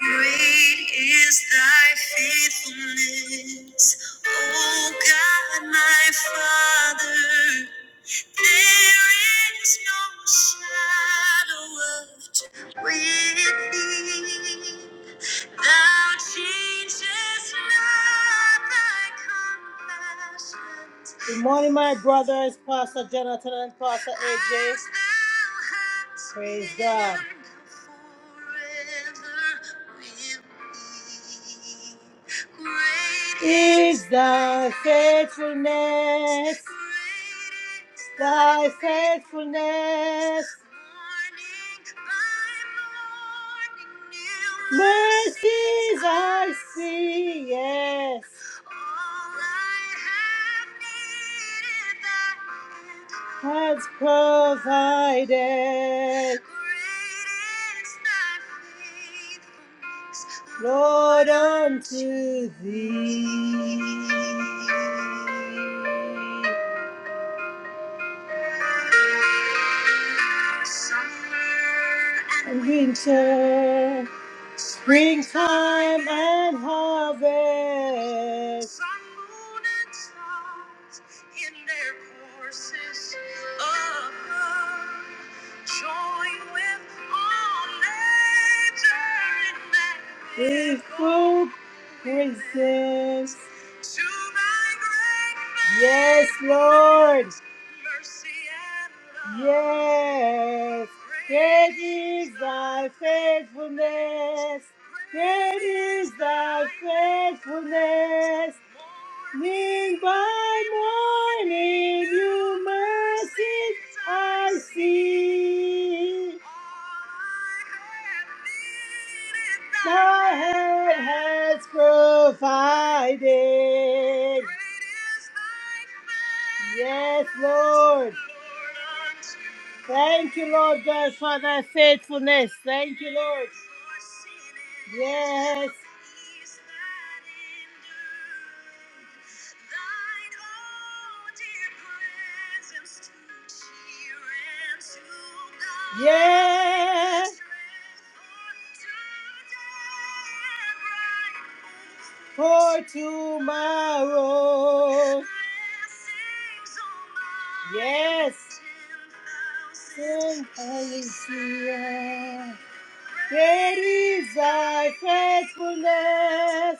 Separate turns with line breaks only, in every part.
Great is thy faithfulness, O God, my Father. There is no shadow of turning with thee. Thou changest not thy compassions. Good morning, my brothers, Pastor Jonathan and Pastor AJ. Praise God. forever Is thy faithfulness? Thy faithfulness. Mercies I see, yes. Has provided. Lord, unto thee and winter, springtime and harvest. Sun, moon, and stars in their courses above. Join with all nature in that Faithful praises to thy great name. Yes, Lord. Yes, great is thy faithfulness. Great is thy faithfulness. Morning by morning, new mercies I see thee. Thy hand has provided. Yes, Lord. Thank you, Lord God, for thy faithfulness. Thank you, Lord. Yes oh, Yeah. For tomorrow. Yes. Ten thousand Great is thy faithfulness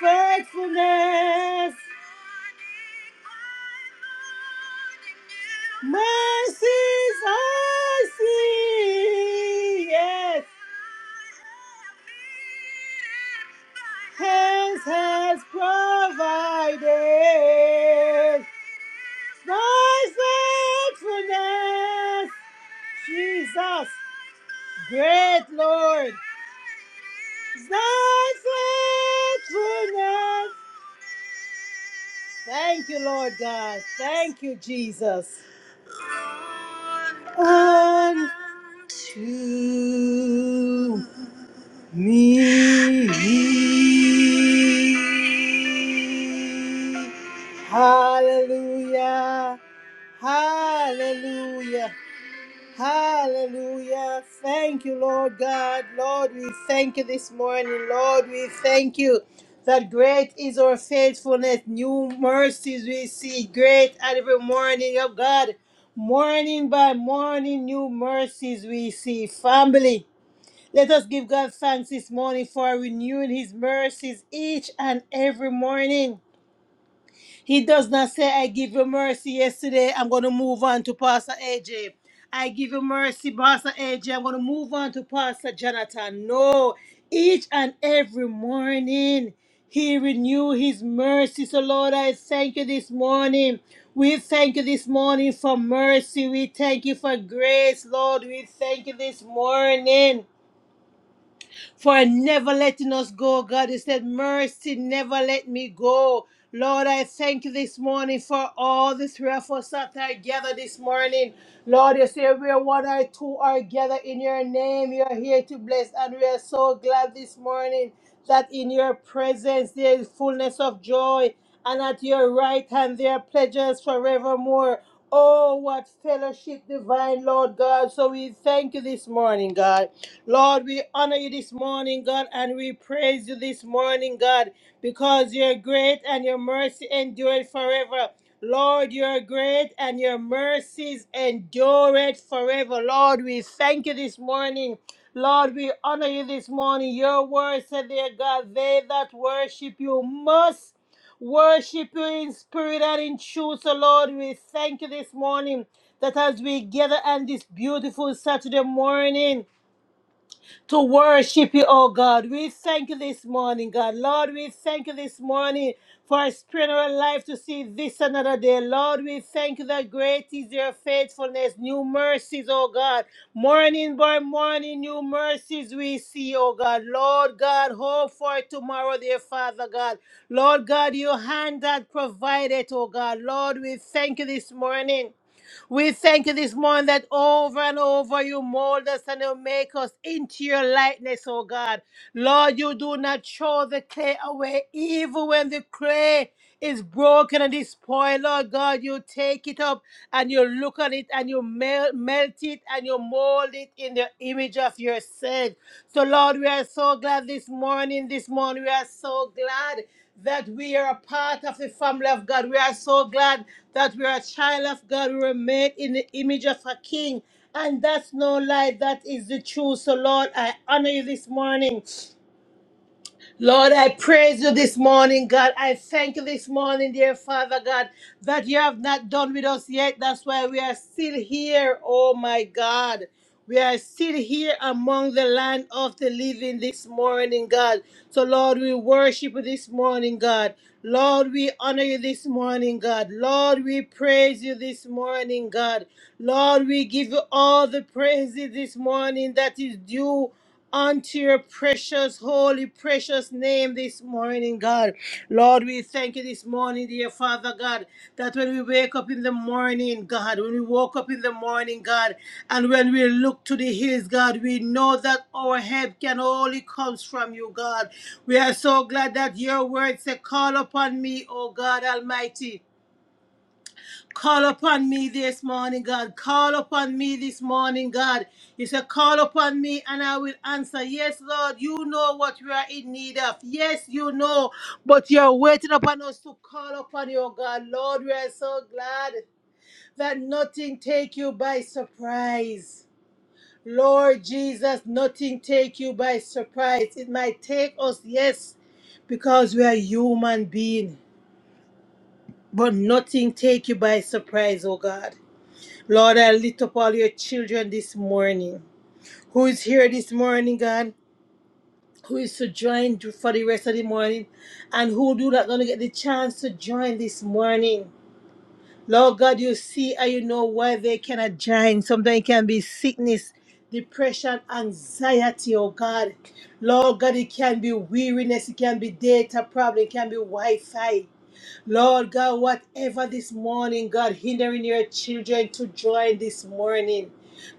faithfulness. Mercies I see, yes. Hands has provided. Thy faithfulness, Jesus, great Lord. Thy faithfulness. Thank you, Lord God. Thank you, Jesus. Unto me. Hallelujah. Hallelujah. Hallelujah. Thank you, Lord God. Lord, we thank you this morning. Lord, we thank you that great is our faithfulness. New mercies we see great at every morning, oh God. Morning by morning, new mercies we see. Family, let us give God thanks this morning for renewing his mercies each and every morning. He does not say, I give you mercy yesterday. I'm going to move on to Pastor AJ. I give you mercy, Pastor AJ. I'm going to move on to Pastor Jonathan. No, each and every morning he renew his mercy. So, Lord, I thank you this morning. We thank you this morning for mercy. We thank you for grace, Lord. We thank you this morning for never letting us go. God, you said, Mercy, never let me go. Lord, I thank you this morning for all the three of us that are gathered this morning. Lord, you say where one or two are gathered in your name, you are here to bless, and we are so glad this morning that in your presence there is fullness of joy, and at your right hand there are pleasures forevermore. Oh, what fellowship divine, Lord God. So we thank you this morning, God. Lord, we honor you this morning, God, and we praise you this morning, God, because you're great and your mercy endureth forever. Lord, you are great and your mercies endure it forever. Lord, we thank you this morning. Lord, we honor you this morning. Your word said, dear God, they that worship you must worship you in spirit and in truth. So, Lord, we thank you this morning that as we gather on this beautiful Saturday morning, to worship you, oh God. We thank you this morning, God. Lord, we thank you this morning for a spirit of our life to see this another day. Lord, we thank you that great is your faithfulness, new mercies, oh God. Morning by morning, new mercies we see, oh God. Lord God, hope for tomorrow, dear Father God. Lord God, your hand that provided, oh God. Lord, we thank you this morning. We thank you this morning that over and over you mold us and you make us into your likeness, oh God. Lord, you do not throw the clay away, even when the clay is broken and despoiled, Lord God, you take it up and you look on it and you mel- melt it and you mold it in the image of yourself. So, Lord, we are so glad this morning. This morning, we are so glad that we are a part of the family of God. We are so glad that we are a child of God. We were made in the image of a king. And that's no lie, that is the truth. So, Lord, I honor you this morning. Lord, I praise you this morning, God. I thank you this morning, dear Father God, that you have not done with us yet. That's why we are still here, oh my God. We are still here among the land of the living this morning, God. So, Lord, we worship you this morning, God. Lord, we honor you this morning, God. Lord, we praise you this morning, God. Lord, we give you all the praises this morning that is due unto your precious, holy, precious name this morning, God. Lord, we thank you this morning, dear Father God, that when we wake up in the morning, God, when we woke up in the morning, God, and when we look to the hills, God, we know that our help can only comes from you, God. We are so glad that your word said, Call upon me, O God Almighty. Call upon me this morning, God. Call upon me this morning, God. You say, Call upon me and I will answer. Yes, Lord, you know what we are in need of. Yes, you know, but you're waiting upon us to call upon you, oh God. Lord, we are so glad that nothing take you by surprise. Lord Jesus, nothing take you by surprise. It might take us, yes, because we are human beings. but nothing take you by surprise, oh God. Lord, I lift up all your children this morning. Who is here this morning, God? Who is to join for the rest of the morning? And who do not going to get the chance to join this morning? Lord God, you see and you know why they cannot join. Sometimes it can be sickness, depression, anxiety, oh God. Lord God, it can be weariness, it can be data problem, it can be Wi-Fi. Lord God, whatever this morning, God, hindering your children to join this morning.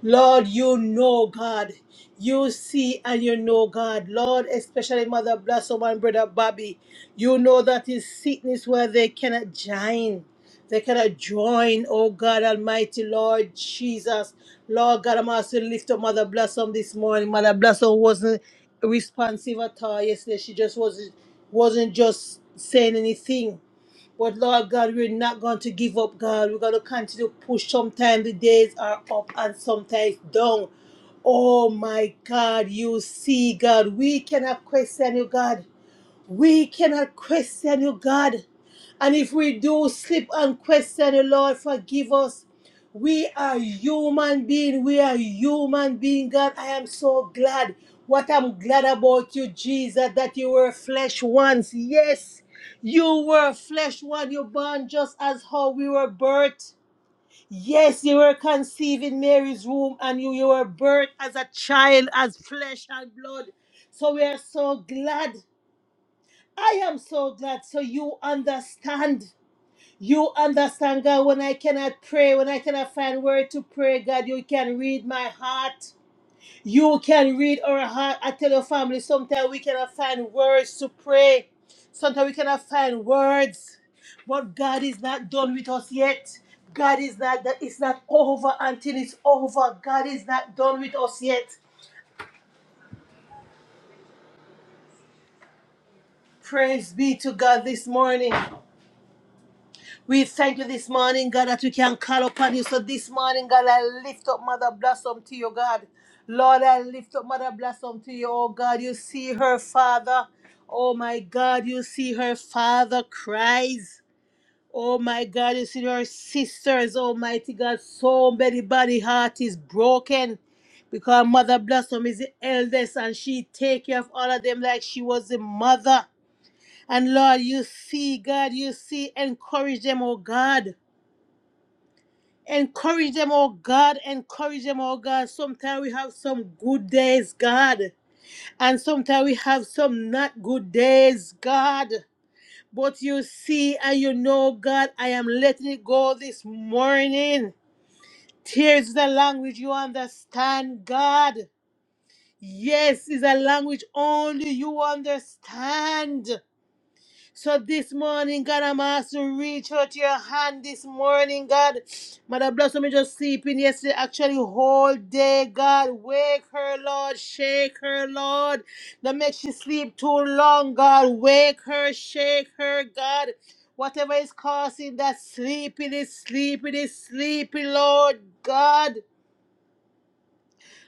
Lord, you know, God. You see and you know, God. Lord, especially Mother Blossom and Brother Bobby. You know that is sickness where they cannot join. They cannot join, oh God Almighty, Lord Jesus. Lord God, I'm also lift up Mother Blossom this morning. Mother Blossom wasn't responsive at all yesterday. She just wasn't wasn't just saying anything. But Lord God, we're not going to give up, God. We're going to continue to push. Sometimes the days are up and sometimes down. Oh my God, you see, God, we cannot question you, God. We cannot question you, God. And if we do slip and question you, Lord, forgive us. We are human being. We are human being, God. I am so glad. What I'm glad about you, Jesus, that you were flesh once. Yes, you were flesh one. You born just as how we were birthed. Yes, you were conceived in Mary's womb and you, you were birthed as a child, as flesh and blood. So we are so glad I am so glad. So you understand. You understand, God, when I cannot pray, when I cannot find word to pray, God, you can read my heart. You can read our heart. I tell your family, sometimes we cannot find words to pray. Sometimes we cannot find words. But God is not done with us yet. God is not that it's not over until it's over. God is not done with us yet. Praise be to God this morning. We thank you this morning, God, that we can call upon you. So this morning, God, I lift up Mother Blossom to you, God. Lord, I lift up Mother Blossom to you, oh God. You see her father. Oh my God, you see her father cries. Oh my God, you see her sisters, Almighty God. So many body heart is broken because Mother Blossom is the eldest and she take care of all of them like she was the mother. And Lord, you see, God, you see, encourage them, oh God. Encourage them, oh God. Encourage them, oh God. Sometimes we have some good days, God. And sometimes we have some not good days, God. But you see and you know, God, I am letting it go this morning. Tears is a language you understand, God. Yes, is a language only you understand. So this morning, God, I'm asked to reach out your hand this morning, God. Mother Blossom me just sleeping yesterday, actually whole day, God. Wake her, Lord. Shake her, Lord. Don't make she sleep too long, God. Wake her, shake her, God. Whatever is causing that sleepiness, sleepiness, sleepy, Lord God.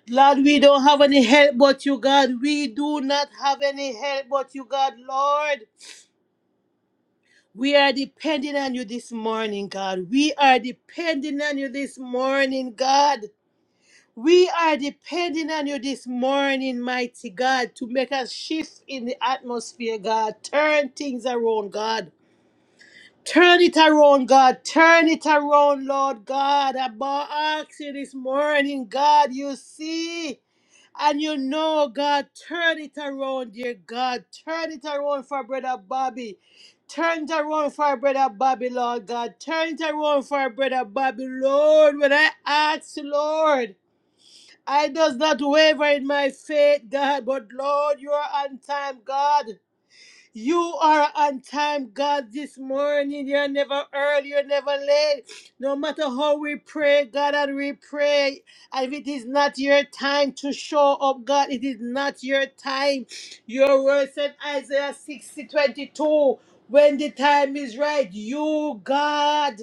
Lord, we don't have any help but you, God. We do not have any help but you, God, Lord. We are depending on you this morning, God. We are depending on you this morning, God. We are depending on you this morning, mighty God, to make a shift in the atmosphere, God. Turn things around, God. Turn it around, God. Turn it around, Lord God. I bow- ask you this morning, God. You see. And you know, God, turn it around, dear God. Turn it around for Brother Bobby. Turn it around for Brother Bobby, Lord God. Turn it around for Brother Bobby, Lord. When I ask, Lord, I does not waver in my faith, God, but Lord, you are on time, God. You are on time, God, this morning. You're never early, you're never late. No matter how we pray, God, and we pray. And if it is not your time to show up, God, it is not your time. Your word said Isaiah 60 22: When the time is right, you, God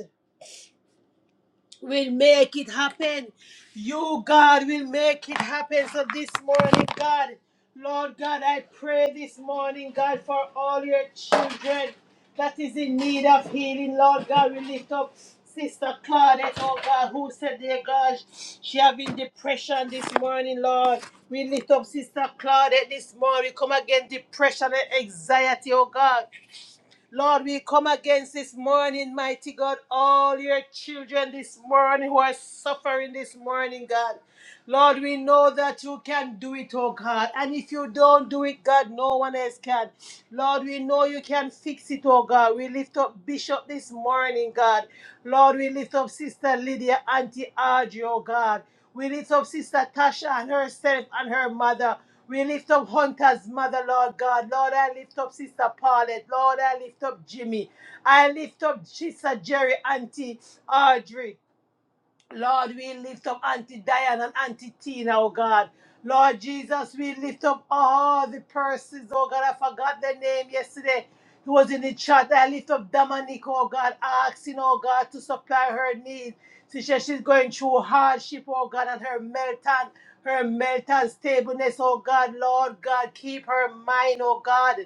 will make it happen. You, God, will make it happen. So this morning, God, Lord God, I pray this morning, God, for all your children that is in need of healing. Lord God, we lift up Sister Claudette, oh God, who said, dear God, she having depression this morning, Lord. We lift up Sister Claudette this morning. We come against depression and anxiety, oh God. Lord, we come against this morning, mighty God, all your children this morning who are suffering this morning, God. Lord, we know that you can do it, oh God. And if you don't do it, God, no one else can. Lord, we know you can fix it, oh God. We lift up Bishop this morning, God. Lord, we lift up Sister Lydia, Auntie Audrey, oh God. We lift up Sister Tasha and herself and her mother. We lift up Hunter's mother, Lord God. Lord, I lift up Sister Paulette. Lord, I lift up Jimmy. I lift up Sister Jerry, Auntie Audrey. Lord, we lift up Auntie Diane and Auntie Tina, oh God. Lord Jesus, we lift up all the persons, oh God. I forgot their name yesterday. Who was in the chat. I lift up Dominique, oh God, asking, oh God, to supply her needs. She said she's going through hardship, oh God, and her meltdown, her meltdown stableness, oh God. Lord God, keep her mind, oh God.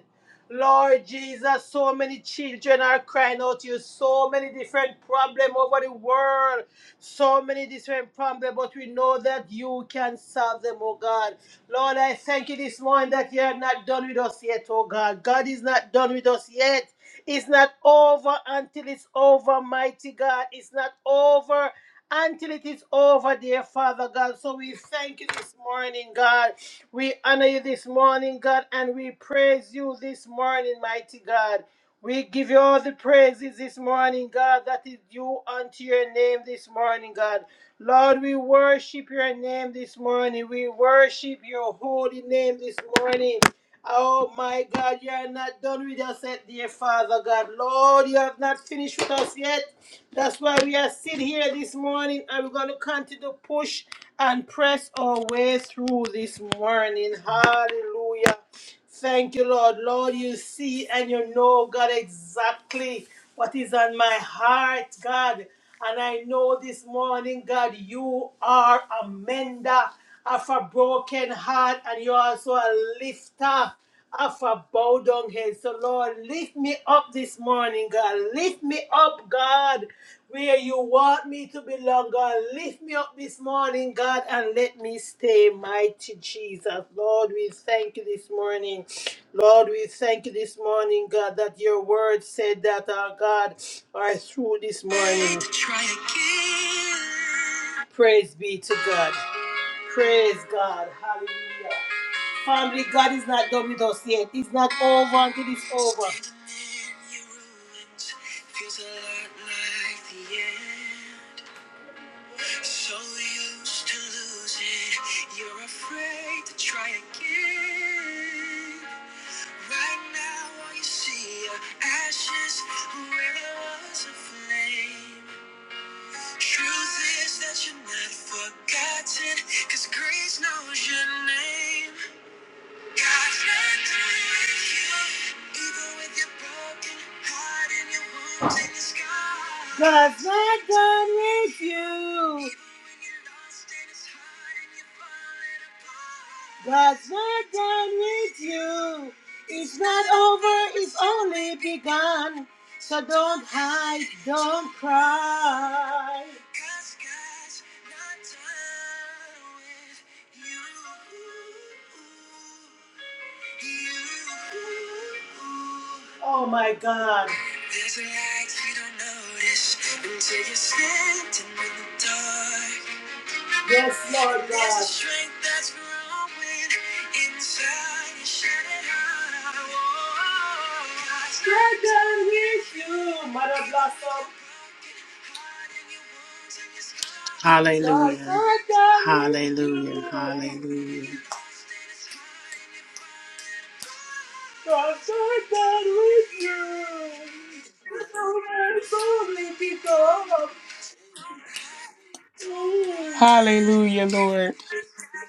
Lord Jesus, so many children are crying out to you, so many different problems over the world. So many different problems, but we know that you can solve them, oh God. Lord, I thank you this morning that you are not done with us yet, oh God. God is not done with us yet. It's not over until it's over, mighty God. It's not over until it is over, dear Father God. So we thank you this morning, God. We honor you this morning, God, and we praise you this morning, mighty God. We give you all the praises this morning, God, that is due unto your name this morning, God. Lord, we worship your name this morning. We worship your holy name this morning. Oh my God, you are not done with us yet, dear Father God. Lord, you have not finished with us yet. That's why we are sitting here this morning and we're going to continue to push and press our way through this morning. Hallelujah. Thank you, Lord. Lord, you see and you know, God, exactly what is on my heart, God. And I know this morning, God, you are a mender of a broken heart and you're also a lifter of a bowed down head. So, Lord, lift me up this morning, God. Lift me up, God where you want me to belong, God. Lift me up this morning, God, and let me stay mighty, Jesus. Lord, we thank you this morning. Lord, we thank you this morning, God, that your word said that our God are through this morning. Try again. Praise be to God. Praise God. Hallelujah. Family, God is not done with us yet. It's not over until it's over. Feels a lot like the end. So used to losing, you're afraid to try again. Right now, all you see are ashes where there was a flame. Truth is that you're not forgotten, cause grace knows your name. God God's not done with you. God's not done with you. It's not over, it's only begun. So don't hide, don't cry. Oh my God. There's a light you don't notice until you're standing in the dark. Yes, Lord God. There's a strength that's growing inside and shining out. Oh, Strengthen with you, Mother Blossom. God,
Hallelujah.
strengthen with
Hallelujah.
you.
Hallelujah.
God, strengthen with you. So many, so many people. Oh.
Hallelujah, Lord.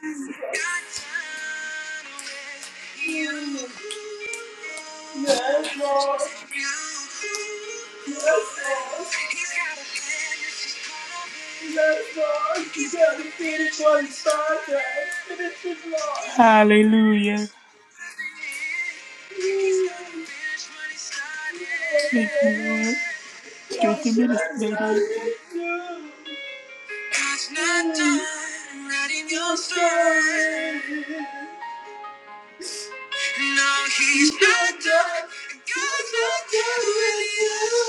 Yes,
Thank you,
Lord.
Jesus.
Yes, Lord. He's got to finish what he started. Finish his life.
Hallelujah. Thank you, Lord. Strengthen
Yes,
minister,
God,
lady.
I need you. It's not done writing your story. No, he's not done. God's not done with you.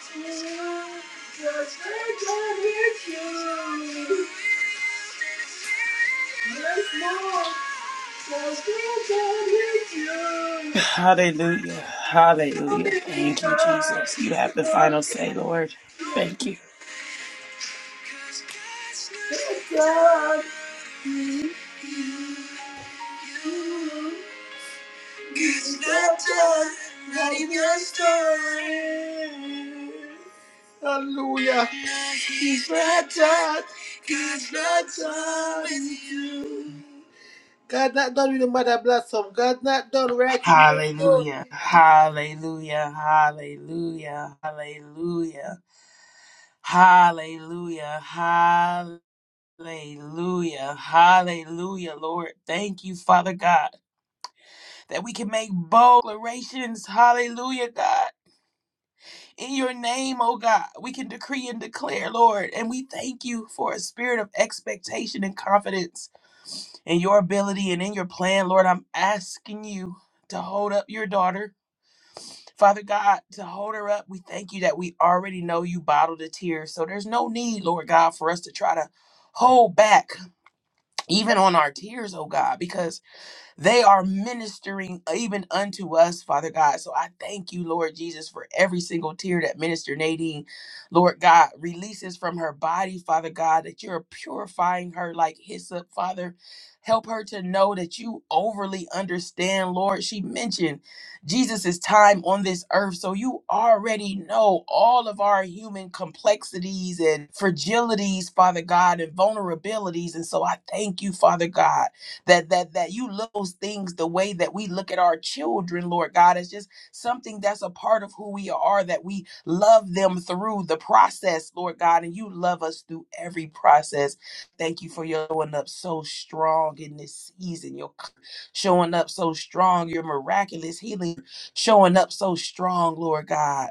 God's not done with you. Yes, Lord. God's not done
Hallelujah.
with
Hallelujah.
you.
Thank you, Jesus. You
So
have
many
the final
times.
say, Lord. Thank you.
It's not you. It's not done. Not even started. Hallelujah. He's not done. God's not done with you. God not done with the mother blossom. God not done writing your story.
Hallelujah. Hallelujah. Hallelujah. Hallelujah. Hallelujah. Hallelujah. Hallelujah, Lord. Thank you, Father God. that we can make bold declarations, hallelujah, God, in your name, oh God. We can decree and declare, Lord, and we thank you for a spirit of expectation and confidence in your ability and in your plan, Lord. I'm asking you to hold up your daughter, Father God, to hold her up. We thank you that we already know you bottled the tears, so there's no need, Lord God, for us to try to hold back even on our tears, oh God, because they are ministering even unto us, Father God. So I thank you, Lord Jesus, for every single tear that Minister Nadine, Lord God, releases from her body, Father God, that you're purifying her like hyssop, Father. Help her to know that you overly understand, Lord. She mentioned Jesus' time on this earth. So you already know all of our human complexities and fragilities, Father God, and vulnerabilities. And so I thank you, Father God that that that you look at those things the way that we look at our children, Lord God. It's just something that's a part of who we are, that we love them through the process, Lord God, and you love us through every process. Thank you for your showing up so strong in this season. You're showing up so strong, your miraculous healing showing up so strong, Lord God.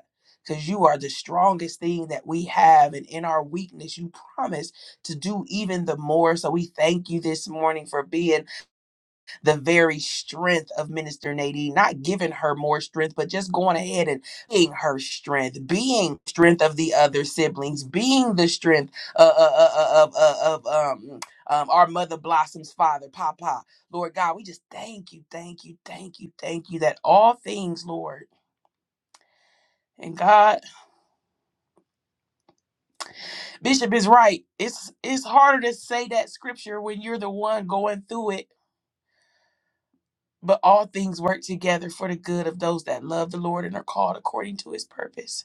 Because you are the strongest thing that we have. And in our weakness, you promise to do even the more. So we thank you this morning for being the very strength of Minister Nadine, not giving her more strength, but just going ahead and being her strength, being strength of the other siblings, being the strength uh, uh, uh, of, of, of um, um, our mother Blossom's father, Papa. Lord God, we just thank you, thank you, thank you, thank you that all things, Lord. And God, Bishop is right. It's it's harder to say that scripture when you're the one going through it But all things work together for the good of those that love the Lord and are called according to his purpose.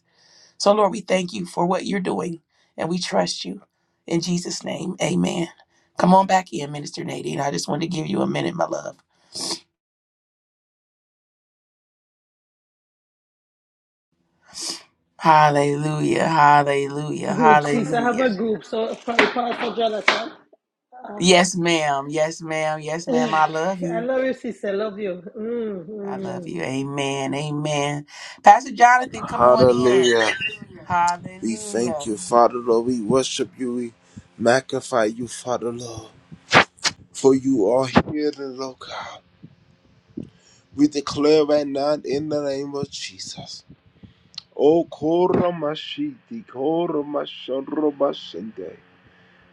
So, Lord, we thank you for what you're doing and we trust you. In Jesus' name, amen. Come on back in, Minister Nadine. I just want to give you a minute, my love. Hallelujah, hallelujah,
Group, sis. I have
hallelujah.
a group, so sorry, Pastor Jonathan.
Yes, ma'am. Yes, ma'am. Yes, ma'am. I love
I
you.
love you, sis. I Love you. Mm,
I
mm.
love you. Amen. Amen. Pastor Jonathan, come on in.
Hallelujah. We thank
Hallelujah.
you, Father Lord. We worship you. We magnify you, Father Lord. For you are here, Lord God. We declare right now in the name of Jesus. Oh, Koramashiti, Koramasharobashende.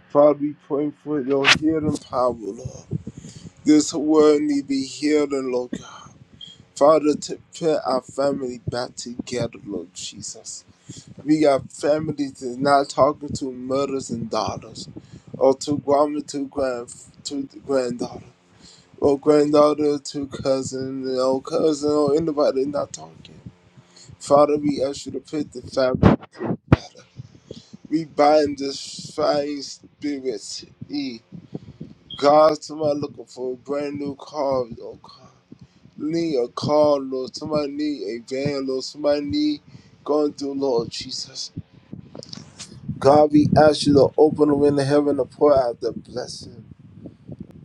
Father, we pray for your healing power, Lord. This world need be healed, Lord God. Father, to put our family back together, Lord Jesus. We got families that's not talking to mothers and daughters, or to grandma, to grand, to the granddaughter, or granddaughter to cousin, or cousin, or anybody not talking. Father, we ask you to put the family. We bind this flying spirits. E. God, somebody looking for a brand new car, Lord God. Need a car, Lord. Somebody need a van, Lord. Somebody need going through, Lord Jesus. God, we ask you to open the window of heaven to pour out the blessing.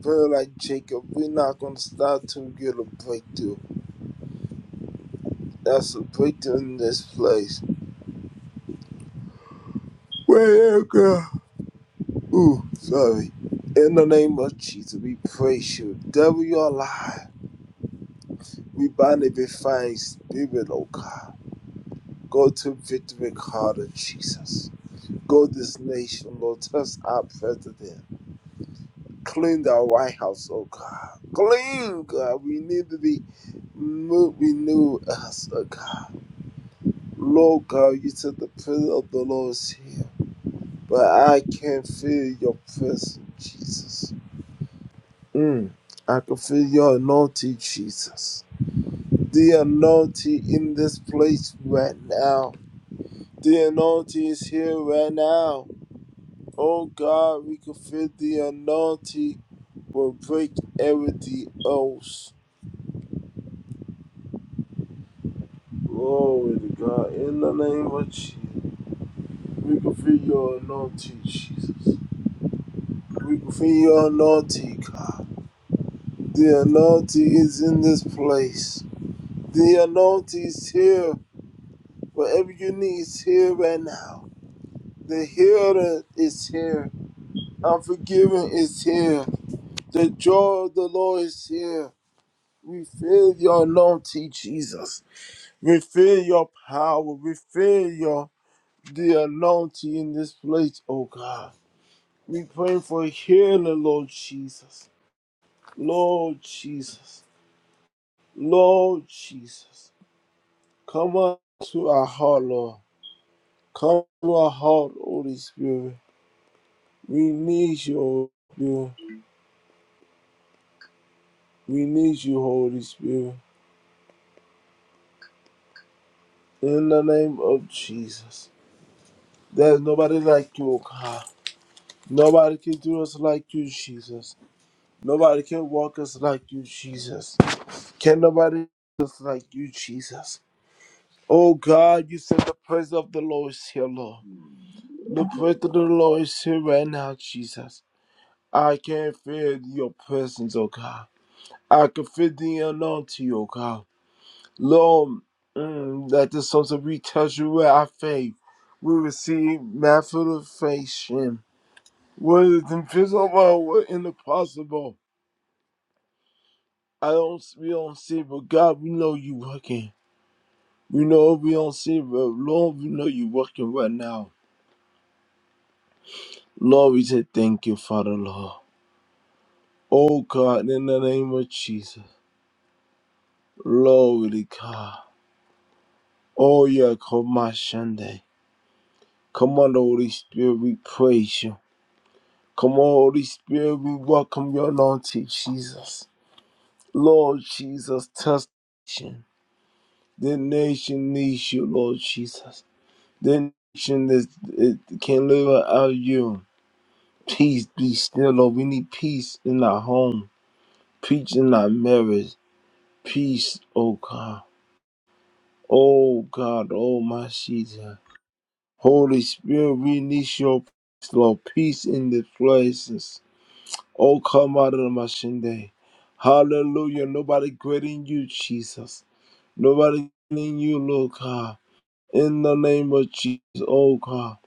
Pray like Jacob, we're not going to stop till we get a breakthrough. That's a breakthrough in this place. Where God? Ooh, sorry. In the name of Jesus, we praise you. Devil, you're alive. We bind every fine spirit, oh God. Go to victory, God of Jesus. Go this nation, Lord. Touch our president. Clean the White House, oh God. Clean, God. We need to be mo- renew us, oh God. Lord God, you said the presence of the Lord is here. But I can feel your presence, Jesus. Mm. I can feel your anointing, Jesus. The anointing in this place right now. The anointing is here right now. Oh God, we can feel the anointing will break everything else. Glory to God. In the name of Jesus. We can feel your anointing, Jesus. We can feel your anointing, God. The anointing is in this place. The anointing is here. Whatever you need is here right now. The healer is here. Unforgiving is here. The joy of the Lord is here. We feel your anointing, Jesus. We feel your power. We feel your the anointing in this place, oh God. We pray for healing, Lord Jesus. Lord Jesus. Lord Jesus. Come on to our heart, Lord. Come to our heart, Holy Spirit. We need you, Holy Spirit. We need you, Holy Spirit. In the name of Jesus. There's nobody like you, O God. Nobody can do us like you, Jesus. Nobody can walk us like you, Jesus. Can nobody do us like you, Jesus? Oh God, you said the praise of the Lord is here, Lord. The praise of the Lord is here right now, Jesus. I can feel your presence, oh God. I can feel the anointing, oh God. Lord, mm, that the sons of we touch you with our faith. We receive manifestation. What is invisible, what is impossible. I don't, we don't see, but God, we know you working. We know we don't see, but Lord, we know you working right now. Lord, we say thank you, Father, Lord. Oh God, in the name of Jesus. Lord, we God. Oh yeah, come on Sunday. Come on, Holy Spirit, we praise you. Come on, Holy Spirit, we welcome your anointing, Jesus. Lord Jesus, touch the nation. The nation needs you, Lord Jesus. The nation that it can live without you. Peace be still, Lord. We need peace in our home, peace in our marriage. Peace, oh God. Oh God, oh my Jesus. Holy Spirit, we need your peace, Lord. Peace in the places. Oh, come out of the machine Hallelujah. Nobody greater than you, Jesus. Nobody greater than you, Lord God. In the name of Jesus, oh God.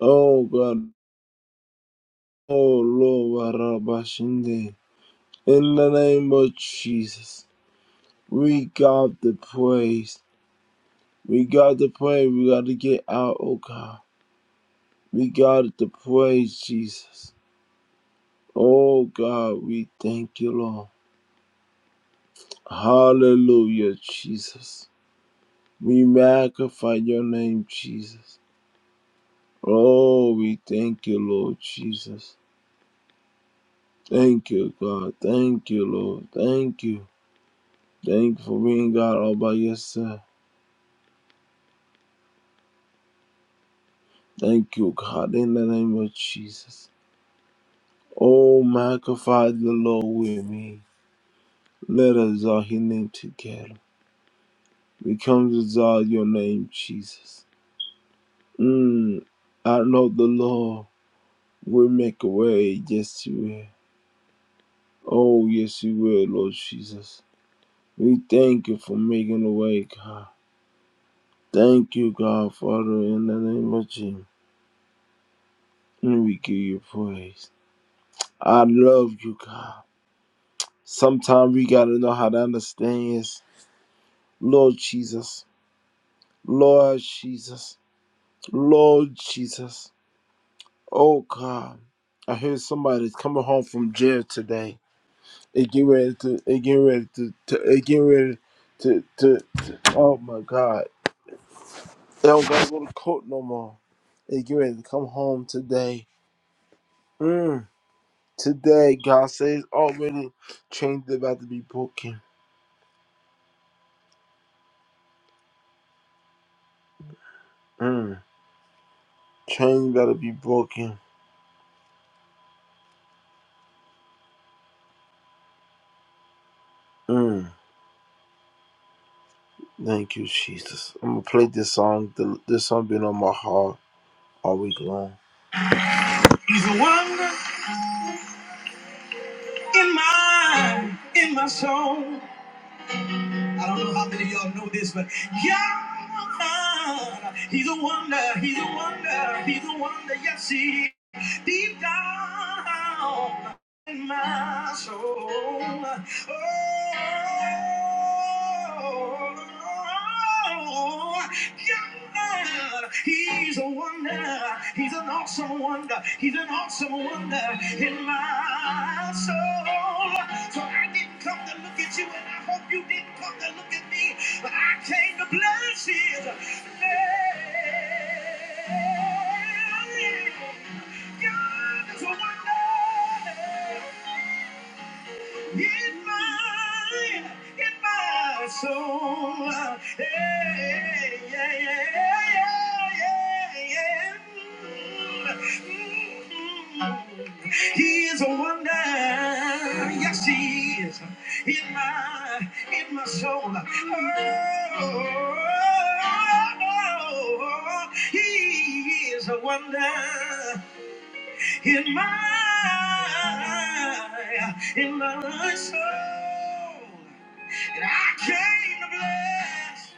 Oh God. Oh Lord, Rabashinde. In the name of Jesus, we got the praise. We got to pray. We got to get out, oh God. We got to praise Jesus. Oh God, we thank you, Lord. Hallelujah, Jesus. We magnify your name, Jesus. Oh, we thank you, Lord Jesus. Thank you, God. Thank you, Lord. Thank you. Thank you for being God all by yourself. Thank you, God, in the name of Jesus. Oh, magnify the Lord with me. Let us all his name together. We come to exalt your name, Jesus. Mm, I know the Lord will make a way. Yes, He will. Oh, yes, He will, Lord Jesus. We thank you for making a way, God. Thank you, God, Father, in the name of Jesus. And we give you praise. I love you, God. Sometimes we got to know how to understand. Yes. Lord Jesus. Lord Jesus. Lord Jesus. Oh God, I hear somebody's coming home from jail today. They get ready to. They get ready to. to they get ready to, to. to- Oh my God, they don't gotta go to court no more. They get ready to come home today. Mm. Today, God says already chains about to be broken. Mm. Chains about to be broken. Mm. Thank you, Jesus. I'm gonna play this song. The, this song been on my heart all week long. He's a wonder. in my in my soul. I don't know how many of y'all know this, but God, He's a wonder, He's a wonder, He's a wonder, yes He is. Deep down, my soul. Oh, oh, God, He's a wonder. He's an awesome wonder. He's an awesome wonder in my soul. So I didn't come to look at you, and I hope you didn't come to look at me. But I came to bless His name. God is a wonder in my, in my soul. Hey, yeah, yeah, yeah, yeah, yeah. Mm. He is a wonder. Yes, he is in my, in my soul. Oh, oh, oh, oh, oh, oh. he is a wonder in my in my soul. And I came to bless,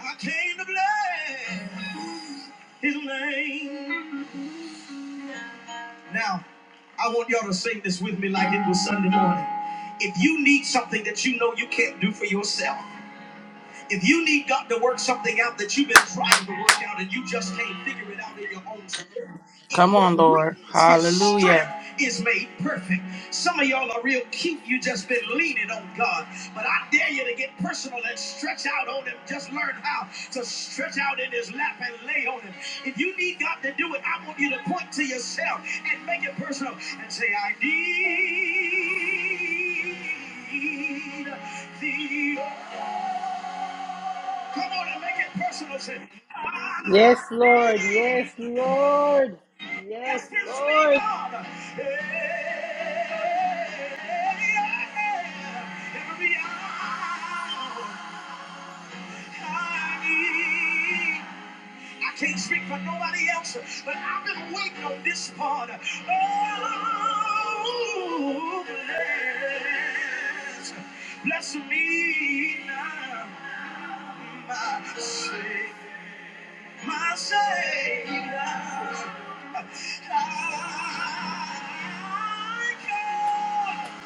I came to bless his name. Now, I want y'all to sing this with me like it was Sunday morning. If you need something that you know you can't do for yourself, if you need God to work something out that you've been trying to work out and you just can't figure it out in your own strength, in
Come
your
on, Lord.
weakness, His
Hallelujah.
strength is made perfect. Some of y'all are real cute. You just been leaning on God, but I dare you to get personal and stretch out on Him. Just learn how to stretch out in His lap and lay on Him. If you need God to do it, I want you to point to yourself and make it personal and say, "I need Thee." Come on and make it personal. Say,
Yes,
I
Lord. Yes,
need
Lord. Yes,
yes, this sweet
Lord.
God. Hey, yeah, every hour I need. I can't speak for nobody else, but I've been waiting on this part. Oh, bless, bless me now, my Savior. my Savior. I come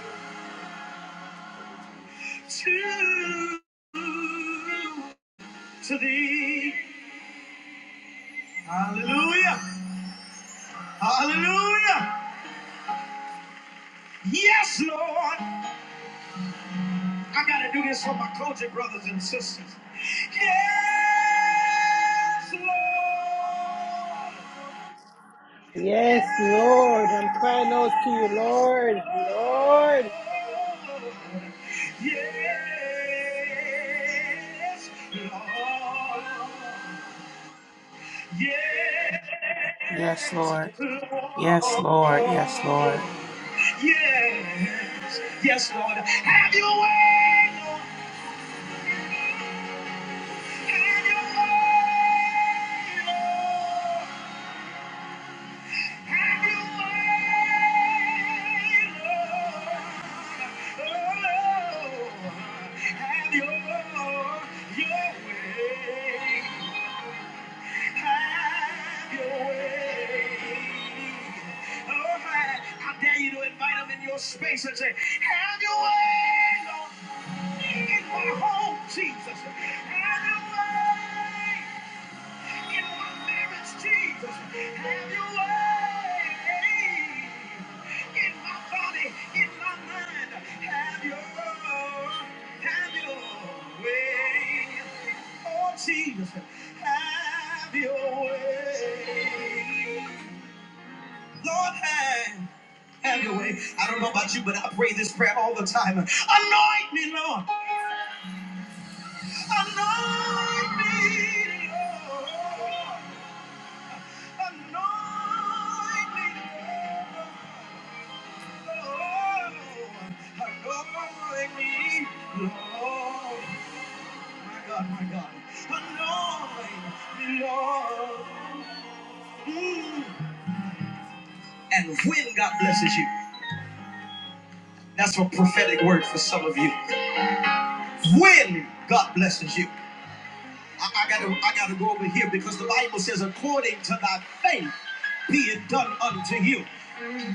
to, to thee. Hallelujah. Hallelujah. Yes, Lord. I got to do this for my culture brothers and sisters. Yes, Lord.
Yes, Lord. I'm crying out to you,
Yes,
Lord. Lord.
Lord. Yes,
Yes, Lord. Yes, Lord.
Lord.
Yes, Lord.
Yes, yes, Lord. Have your way, Lord. Have your way, Lord. Space and say, Have your way, Lord, in my home, Jesus. Have your way. Jesus, have your way. Lord, have have your way. I don't know about you, but I pray this prayer all the time. Anoint me, Lord. Anoint me, Lord. And when God blesses you, that's a prophetic word for some of you. When God blesses you. I, I gotta I gotta go over here because the Bible says, according to thy faith, be it done unto you.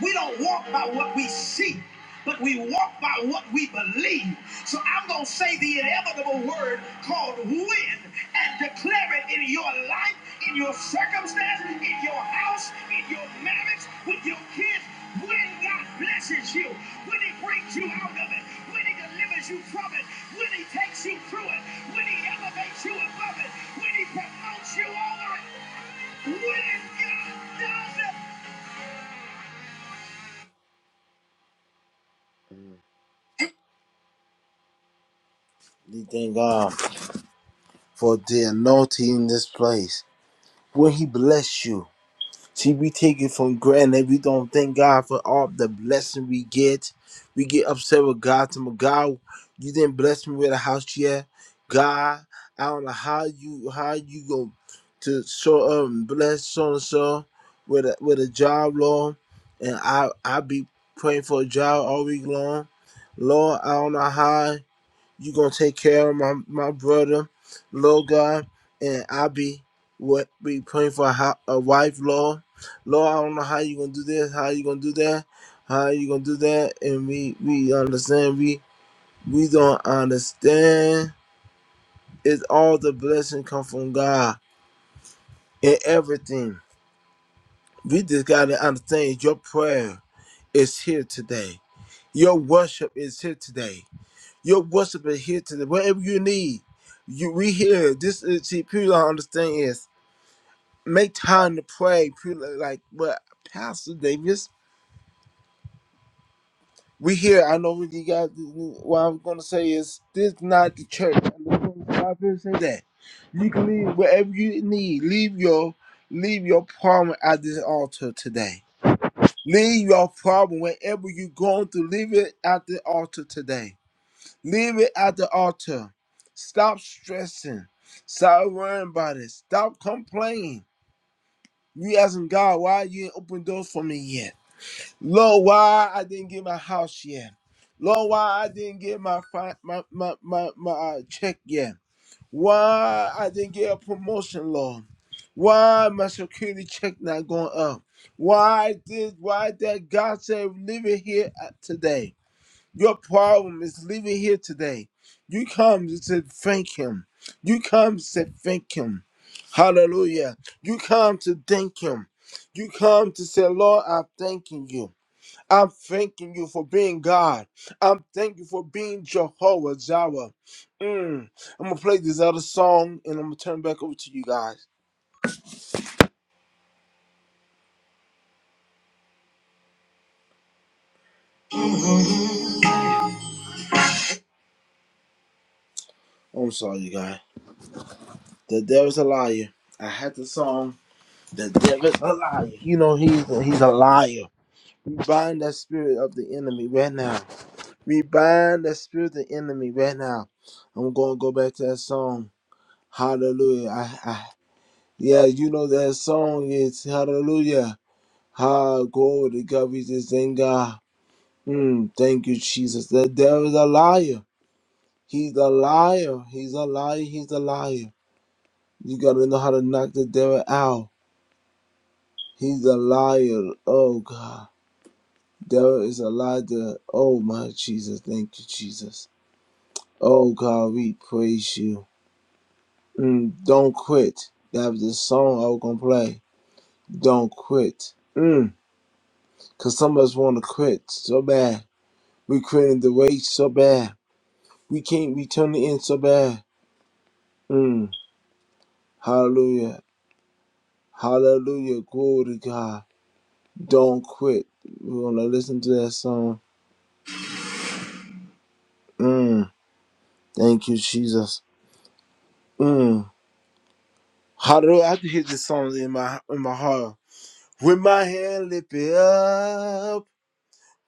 We don't walk by what we see, but we walk by what we believe. So I'm gonna say the inevitable word called win and declare it in your life, in your circumstance, in your house, in your marriage, with your kids. When God blesses you, when He brings you out of it, when He delivers you from it, when He takes you through it, when He elevates you above it, when He promotes you over it, when God does it. We thank God for the anointing in this place. When He bless you, See, we take it for granted. We don't thank God for all the blessing we get. We get upset with God. To God, you didn't bless me with a house yet. God, I don't know how you how you go to so um bless so and so with a with a job, Lord. And I I be praying for a job all week long. Lord, I don't know how you gonna take care of my my brother, Lord God, and I be what be praying for a, ho- a wife, Lord. Lord, I don't know how you gonna do this, how you gonna do that, how you gonna do that, and we we understand we we don't understand. It's all the blessing come from God and everything. We just gotta understand your prayer is here today. Your worship is here today. Your worship is here today. Whatever you need, you we here. This is see people don't understand is make time to pray. People are like but Pastor Davis, we here. I know what you guys what I'm gonna say is this is not the church. I know a lot of people say that. You can leave whatever you need. Leave your leave your problem at this altar today. Leave your problem wherever you're going to leave it at the altar today Leave it at the altar. Stop stressing. Stop worrying about it. Stop complaining. You asking God, why you ain't open doors for me yet? Lord, why I didn't get my house yet? Lord, why I didn't get my fi- my my my, my uh, check yet? Why I didn't get a promotion, Lord? Why my security check not going up? Why did why that God said leave it here at today? Your problem is leaving here today. You come to say thank him. You come to say thank him. Hallelujah. You come to thank him. You come to say, Lord, I'm thanking you. I'm thanking you for being God. I'm thanking you for being Jehovah Jireh. Mm. I'm gonna play this other song and I'm gonna turn back over to you guys. I'm sorry, you guys. The devil's a liar. I had the song. The devil's a liar. You know he's he's a liar. We bind that spirit of the enemy right now. We bind that spirit of the enemy right now. I'm going to go back to that song. Hallelujah. I, I, yeah, you know that song is Hallelujah. Ah, glory to God. We just thank God. Mm, thank you, Jesus. The devil is a liar. He's a liar. He's a liar. He's a liar. You got to know how to knock the devil out. He's a liar. Oh, God. Devil is a liar. Oh, my Jesus. Thank you, Jesus. Oh God, we praise you. Mm, don't quit. That was the song I was gonna play. Don't quit. Mm, Cause some of us wanna quit so bad. We quitting the race so bad. We can't return turn it in so bad. Mm, hallelujah. Hallelujah. Glory to God. Don't quit. We're gonna listen to that song. Mm, thank you, Jesus. Mm. Hallelujah. I can hear this song in my in my heart. With my hand lifted up.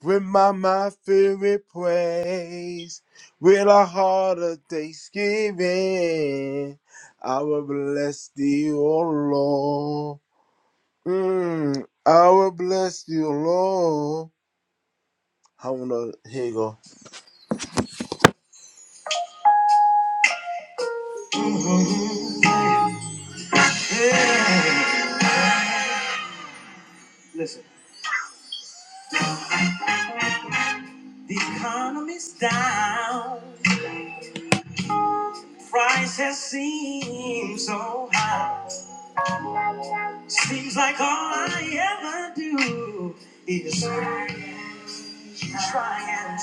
With my mind filled with praise, with a heart of thanksgiving, I will bless thee, O Lord. Mm, I will bless thee, O Lord. I wanna, here you go. Listen. The economy's down, prices seem so high. Seems like all I ever do is try and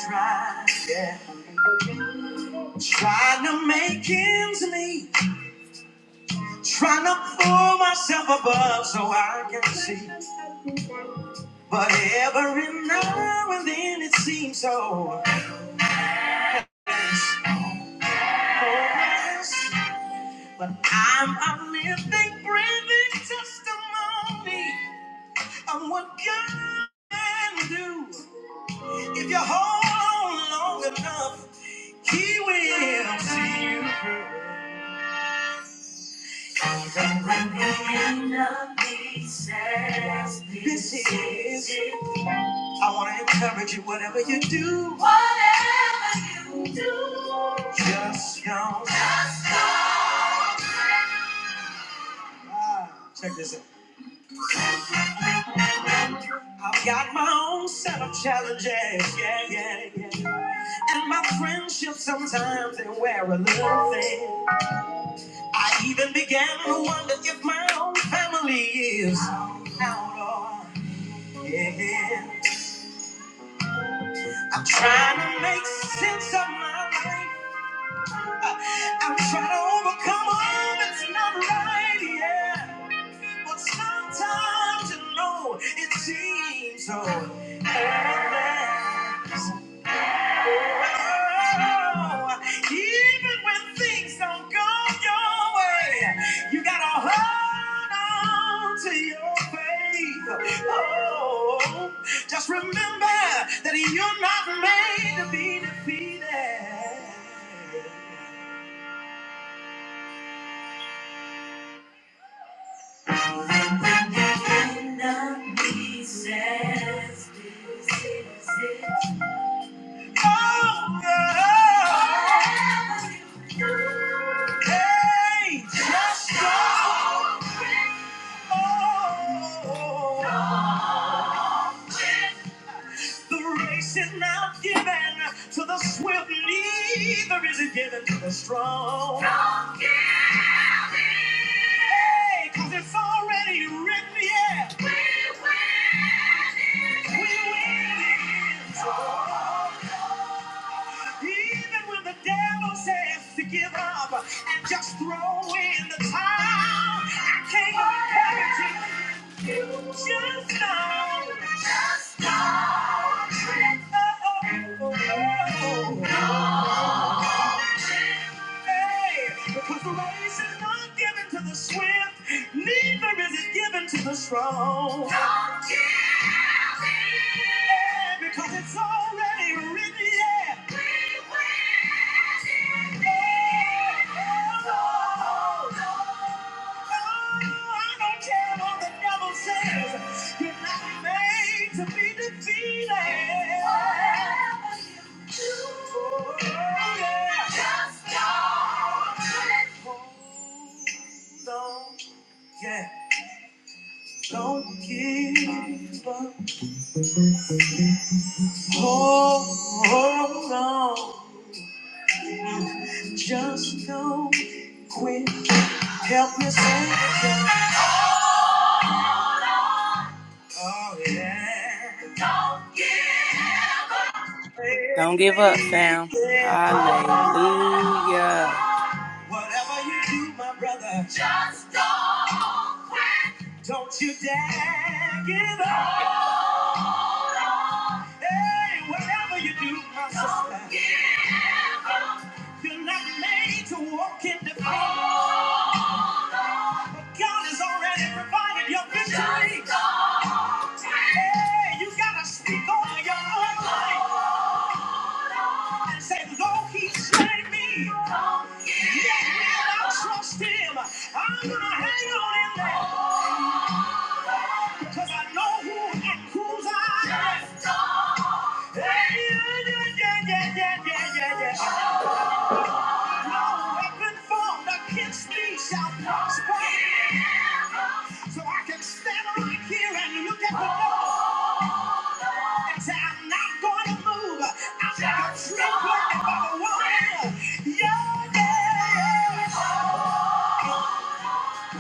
try, yeah. Trying to make ends meet, trying to pull myself above so I can see. But every now and then it seems so hopeless, But I'm a living, breathing testimony of what God can do. If you hold on long enough, He will see you through. This is. I want to encourage you, whatever you do, whatever you do, just know. Ah, check this out. I've got my own set of challenges, yeah, yeah, yeah. And my friendships sometimes they wear a little thin. I even began to wonder if my own family is out of yeah. I'm trying to make sense of my life. I'm trying to overcome all that's not right, yeah. But sometimes you know it seems so endless. Oh, even when things don't go your way, you gotta hold on to your faith. Oh, just remember that you're not made to be defeated. He says, Oh, yeah. Hey, just go. The race is not given to the swift, neither is it given to the strong. Don't give in. Hey, 'cause it's already written, yeah. We win. Even when the devil says to give up and just throw in the towel, I can't encourage it. You just know. Just know. Oh, oh, oh, oh. Because the race is not given to the swift, neither is it given to the strong. Don't you fear. Because it's already written, yeah. We will see it. Yeah. Oh, no, no, no, I don't care what the devil says. You're not made to be defeated. Whatever you do, Oh, yeah. Just Don't, yeah, don't give up. Hold on, just don't quit. Help me sing again. Oh yeah, Hey,
Don't give up, fam.
yeah.
Hallelujah.
Whatever you do, my brother, just don't quit. Don't you dare give up. Hey, whatever you do, my sister, you're not made to walk in defeat. God has already provided your victory. Just Hey, you gotta speak over your own life and say, Lord, He slain me. Yet will I trust Him. I'm gonna hang on in there because I know who and whose I am. Hey, yeah, yeah, yeah, yeah, yeah, yeah, yeah, yeah. No weapon formed against me shall prosper. So I can stand right here and look at the door. and say, I'm not going to move. I'm not trembling about a woman. Your days.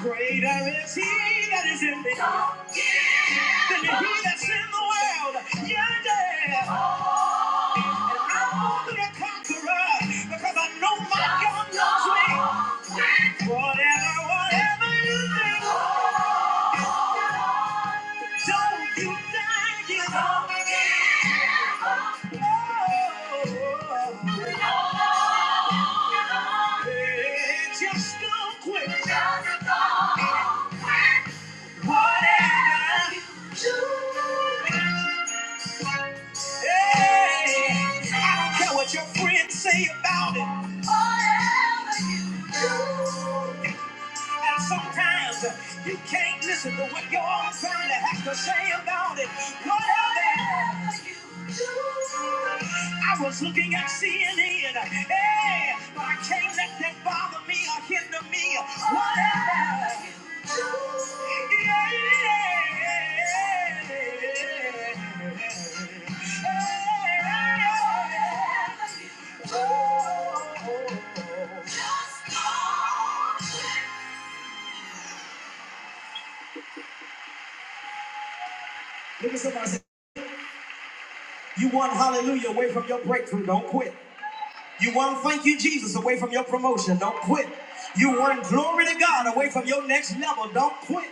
Greater is he that is in me than he that's in the world. Your days. And I'm more than a conqueror because I know my God loves me. Whatever, whatever you do. Don't you dare give up. do just don't quit. Just don't quit. Whatever you do. Hey, I don't care what your friends say about it. Whatever you do. And sometimes uh, you can't listen to what your own family has to say about it. Whatever you do. I was looking at CNN. Hey, but I can't let that bother me or hinder me. Whatever you do. Yeah, yeah. Look at somebody say, you want hallelujah away from your breakthrough. Don't quit. You won thank you, Jesus, away from your promotion. Don't quit. You want glory to God away from your next level. Don't quit.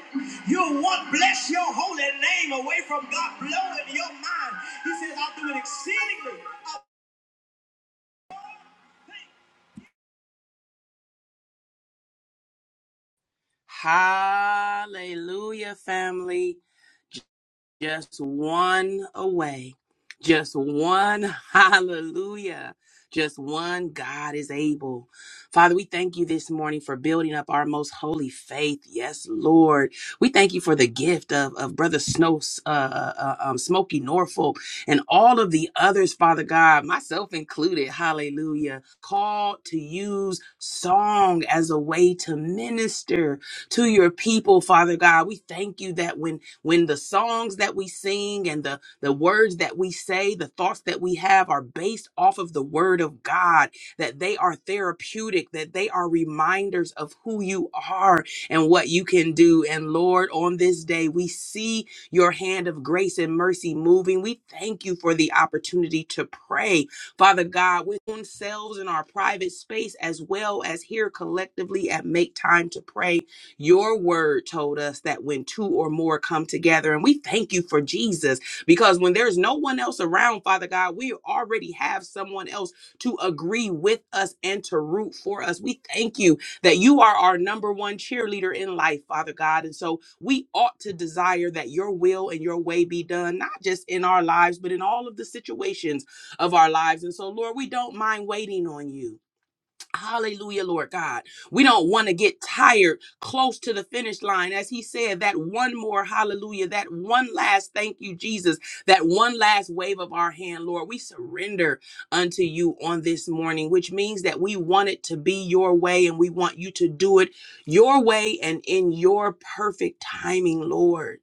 You want bless your holy name away from God blowing your mind. He says, I'll do it exceedingly.
Hallelujah, family. Just one away. Just one hallelujah. Just one God is able. Father, we thank you this morning for building up our most holy faith. Yes, Lord. We thank you for the gift of, of Brother Snow, uh, uh, uh, um, Smokey Norfolk, and all of the others, Father God, myself included. Hallelujah. Called to use song as a way to minister to your people, Father God. We thank you that when when the songs that we sing and the, the words that we say, the thoughts that we have are based off of the word of God, that they are therapeutic, that they are reminders of who you are and what you can do. And Lord, on this day, we see your hand of grace and mercy moving. We thank you for the opportunity to pray, Father God, with ourselves in our private space as well as here collectively at Make Time to Pray. Your word told us that when two or more come together, and we thank you for Jesus because when there's no one else around, Father God, we already have someone else to agree with us and to root for us. We thank you that you are our number one cheerleader in life, Father God. And so we ought to desire that your will and your way be done, not just in our lives, but in all of the situations of our lives. And so, Lord, we don't mind waiting on you. Hallelujah, Lord God. We don't want to get tired close to the finish line. As he said, that one more hallelujah, that one last thank you, Jesus, that one last wave of our hand, Lord, we surrender unto you on this morning, which means that we want it to be your way and we want you to do it your way and in your perfect timing, Lord.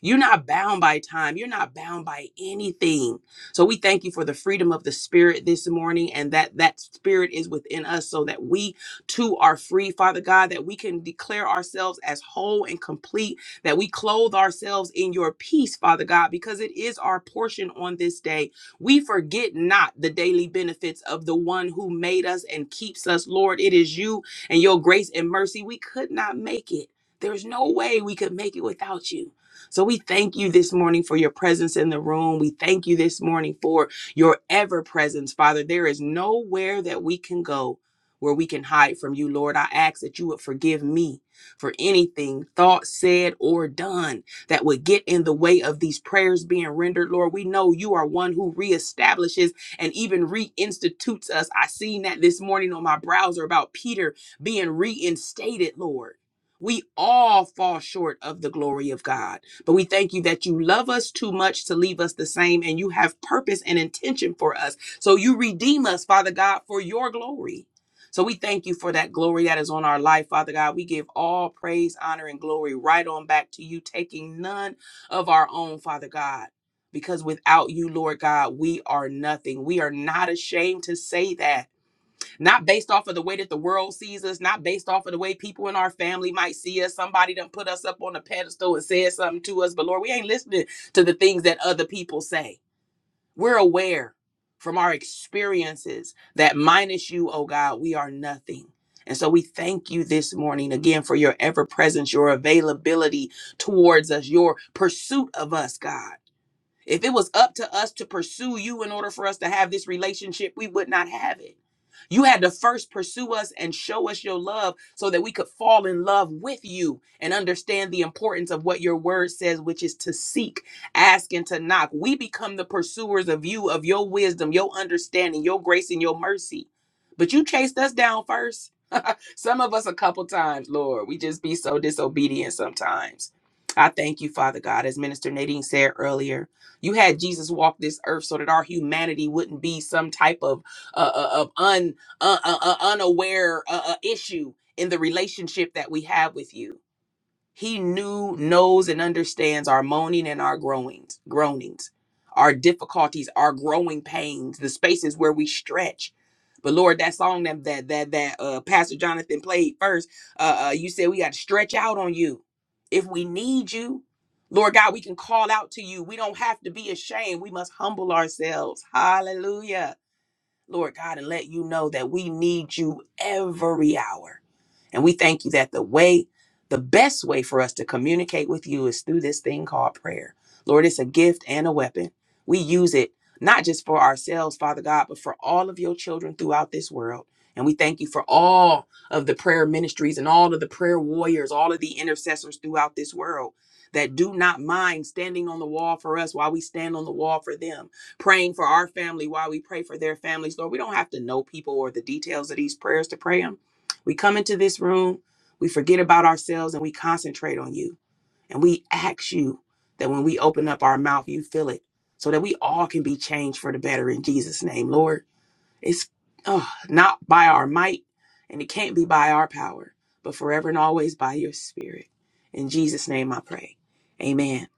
You're not bound by time. You're not bound by anything. So we thank you for the freedom of the spirit this morning and that that spirit is within us so that we too are free, Father God, that we can declare ourselves as whole and complete, that we clothe ourselves in your peace, Father God, because it is our portion on this day. We forget not the daily benefits of the one who made us and keeps us, Lord. It is you and your grace and mercy. We could not make it. There's no way we could make it without you. So we thank you this morning for your presence in the room. We thank you this morning for your ever presence, Father. There is nowhere that we can go where we can hide from you, Lord. I ask that you would forgive me for anything thought, said, or done that would get in the way of these prayers being rendered, Lord. We know you are one who reestablishes and even reinstitutes us. I seen that this morning on my browser about Peter being reinstated, Lord. We all fall short of the glory of God. But we thank you that you love us too much to leave us the same, and you have purpose and intention for us. So you redeem us, Father God, for your glory. So we thank you for that glory that is on our life, Father God. We give all praise, honor, and glory right on back to you, taking none of our own, Father God. Because without you, Lord God, we are nothing. We are not ashamed to say that not based off of the way that the world sees us, not based off of the way people in our family might see us. Somebody done put us up on a pedestal and said something to us, but Lord, we ain't listening to the things that other people say. We're aware from our experiences that minus you, oh God, we are nothing. And so we thank you this morning again for your ever presence, your availability towards us, your pursuit of us, God. If it was up to us to pursue you in order for us to have this relationship, we would not have it. You had to first pursue us and show us your love so that we could fall in love with you and understand the importance of what your word says, which is to seek, ask, and to knock. We become the pursuers of you, of your wisdom, your understanding, your grace, and your mercy. But you chased us down first. Some of us a couple times, Lord. We just be so disobedient sometimes. I thank you, Father God. As Minister Nadine said earlier, you had Jesus walk this earth so that our humanity wouldn't be some type of uh, uh, of un uh, uh, uh, unaware uh, uh, issue in the relationship that we have with you. He knew, knows, and understands our moaning and our groanings, groanings, our difficulties, our growing pains, the spaces where we stretch. But Lord, that song that that that, that uh, Pastor Jonathan played first, uh, uh, you said we got to stretch out on you if we need you. Lord God, we can call out to you. We don't have to be ashamed. We must humble ourselves. Hallelujah Lord God, and let you know that we need you every hour. And we thank you that the way, the best way for us to communicate with you is through this thing called prayer. Lord, it's a gift and a weapon. We use it not just for ourselves, Father God, but for all of your children throughout this world. And we thank you for all of the prayer ministries and all of the prayer warriors, all of the intercessors throughout this world that do not mind standing on the wall for us while we stand on the wall for them praying for our family while we pray for their families. Lord, we don't have to know people or the details of these prayers to pray them. We come into this room, we forget about ourselves, and we concentrate on you. And we ask you that when we open up our mouth, you fill it so that we all can be changed for the better in Jesus' name, Lord. It's uh, not by our might, and it can't be by our power, but forever and always by your spirit. In Jesus' name I pray. Amen.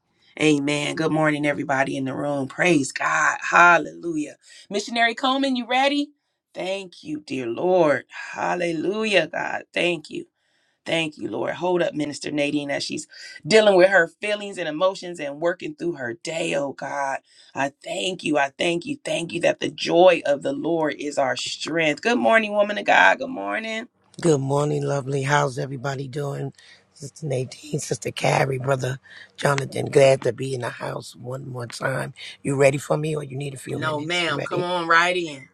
Amen. Good morning, everybody in the room. Praise God. Hallelujah. Missionary Coleman, you ready? Thank you, dear Lord. Hallelujah, God. Thank you. Thank you, Lord. Hold up, Minister Nadine, as she's dealing with her feelings and emotions and working through her day, oh God. I thank you. I thank you. Thank you that the joy of the Lord is our strength. Good morning, woman of God. Good morning.
Good morning, lovely. How's everybody doing? Sister Nadine, Sister Carrie, Brother Jonathan, glad to be in the house one more time. You ready for me or you need a few
No,
minutes? You
ma'am. Come
ready?
on right in.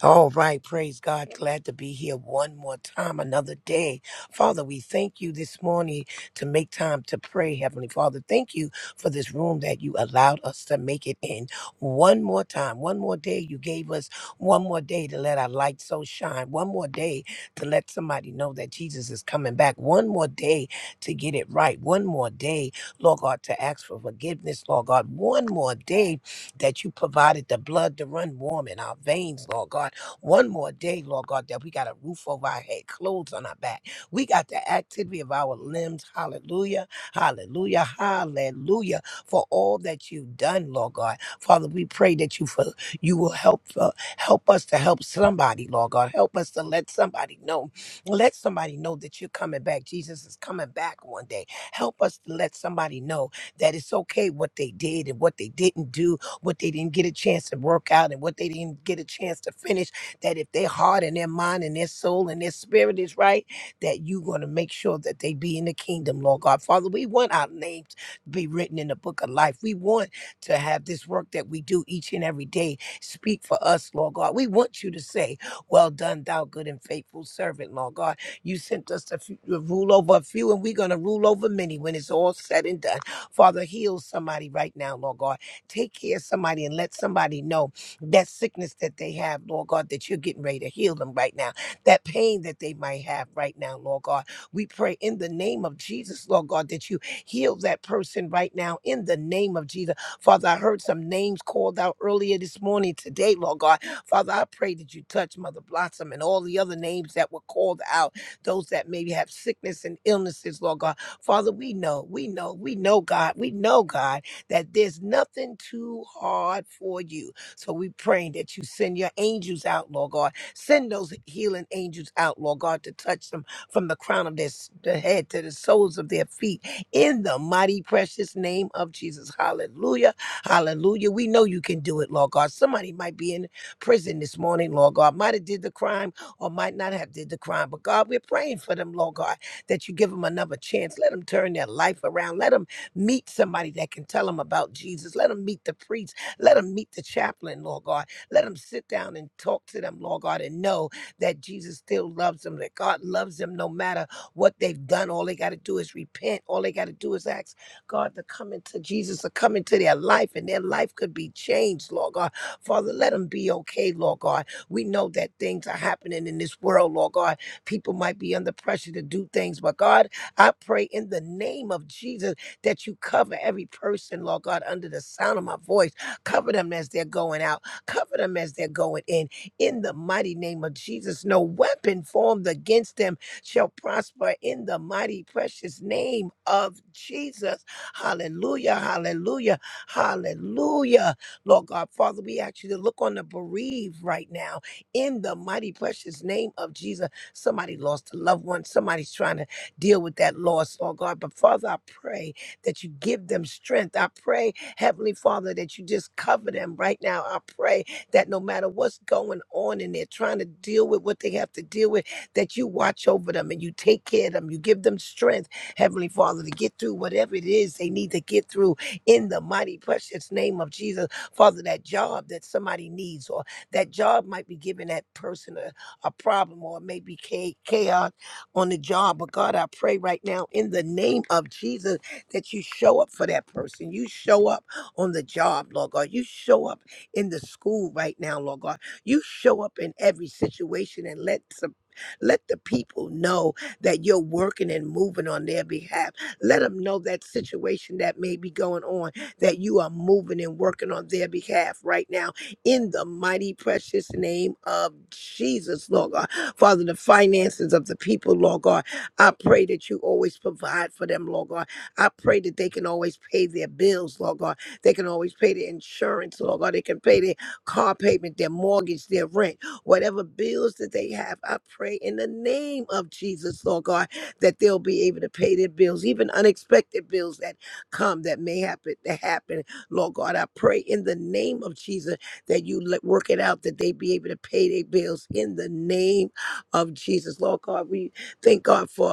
All right, praise God. Glad to be here one more time, another day. Father, we thank you this morning to make time to pray, Heavenly Father. Thank you for this room that you allowed us to make it in one more time, one more day. You gave us one more day to let our light so shine, one more day to let somebody know that Jesus is coming back, one more day to get it right, one more day, Lord God, to ask for forgiveness, Lord God, one more day that you provided the blood to run warm in our veins, Lord God one more day, Lord God, that we got a roof over our head, clothes on our back. We got the activity of our limbs. Hallelujah. Hallelujah. Hallelujah. For all that you've done, Lord God. Father, we pray that you for you will help uh, help us to help somebody, Lord God. Help us to let somebody know. Let somebody know that you're coming back. Jesus is coming back one day. Help us to let somebody know that it's okay what they did and what they didn't do, what they didn't get a chance to work out and what they didn't get a chance to finish that if their heart and their mind and their soul and their spirit is right, that you're going to make sure that they be in the kingdom, Lord God. Father, we want our names to be written in the book of life. We want to have this work that we do each and every day speak for us, Lord God. We want you to say, Well done, thou good and faithful servant, Lord God. You sent us to, f- to rule over a few, and we're going to rule over many when it's all said and done. Father, heal somebody right now, Lord God. Take care of somebody and let somebody know that sickness that they have, Lord God, that you're getting ready to heal them right now, that pain that they might have right now, Lord God. We pray in the name of Jesus, Lord God, that you heal that person right now in the name of Jesus. Father, I heard some names called out earlier this morning today, Lord God. Father, I pray that you touch Mother Blossom and all the other names that were called out, those that maybe have sickness and illnesses, Lord God. Father, we know, we know, we know, God, we know, God, that there's nothing too hard for you. So we pray that you send your angels out, Lord God. Send those healing angels out, Lord God, to touch them from the crown of their, s- their head to the soles of their feet in the mighty, precious name of Jesus. Hallelujah. Hallelujah. We know you can do it, Lord God. Somebody might be in prison this morning, Lord God. Might have did the crime or might not have did the crime. But God, we're praying for them, Lord God, that you give them another chance. Let them turn their life around. Let them meet somebody that can tell them about Jesus. Let them meet the priest let them meet the chaplain, Lord God. Let them sit down and talk to them, Lord God, and know that Jesus still loves them, that God loves them no matter what they've done. All they got to do is repent. All they got to do is ask God to come into Jesus, to come into their life, and their life could be changed, Lord God. Father, let them be okay, Lord God. We know that things are happening in this world, Lord God. People might be under pressure to do things, but God, I pray in the name of Jesus that you cover every person, Lord God, under the sound of my voice. Cover them as they're going out. Cover them as they're going in. In the mighty name of Jesus, no weapon formed against them shall prosper in the mighty, precious name of Jesus. Hallelujah, hallelujah, hallelujah. Lord God, Father, we ask you to look on the bereaved right now in the mighty, precious name of Jesus. Somebody lost a loved one, somebody's trying to deal with that loss, Lord God. But Father, I pray that you give them strength. I pray Heavenly Father, that you just cover them right now. I pray that no matter what's going on and they're trying to deal with what they have to deal with, that you watch over them and you take care of them. You give them strength, Heavenly Father, to get through whatever it is they need to get through in the mighty, precious name of Jesus. Father, that job that somebody needs or that job might be giving that person a, a problem or maybe cha- chaos on the job. But God, I pray right now in the name of Jesus that you show up for that person. You show up on the job, Lord God. You show up in the school right now, Lord God. You show up in every situation and let some. Let the people know that you're working and moving on their behalf. Let them know that situation that may be going on, that you are moving and working on their behalf right now. In the mighty, precious name of Jesus, Lord God. Father, the finances of the people, Lord God, I pray that you always provide for them, Lord God. I pray that they can always pay their bills, Lord God. They can always pay their insurance, Lord God. They can pay their car payment, their mortgage, their rent, whatever bills that they have. I pray in the name of Jesus, Lord God, that they'll be able to pay their bills, even unexpected bills that come that may happen to happen. Lord God, I pray in the name of Jesus that you let work it out that they be able to pay their bills in the name of Jesus. Lord God, we thank God for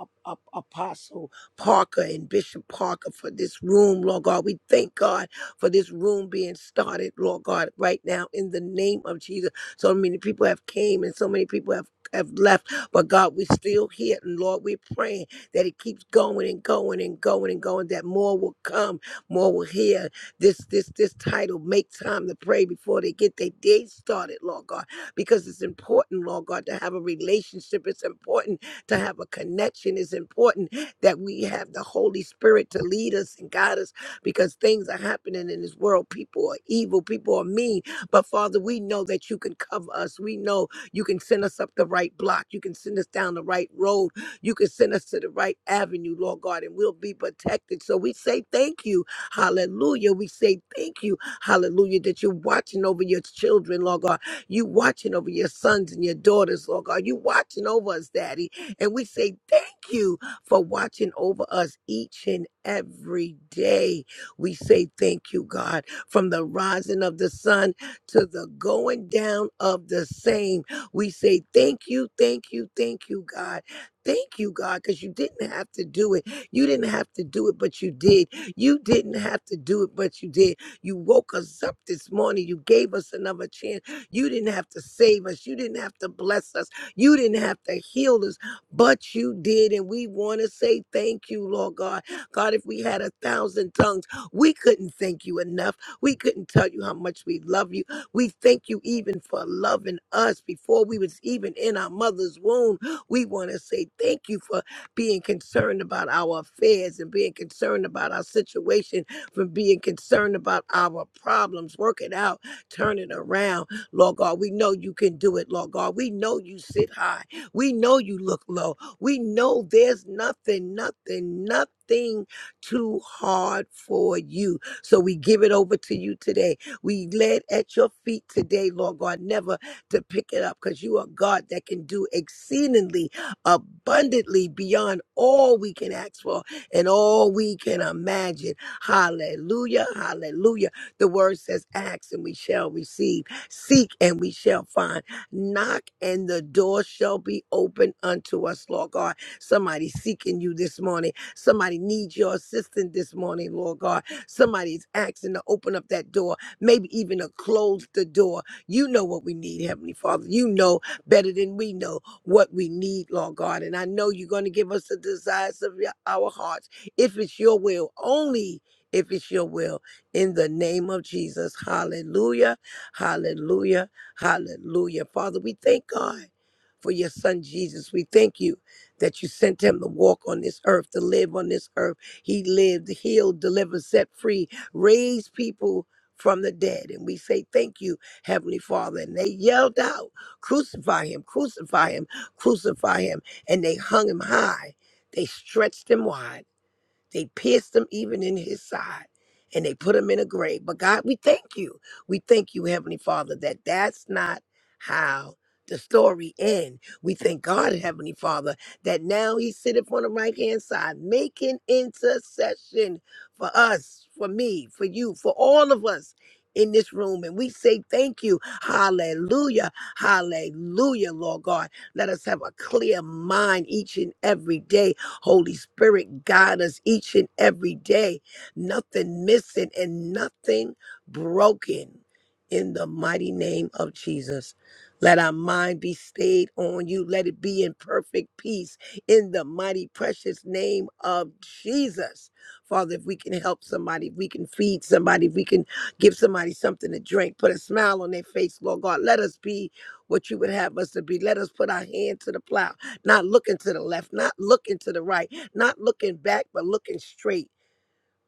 Ap- Ap- Apostle Parker and Bishop Parker for this room, Lord God. We thank God for this room being started, Lord God, right now in the name of Jesus. So many people have came and so many people have have left, but God, we're still here, and Lord, we're praying that it keeps going and going and going and going. That more will come, more will hear. This this this title, make time to pray before they get their day started, Lord God, because it's important, Lord God, to have a relationship. It's important to have a connection. It's important that we have the Holy Spirit to lead us and guide us because things are happening in this world. People are evil, people are mean. But Father, we know that you can cover us. We know you can send us up the right block. You can send us down the right road. You can send us to the right avenue, Lord God, and we'll be protected. So we say thank you. Hallelujah. We say thank you. Hallelujah. That you're watching over your children, Lord God. You watching over your sons and your daughters, Lord God. You watching over us, Daddy. And we say thank you for watching over us each and every day. We say thank you, God, from the rising of the sun to the going down of the same. We say thank you, thank you, thank you, God. Thank you, God, because you didn't have to do it. You didn't have to do it, but you did. You didn't have to do it, but you did. You woke us up this morning. You gave us another chance. You didn't have to save us. You didn't have to bless us. You didn't have to heal us but you did. And we want to say thank you, Lord God. God, if we had a thousand tongues, we couldn't thank you enough. We couldn't tell you how much we love you. We thank you even for loving us before we was even in our mother's womb. We want to say thank you for being concerned about our affairs and being concerned about our situation, for being concerned about our problems, work it out, turn it around. Lord God, we know you can do it, Lord God. We know you sit high. We know you look low. We know there's nothing, nothing, nothing too hard for you. So we give it over to you today. We lay it at your feet today, Lord God, never to pick it up because you are God that can do exceedingly abundantly beyond all we can ask for and all we can imagine. Hallelujah. Hallelujah. The word says, ask and we shall receive, seek and we shall find. Knock and the door shall be open unto us, Lord God. Somebody seeking you this morning. Somebody needs your assistance this morning, Lord God. Somebody's asking to open up that door, maybe even to close the door. You know what we need, Heavenly Father. You know better than we know what we need, Lord God. And I know you're going to give us the desires of your, our hearts if it's your will, only if it's your will. In the name of Jesus. Hallelujah. Hallelujah. Hallelujah. Father, we thank God for your son Jesus. We thank you that you sent him to walk on this earth, to live on this earth. He lived, healed, delivered, set free, raised people from the dead. And we say thank you, Heavenly Father. And they yelled out, crucify him, crucify him, crucify him. And they hung him high. They stretched him wide they pierced him even in his side and they put him in a grave. But God, we thank you. We thank you, Heavenly Father, that that's not how the story ends. We thank God, Heavenly Father, that now he sitteth on the right hand side, making intercession for us, for me, for you, for all of us in this room. And we say thank you. Hallelujah. Hallelujah, Lord God. Let us have a clear mind each and every day Holy Spirit, guide us each and every day. Nothing missing and nothing broken in the mighty name of Jesus. Let our mind be stayed on you. Let it be in perfect peace in the mighty, precious name of Jesus. Father, if we can help somebody, if we can feed somebody, if we can give somebody something to drink, put a smile on their face, Lord God, let us be what you would have us to be. Let us put our hand to the plow not looking to the left, not looking to the right, not looking back, but looking straight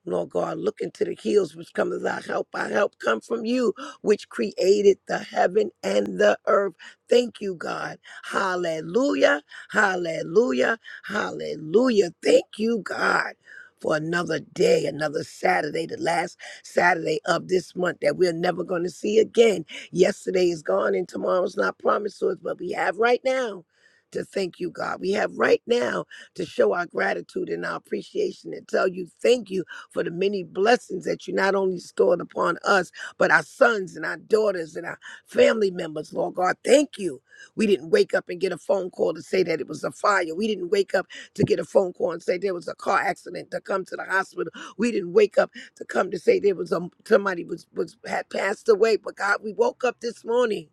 Lord God, look into the hills which come as our help. Our help come from you, which created the heaven and the earth. Thank you, God. Hallelujah. Hallelujah. Hallelujah. Thank you, God. For another day, another Saturday, the last Saturday of this month that we're never going to see again. Yesterday is gone and tomorrow's not promised to us, but we have right now to thank you, God. We have right now to show our gratitude and our appreciation and tell you thank you for the many blessings that you not only stored upon us, but our sons and our daughters and our family members, Lord God. Thank you. We didn't wake up and get a phone call to say that it was a fire. We didn't wake up to get a phone call and say there was a car accident to come to the hospital. We didn't wake up to come to say there was a, somebody was, was had passed away. But God, we woke up this morning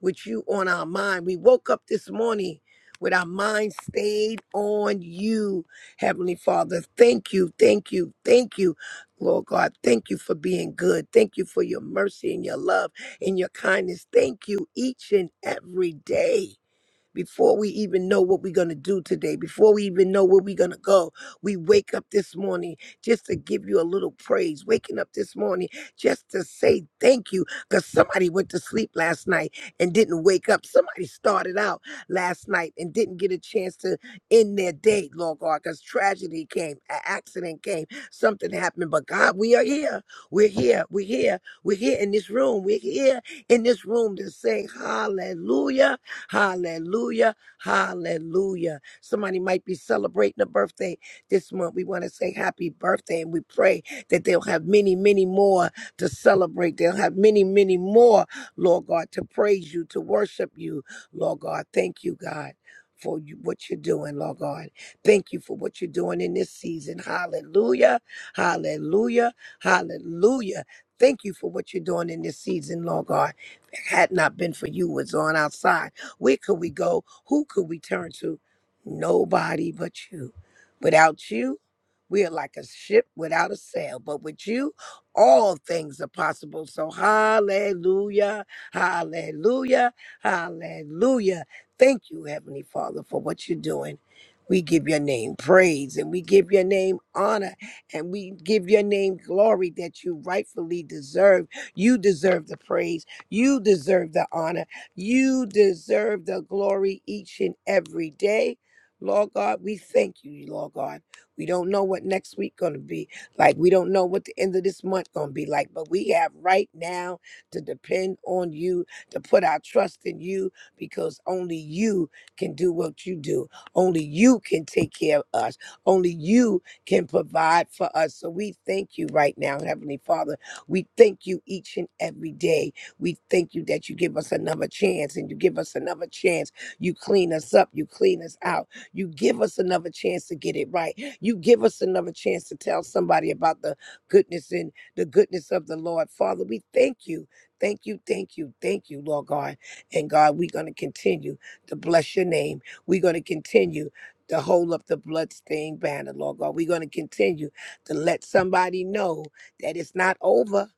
with you on our mind. We woke up this morning with our mind stayed on you, Heavenly Father. Thank you, thank you, thank you, Lord God. Thank you for being good. Thank you for your mercy and your love and your kindness. Thank you each and every day. Before we even know what we're going to do today, before we even know where we're going to go, we wake up this morning just to give you a little praise. Waking up this morning just to say thank you because somebody went to sleep last night and didn't wake up. Somebody started out last night and didn't get a chance to end their day, Lord God, because tragedy came, an accident came, something happened. But God, we are here. We're here. We're here. We're here in this room. We're here in this room to say hallelujah. Hallelujah. Hallelujah. Somebody might be celebrating a birthday this month. We want to say happy birthday and we pray that they'll have many, many more to celebrate. They'll have many, many more, Lord God, to praise you, to worship you. Lord God, thank you, God. For you, what you're doing, Lord God. Thank you for what you're doing in this season. Hallelujah. Hallelujah. Hallelujah. Thank you for what you're doing in this season, Lord God. If it had not been for you, it's on outside. Where could we go? Who could we turn to? Nobody but you. Without you, we are like a ship without a sail, but with you, all things are possible. So, hallelujah, hallelujah, hallelujah. Thank you, Heavenly Father, for what you're doing. We give your name praise and we give your name honor and we give your name glory that you rightfully deserve. You deserve the praise. You deserve the honor. You deserve the glory each and every day. Lord God, we thank you, Lord God. We don't know what next week gonna be like. We don't know what the end of this month gonna be like, but we have right now to depend on you, to put our trust in you, because only you can do what you do. Only you can take care of us. Only you can provide for us. So we thank you right now, Heavenly Father. We thank you each and every day. We thank you that you give us another chance and you give us another chance. You clean us up, you clean us out. You give us another chance to get it right. You give us another chance to tell somebody about the goodness and the goodness of the Lord. Father, we thank you. Thank you, thank you, thank you, Lord God. And God, we're going to continue to bless your name. We're going to continue to hold up the bloodstained banner, Lord God. We're going to continue to let somebody know that it's not over.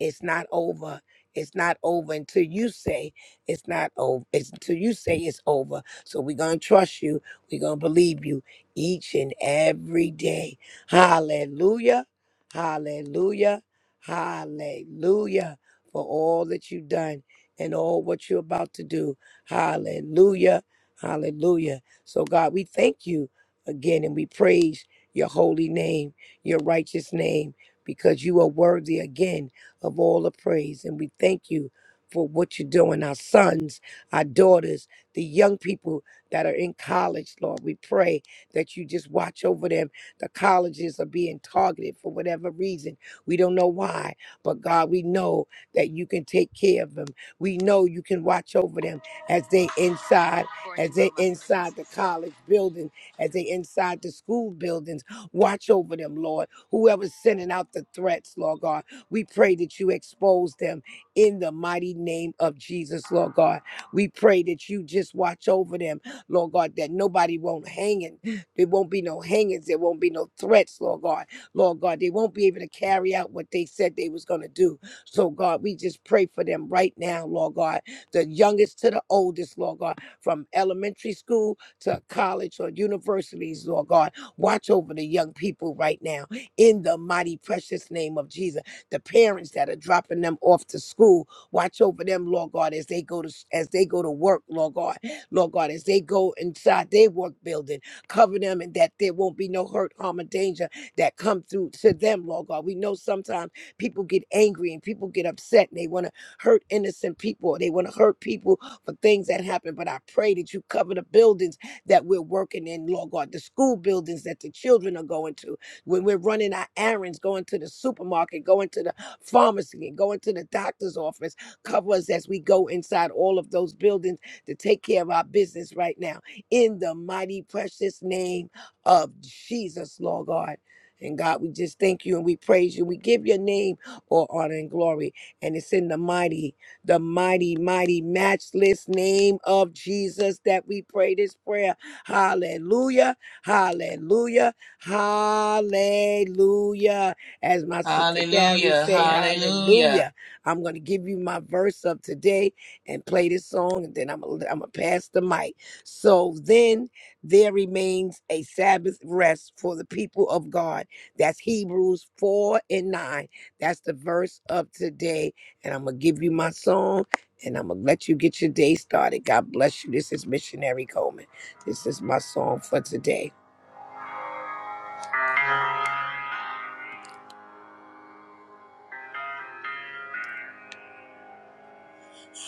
It's not over it's not over until you say it's not over. It's until you say it's over. So we're gonna trust you. We're gonna believe you each and every day. Hallelujah. Hallelujah. Hallelujah for all that you've done and all what you're about to do. Hallelujah. Hallelujah. So God, we thank you again and we praise your holy name, your righteous name, because you are worthy again of all the praise. And we thank you for what you're doing, our sons, our daughters, the young people that are in college, Lord. We pray that you just watch over them. The colleges are being targeted for whatever reason. We don't know why, but God, we know that you can take care of them. We know you can watch over them as they inside, as they inside the college building, as they inside the school buildings. Watch over them, Lord. Whoever's sending out the threats, Lord God. We pray that you expose them in the mighty name of Jesus, Lord God. We pray that you just watch over them, Lord God, that nobody won't hang it. There won't be no hangings. There won't be no threats, Lord God. Lord God, they won't be able to carry out what they said they was going to do. So, God, we just pray for them right now, Lord God, the youngest to the oldest, Lord God, from elementary school to college or universities, Lord God. Watch over the young people right now in the mighty, precious name of Jesus the parents that are dropping them off to school. Watch over them, Lord God, as they go to as they go to work, Lord God. Lord God, as they go inside their work building, cover them and that there won't be no hurt, harm, or danger that come through to them, Lord God. We know sometimes people get angry and people get upset and they want to hurt innocent people or they want to hurt people for things that happen. But I pray that you cover the buildings that we're working in, Lord God, the school buildings that the children are going to when we're running our errands, going to the supermarket, going to the pharmacy, and going to the doctor's office. Cover us as we go inside all of those buildings to take care of our business right now. In the mighty, precious name of Jesus, Lord God. And God, we just thank you and we praise you. We give your name all honor and glory. And it's in the mighty, the mighty, mighty, matchless name of Jesus that we pray this prayer. Hallelujah. Hallelujah. Hallelujah. As my sister Carrie
Hallelujah.
say,
Hallelujah.
hallelujah. I'm going to give you my verse of today and play this song, and then I'm going to pass the mic. So then there remains a Sabbath rest for the people of God. That's Hebrews 4 and 9. That's the verse of today. And I'm going to give you my song, and I'm going to let you get your day started. God bless you. This is Missionary Coleman. This is my song for today.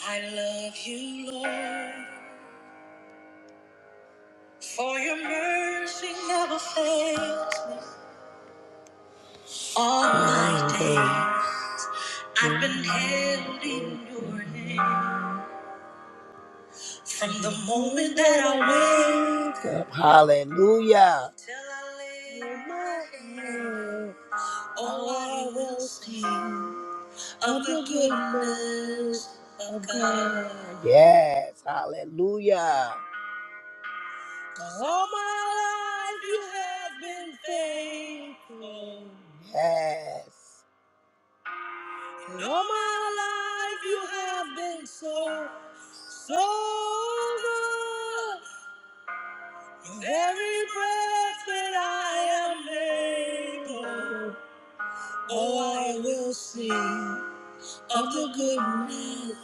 I love you, Lord, for your mercy never fails me. All my days, I've been held in your name from the moment that I wake up. Hallelujah. Till I lay my head. Oh, I will sing of the goodness of God. Yes, hallelujah. All my life you have been faithful. Yes. And all my life you have been so, so good. With every breath that I am able, oh, I will sing of the goodness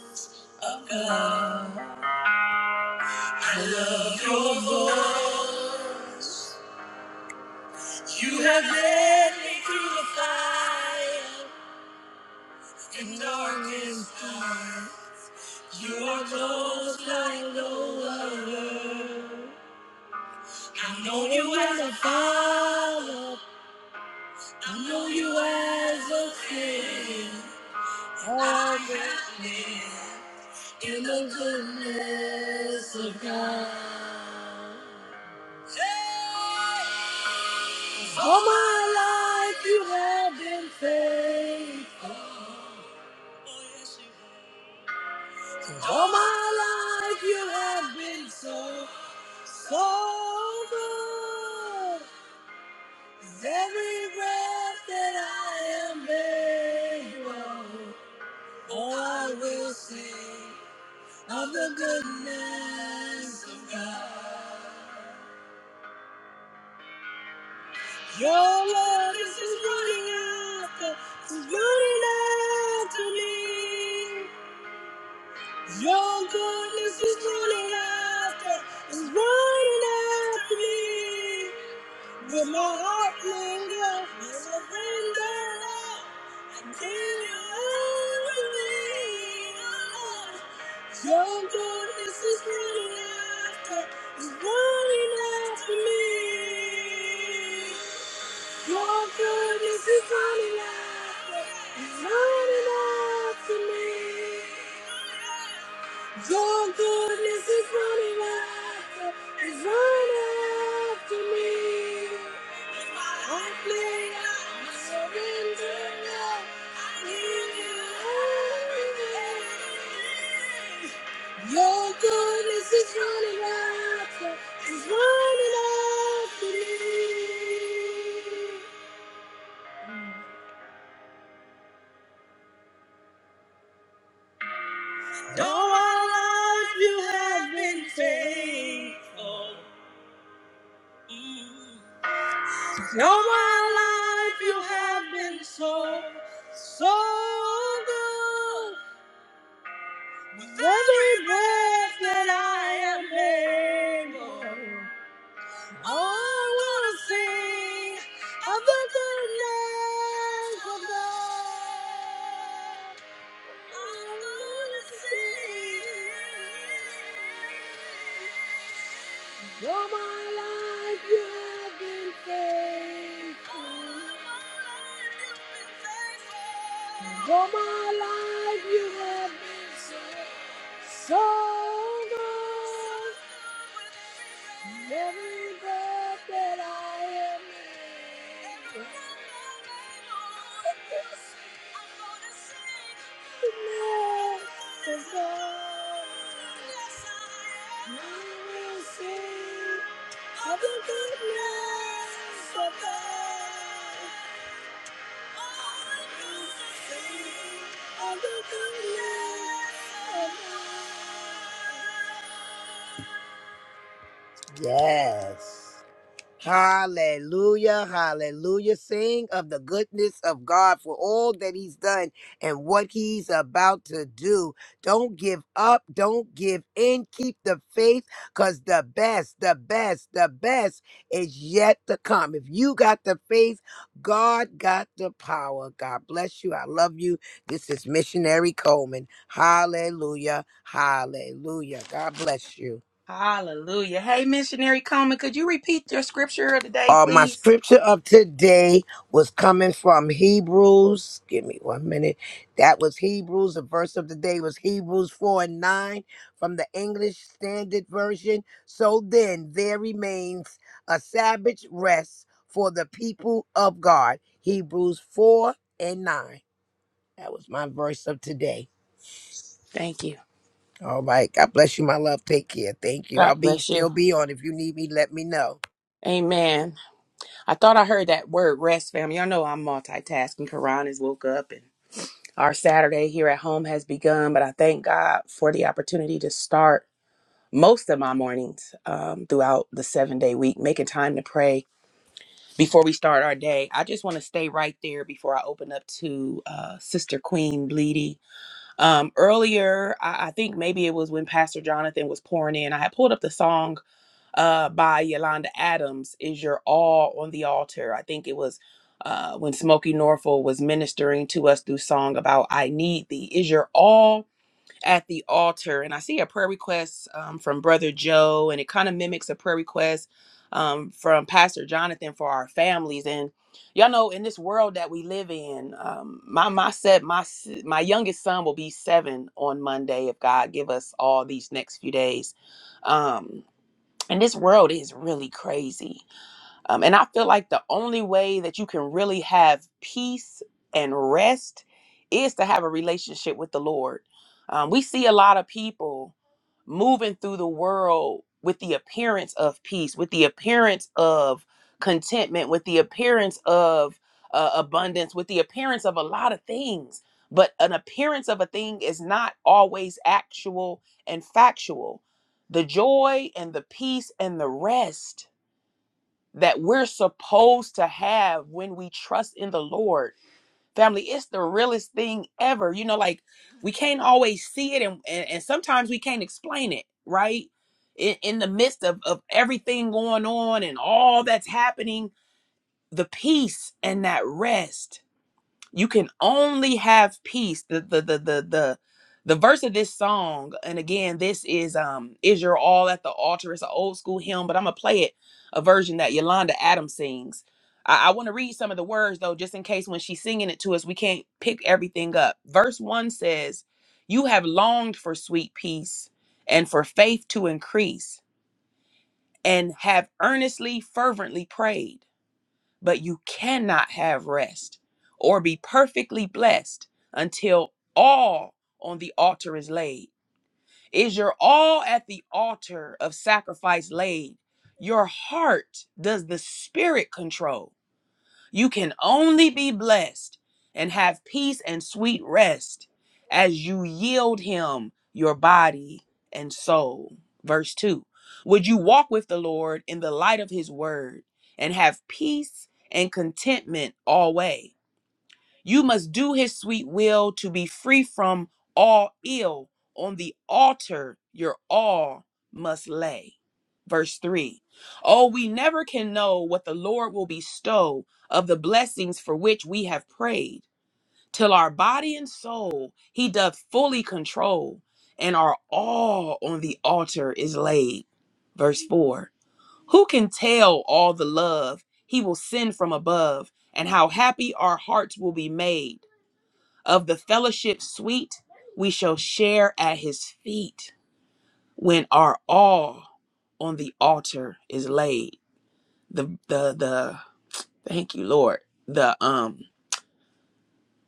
of God. I love your voice. You have led me through the fire. in darkness. I know you as a father. I know you as a friend. All the things in the goodness of God. Hey! All my life you have been faithful. Oh, yes, you have. All my life you have been so, so good. Every breath that I am able, oh, I will sing of the goodness of God. Your love is just running after, is running after me. Your goodness is running after, is running after me. Did my heart linger? Surrender all. I give you everything, oh Lord. Your goodness is running after, is running after me. Your goodness is running after, is running after me. Your goodness is running after, is running after me. I play I surrender now. I give you everything. Your goodness is running after. Though our lives you have been faithful. Mm. Though our life you have been so, so good. With every breath that I am able, I want to sing of the goodness of God. For my life, you have been faithful. For my life, you have been so, so good. Every breath that I am in, Lord, I will sing Have a good night. Bye-bye. Have a good night. Bye-bye. Yes. Hallelujah, hallelujah. Sing of the goodness of God for all that He's done and what He's about to do. Don't give up, don't give in. Keep the faith because the best, the best, the best is yet to come. If you got the faith, God got the power. God bless you. I love you. This is Missionary Coleman. Hallelujah, hallelujah. God bless you.
Hallelujah. Hey, missionary Coleman, could you repeat your scripture of the day,
Uh, my
please?
scripture of today was coming from Hebrews. Give me one minute. That was Hebrews. The verse of the day was Hebrews 4 and 9 from the English Standard Version. So then there remains a Sabbath rest for the people of God. Hebrews 4 and 9. That was my verse of today.
Thank you.
All right. God bless you, my love. Take care. Thank you. I'll
God
be
bless
still
you.
be on. If you need me, let me know.
Amen. I thought I heard that word rest, family. Y'all know I'm multitasking. Karan has woke up and. Our Saturday here at home has begun, but I thank God for the opportunity to start most of my mornings um, throughout the seven day week, making time to pray before we start our day. I just want to stay right there before I open up to uh, Sister Queen Bleedy. Um, earlier, I, I think maybe it was when Pastor Jonathan was pouring in, I had pulled up the song uh, by Yolanda Adams is Your All on the Altar. I think it was uh, when Smokey Norfolk was ministering to us through song about I Need Thee. Is Your All at the Altar? And I see a prayer request um, from Brother Joe, and it kind of mimics a prayer request um, from Pastor Jonathan for our families. And y'all know in this world that we live in, um, my my set my s- my youngest son will be seven on Monday if God give us all these next few days. Um, and this world is really crazy. Um, and I feel like the only way that you can really have peace and rest is to have a relationship with the Lord. Um, we see a lot of people moving through the world with the appearance of peace, with the appearance of contentment, with the appearance of uh, abundance, with the appearance of a lot of things. But an appearance of a thing is not always actual and factual. The joy and the peace and the rest that we're supposed to have when we trust in the Lord. Family, it's the realest thing ever. You know, like we can't always see it and, and, and sometimes we can't explain it, right? In, in the midst of, of everything going on and all that's happening, the peace and that rest you can only have peace the the the the the the verse of this song and again this is um is your all at the altar it's an old school hymn but i'm gonna play it a version that yolanda adams sings i, I want to read some of the words though just in case when she's singing it to us we can't pick everything up verse one says you have longed for sweet peace and for faith to increase and have earnestly fervently prayed but you cannot have rest or be perfectly blessed until all on the altar is laid. Is your all at the altar of sacrifice laid? Your heart does the spirit control. You can only be blessed and have peace and sweet rest as you yield him your body and soul. Verse 2 Would you walk with the Lord in the light of his word and have peace and contentment always? You must do his sweet will to be free from all ill. On the altar, your all must lay. Verse 3 Oh, we never can know what the Lord will bestow of the blessings for which we have prayed, till our body and soul he doth fully control, and our all on the altar is laid. Verse 4 Who can tell all the love he will send from above, and how happy our hearts will be made? Of the fellowship sweet, we shall share at his feet when our all on the altar is laid. The the the thank you, Lord. The um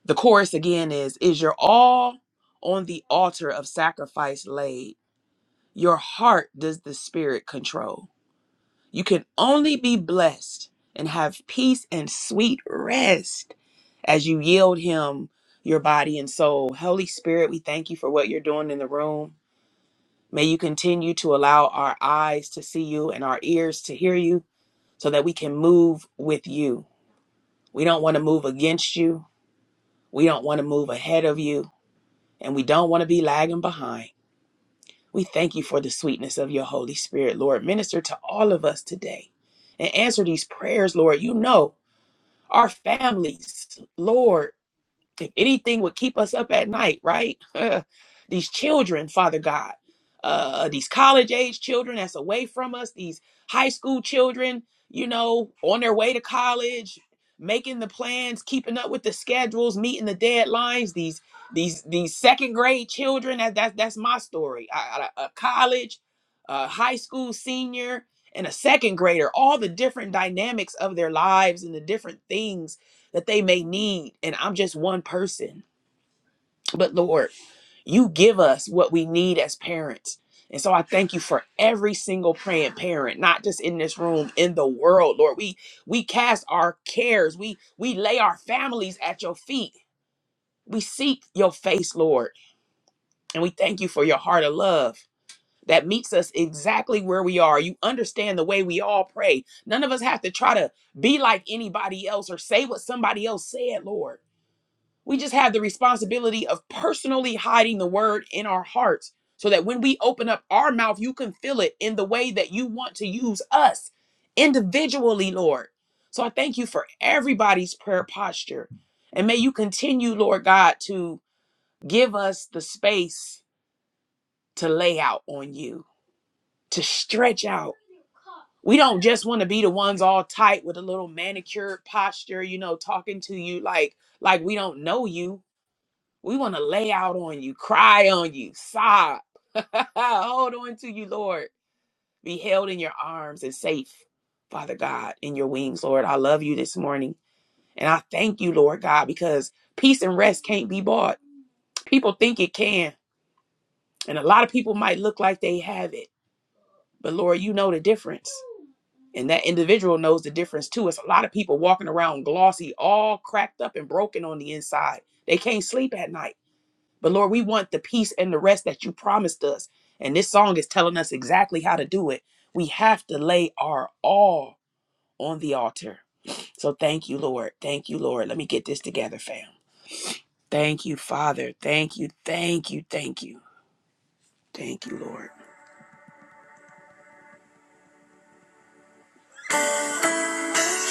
the chorus again is is your all on the altar of sacrifice laid. Your heart does the spirit control. You can only be blessed and have peace and sweet rest as you yield Him your body and soul. Holy Spirit, we thank you for what you're doing in the room. May you continue to allow our eyes to see you and our ears to hear you so that we can move with you. We don't want to move against you, we don't want to move ahead of you, and we don't want to be lagging behind. We thank you for the sweetness of your Holy Spirit, Lord. Minister to all of us today and answer these prayers, Lord. You know our families. Lord, if anything would keep us up at night, right? these children, Father God, uh, these college age children that's away from us, these high school children, you know, on their way to college, making the plans, keeping up with the schedules, meeting the deadlines, these these these second grade children that, that that's my story I, I- a college a high school senior and a second grader all the different dynamics of their lives and the different things that they may need. And I'm just one person. But Lord, you give us what we need as parents. And so I thank you for every single praying parent, not just in this room, in the world, Lord. We we cast our cares. We we lay our families at your feet. We seek your face, Lord. And we thank you for your heart of love that meets us exactly where we are. You understand the way we all pray. None of us have to try to be like anybody else or say what somebody else said, Lord We just have the responsibility of personally hiding the word in our hearts so that when we open up our mouth, you can fill it in the way that you want to use us individually, Lord. So I thank you for everybody's prayer posture. And may you continue, Lord God, to give us the space to lay out on you, to stretch out. We don't just want to be the ones all tight with a little manicured posture, you know, talking to you like like we don't know you We want to lay out on you, cry on you, sob, hold on to you, Lord. Be held in your arms and safe, Father God, in your wings, Lord. I love you this morning. And I thank you, Lord God, because peace and rest can't be bought. People think it can. And a lot of people might look like they have it. But Lord, you know the difference. And that individual knows the difference too. It's a lot of people walking around glossy, all cracked up and broken on the inside. They can't sleep at night But Lord, we want the peace and the rest that you promised us. And this song is telling us exactly how to do it. We have to lay our all on the altar. So thank you, Lord. Thank you, Lord. Let me get this together, fam. Thank you, Father. Thank you, thank you, thank you. Thank you, Lord.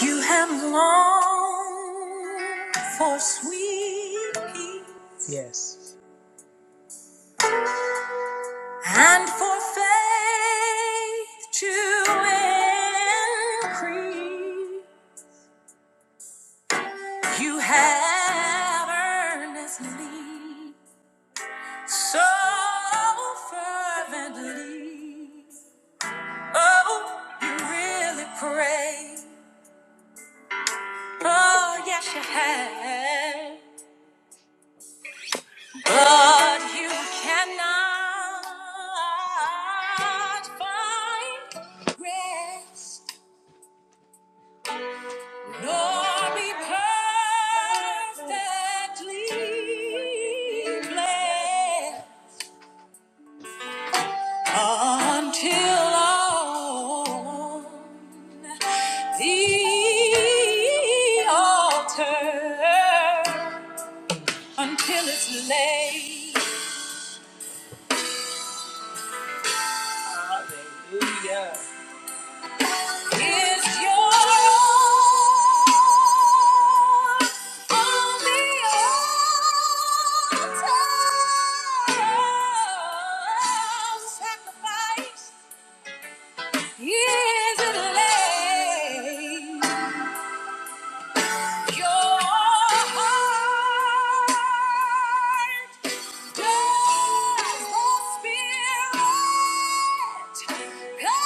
You have longed for sweet peace and for faith to increase. You have earnestly, so fervently. Oh, you really pray. Oh, yes, you have. But you cannot find rest, nor be perfectly blessed. Until on the altar, until it's laid. Hallelujah. Is yours on the altar sacrifice? Is it laid? Your heart does Spirit control?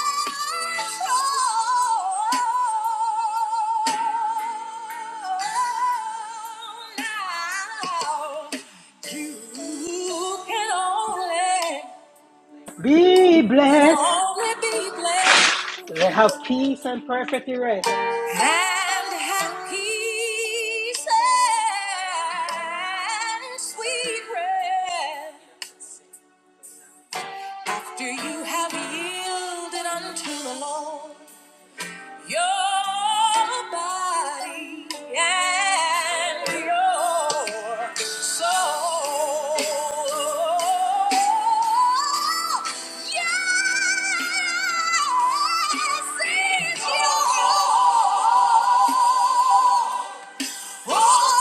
Now, you can only,
Be
you can
blessed.
only be
Have peace
blessed.
and perfect rest.
and have peace and sweet rest after you have yielded unto the Lord your body and your soul. Yes, it's yours. Sacrifice.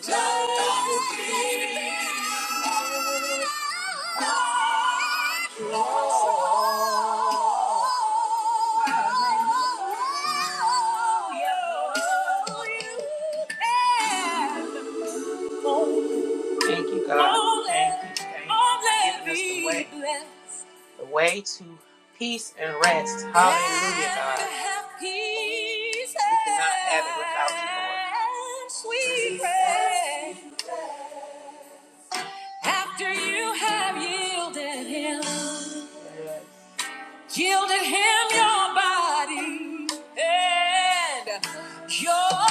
Thank you, God. Thank you. Thank you. for giving us the way, the way to peace and rest. Hallelujah, God. We cannot have it without you, Lord. Sweet rest. After you have yielded him, yielded him your body and your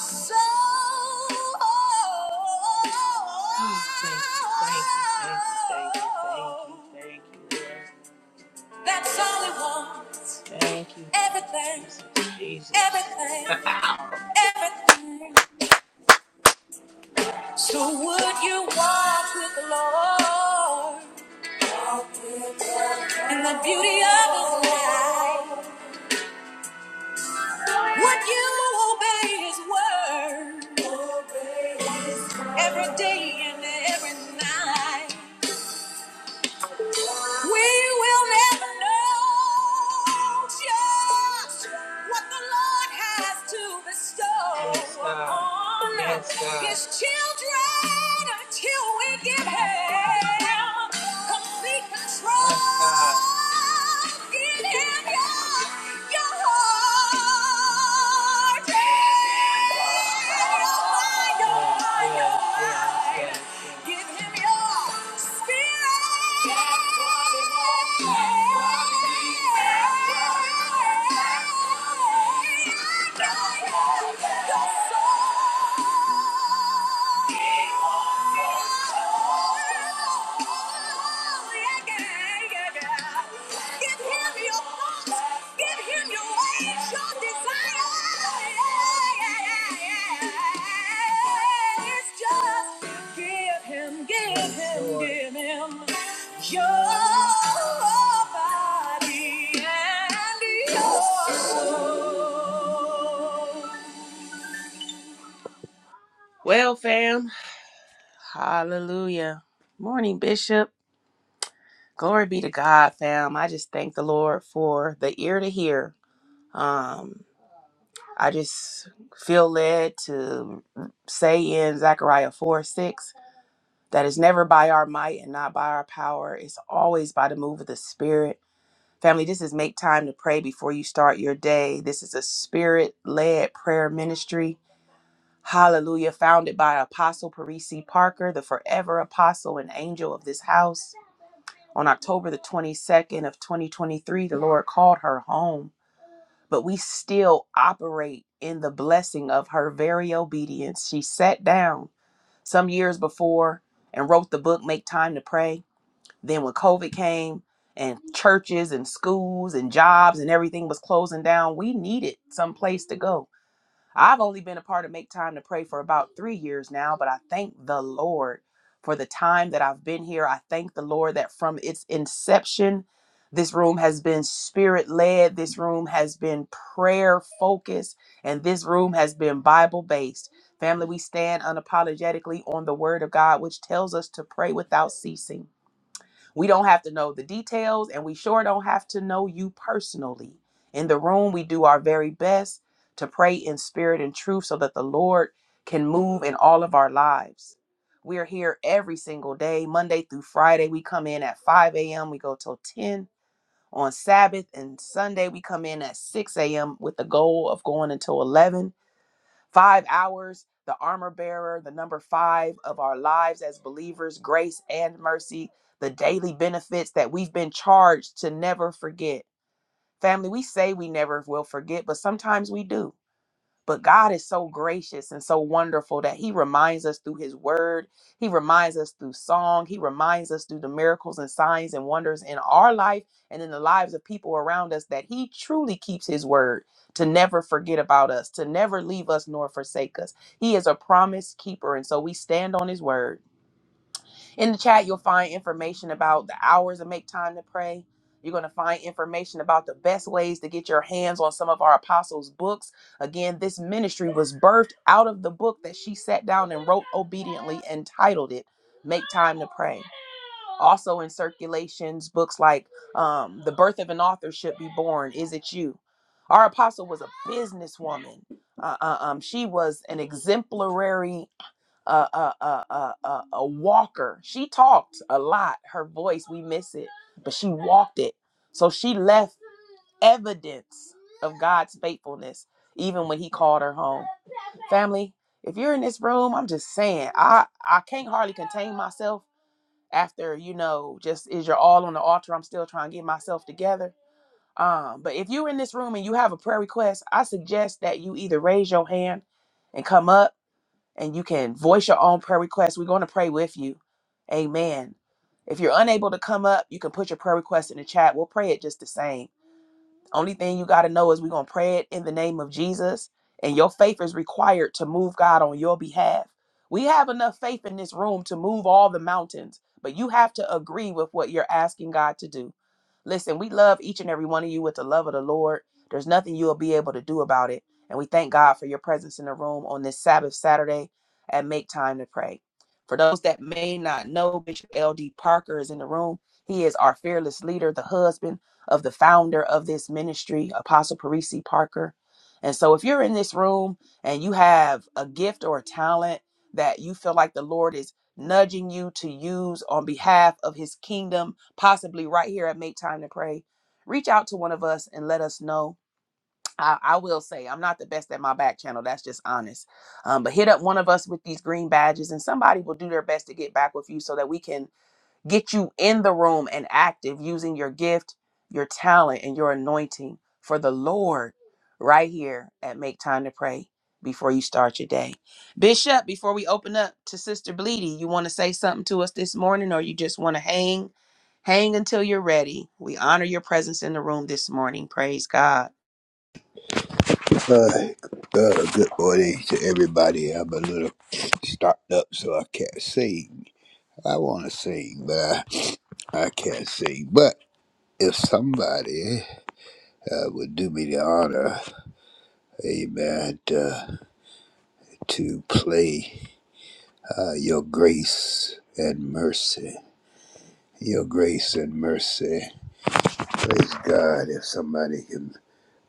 soul. Oh, thank you, thank you, thank you, thank you, thank you, thank you, Lord. That's all it wants. Thank you. Everything. Jesus. Everything. everything. So would you walk with the Lord? and the beauty of his life. What you obey his word every day and every night? We will never know just what the Lord has to bestow Yes, upon Yes, his children until we give him complete control. Yes, Get him your, your heart. Give him your spirit. Well, fam, hallelujah. Morning, Bishop. Glory be to God, fam. I just thank the Lord for the ear to hear. Um, I just feel led to say in Zechariah 4 6 that it's never by our might and not by our power, it's always by the move of the Spirit. Family, this is make time to pray before you start your day. This is a spirit led prayer ministry. Hallelujah. Founded by Apostle Parisi Parker, the forever apostle and angel of this house. On October the 22nd of 2023, the Lord called her home but we still operate in the blessing of her very obedience. She sat down some years before and wrote the book, Make Time to Pray. Then, when COVID came and churches and schools and jobs and everything was closing down, we needed some place to go I've only been a part of Make Time to Pray for about three years now, but I thank the Lord for the time that I've been here. I thank the Lord that from its inception, this room has been spirit led, this room has been prayer focused, and this room has been Bible based. Family, we stand unapologetically on the word of God, which tells us to pray without ceasing. We don't have to know the details, and we sure don't have to know you personally. In the room, we do our very best to pray in spirit and truth so that the Lord can move in all of our lives. We are here every single day, Monday through Friday. We come in at 5 a.m., we go till 10 on Sabbath, and Sunday, we come in at 6 a.m. with the goal of going until 11 Five hours, the armor bearer, the number five of our lives as believers, grace and mercy, the daily benefits that we've been charged to never forget. Family, we say we never will forget, but sometimes we do. But God is so gracious and so wonderful that He reminds us through His word. He reminds us through song. He reminds us through the miracles and signs and wonders in our life and in the lives of people around us that He truly keeps His word to never forget about us, to never leave us nor forsake us. He is a promise keeper. And so we stand on His word. In the chat, you'll find information about the hours of Make Time to Pray. You're going to find information about the best ways to get your hands on some of our apostles' books. Again, this ministry was birthed out of the book that she sat down and wrote obediently and titled it Make Time to Pray. Also in circulations, books like um, The Birth of an Author Should Be Born, Is It You? Our apostle was a businesswoman. Uh, uh, um, she was an exemplary a a a a a, a walker. She talked a lot. Her voice, we miss it, but she walked it. So she left evidence of God's faithfulness, even when He called her home. Family, if you're in this room, I'm just saying, I I can't hardly contain myself after you know just is your all on the altar. I'm still trying to get myself together. Um, but if you're in this room and you have a prayer request, I suggest that you either raise your hand and come up and you can voice your own prayer request. We're going to pray with you. Amen. If you're unable to come up, you can put your prayer request in the chat. We'll pray it just the same. Only thing you got to know is we're going to pray it in the name of Jesus, and your faith is required to move God on your behalf. We have enough faith in this room to move all the mountains, but you have to agree with what you're asking God to do. Listen, we love each and every one of you with the love of the Lord. There's nothing you'll be able to do about it. And we thank God for your presence in the room on this Sabbath Saturday at Make Time to Pray. For those that may not know, Bishop L.D. Parker is in the room. He is our fearless leader, the husband of the founder of this ministry, Apostle Parisi Parker. And so, if you're in this room and you have a gift or a talent that you feel like the Lord is nudging you to use on behalf of his kingdom, possibly right here at Make Time to Pray, reach out to one of us and let us know. I, I will say, I'm not the best at my back channel. That's just honest. Um, but hit up one of us with these green badges, and somebody will do their best to get back with you so that we can get you in the room and active using your gift, your talent, and your anointing for the Lord right here at Make Time to Pray before you start your day. Bishop, before we open up to Sister Bleedy, you want to say something to us this morning or you just want to hang? Hang until you're ready. We honor your presence in the room this morning. Praise God.
Uh, uh, good morning to everybody. I'm a little stopped up, so I can't sing. I want to sing, but I, I can't sing. But if somebody uh, would do me the honor, amen, uh, to play uh, Your Grace and Mercy. Your Grace and Mercy. Praise God if somebody can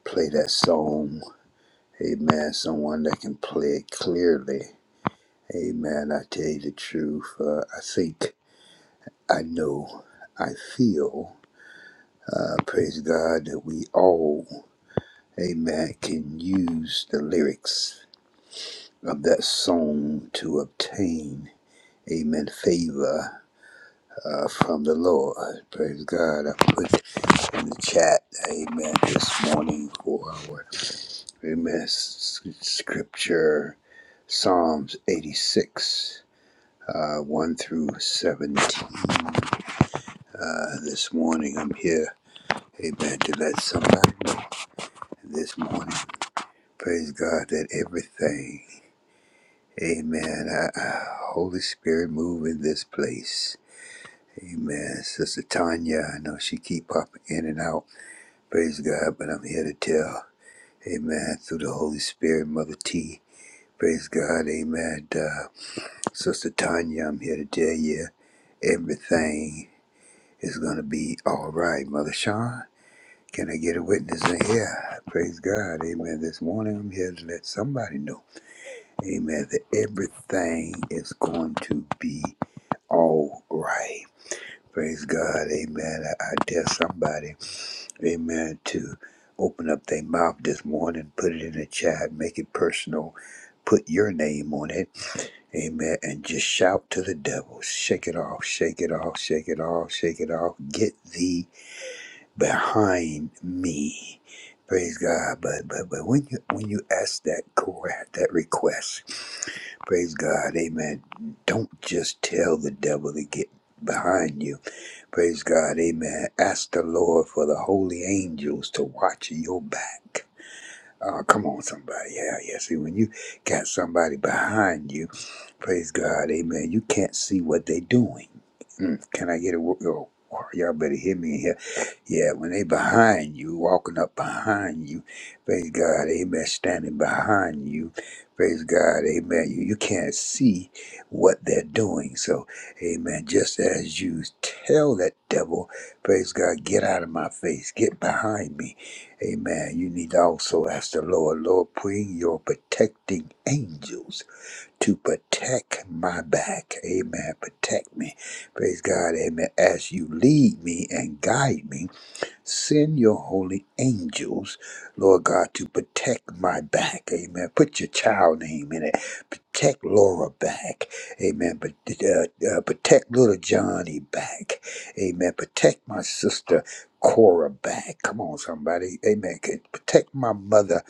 play that song. Amen. Someone that can play it clearly. Amen. I tell you the truth. Uh, I think, I know, I feel, uh, praise God, that we all, amen, can use the lyrics of that song to obtain, amen, favor uh, from the Lord. Praise God. I put in the chat, amen, this morning for our, amen, s- s- scripture, Psalms 86, uh, 1 through 17. Uh, this morning I'm here, amen, to let somebody know this morning. Praise God that everything, amen, uh, uh, Holy Spirit move in this place. Amen. Sister Tanya, I know she keep popping in and out. Praise God, but I'm here to tell, amen, through the Holy Spirit, Mother T. Praise God, amen. Uh, Sister Tanya, I'm here to tell you everything is going to be all right, Mother Sean. Can I get a witness in here? Praise God. Amen. This morning I'm here to let somebody know, amen, that everything is going to be all right. Praise God. Amen. I, I dare somebody, amen, to open up their mouth this morning, put it in the chat, make it personal, put your name on it, amen, and just shout to the devil. Shake it off, shake it off, shake it off, shake it off. Get thee behind me. Praise God. But but but when you when you ask that cor- that request, praise God, amen. Don't just tell the devil to get behind you. Praise God, amen. Ask the Lord for the holy angels to watch your back. Oh, come on, somebody. Yeah, yeah. See, when you got somebody behind you, praise God, amen, you can't see what they're doing. Mm, can I get a word? Oh, y'all better hear me yeah, when they behind you, walking up behind you, praise God, amen, standing behind you, praise God, amen. You, you can't see what they're doing. So, amen, just as you tell that devil, praise God, get out of my face, get behind me, amen. You need to also ask the Lord, Lord, bring your protecting angels to protect my back, amen, protect me, praise God, amen, as you lead me and guide me. Send your holy angels, Lord God, to protect my back. Amen. Put your child name in it. Protect Laura back. Amen. But uh, uh, protect little Johnny back. Amen. Protect my sister Cora back. Come on, somebody. Amen. Can Protect my mother.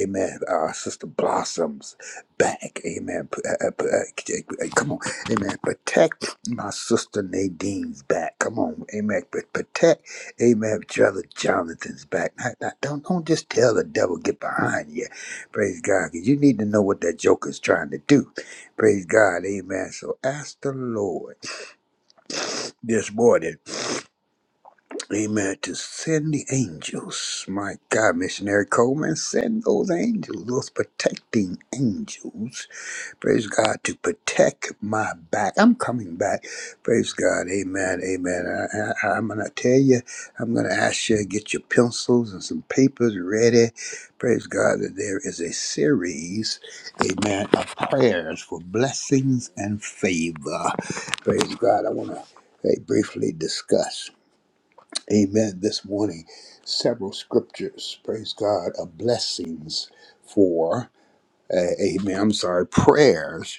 Amen. Uh, sister Blossoms back. Amen. P- uh, uh, uh, hey, come on. Amen. Protect my sister Nadine's back. Come on. Amen. But protect. Amen. Brother Jonathan's back. Now, now, don't don't just tell the devil get behind you. Praise God, cause you need to know what that joker's trying to do. Praise God. Amen. So ask the Lord this morning. Amen. To send the angels. My God, missionary Coleman, send those angels, those protecting angels. Praise God to protect my back. I'm coming back. Praise God. Amen. Amen. I, I, I'm going to tell you, I'm going to ask you to get your pencils and some papers ready. Praise God that there is a series, amen, of prayers for blessings and favor. Praise God. I want to hey, briefly discuss, amen, this morning several scriptures, praise God, of blessings for uh, amen, I'm sorry, prayers,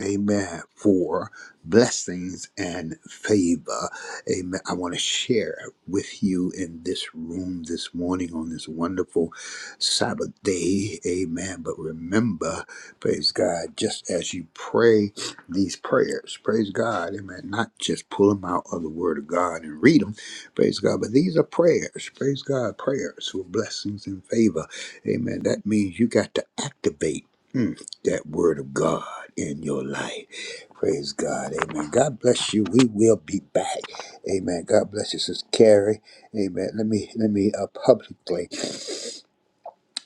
amen, for blessings and favor. Amen. I want to share with you in this room this morning on this wonderful Sabbath day. Amen. But remember, praise God, just as you pray these prayers, praise God, amen, not just pull them out of the Word of God and read them, praise God, but these are prayers, praise God, prayers for blessings and favor. Amen. That means you got to activate. Mm, that word of God in your life. Praise God. Amen. God bless you. We will be back. Amen. God bless you, Sister Carrie. Amen. Let me let me uh, publicly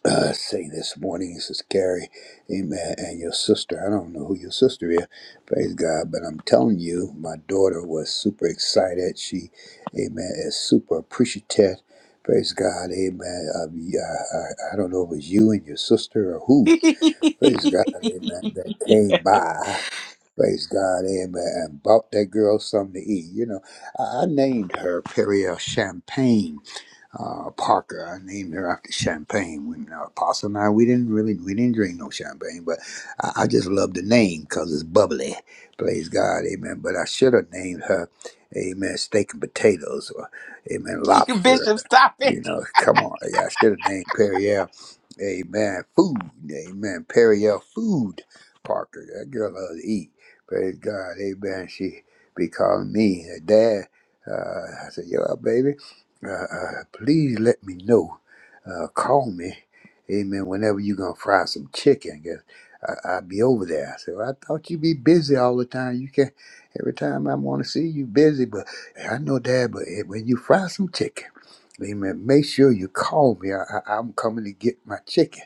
uh, say this morning, Sister Carrie. Amen. And your sister. I don't know who your sister is. Praise God. But I'm telling you, my daughter was super excited. She, Amen, is super appreciative. Praise God. Amen. Uh, yeah, I, I don't know if it was you and your sister or who
Bishop,
Praise God, amen. That came by. Praise God, amen. And bought that girl something to eat. You know, I I named her Perrier Champagne uh, Parker. I named her after champagne. When uh, Apostle and I, we didn't really, we didn't drink no champagne, but I, I just love the name because it's bubbly. Praise God, amen. But I should have named her, amen, steak and potatoes or, amen, lobster.
stop it.
You know, come on. I should have named Perrier. Amen. Food. Amen. Periel food. Parker. That girl loves to eat. Praise God. Amen. She be calling me her dad. Uh, I said, yo, baby, uh, uh, please let me know. Uh, call me. Amen. Whenever you going to fry some chicken. 'cause I, I'll be over there. I said, well, I thought you'd be busy all the time. You can Every time I want to see you busy, but I know, Dad, but eh, when you fry some chicken. Amen. Make sure you call me. I, I, I'm coming to get my chicken.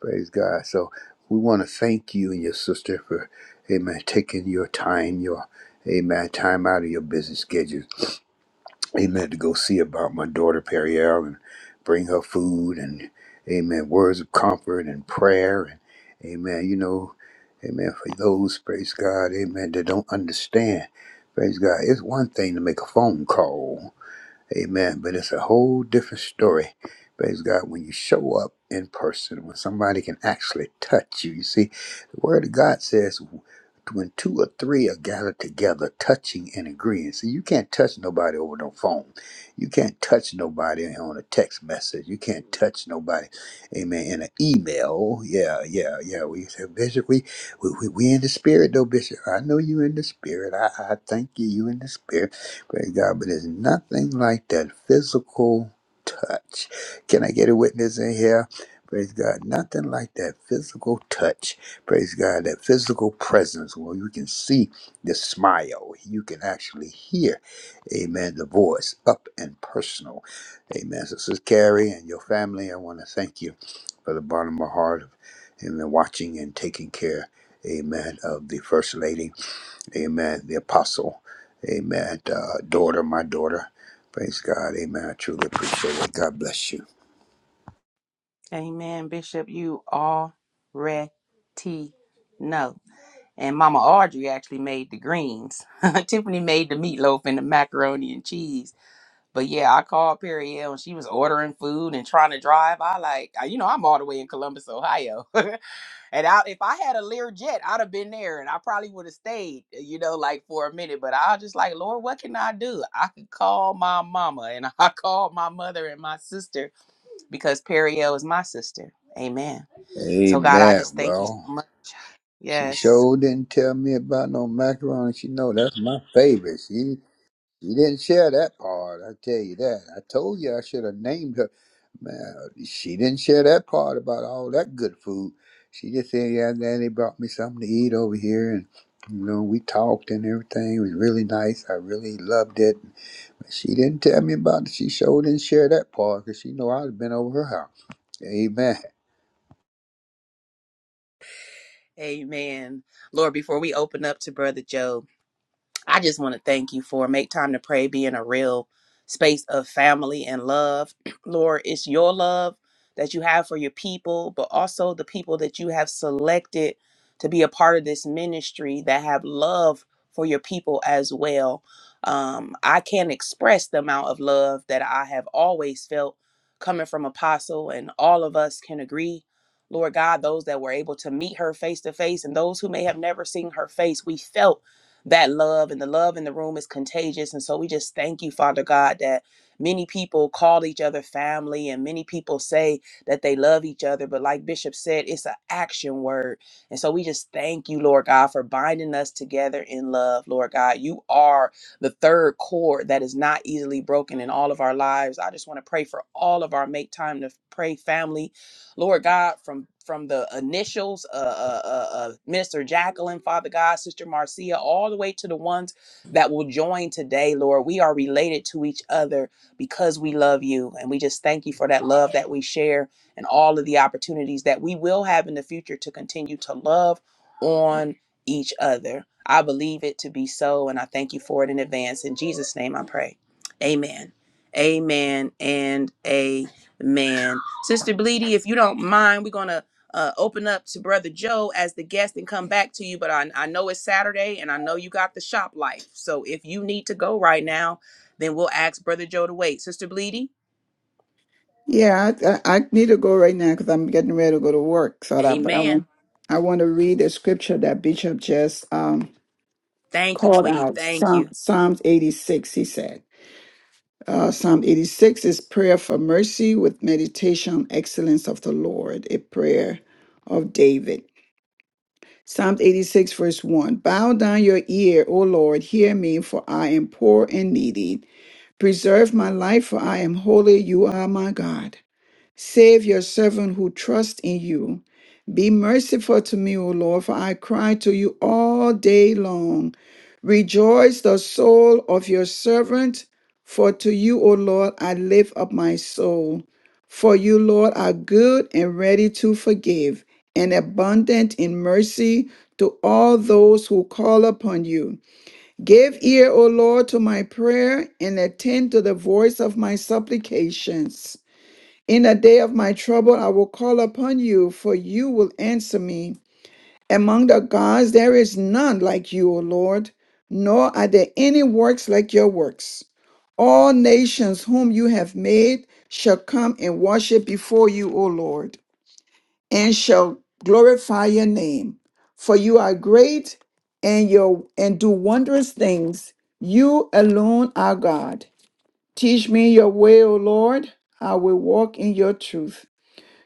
Praise God. So we want to thank you and your sister for, amen, taking your time, your, amen, time out of your busy schedule. Amen. To go see about my daughter, Periel, and bring her food and, amen, words of comfort and prayer. And, amen, you know, amen, for those, praise God, amen, that don't understand. Praise God. It's one thing to make a phone call. Amen. But it's a whole different story. Praise God. When you show up in person, when somebody can actually touch you. You see, the word of God says when two or three are gathered together, touching and agreeing. See, you can't touch nobody over the phone. You can't touch nobody on a text message. You can't touch nobody, amen, in an email. Yeah, yeah, yeah. We say, Bishop, we, we, we, we in the spirit, though, Bishop. I know you in the spirit. I, I thank you. You in the spirit. Praise God. But there's nothing like that physical touch. Can I get a witness in here? Praise God. Nothing like that physical touch. Praise God. That physical presence where you can see the smile. You can actually hear, amen, the voice up and personal. Amen. So, Sister Carrie and your family, I want to thank you for the bottom of my heart. Amen. Watching and taking care, amen, of the First Lady. Amen. The apostle. Amen. Uh, daughter, my daughter. Praise God. Amen. I truly appreciate it. God bless you.
Amen. Bishop, you already know. and Mama Audrey actually made the greens. Tiffany made the meatloaf and the macaroni and cheese. But yeah, I called Periel and she was ordering food and trying to drive. I like, I- you know, I'm all the way in Columbus, Ohio. and I, if I had a Learjet, I'd have been there and I probably would have stayed, you know, like for a minute. But I was just like, Lord, what can I do? I could call my mama and I called my mother and my sister because Periel is my sister. Amen. So God, I
Amen.
just thank you so
Well,
much.
she
Yes.
sure didn't tell me about no macaroni. She know that's my favorite. She she didn't share that part. I tell you that. I told you I should have named her. Man, she didn't share that part about all that good food. She just said, "Yeah, Daddy brought me something to eat over here, and you know we talked and everything. It was really nice. I really loved it." She didn't tell me about it. She sure didn't share that part because she know I'd been over her house. Amen.
Amen. Lord, before we open up to Brother Joe, I just want to thank you for make time to pray being a real space of family and love. Lord, it's your love that you have for your people, but also the people that you have selected to be a part of this ministry that have love for your people as well. Um, I can't express the amount of love that I have always felt coming from Apostle, and all of us can agree. Lord God, those that were able to meet her face to face and those who may have never seen her face, we felt that love and the love in the room is contagious. And so we just thank you, Father God, that many people call each other family and many people say that they love each other. But like Bishop said, it's an action word. And so we just thank you, Lord God, for binding us together in love, Lord God. You are the third cord that is not easily broken in all of our lives. I just want to pray for all of our make time to pray family Lord God, from from the initials, uh, uh, uh, uh, Minister Jacqueline, Father God, Sister Marcia, all the way to the ones that will join today, Lord. We are related to each other because we love you. And we just thank you for that love that we share and all of the opportunities that we will have in the future to continue to love on each other. I believe it to be so, and I thank you for it in advance. In Jesus' name I pray. Amen. Amen and amen. Man, Sister Bleedy, if you don't mind, we're gonna uh, open up to Brother Joe as the guest and come back to you. But I, I know it's Saturday, and I know you got the shop life. So if you need to go right now, then we'll ask Brother Joe to wait. Sister Bleedy,
Yeah, I, I I need to go right now because I'm getting ready to go to work. So that, but I
Amen.
want I want to read the scripture that Bishop just um
Thank you,
called
Queen.
out.
Thank
Psalm,
you.
Psalms 86. He said, uh, Psalm 86 is prayer for mercy with meditation, excellence of the Lord, a prayer of David. Psalms 86, verse 1 Bow down your ear, O Lord, hear me, for I am poor and needy. Preserve my life, for I am holy. You are my God. Save your servant who trusts in you. Be merciful to me, O Lord, for I cry to you all day long. Rejoice the soul of your servant, for to you, O Lord, I lift up my soul. For you, Lord, are good and ready to forgive, and abundant in mercy to all those who call upon you. Give ear, O Lord, to my prayer, and attend to the voice of my supplications. In the day of my trouble, I will call upon you, for you will answer me. Among the gods, there is none like you, O Lord, nor are there any works like your works. All nations whom you have made shall come and worship before you, O Lord, and shall glorify your name. For you are great and your and do wondrous things. You alone are God. Teach me your way, O Lord. I will walk in your truth.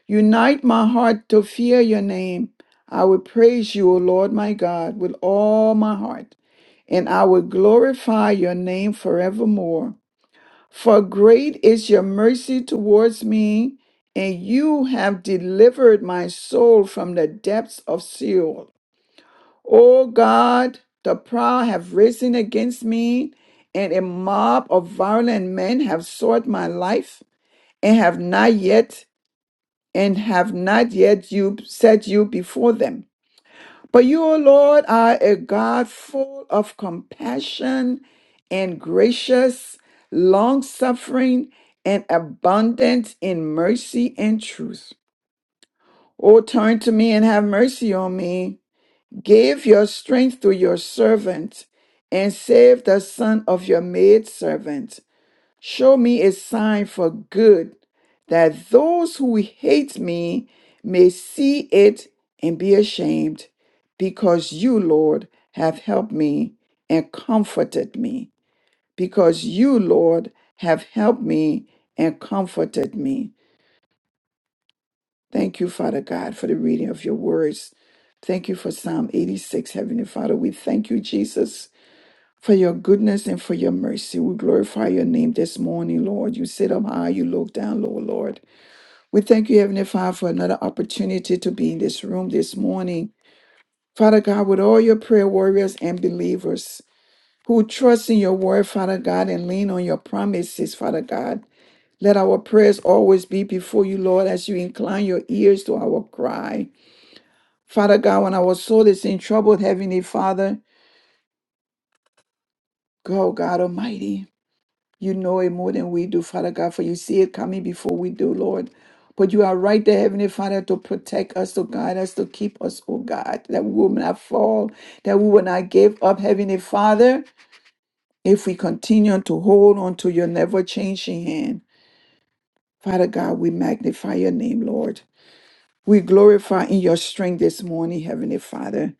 Unite my heart to fear your name. I will praise you, O Lord my God, with all my heart, and I will glorify your name forevermore. For great is your mercy towards me, and you have delivered my soul from the depths of Sheol. O God, the proud have risen against me, and a mob of violent men have sought my life and have not yet and have not yet you set you before them. But you, O Lord, are a God full of compassion and gracious, long suffering, and abundant in mercy and truth. O turn to me and have mercy on me. Give your strength to your servant and save the son of your maidservant. Show me a sign for good, that those who hate me may see it and be ashamed, because you, Lord, have helped me and comforted me. Because you, Lord, have helped me and comforted me. Thank you, Father God, for the reading of your words. Thank you for Psalm 86, Heavenly Father. We thank you, Jesus for your goodness and for your mercy. We glorify your name this morning, Lord. You sit up high, you look down low, Lord. We thank you, Heavenly Father, for another opportunity to be in this room this morning. Father God, with all your prayer warriors and believers who trust in your word, Father God, and lean on your promises, Father God. Let our prayers always be before you, Lord, as you incline your ears to our cry. Father God, when our soul is in trouble, Heavenly Father, go, God Almighty. You know it more than we do, Father God, for you see it coming before we do, Lord. But you are right there, Heavenly Father, to protect us, to guide us, to keep us, oh God, that we will not fall, that we will not give up, Heavenly Father, if we continue to hold on to your never changing hand. Father God, we magnify your name, Lord. We glorify in your strength this morning, Heavenly Father.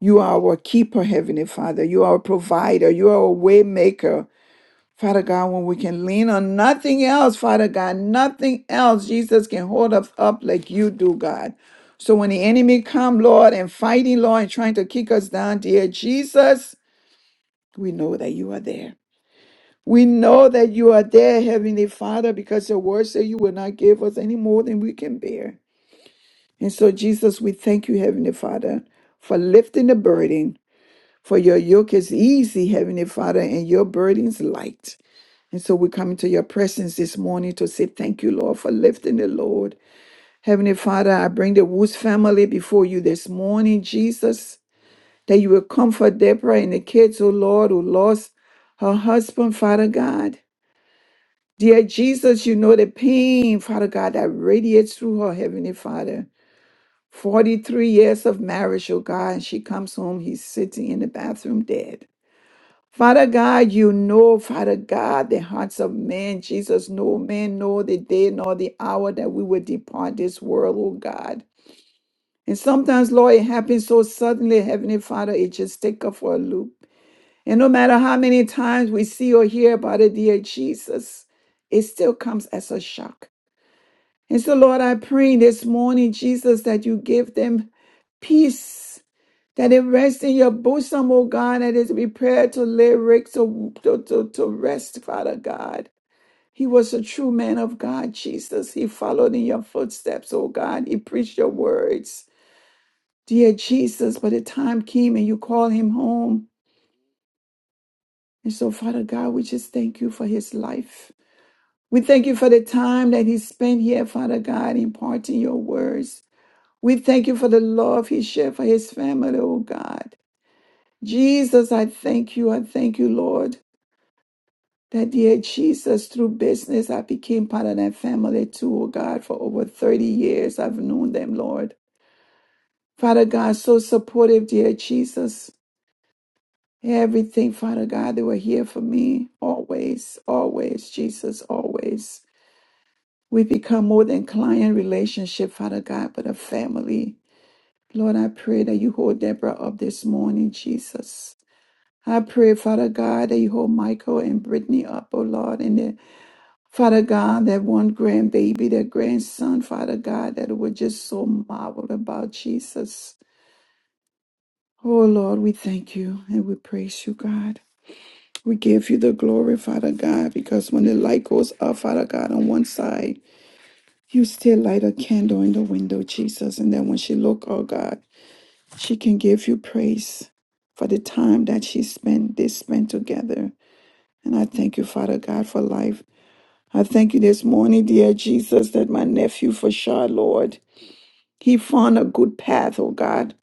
You are our keeper, Heavenly Father. You are a provider. You are a way maker. Father God, when we can lean on nothing else, Father God, nothing else, Jesus can hold us up like you do, God. So when the enemy come, Lord, and fighting, Lord, and trying to kick us down, dear Jesus, we know that you are there. We know that you are there, Heavenly Father, because your word says you will not give us any more than we can bear. And so, Jesus, we thank you, Heavenly Father, for lifting the burden, for your yoke is easy, Heavenly Father, and your burden is light. And so we come into your presence this morning to say thank you, Lord, for lifting the Lord. Heavenly Father, I bring the Woods family before you this morning, Jesus, that you will comfort Deborah and the kids, oh Lord, who lost her husband, Father God. Dear Jesus, you know the pain, Father God, that radiates through her, Heavenly Father. 43 years of marriage, oh God, and she comes home, he's sitting in the bathroom dead. Father God, you know, Father God, the hearts of men. Jesus, no man know the day nor the hour that we will depart this world, oh God. And sometimes, Lord, it happens so suddenly, Heavenly Father, it just take us for a loop. And no matter how many times we see or hear about it, dear Jesus, it still comes as a shock. And so, Lord, I pray this morning, Jesus, that you give them peace that it rests in your bosom, O God, and is prepared to lyrics to, to, to, to rest, Father God. He was a true man of God, Jesus. He followed in your footsteps, O God. He preached your words. Dear Jesus, but the time came and you called him home. And so, Father God, we just thank you for his life. We thank you for the time that he spent here, Father God, imparting your words. We thank you for the love he shared for his family, O God. Jesus, I thank you. I thank you, Lord. That dear Jesus, through business, I became part of that family too, oh God, for over 30 years. I've known them, Lord. Father God, so supportive, dear Jesus. Everything, Father God, they were here for me always, always, Jesus, always. We become more than client relationship, Father God, but a family. Lord, I pray that you hold Deborah up this morning, Jesus. I pray, Father God, that you hold Michael and Brittany up, oh Lord, in their Father God, that one grandbaby, that grandson, Father God, that were just so marveled about Jesus. Oh Lord, we thank you and we praise you, God. We give you the glory, Father God, because when the light goes up, Father God, on one side, you still light a candle in the window, Jesus. And then when she look, oh God, she can give you praise for the time that she spent, they spent together. And I thank you, Father God, for life I thank you this morning, dear Jesus, that my nephew for sure, Lord, he found a good path, oh God.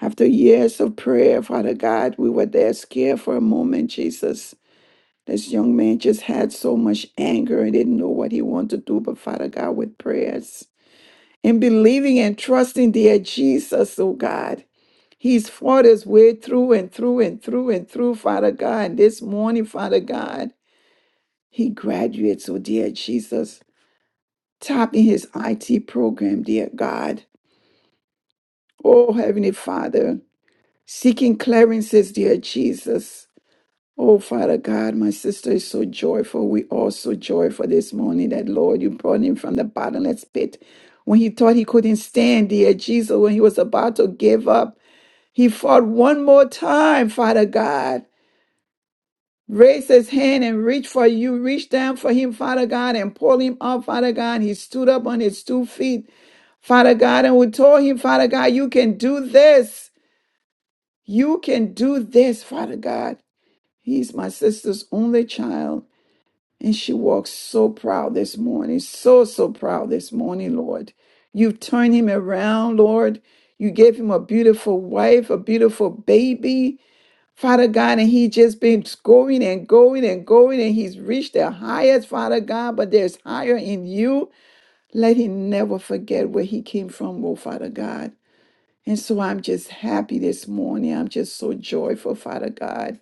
After years of prayer, Father God, we were there scared for a moment, Jesus. This young man just had so much anger and didn't know what he wanted to do, but Father God, with prayers and believing and trusting, dear Jesus, oh God, He's fought his way through and through and through and through, Father God. And this morning, Father God, he graduates, oh dear Jesus. tapping his IT program, dear God. Oh, Heavenly Father, seeking clearances, dear Jesus. Oh, Father God, my sister is so joyful. We all so joyful this morning that, Lord, you brought him from the bottomless pit. When he thought he couldn't stand, dear Jesus, when he was about to give up, he fought one more time, Father God. Raise his hand and reach for you. Reach down for him, Father God, and pull him up, Father God. He stood up on his two feet. Father God, and we told him, Father God, you can do this. You can do this, Father God. He's my sister's only child, and she walks so proud this morning, so, so proud this morning, Lord. You've turned him around, Lord. You gave him a beautiful wife, a beautiful baby, Father God, and he just been going and going and going, and he's reached the highest, Father God, but there's higher in you. Let him never forget where he came from, oh Father God. And so I'm just happy this morning. I'm just so joyful, Father God,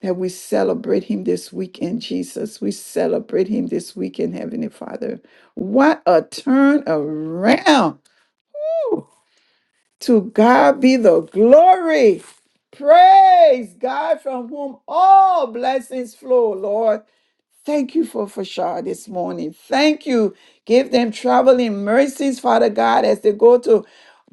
that we celebrate Him this weekend, Jesus. We celebrate Him this weekend, Heavenly Father. What a turn around! Woo! To God be the glory. Praise God from whom all blessings flow, Lord. Thank you for Fashar this morning. Thank you. Give them traveling mercies, Father God, as they go to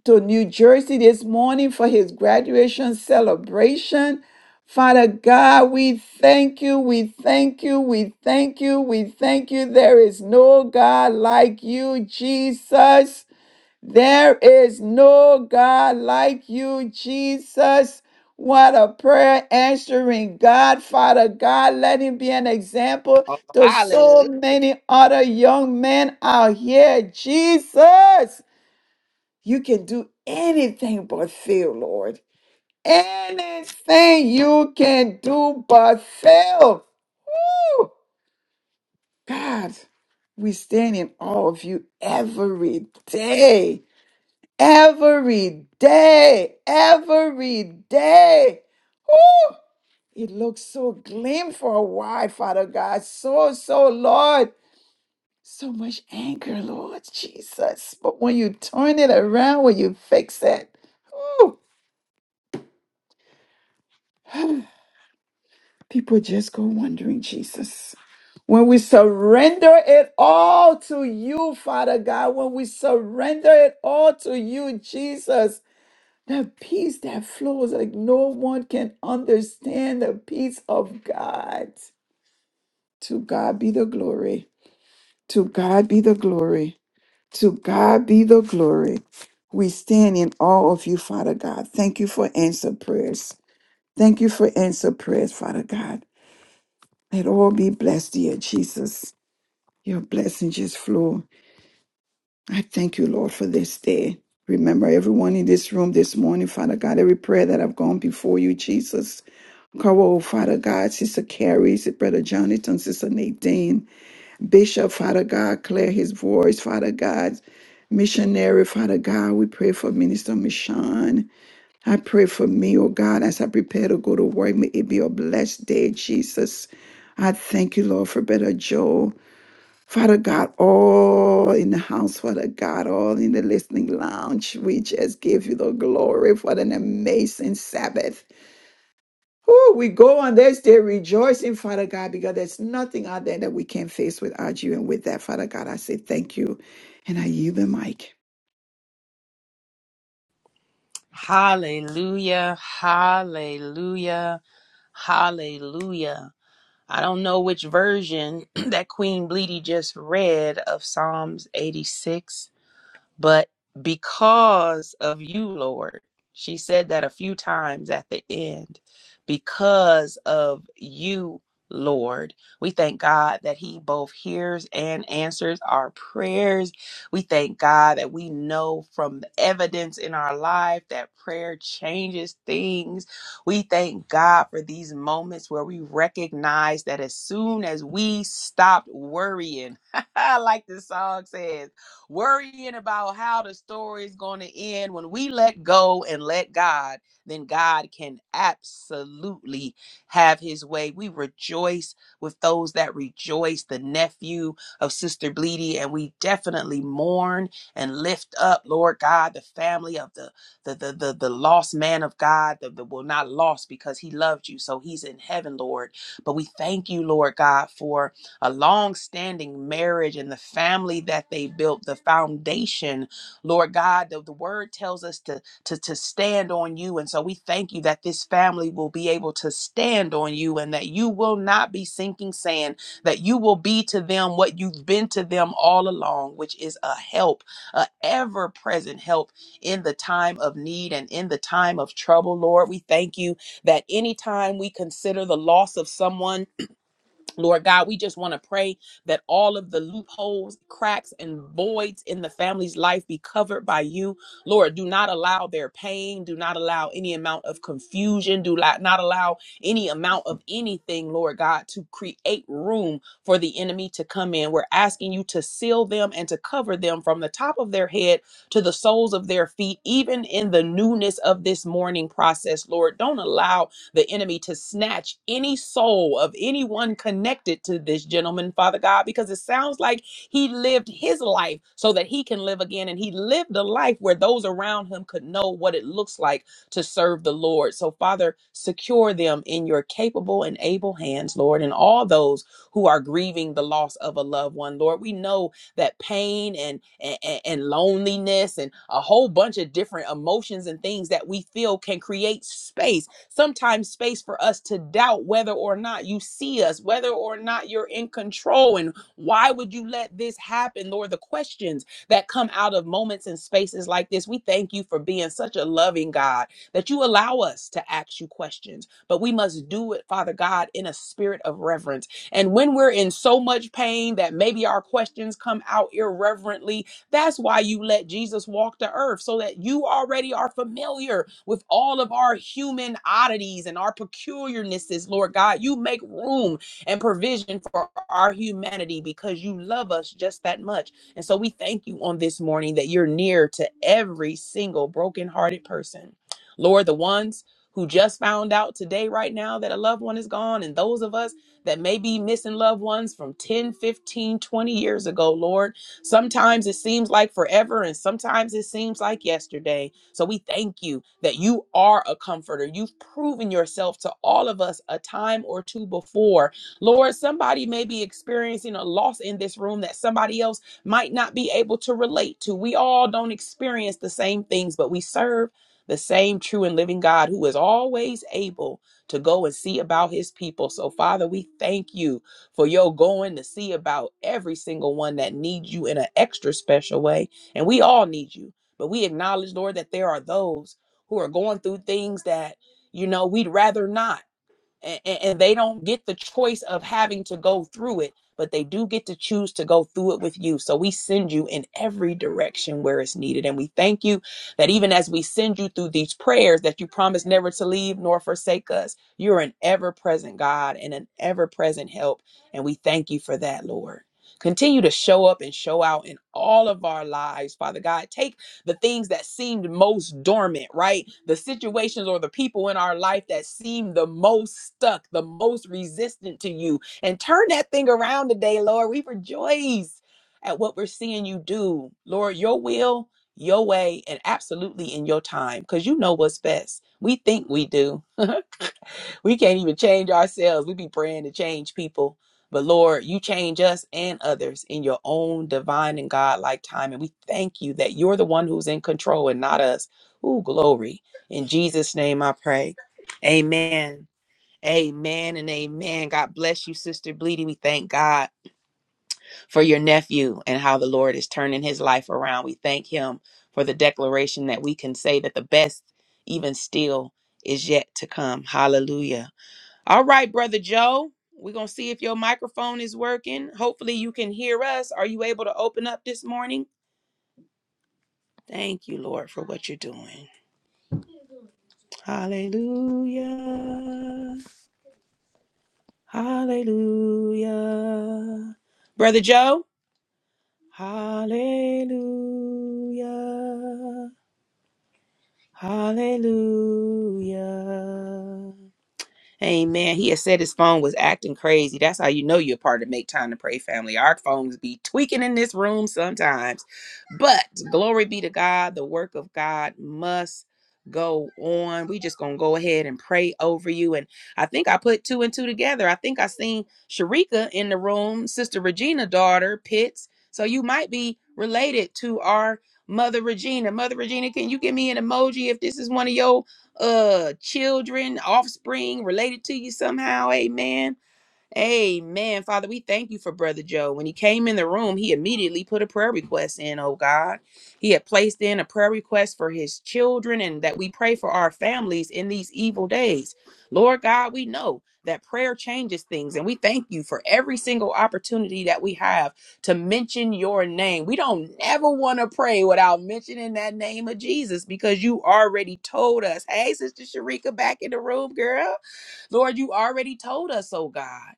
to New Jersey this morning for his graduation celebration. Father God, we thank you, we thank you, we thank you, we thank you. There is no God like you, Jesus. There is no God like you, Jesus. What a prayer answering God, Father God. Let him be an example
Oh,
to so
hallelujah.
many other young men out here, Jesus. You can do anything but fail, Lord. Anything you can do but fail. Woo! God, we stand in awe of you every day. Every day. Every day. Woo! It looks so glim for a while, Father God. So, so, Lord. So much anger, Lord Jesus. But when you turn it around, when you fix it, woo, People just go wondering, Jesus. When we surrender it all to you, Father God, when we surrender it all to you, Jesus, the peace that flows like no one can understand, the peace of God. To God be the glory. To God be the glory. To God be the glory. We stand in awe of you, Father God. Thank you for answer prayers. Thank you for answer prayers, Father God. Let all be blessed, dear Jesus. Your blessings just flow. I thank you, Lord, for this day. Remember everyone in this room this morning, Father God, every prayer that I've gone before you, Jesus. Cover, oh, Father God, Sister Carrie, Sister Brother Jonathan, Sister Nadine, Bishop, Father God, clear his voice, Father God. Missionary, Father God, we pray for Minister Michon. I pray for me, oh God, as I prepare to go to work. May it be a blessed day, Jesus. I thank you, Lord, for Brother Joe. Father God, all in the house, Father God, all in the listening lounge, we just give you the glory for an amazing Sabbath. Oh, we go on this day rejoicing, Father God, because there's nothing out there that we can face without you. And with that, Father God, I say thank you. And I yield the mic.
Hallelujah, hallelujah, hallelujah. I don't know which version that Queen Bleedy just read of Psalms 86, but because of you, Lord. She said that a few times at the end. Because of you, Lord. We thank God that He both hears and answers our prayers. We thank God that we know from the evidence in our life that prayer changes things. We thank God for these moments where we recognize that as soon as we stopped worrying, like the song says, worrying about how the story is going to end. When we let go and let God, then God can absolutely have his way. We rejoice with those that rejoice, the nephew of Sister Bleedy, and we definitely mourn and lift up, Lord God, the family of the the the the, the lost man of God, the, the well not lost because he loved you, so he's in heaven, Lord. But we thank you, Lord God, for a long-standing marriage and the family that they built, the foundation, Lord God, the, the word tells us to, to, to stand on you. And so we thank you that this family will be able to stand on you and that you will not be sinking sand, that you will be to them what you've been to them all along, which is a help, a ever-present help in the time of need and in the time of trouble, Lord. We thank you that anytime we consider the loss of someone, Lord God, we just want to pray that all of the loopholes, cracks, and voids in the family's life be covered by you. Lord, do not allow their pain. Do not allow any amount of confusion. Do la- not allow any amount of anything, Lord God, to create room for the enemy to come in. We're asking you to seal them and to cover them from the top of their head to the soles of their feet, even in the newness of this morning process, Lord. Don't allow the enemy to snatch any soul of anyone connected to this gentleman, Father God, because it sounds like he lived his life so that he can live again. And he lived a life where those around him could know what it looks like to serve the Lord. So, Father, secure them in your capable and able hands, Lord, and all those who are grieving the loss of a loved one, Lord. We know that pain and, and, and loneliness and a whole bunch of different emotions and things that we feel can create space sometimes space for us to doubt whether or not you see us, whether or not you're in control, and why would you let this happen, Lord? The questions that come out of moments and spaces like this, we thank you for being such a loving God that you allow us to ask you questions, but we must do it, Father God, in a spirit of reverence. And when we're in so much pain that maybe our questions come out irreverently, that's why you let Jesus walk the earth so that you already are familiar with all of our human oddities and our peculiarnesses, Lord God. You make room and provision for our humanity because you love us just that much. And so we thank you on this morning that you're near to every single brokenhearted person. Lord, the ones who just found out today, right now, that a loved one is gone, and those of us that may be missing loved ones from 10, 15, twenty years ago, Lord. Sometimes it seems like forever, and sometimes it seems like yesterday. So we thank you that you are a comforter. You've proven yourself to all of us a time or two before. Lord, somebody may be experiencing a loss in this room that somebody else might not be able to relate to. We all don't experience the same things, but we serve the same true and living God who is always able to go and see about his people. So, Father, we thank you for your going to see about every single one that needs you in an extra special way. And we all need you. But we acknowledge, Lord, that there are those who are going through things that, you know, we'd rather not and, and they don't get the choice of having to go through it, but they do get to choose to go through it with you. So we send you in every direction where it's needed. And we thank you that even as we send you through these prayers, that you promise never to leave nor forsake us. You're an ever present God and an ever present help. And we thank you for that, Lord. Continue to show up and show out in all of our lives, Father God. Take the things that seemed most dormant, right? The situations or the people in our life that seem the most stuck, the most resistant to you. And turn that thing around today, Lord. We rejoice at what we're seeing you do. Lord, your will, your way, and absolutely in your time, because you know what's best. We think we do. We can't even change ourselves. We be praying to change people. But Lord, you change us and others in your own divine and God-like time. And we thank you that you're the one who's in control and not us. Ooh, glory. In Jesus' name I pray. Amen. Amen and amen. God bless you, Sister Bleedy. We thank God for your nephew and how the Lord is turning his life around. We thank him for the declaration that we can say that the best, even still, is yet to come. Hallelujah. All right, Brother Joe, we're going to see if your microphone is working. Hopefully, you can hear us. Are you able to open up this morning? Thank you, Lord, for what you're doing. Hallelujah. Hallelujah. Brother Joe? Hallelujah. Hallelujah. Amen. He has said his phone was acting crazy. That's how you know you're part of Make Time to Pray family. Our phones be tweaking in this room sometimes. But glory be to God. The work of God must go on. We just gonna go ahead and pray over you. And I think I put two and two together. I think I seen Sharika in the room, Sister Regina daughter, Pitts. So you might be related to our Mother Regina. Mother Regina, can you give me an emoji if this is one of your uh children, offspring related to you somehow. Amen. Amen. Father, we thank you for Brother Joe. When he came in the room, he immediately put a prayer request in, oh God. He had placed in a prayer request for his children and that we pray for our families in these evil days. Lord God, we know that prayer changes things, and we thank you for every single opportunity that we have to mention your name. We don't ever want to pray without mentioning that name of Jesus because you already told us. Hey, Sister Sharika, back in the room, girl. Lord, you already told us, oh God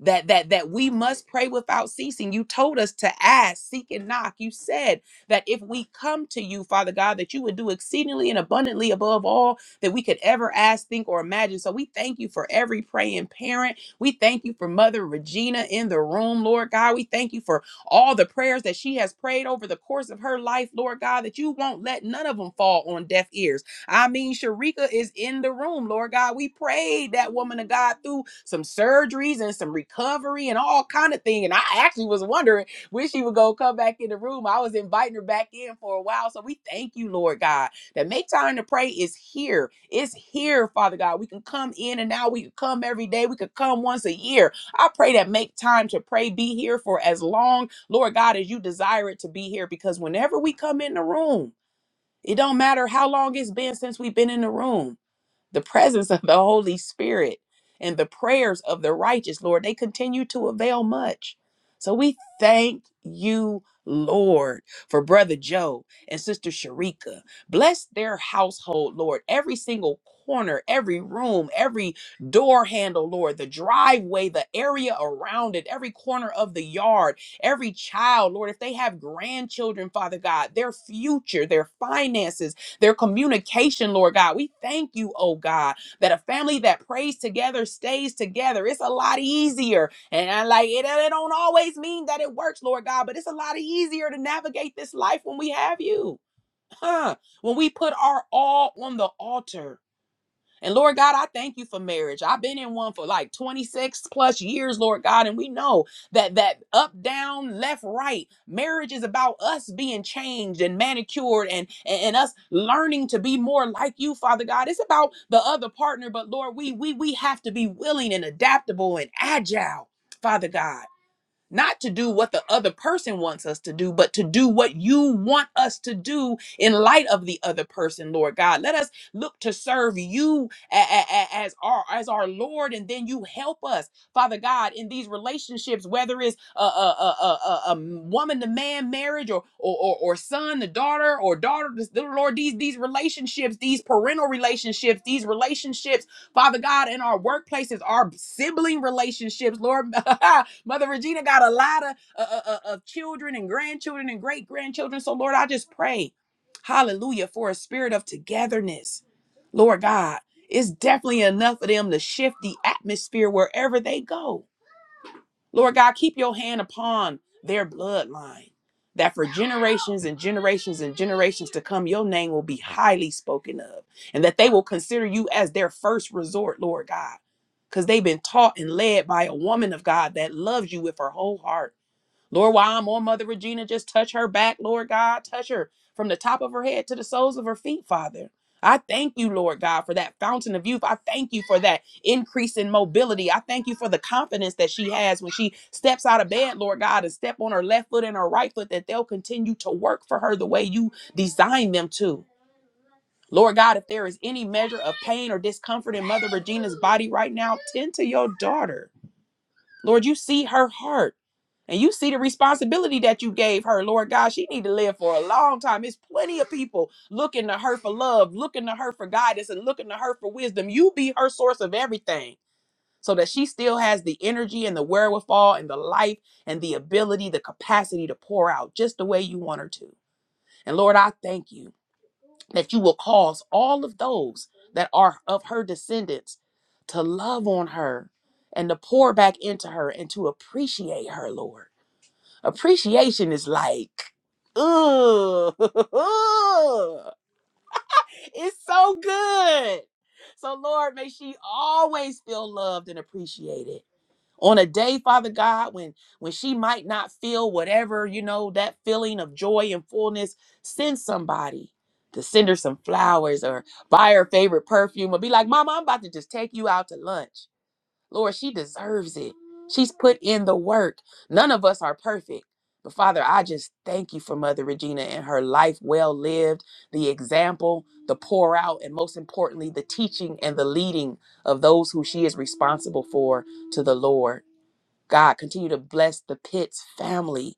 that that that we must pray without ceasing you told us to ask seek and knock you said that if we come to you father god that you would do exceedingly and abundantly above all that we could ever ask think or imagine so we thank you for every praying parent we thank you for mother regina in the room lord god we thank you for all the prayers that she has prayed over the course of her life lord god that you won't let none of them fall on deaf ears I mean, Sharika is in the room, Lord God. We prayed that woman of God through some surgeries and some recovery and all kind of thing. And I actually was wondering when she would go come back in the room. I was inviting her back in for a while. So we thank you, Lord God, that make time to pray is here. It's here, Father God. We can come in and now we can come every day. We could come once a year. I pray that make time to pray be here for as long, Lord God, as you desire it to be here. Because whenever we come in the room, it don't matter how long it's been since we've been in the room the presence of the Holy Spirit and the prayers of the righteous, Lord, they continue to avail much. So we thank you, Lord, for Brother Joe and Sister Sharika. Bless their household, Lord, every single corner, every room, every door handle, Lord, the driveway, the area around it, every corner of the yard, every child, Lord, if they have grandchildren, Father God, their future, their finances their communication, Lord God. We thank you, oh God, that a family that prays together stays together. It's a lot easier. And I like it, it don't always mean that it works, Lord God, but it's a lot easier to navigate this life when we have you. Huh. When we put our all on the altar. And Lord God, I thank you for marriage. I've been in one for like 26 plus years, Lord God, and we know that that up down, left right, marriage is about us being changed and manicured and and, and us learning to be more like you, Father God. It's about the other partner, but Lord, we we we have to be willing and adaptable and agile, Father God. Not to do what the other person wants us to do, but to do what you want us to do in light of the other person, Lord God. Let us look to serve you a- a- a- as our as our Lord, and then you help us, Father God, in these relationships, whether it's a, a, a, a, a woman to man marriage, or or, or or son to daughter, or daughter to the Lord. These these relationships, these parental relationships, these relationships Father God, in our workplaces, our sibling relationships, Lord, Mother Regina got a lot of, uh, uh, uh, of children and grandchildren and great grandchildren. So, Lord, I just pray, hallelujah, for a spirit of togetherness. Lord God, it's definitely enough of them to shift the atmosphere wherever they go. Lord God, keep your hand upon their bloodline, that for generations and generations and generations to come, your name will be highly spoken of, and that they will consider you as their first resort, Lord God, because they've been taught and led by a woman of God that loves you with her whole heart Lord, while I'm on Mother Regina, just touch her back, Lord God. Touch her from the top of her head to the soles of her feet, Father. I thank you, Lord God, for that fountain of youth. I thank you for that increase in mobility. I thank you for the confidence that she has when she steps out of bed, Lord God, and step on her left foot and her right foot, that they'll continue to work for her the way you designed them to. Lord God, if there is any measure of pain or discomfort in Mother Regina's body right now, tend to your daughter. Lord, you see her heart and you see the responsibility that you gave her. Lord God, she need to live for a long time. It's plenty of people looking to her for love, looking to her for guidance and looking to her for wisdom. You be her source of everything so that she still has the energy and the wherewithal and the life and the ability, the capacity to pour out just the way you want her to. And Lord, I thank you that you will cause all of those that are of her descendants to love on her and to pour back into her and to appreciate her, Lord. Appreciation is like, ugh, it's so good. So, Lord, may she always feel loved and appreciated on a day father god when when she might not feel whatever you know that feeling of joy and fullness send somebody to send her some flowers or buy her favorite perfume or be like mama i'm about to just take you out to lunch lord she deserves it she's put in the work none of us are perfect but father i just thank you for mother regina and her life well lived the example the pour out and most importantly the teaching and the leading of those who she is responsible for to the lord God, continue to bless the Pitts family.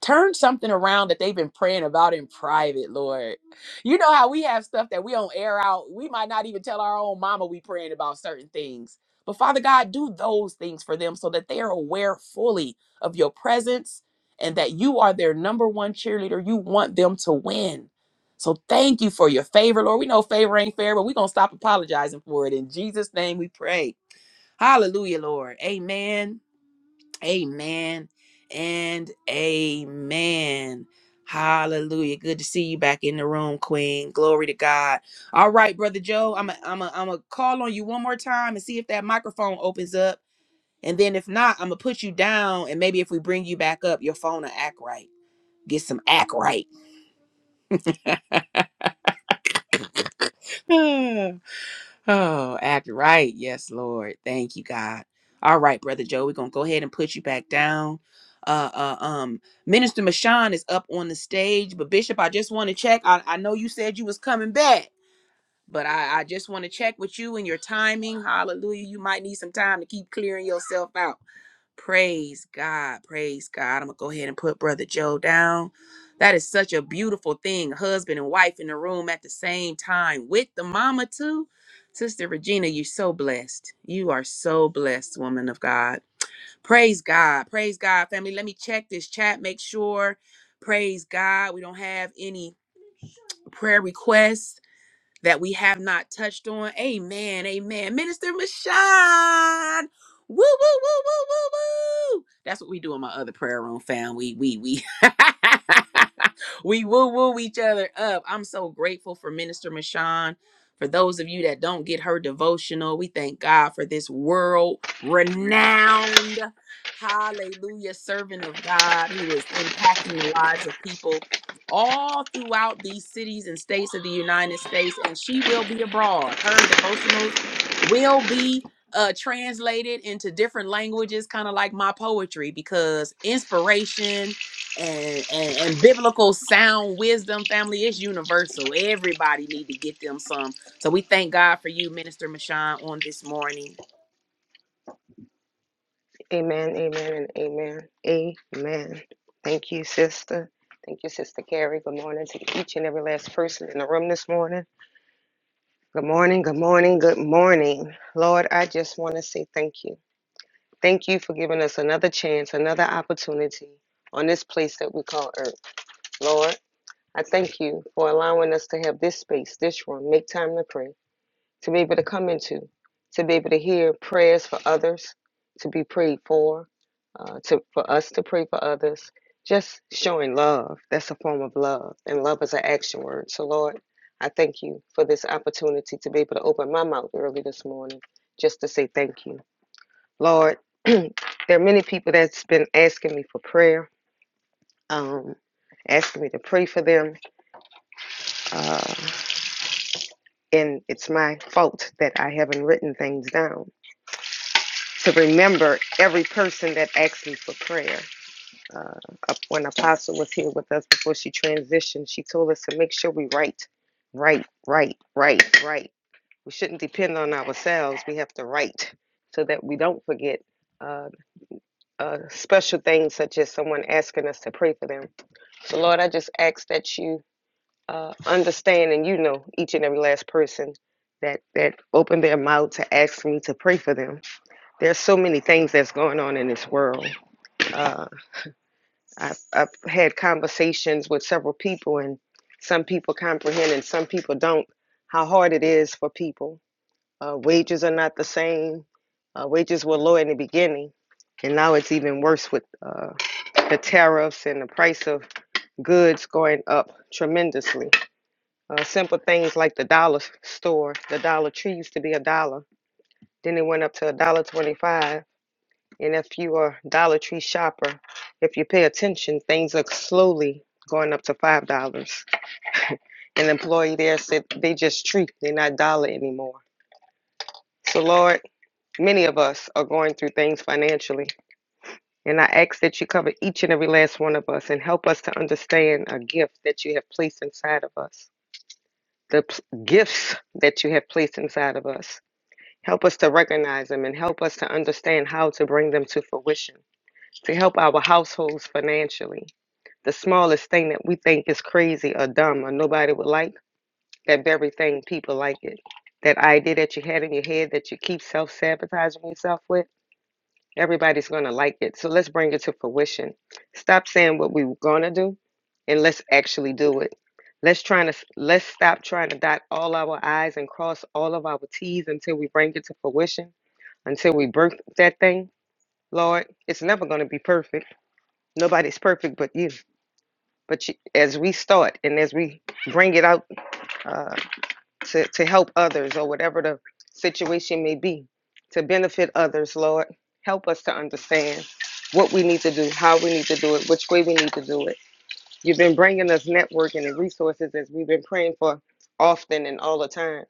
Turn something around that they've been praying about in private, Lord. You know how we have stuff that we don't air out. We might not even tell our own mama we praying about certain things. But Father God, do those things for them so that they are aware fully of your presence and that you are their number one cheerleader. You want them to win. So thank you for your favor, Lord. We know favor ain't fair, but we're going to stop apologizing for it. In Jesus' name we pray. Hallelujah, Lord. Amen Amen and amen. Hallelujah. Good to see you back in the room, Queen. Glory to God. All right, Brother Joe, I'm going I'm to I'm to call on you one more time and see if that microphone opens up. And then if not, I'm going to put you down. And maybe if we bring you back up, your phone will act right. Get some act right. Oh, act right. Yes, Lord. Thank you, God. All right, Brother Joe, we're going to go ahead and put you back down. Uh, uh, um, Minister Mashawn is up on the stage, but Bishop, I just want to check. I, I know you said you was coming back, but I, I just want to check with you and your timing. Hallelujah. You might need some time to keep clearing yourself out. Praise God. Praise God. I'm going to go ahead and put Brother Joe down. That is such a beautiful thing. Husband and wife in the room at the same time with the mama, too. Sister Regina, you're so blessed. You are so blessed, woman of God. Praise God. Praise God, family. Let me check this chat, make sure. Praise God. We don't have any prayer requests that we have not touched on. Amen. Amen. Minister Michon. Woo, woo, woo, woo, woo, woo. That's what we do in my other prayer room, fam. We, we, we. we woo woo each other up. I'm so grateful for Minister Michon. For those of you that don't get her devotional, we thank God for this world renowned, hallelujah, servant of God who is impacting the lives of people all throughout these cities and states of the United States, and she will be abroad. Her devotionals will be uh, translated into different languages, kind of like my poetry, because inspiration and, and and biblical sound wisdom, family, is universal. Everybody need to get them some. So we thank God for you, Minister Mashawn, on this morning.
Amen, amen, and amen. Amen. Thank you, sister. Thank you, Sister Carrie. Good morning to each and every last person in the room this morning. Good morning, good morning, good morning. Lord, I just want to say thank you. Thank you for giving us another chance, another opportunity on this place that we call earth. Lord, I thank you for allowing us to have this space, this room, make time to pray to be able to come into, to be able to hear prayers for others, to be prayed for, uh, to for us to pray for others. Just showing love. That's a form of love, and love is an action word. So, Lord, I thank you for this opportunity to be able to open my mouth early this morning, just to say thank you, Lord. there are many people that's been asking me for prayer, um, asking me to pray for them, uh, and it's my fault that I haven't written things down to remember every person that asked me for prayer. Uh, when Apostle was here with us before she transitioned, she told us to make sure we write, write, write, write, write. We shouldn't depend on ourselves. We have to write so that we don't forget uh, uh, special things such as someone asking us to pray for them. So, Lord, I just ask that you uh, understand and you know each and every last person that that opened their mouth to ask me to pray for them there's so many things that's going on in this world. Uh, I've, I've had conversations with several people, and some people comprehend and some people don't how hard it is for people. Uh, wages are not the same. Uh, wages were low in the beginning, and now it's even worse with uh, the tariffs and the price of goods going up tremendously. Uh, simple things like the dollar store, the Dollar Tree used to be a dollar, then it went up to a dollar twenty-five And if you are a Dollar Tree shopper, if you pay attention, things are slowly going up to five dollars. An employee there said they just treat, they're not dollar anymore. So Lord, many of us are going through things financially. And I ask that you cover each and every last one of us and help us to understand a gift that you have placed inside of us. The gifts that you have placed inside of us. Help us to recognize them and help us to understand how to bring them to fruition. to help our households financially. The smallest thing that we think is crazy or dumb or nobody would like, that very thing people like it. That idea that you had in your head that you keep self sabotaging yourself with, everybody's going to like it. So let's bring it to fruition. Stop saying what we were going to do and let's actually do it. Let's try to let's stop trying to dot all our I's and cross all of our T's until we bring it to fruition, until we birth that thing. Lord, it's never going to be perfect Nobody's perfect but you. But you, as we start and as we bring it out uh, to, to help others or whatever the situation may be, to benefit others, Lord, help us to understand what we need to do, how we need to do it, which way we need to do it. You've been bringing us networking and resources as we've been praying for often and all the time.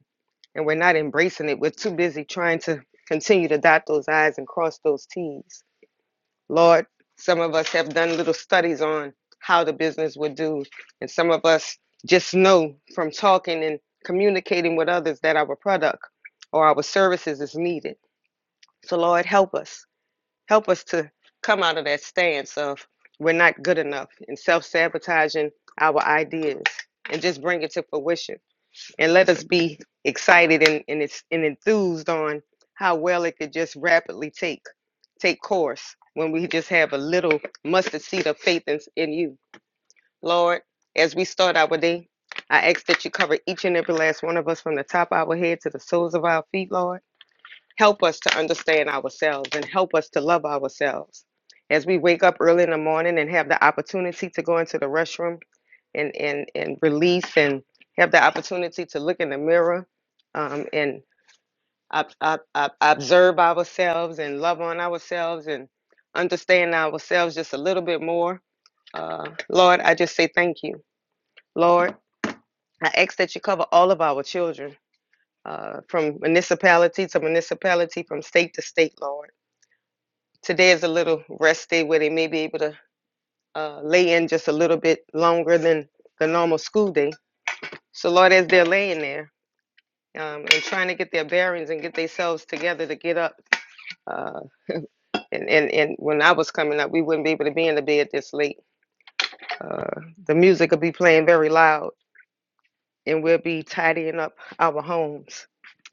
And we're not embracing it. We're too busy trying to continue to dot those I's and cross those T's. Lord, some of us have done little studies on how the business would do, and some of us just know from talking and communicating with others that our product or our services is needed. So, Lord, help us. Help us to come out of that stance of we're not good enough and self sabotaging our ideas and just bring it to fruition. And let us be excited and, and, it's, and enthused on how well it could just rapidly take take course when we just have a little mustard seed of faith in, in you. Lord, as we start our day, I ask that you cover each and every last one of us from the top of our head to the soles of our feet, Lord. Help us to understand ourselves and help us to love ourselves. As we wake up early in the morning and have the opportunity to go into the restroom and, and, and release and have the opportunity to look in the mirror um, and ob- ob- ob- observe ourselves and love on ourselves and understand ourselves just a little bit more. Uh, Lord, I just say thank you. Lord, I ask that you cover all of our children uh, from municipality to municipality, from state to state, Lord. Today is a little rest day where they may be able to uh, lay in just a little bit longer than the normal school day. So, Lord, as they're laying there um, and trying to get their bearings and get themselves together to get up, uh, and, and, and when I was coming up, we wouldn't be able to be in the bed this late. Uh, the music would be playing very loud, and we'll be tidying up our homes,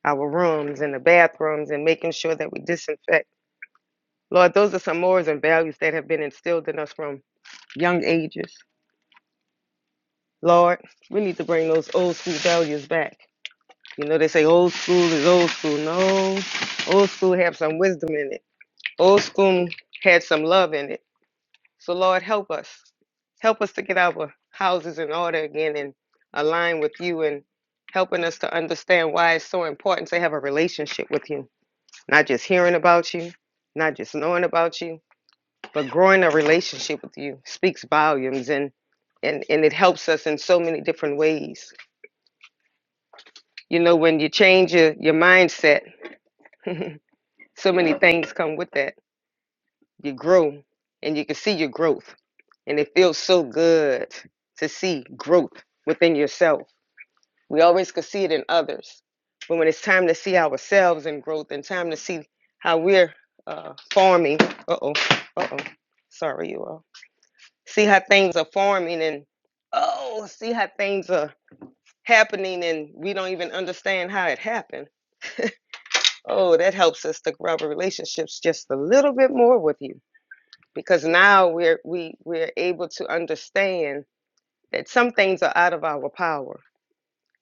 our rooms, and the bathrooms, and making sure that we disinfect. Lord, those are some morals and values that have been instilled in us from young ages. Lord, we need to bring those old school values back. You know, they say old school is old school. No, old school have some wisdom in it. Old school had some love in it So, Lord, help us. Help us to get our houses in order again and align with you and helping us to understand why it's so important to have a relationship with you. Not just hearing about you, not just knowing about you, but growing a relationship with you speaks volumes and and, and it helps us in so many different ways. You know, when you change your, your mindset, so many things come with that. You grow and you can see your growth And it feels so good to see growth within yourself. We always could see it in others. But when it's time to see ourselves in growth and time to see how we're uh, forming, uh oh, uh oh, sorry, you all. See how things are forming and oh, see how things are happening and we don't even understand how it happened. Oh, that helps us to grow our relationships just a little bit more with you because now we're we we're able to understand that some things are out of our power.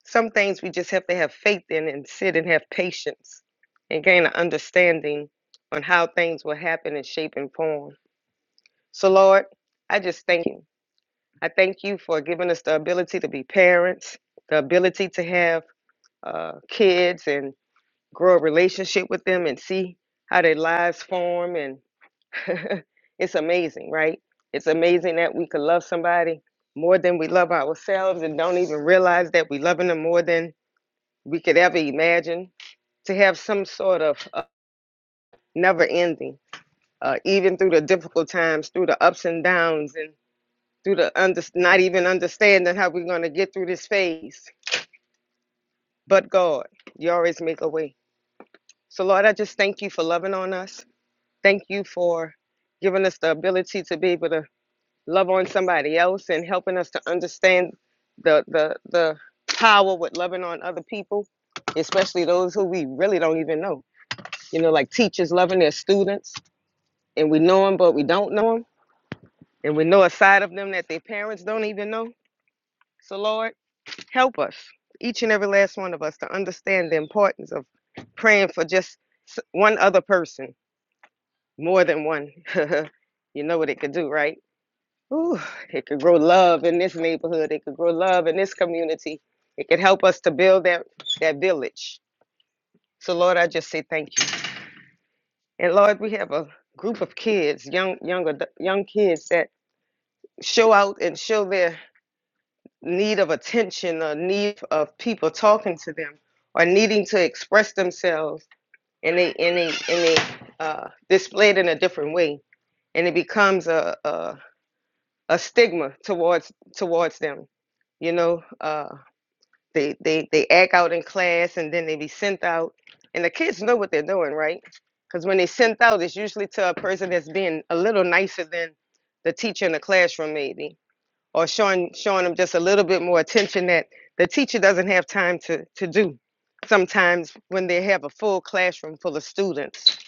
Some things we just have to have faith in and sit and have patience and gain an understanding on how things will happen and shape and form. So, Lord, I just thank you. I thank you for giving us the ability to be parents, the ability to have uh, kids and grow a relationship with them and see how their lives form and. it's amazing, right? It's amazing that we could love somebody more than we love ourselves and don't even realize that we're loving them more than we could ever imagine. To have some sort of uh, never ending, uh, even through the difficult times, through the ups and downs, and through the under- not even understanding how we're going to get through this phase. But God, you always make a way. So, Lord, I just thank you for loving on us. Thank you for giving us the ability to be able to love on somebody else and helping us to understand the the the power with loving on other people, especially those who we really don't even know. You know, like teachers loving their students, and we know them, but we don't know them, and we know a side of them that their parents don't even know. So Lord, help us, each and every last one of us, to understand the importance of praying for just s- one other person, more than one. you know what it could do, right? Ooh, it could grow love in this neighborhood. It could grow love in this community. It could help us to build that, that village. So Lord, I just say thank you. And Lord, we have a group of kids, young young adu- young kids that show out and show their need of attention or need of people talking to them or needing to express themselves and they and they and they uh, display it in a different way and it becomes a a, a stigma towards towards them you know uh, They they they act out in class and then they be sent out. And the kids know what they're doing, right? Because when they sent out, it's usually to a person that's being a little nicer than the teacher in the classroom, maybe, or showing showing them just a little bit more attention that the teacher doesn't have time to to do. Sometimes when they have a full classroom full of students,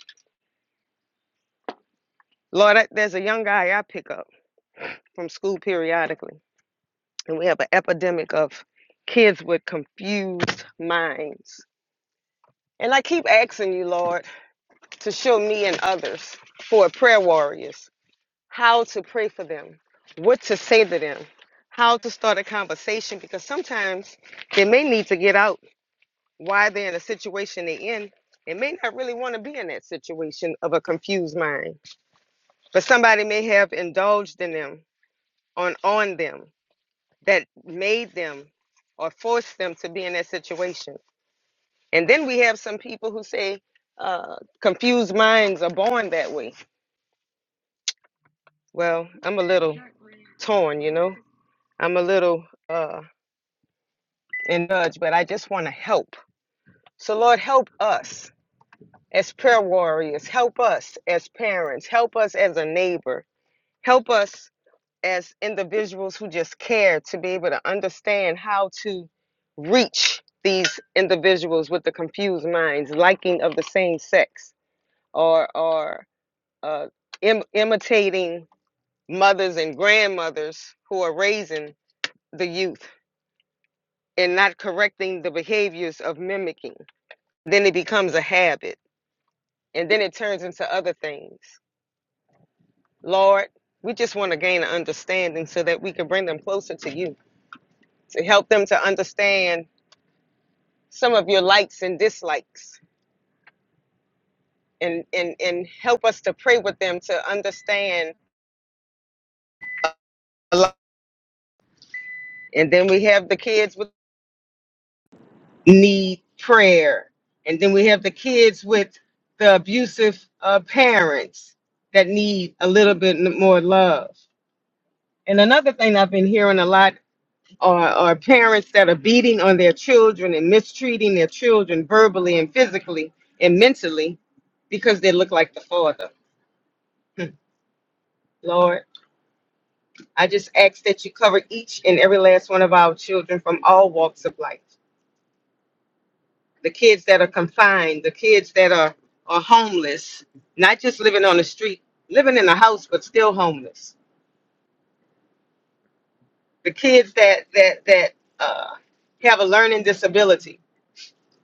Lord, I, there's a young guy I pick up from school periodically, and we have an epidemic of kids with confused minds. And I keep asking you, Lord. to show me and others for prayer warriors how to pray for them, what to say to them, how to start a conversation because sometimes they may need to get out why they're in a situation they're in. They may not really want to be in that situation of a confused mind, but somebody may have indulged in them on on them that made them or forced them to be in that situation. And then we have some people who say uh, confused minds are born that way Well, I'm a little torn, you know. I'm a little uh in nudge, but I just want to help. So Lord, help us as prayer warriors, help us as parents, help us as a neighbor, help us as individuals who just care to be able to understand how to reach these individuals with the confused minds, liking of the same sex, or or uh, Im- imitating mothers and grandmothers who are raising the youth and not correcting the behaviors of mimicking, then it becomes a habit. And then it turns into other things. Lord, we just want to gain an understanding so that we can bring them closer to you, to help them to understand some of your likes and dislikes, and, and, and help us to pray with them to understand. And then we have the kids with need prayer. And then we have the kids with the abusive uh, parents that need a little bit more love And another thing I've been hearing a lot are, are parents that are beating on their children and mistreating their children verbally and physically and mentally because they look like the father. Lord, I just ask that you cover each and every last one of our children from all walks of life. The kids that are confined, the kids that are, are homeless, not just living on the street, living in a house but still homeless. The kids that that that uh, have a learning disability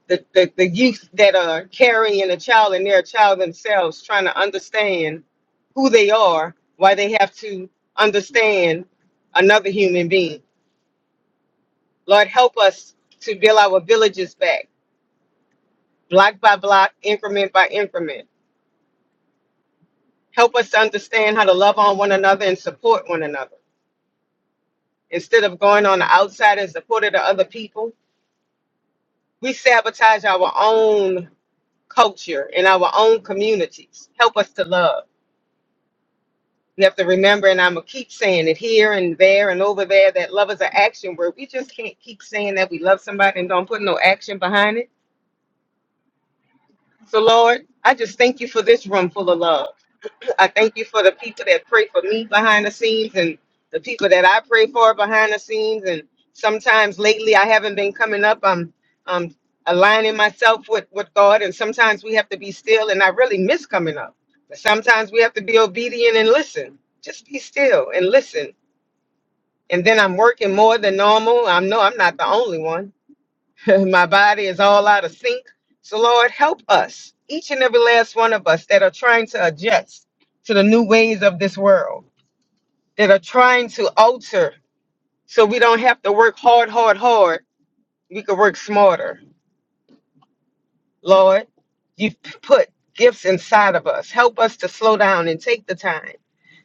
the, the, the youth that are carrying a child and they're a child themselves trying to understand who they are, why they have to understand another human being. Lord, help us to build our villages back, block by block, increment by increment. Help us to understand how to love on one another and support one another. Instead of going on the outside and supporting the other people, we sabotage our own culture and our own communities. Help us to love. You have to remember, and I'm gonna keep saying it here and there and over there that love is an action word. We just can't keep saying that we love somebody and don't put no action behind it. So, Lord, I just thank you for this room full of love. I thank you for the people that pray for me behind the scenes and the people that I pray for behind the scenes. And sometimes lately I haven't been coming up. I'm um aligning myself with, with God, and sometimes we have to be still, and I really miss coming up. But sometimes we have to be obedient and listen. Just be still and listen and then I'm working more than normal. I know I'm not the only one. My body is all out of sync. So, Lord, help us, each and every last one of us that are trying to adjust to the new ways of this world, that are trying to alter so we don't have to work hard, hard, hard. We could work smarter. Lord, you've p- put gifts inside of us. Help us to slow down and take the time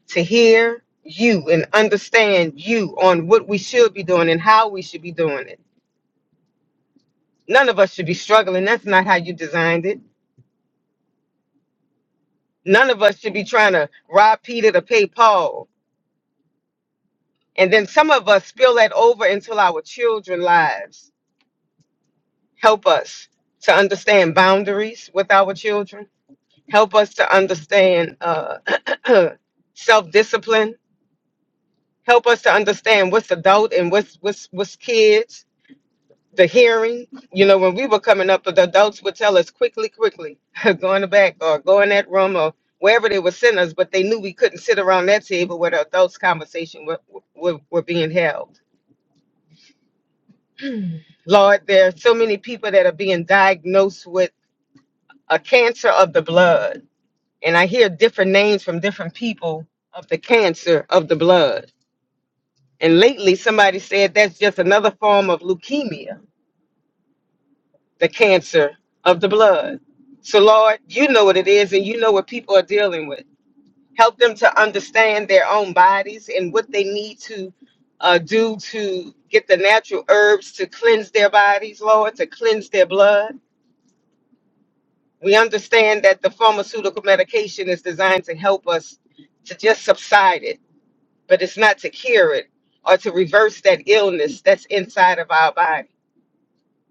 to hear you and understand you on what we should be doing and how we should be doing it None of us should be struggling. That's not how you designed it. None of us should be trying to rob Peter to pay Paul. And then some of us spill that over into our children's lives. Help us to understand boundaries with our children. Help us to understand uh, self discipline. Help us to understand what's adult and what's what's what's kids the hearing, you know, when we were coming up, the adults would tell us quickly, quickly, go in the back or go in that room or wherever they would send us, but they knew we couldn't sit around that table where the adults' conversation were, were, were being held. Lord, there are so many people that are being diagnosed with a cancer of the blood. And I hear different names from different people of the cancer of the blood. And lately, somebody said that's just another form of leukemia the cancer of the blood. So, Lord, you know what it is and you know what people are dealing with. Help them to understand their own bodies and what they need to uh, do to get the natural herbs to cleanse their bodies, Lord, to cleanse their blood. We understand that the pharmaceutical medication is designed to help us to just subside it, but it's not to cure it or to reverse that illness that's inside of our body.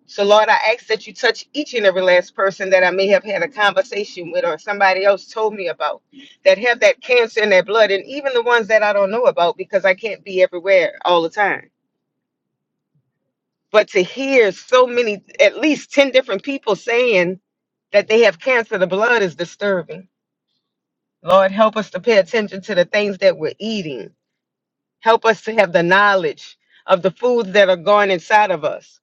So, Lord, I ask that you touch each and every last person that I may have had a conversation with or somebody else told me about that have that cancer in their blood, and even the ones that I don't know about because I can't be everywhere all the time. But to hear so many, at least 10 different people saying that they have cancer, of the blood is disturbing. Lord, help us to pay attention to the things that we're eating. Help us to have the knowledge of the foods that are going inside of us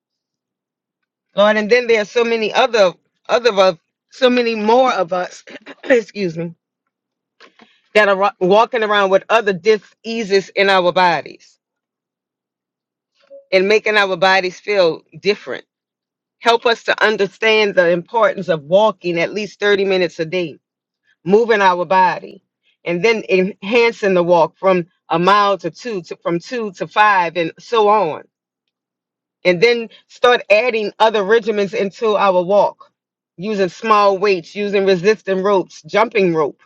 Lord, and then there are so many other other of us, so many more of us, excuse me, that are wa- walking around with other diseases in our bodies and making our bodies feel different. Help us to understand the importance of walking at least 30 minutes a day, moving our body, and then enhancing the walk from a mile to two, to, from two to five, and so on and then start adding other regimens into our walk using small weights using resistant ropes jumping rope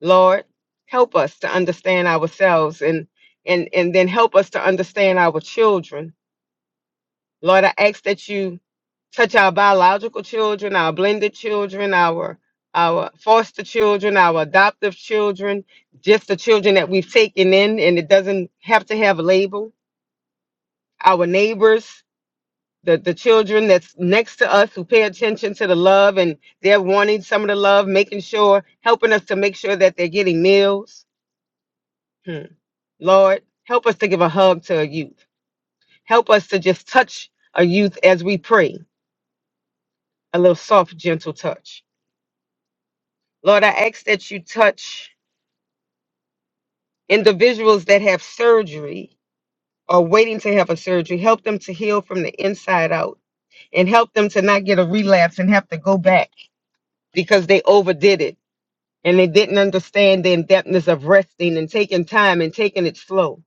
lord help us to understand ourselves and and and then help us to understand our children lord i ask that you touch our biological children our blended children our our foster children our adoptive children just the children that we've taken in and it doesn't have to have a label our neighbors the the children that's next to us who pay attention to the love and they're wanting some of the love, making sure, helping us to make sure that they're getting meals. Hmm. Lord, help us to give a hug to a youth. Help us to just touch a youth as we pray, a little soft, gentle touch. Lord, I ask that you touch individuals that have surgery or waiting to have a surgery. Help them to heal from the inside out and help them to not get a relapse and have to go back because they overdid it and they didn't understand the in-depthness of resting and taking time and taking it slow.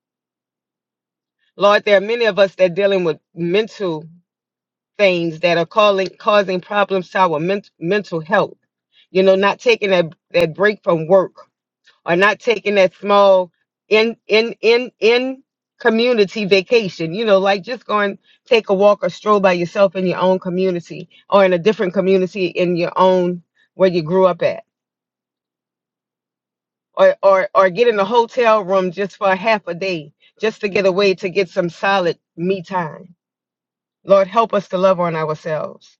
Lord, there are many of us that are dealing with mental things that are calling causing problems to our ment- mental health. You know, not taking that, that break from work or not taking that small in in in in community vacation, you know, like just going take a walk or stroll by yourself in your own community or in a different community in your own where you grew up at or or or get in a hotel room just for a half a day just to get away to get some solid me time lord help us to love on ourselves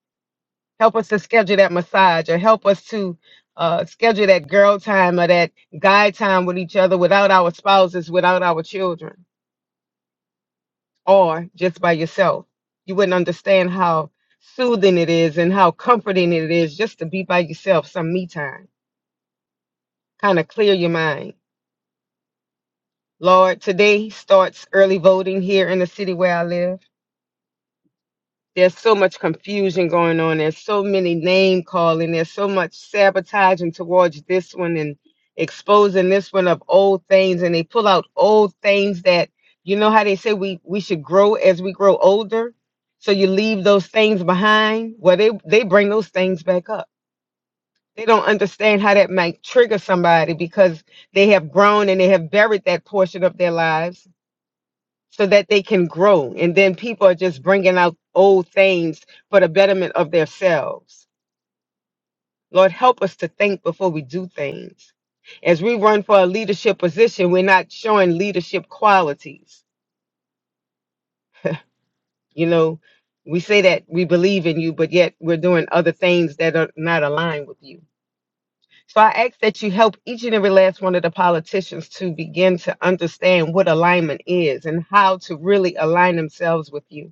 help us to schedule that massage or help us to uh, schedule that girl time or that guy time with each other without our spouses without our children or just by yourself you wouldn't understand how soothing it is and how comforting it is just to be by yourself some me time kind of clear your mind Lord, today starts early voting here in the city where I live. There's so much confusion going on. There's so many name calling. There's so much sabotaging towards this one and exposing this one of old things. And they pull out old things that, you know, how they say we, we should grow as we grow older. So you leave those things behind. Well, they, they bring those things back up. They don't understand how that might trigger somebody because they have grown and they have buried that portion of their lives so that they can grow. And then people are just bringing out old things for the betterment of themselves. Lord, help us to think before we do things. As we run for a leadership position, we're not showing leadership qualities. You know, we say that we believe in you, but yet we're doing other things that are not aligned with you. So I ask that you help each and every last one of the politicians to begin to understand what alignment is and how to really align themselves with you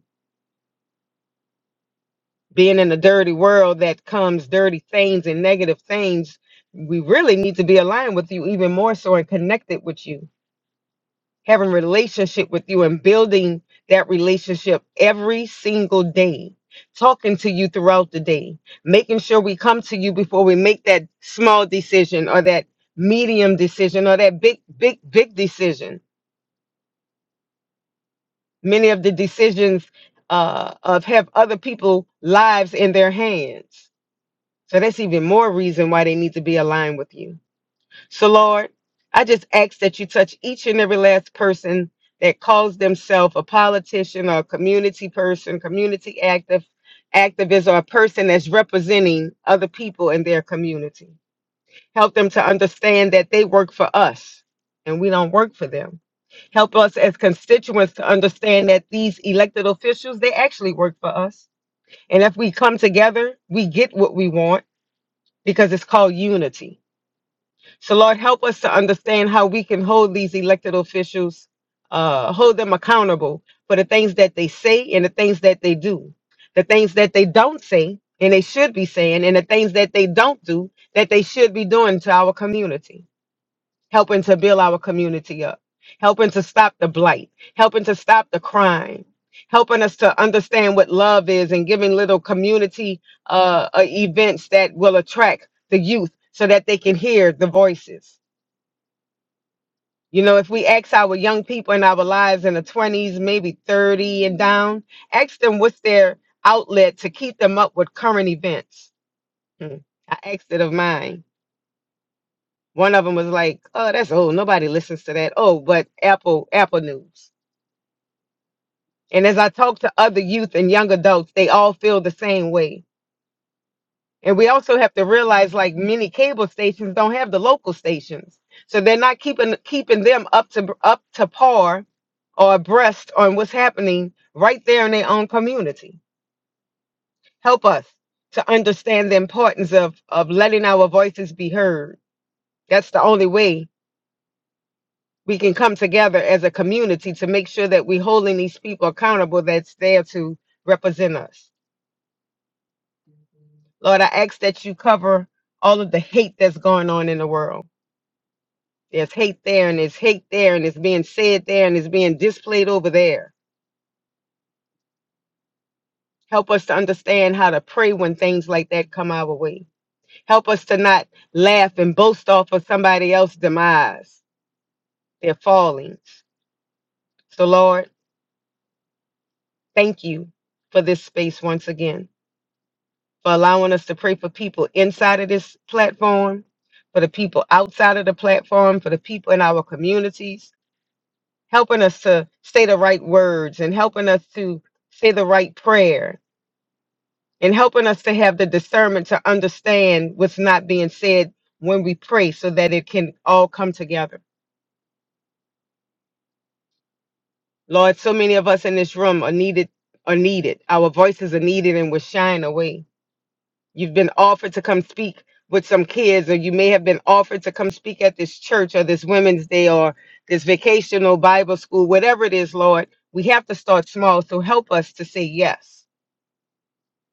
being in a dirty world that comes dirty things and negative things, we really need to be aligned with you even more so and connected with you, having relationship with you and building that relationship every single day, talking to you throughout the day, making sure we come to you before we make that small decision or that medium decision or that big, big, big decision. Many of the decisions uh, of have other people lives in their hands So that's even more reason why they need to be aligned with you. So, Lord, I just ask that you touch each and every last person that calls themselves a politician or a community person, community active, activist, or a person that's representing other people in their community. Help them to understand that they work for us and we don't work for them. Help us as constituents to understand that these elected officials, they actually work for us. And if we come together, we get what we want because it's called unity. So, Lord, help us to understand how we can hold these elected officials, uh, hold them accountable for the things that they say and the things that they do, the things that they don't say and they should be saying, and the things that they don't do that they should be doing to our community helping to build our community up, helping to stop the blight, helping to stop the crime, helping us to understand what love is, and giving little community uh, uh, events that will attract the youth so that they can hear the voices. You know, if we ask our young people in our lives in the 20s, maybe 30 and down, ask them what's their outlet to keep them up with current events. Hmm. I asked it of mine One of them was like, "Oh, that's old. Nobody listens to that." Oh, but Apple Apple News. And as I talk to other youth and young adults, they all feel the same way. And we also have to realize, like many cable stations don't have the local stations, so they're not keeping keeping them up to up to par or abreast on what's happening right there in their own community. Help us to understand the importance of of letting our voices be heard. That's the only way we can come together as a community to make sure that we're holding these people accountable that's there to represent us. Lord, I ask that you cover all of the hate that's going on in the world. There's hate there and there's hate there and it's being said there and it's being displayed over there. Help us to understand how to pray when things like that come our way. Help us to not laugh and boast off of somebody else's demise, their fallings. So, Lord, thank you for this space once again. for allowing us to pray for people inside of this platform, for the people outside of the platform, for the people in our communities, helping us to say the right words and helping us to say the right prayer and helping us to have the discernment to understand what's not being said when we pray so that it can all come together. Lord, so many of us in this room are needed are needed. Our voices are needed and we're shying away. You've been offered to come speak with some kids, or you may have been offered to come speak at this church or this women's day or this vacational Bible school, whatever it is, Lord. We have to start small. So help us to say yes,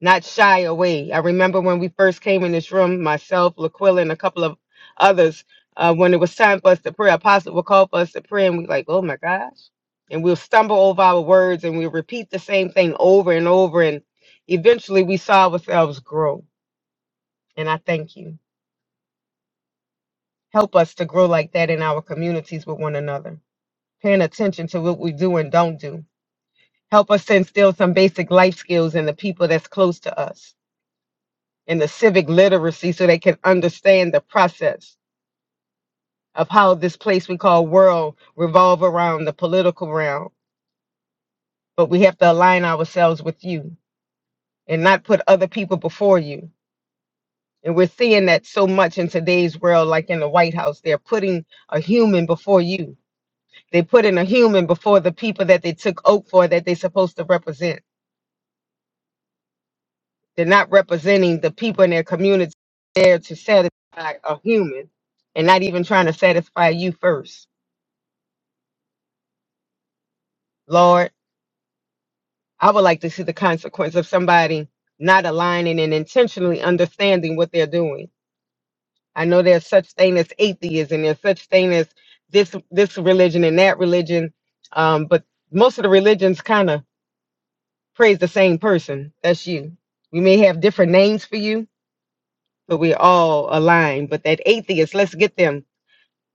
not shy away. I remember when we first came in this room, myself, Laquilla, and a couple of others, uh, when it was time for us to pray, Apostle would call for us to pray, and we like, oh my gosh. And we'll stumble over our words and we'll repeat the same thing over and over. And eventually we saw ourselves grow and I thank you. Help us to grow like that in our communities with one another, paying attention to what we do and don't do. Help us to instill some basic life skills in the people that's close to us and the civic literacy so they can understand the process of how this place we call world revolve around the political realm. But we have to align ourselves with you and not put other people before you. And we're seeing that so much in today's world, like in the White House, they're putting a human before you They put in a human before the people that they took oath for that they're supposed to represent. They're not representing the people in their community there to satisfy a human and not even trying to satisfy you first. Lord, I would like to see the consequence of somebody not aligning and intentionally understanding what they're doing. I know there's such thing as atheism, there's such thing as this this religion and that religion. Um, but most of the religions kind of praise the same person. That's you. We may have different names for you, but we're all aligned. But that atheist, let's get them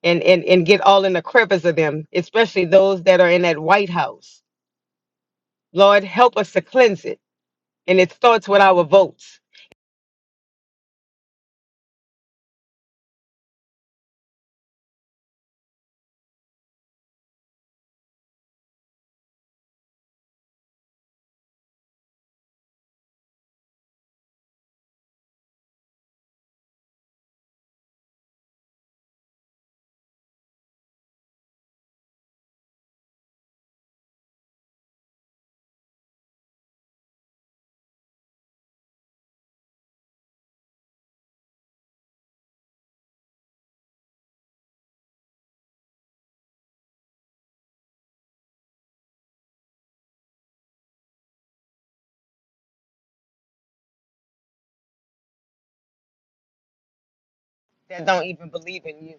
and, and, and get all in the crevice of them, especially those that are in that White House. Lord, help us to cleanse it. And it starts with our votes that don't even believe in you.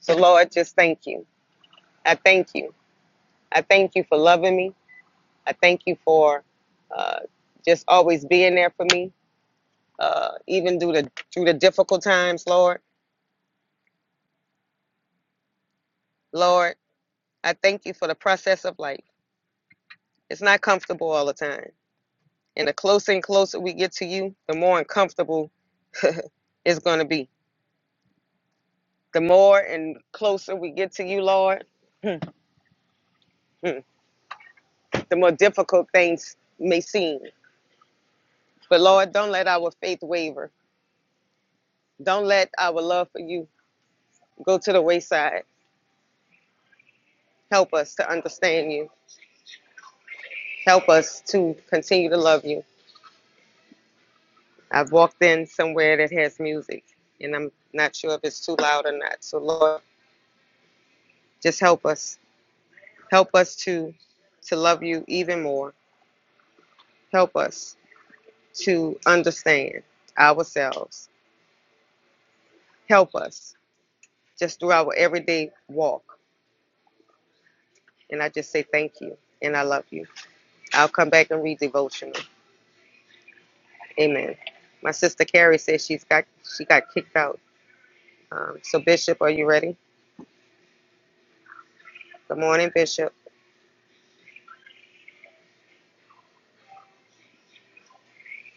So, Lord, just thank you. I thank you. I thank you for loving me. I thank you for uh, just always being there for me, uh, even through the through the difficult times, Lord. Lord. I thank you for the process of life. It's not comfortable all the time. And the closer and closer we get to you, the more uncomfortable it's going to be. The more and closer we get to you, Lord, the more difficult things may seem. But Lord, don't let our faith waver. Don't let our love for you go to the wayside. Help us to understand you. Help us to continue to love you. I've walked in somewhere that has music, and I'm not sure if it's too loud or not. So, Lord, just help us. Help us to to love you even more. Help us to understand ourselves. Help us just through our everyday walk. And I just say thank you and I love you. I'll come back and read devotional. Amen. My sister Carrie says she's got she got kicked out. Um, so Bishop, are you ready? Good morning, Bishop.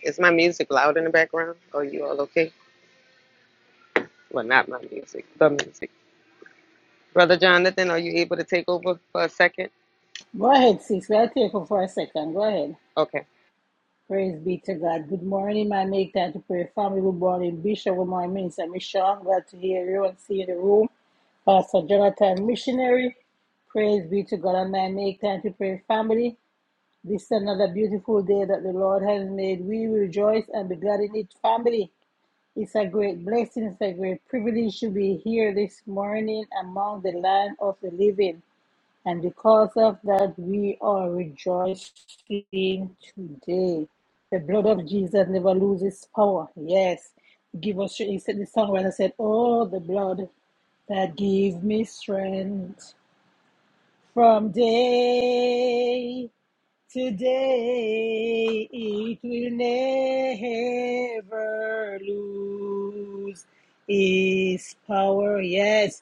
Is my music loud in the background? Are you all okay? Well, not my music, the music. Brother Jonathan, are you able to take over for a second?
Go ahead, sis. We'll take you for a second. Go ahead.
Okay.
Praise be to God. Good morning, my make time to pray. Family, good morning. Bishop, good morning, Minister Michelle. Glad to hear you and see you in the room. Pastor Jonathan, missionary. Praise be to God and my make time to pray family. This is another beautiful day that the Lord has made. We will rejoice and be glad in it, family. It's a great blessing, it's a great privilege to be here this morning among the land of the living. And because of that, we are rejoicing today. The blood of Jesus never loses power. Yes. Give us strength. He said the songwriter said, Oh, the blood that give me strength from day Today it will never lose its power, yes,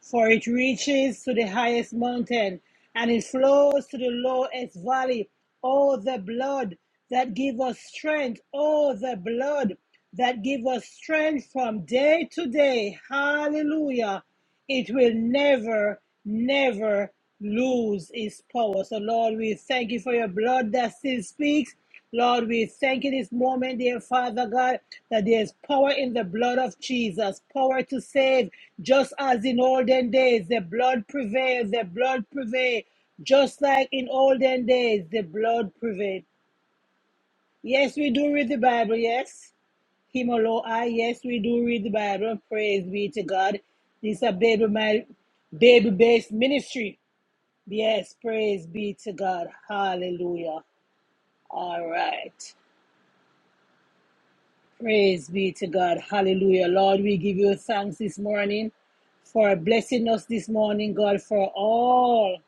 for it reaches to the highest mountain and it flows to the lowest valley. Oh, the blood that give us strength, oh, the blood that give us strength from day to day. Hallelujah. It will never, never lose its power. So, Lord, we thank you for your blood that still speaks. Lord, we thank you this moment, dear Father God, that there's power in the blood of Jesus, power to save, just as in olden days, the blood prevailed, the blood prevailed, just like in olden days, the blood prevailed. Yes, we do read the Bible, yes. Him alone, I, yes, we do read the Bible. Praise be to God. This is a baby, my baby based ministry. Yes, praise be to God. Hallelujah. All right. Praise be to God. Hallelujah. Lord, we give you thanks this morning for blessing us this morning, God, for all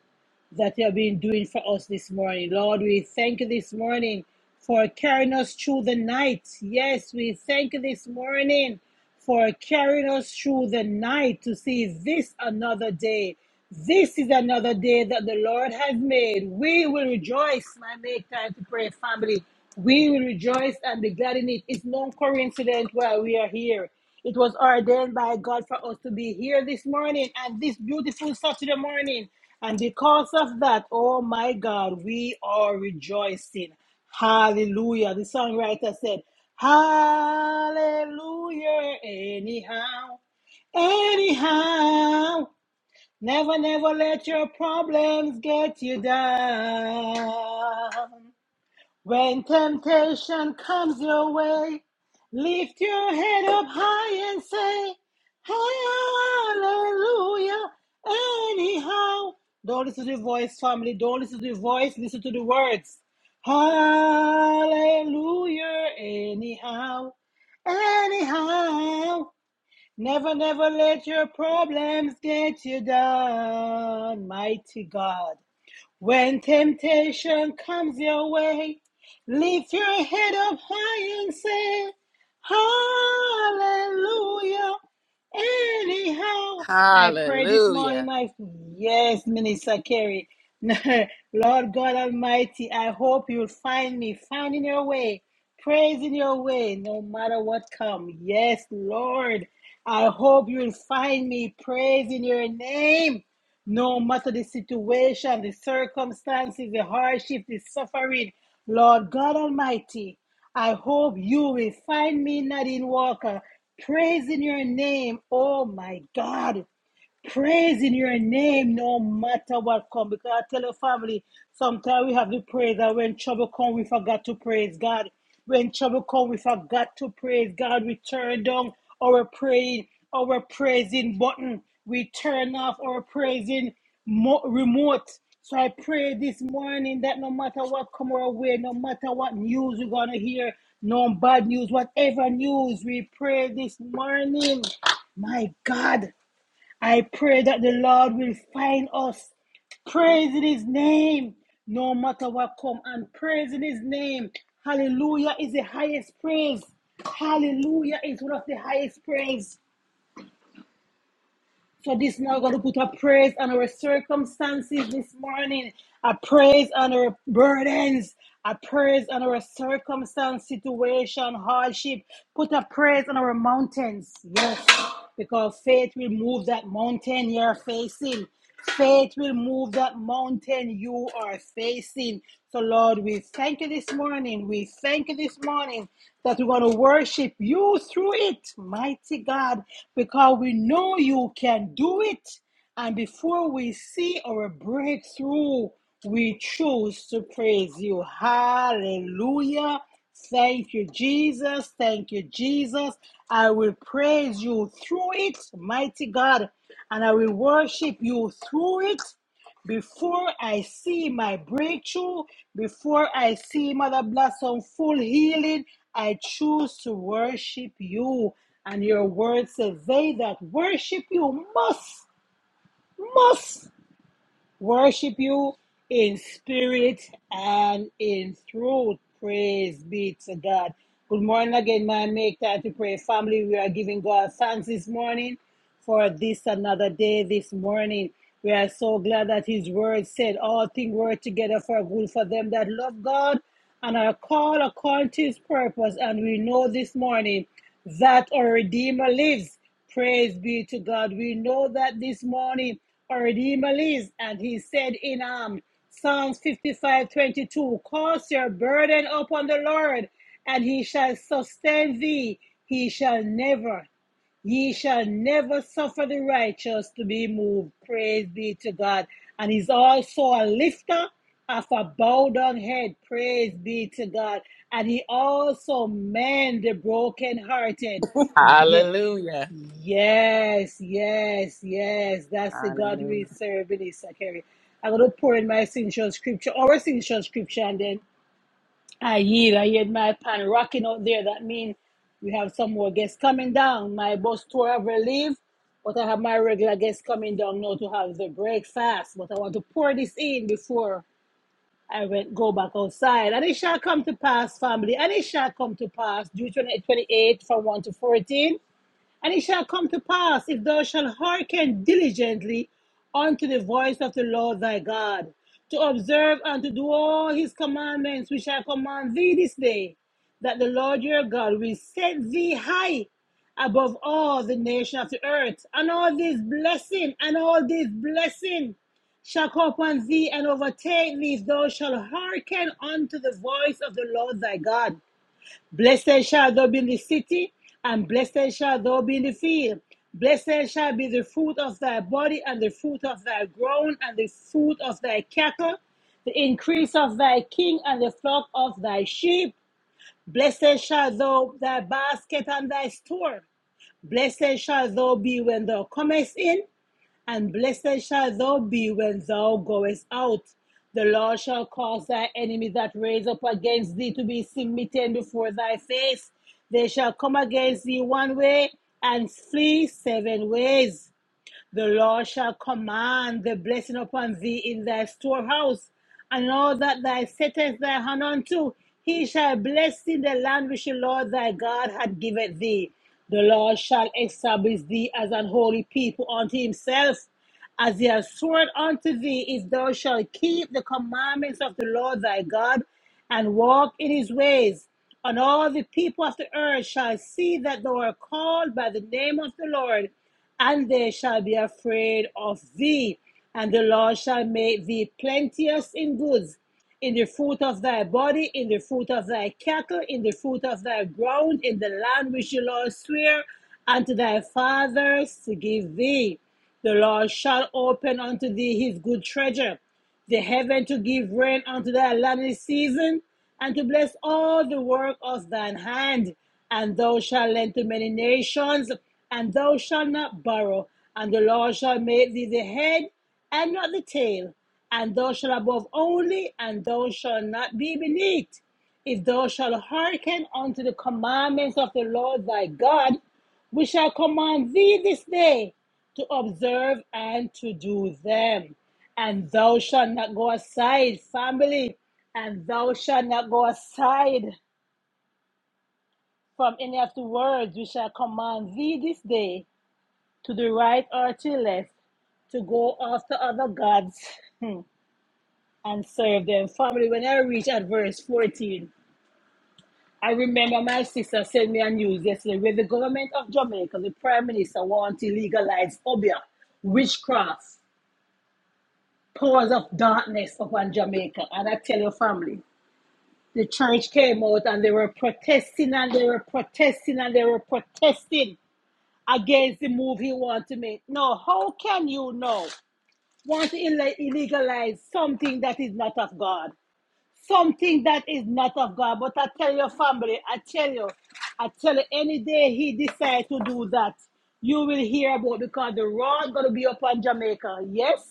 that you have been doing for us this morning. Lord, we thank you this morning for carrying us through the night. Yes, we thank you this morning for carrying us through the night to see this another day. This is another day that the Lord has made. We will rejoice, my make time to pray family. We will rejoice and be glad in it. It's no coincidence why we are here. It was ordained by God for us to be here this morning and this beautiful Saturday morning. And because of that, oh my God, we are rejoicing. Hallelujah. The songwriter said, Hallelujah, anyhow, anyhow. Never, never let your problems get you down. When temptation comes your way, lift your head up high and say, Hallelujah. Anyhow, don't listen to the voice, family. Don't listen to the voice. Listen to the words. Hallelujah. Anyhow, anyhow. Never, never let your problems get you down, mighty God. When temptation comes your way, lift your head up high and say, Hallelujah. Anyhow, I pray this morning,
Hallelujah.
my yes, Minister Kerry. Lord God Almighty, I hope you'll find me, finding your way, praising your way, no matter what comes. Yes, Lord, I hope you'll find me, praising your name. No matter the situation, the circumstances, the hardship, the suffering, Lord God Almighty, I hope you will find me, Nadine Walker, praising your name. Oh my God praising your name no matter what come. Because I tell your family, sometimes we have to praise that when trouble come, we forgot to praise God. When trouble come, we forgot to praise God. We turn down our praying, our praising button. We turn off our praising mo- remote. So I pray this morning that no matter what come our way, no matter what news we're gonna hear, no bad news, whatever news we pray this morning, my God, I pray that the Lord will find us. praise in his name, no matter what come, and praise in his name. Hallelujah is the highest praise. Hallelujah is one of the highest praise. So this now going to put a praise on our circumstances this morning, a praise on our burdens, a praise on our circumstance, situation, hardship. Put a praise on our mountains. Yes, because faith will move that mountain you're facing. Faith will move that mountain you are facing. So, Lord, we thank you this morning. We thank you this morning that we're going to worship you through it, mighty God, because we know you can do it. And before we see our breakthrough, we choose to praise you. Hallelujah. Thank you, Jesus. Thank you, Jesus. I will praise you through it, mighty God, and I will worship you through it before I see my breakthrough, before I see Mother Blossom full healing, I choose to worship you. And your word says, They that worship you must must worship you in spirit and in truth. Praise be to God. Good morning again, my make time to pray family. We are giving God thanks this morning for this another day this morning. We are so glad that His word said, All things work together for good for them that love God and are called according to His purpose. And we know this morning that our Redeemer lives. Praise be to God. We know that this morning our Redeemer lives. And He said in um, Psalms 55 22, Cast your burden upon the Lord, and He shall sustain thee. He shall never Ye shall never suffer the righteous to be moved. Praise be to God. And he's also a lifter of a bowed down head. Praise be to God. And he also mend the brokenhearted. Yeah.
Hallelujah.
Yes, yes, yes. That's the God
Hallelujah.
we serve, Minister Kerry. I'm going to pour in my signature scripture, our signature scripture, and then I hear I hear my pan rocking out there. That means we have some more guests coming down. My bus tour ever leave, but I have my regular guests coming down now to have the breakfast. But I want to pour this in before I went go back outside. And it shall come to pass, family. And it shall come to pass. June 28 from 1 to 14. And it shall come to pass, if thou shalt hearken diligently unto the voice of the Lord thy God, to observe and to do all his commandments which I command thee this day, that the Lord your God will set thee high above all the nations of the earth, and all this blessing, and all this blessing shall come upon thee and overtake thee if thou shalt hearken unto the voice of the Lord thy God. Blessed shall thou be in the city, and blessed shall thou be in the field. Blessed shall be the fruit of thy body, and the fruit of thy ground, and the fruit of thy cattle, the increase of thy king, and the flock of thy sheep. Blessed shall thou thy basket and thy store. Blessed shall thou be when thou comest in, and blessed shalt thou be when thou goest out. The Lord shall cause thy enemy that raise up against thee to be smitten before thy face. They shall come against thee one way and flee seven ways. The Lord shall command the blessing upon thee in thy storehouse, and all that thou settest thy hand unto, he shall bless in the land which the Lord thy God hath given thee. The Lord shall establish thee as an holy people unto himself as he has sworn unto thee, if thou shalt keep the commandments of the Lord thy God and walk in his ways. And all the people of the earth shall see that thou art called by the name of the Lord, and they shall be afraid of thee. And the Lord shall make thee plenteous in goods in the fruit of thy body, in the fruit of thy cattle, in the fruit of thy ground, in the land which the Lord sware unto thy fathers to give thee. The Lord shall open unto thee his good treasure, the heaven to give rain unto thy land in season, and to bless all the work of thine hand. And thou shalt lend to many nations, and thou shalt not borrow. And the Lord shall make thee the head and not the tail and thou shalt above only, and thou shalt not be beneath. If thou shalt hearken unto the commandments of the Lord thy God, we shall command thee this day to observe and to do them. And thou shalt not go aside, family, and thou shalt not go aside from any of the words we shall command thee this day to the right or to the left to go after other gods Hmm. and serve them. Family, when I reach at verse 14, I remember my sister sent me a news yesterday where the government of Jamaica, the prime minister, want to legalize obia, witchcraft, powers of darkness upon Jamaica. And I tell your family, the church came out and they were protesting and they were protesting and they were protesting against the move he want to make. No, how can you know? Want to ille- illegalize something that is not of God? something that is not of God. But I tell your family, I tell you, I tell you, any day he decides to do that, you will hear about because the rod gonna be upon Jamaica. Yes,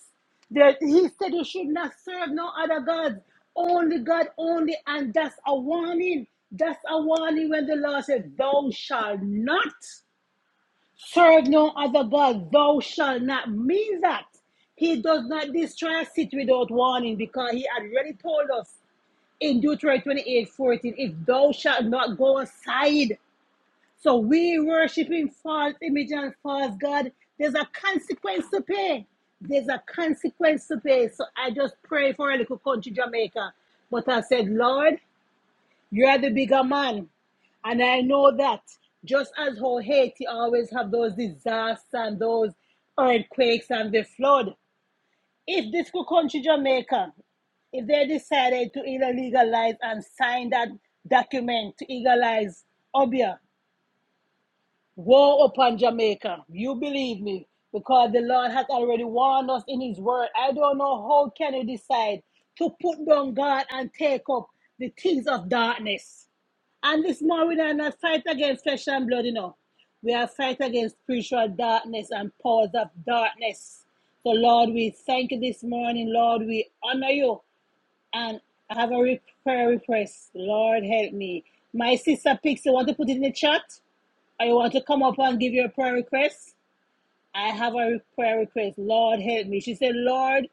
that he said you should not serve no other God, only God only, and that's a warning. That's a warning when the Lord says, "Thou shalt not serve no other God." Thou shalt not mean that. He does not destroy a city without warning because he had already told us in Deuteronomy 28:14, if thou shalt not go aside. So we worshiping false image and false God. There's a consequence to pay. There's a consequence to pay. So I just pray for a little country, Jamaica. But I said, Lord, you're the bigger man. And I know that just as how Haiti always have those disasters and those earthquakes and the flood, if this could country Jamaica, if they decided to either legalize and sign that document to legalize Obia, woe upon Jamaica. You believe me, because the Lord has already warned us in His Word. I don't know how can you decide to put down God and take up the things of darkness. And this morning we are not fight against flesh and blood, you know. We are fight against spiritual darkness and powers of darkness. So Lord, we thank you this morning. Lord, we honor you. And I have a re- prayer request. Lord, help me. My sister Pixie, want to put it in the chat? Or you want to come up and give your prayer request? I have a re- prayer request. Lord, help me. She said, Lord,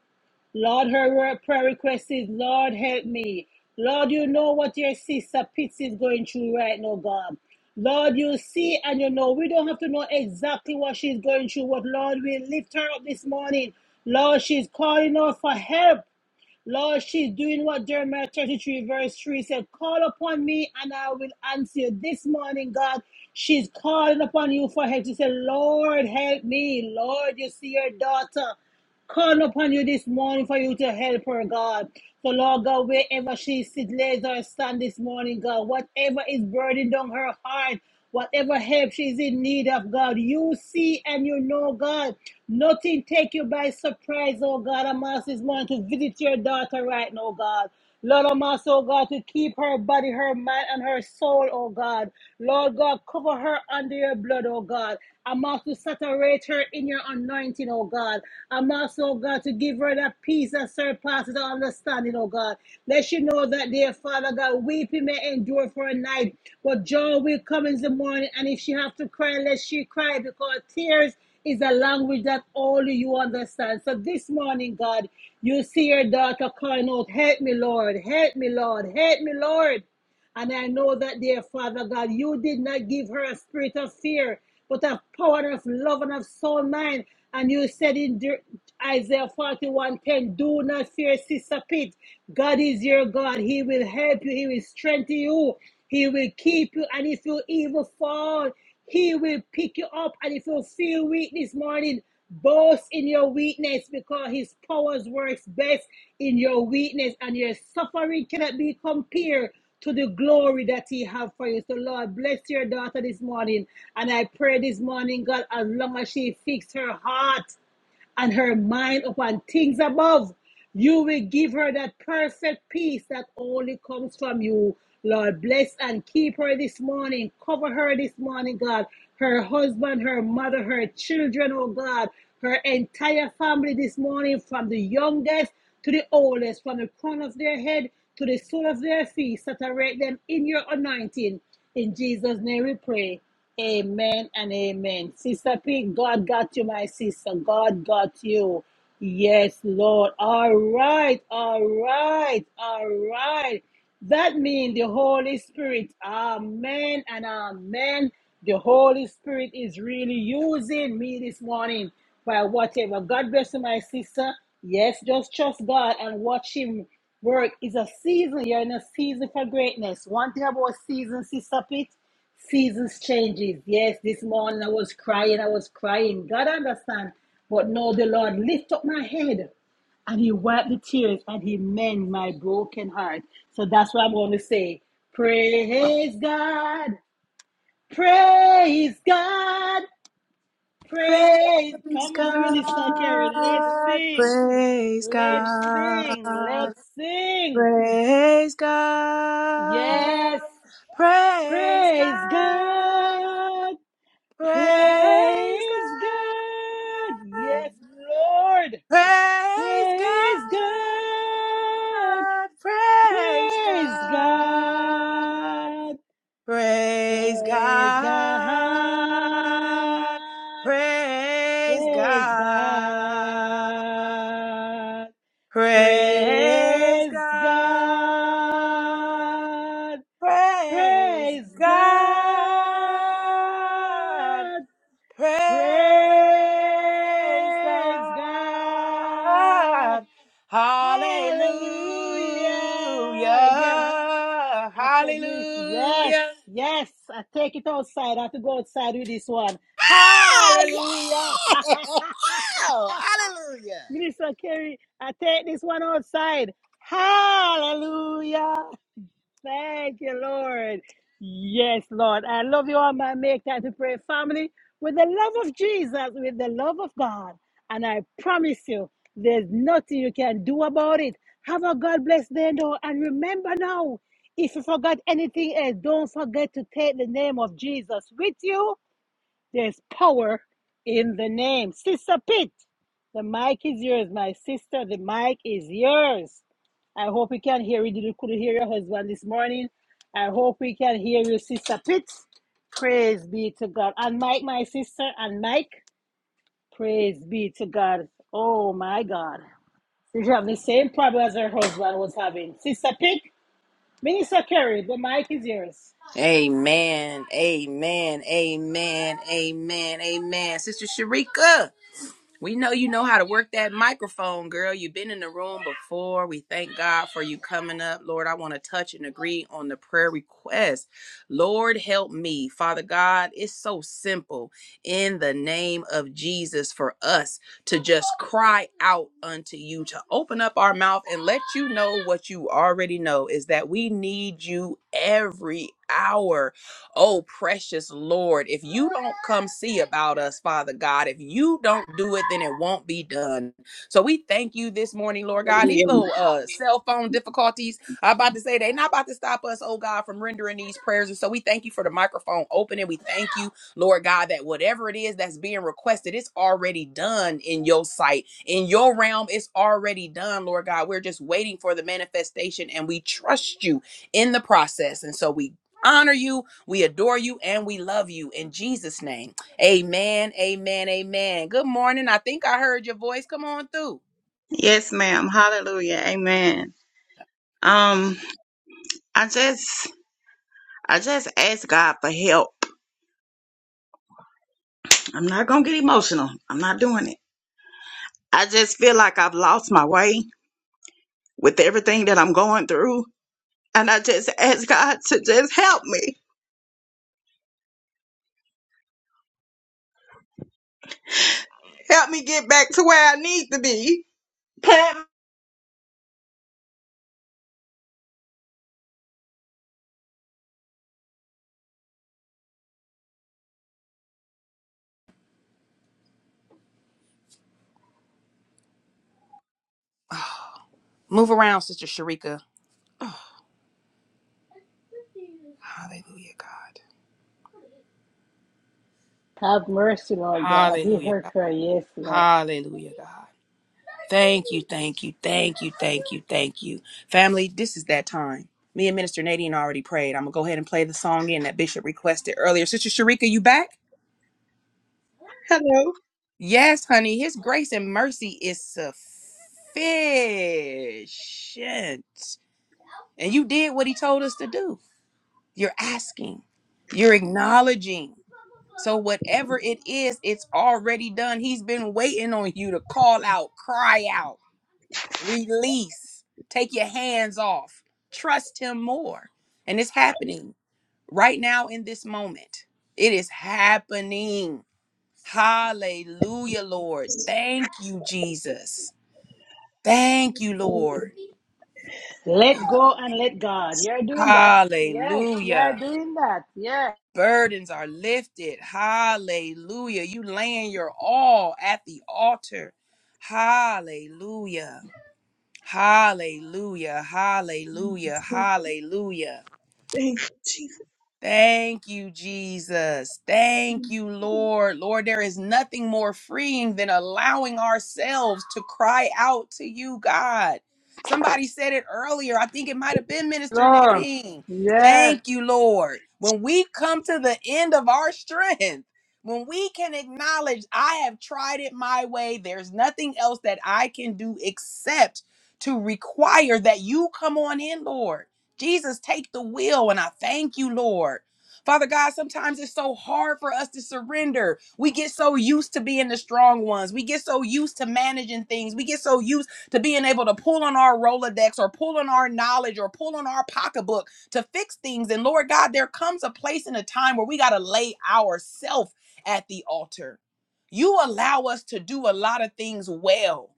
Lord, her prayer request is, Lord, help me. Lord, you know what your sister Pitsy is going through right now, God. Lord, you see and you know. We don't have to know exactly what she's going through, but Lord, we lift her up this morning. Lord, she's calling out for help. Lord, she's doing what Jeremiah 33, verse 3 said Call upon me and I will answer you. This morning, God, she's calling upon you for help. She said, Lord, help me. Lord, you see your daughter. Call upon you this morning for you to help her, God. So, Lord God, wherever she sits, lays or stand this morning, God, whatever is burdened on her heart, whatever help she's in need of, God, you see and you know, God. Nothing take you by surprise, oh God. I'm asking this morning to visit your daughter right now, God. Lord, I'm asking, oh God, to keep her body, her mind, and her soul, oh God. Lord God, cover her under your blood, oh God. I'm asking to saturate her in your anointing, oh God. I'm asking, oh God, to give her that peace that surpasses all understanding, oh God. Let she know that, dear Father God, weeping may endure for a night, but joy will come in the morning. And if she have to cry, let she cry because tears is a language that only you understand. So this morning, God, you see your daughter crying out, Help me, Lord, help me, Lord, help me, Lord. And I know that, dear Father God, you did not give her a spirit of fear, but of power of love and of soul mind. And you said in Isaiah 41 10 Do not fear, Sister Pit. God is your God. He will help you. He will strengthen you. He will keep you. And if you even fall, He will pick you up. And if you feel weak this morning, boast in your weakness because His powers works best in your weakness. And your suffering cannot be compared to the glory that he have for you. So Lord, bless your daughter this morning. And I pray this morning, God, as long as she fix her heart and her mind upon things above. You will give her that perfect peace that only comes from you. Lord, bless and keep her this morning. Cover her this morning, God. Her husband, her mother, her children, oh God. Her entire family this morning, from the youngest to the oldest, from the crown of their head to the sole of their feet. Saturate them in your anointing. In Jesus' name we pray. Amen and amen. Sister P, God got you, my sister. God got you. Yes, Lord. All right, all right, all right. That means the Holy Spirit. Amen and amen. The Holy Spirit is really using me this morning by whatever. God bless you, my sister. Yes, just trust God and watch Him work. It's a season. You're in a season for greatness. One thing about season, Sister Pete. Seasons changes. Yes, this morning I was crying, I was crying. God understand. But no, the Lord lift up my head and he wiped the tears and he mend my broken heart. So that's what I'm going to say. Praise God. Praise God. Praise.
Praise
Come on, Minister Kerry. Let's
God,
sing.
praise
Let's sing.
God,
Let's sing.
praise God,
Yes.
praise God, praise
Praise
God,
God. Praise God. Yes, Lord.
praise
Praise God.
God, praise
Praise
God,
God.
Praise
Praise
God.
God.
Praise
Praise
God.
God.
Praise
Praise
God.
God.
Praise
Praise God.
God. Praise
Praise God.
God.
Hallelujah. Yeah.
Hallelujah.
I said, Miss, yes,
Hallelujah.
yes. I take it outside. I have to go outside with this one. Hallelujah.
yeah! Ow! Hallelujah!
Minister Kerry, I take this one outside. Hallelujah. Thank you, Lord. Yes, Lord. I love you all, my Make Time to Pray family, with the love of Jesus, with the love of God. And I promise you, there's nothing you can do about it. Have a God bless day, though. And remember now, if you forgot anything else, don't forget to take the name of Jesus with you there's power in the name. Sister Pitt, the mic is yours, my sister. The mic is yours. I hope you can hear. you. didn't could hear your husband this morning. I hope we can hear you, Sister Pitt. Praise be to God. And Mike, my sister, and Mike, praise be to God. Oh my God. Did you have the same problem as her husband was having. Sister Pitt, Minister Kerry, the mic is yours.
Amen. Amen. Amen. Amen. Amen. Sister Sharika. We know you know how to work that microphone, girl. You've been in the room before. We thank God for you coming up. Lord, I want to touch and agree on the prayer request. Lord, help me. Father God, it's so simple in the name of Jesus for us to just cry out unto you, to open up our mouth and let you know what you already know is that we need you every hour. Oh, precious Lord, if you don't come see about us, Father God, if you don't do it, then it won't be done. So we thank you this morning, Lord God. These
Hallelujah.
little uh, cell phone difficulties, I'm about to say, they're not about to stop us, oh God, from rendering these prayers. And so we thank you for the microphone open and we thank you, Lord God, that whatever it is that's being requested, it's already done in your sight. In your realm, it's already done, Lord God. We're just waiting for the manifestation and we trust you in the process. And so we honor you we adore you and we love you in Jesus' name. Amen. Amen. Amen. Good morning. I think I heard your voice. Come on through.
Yes, ma'am. Hallelujah. Amen. Um, I just I just ask God for help. I'm not gonna get emotional. I'm not doing it. I just feel like I've lost my way with everything that I'm going through. And I just ask God to just help me. Help me get back to where I need to be. Plant-
Move around, Sister Sharika. Hallelujah, God.
Have mercy, Lord God. He
Hallelujah,
heard
God.
her. Yes, Lord.
Hallelujah, God. Thank you, thank you, thank you, thank you, thank you. Family, this is that time. Me and Minister Nadine already prayed. I'm going to go ahead and play the song in that Bishop requested earlier. Sister Sharika, you back?
Hello.
Yes, honey. His grace and mercy is sufficient. And you did what he told us to do. You're asking, you're acknowledging. So, whatever it is, it's already done. He's been waiting on you to call out, cry out. release, take your hands off, trust Him more. And it's happening right now in this moment. It is happening. Hallelujah, Lord. Thank you, Jesus. Thank you, Lord.
Let go and let God. You're doing that. Yes, you're
Hallelujah.
doing that. Yes,
Burdens are lifted. Hallelujah. You laying your all at the altar. Hallelujah. Hallelujah. Hallelujah. Hallelujah.
Thank you, Jesus.
Thank you, Jesus. Thank you, Lord. Lord, there is nothing more freeing than allowing ourselves to cry out to you, God. Somebody said it earlier. I think it might have been Minister
Lord.
Nadine.
Yes.
Thank you, Lord. When we come to the end of our strength, when we can acknowledge, I have tried it my way, there's nothing else that I can do except to require that you come on in, Lord. Jesus, take the wheel. And I thank you, Lord. Father God, sometimes it's so hard for us to surrender. We get so used to being the strong ones. We get so used to managing things. We get so used to being able to pull on our Rolodex or pull on our knowledge or pull on our pocketbook to fix things. And Lord God, there comes a place and a time where we got to lay ourselves at the altar. You allow us to do a lot of things well.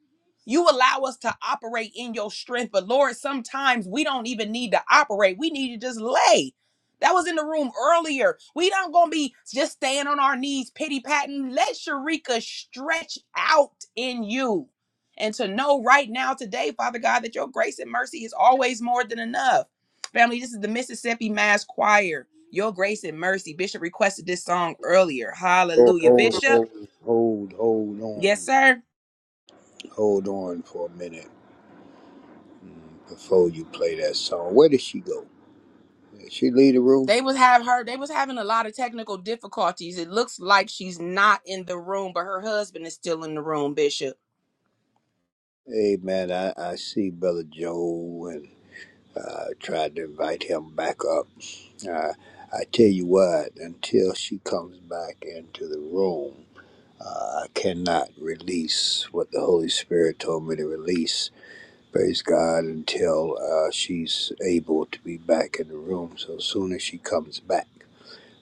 You allow us to operate in your strength, but Lord, sometimes we don't even need to operate. We need to just lay. That was in the room earlier. We don't gonna be just staying on our knees, pity patting. Let Sharika stretch out in you. And to know right now, today, Father God, that your grace and mercy is always more than enough. Family, this is the Mississippi Mass Choir. Your grace and mercy. Bishop requested this song earlier.
Hold,
Hallelujah.
hold,
Bishop,
hold, hold, hold
yes,
on.
sir.
Hold on for a minute before you play that song. Where did she go? Did she leave the room?
They was have her. They was having a lot of technical difficulties. It looks like she's not in the room, but her husband is still in the room. Bishop.
Amen. I, I see Brother Joe and uh, tried to invite him back up. Uh, I tell you what, until she comes back into the room, uh, I cannot release what the Holy Spirit told me to release praise God until uh, she's able to be back in the room. So as soon as she comes back,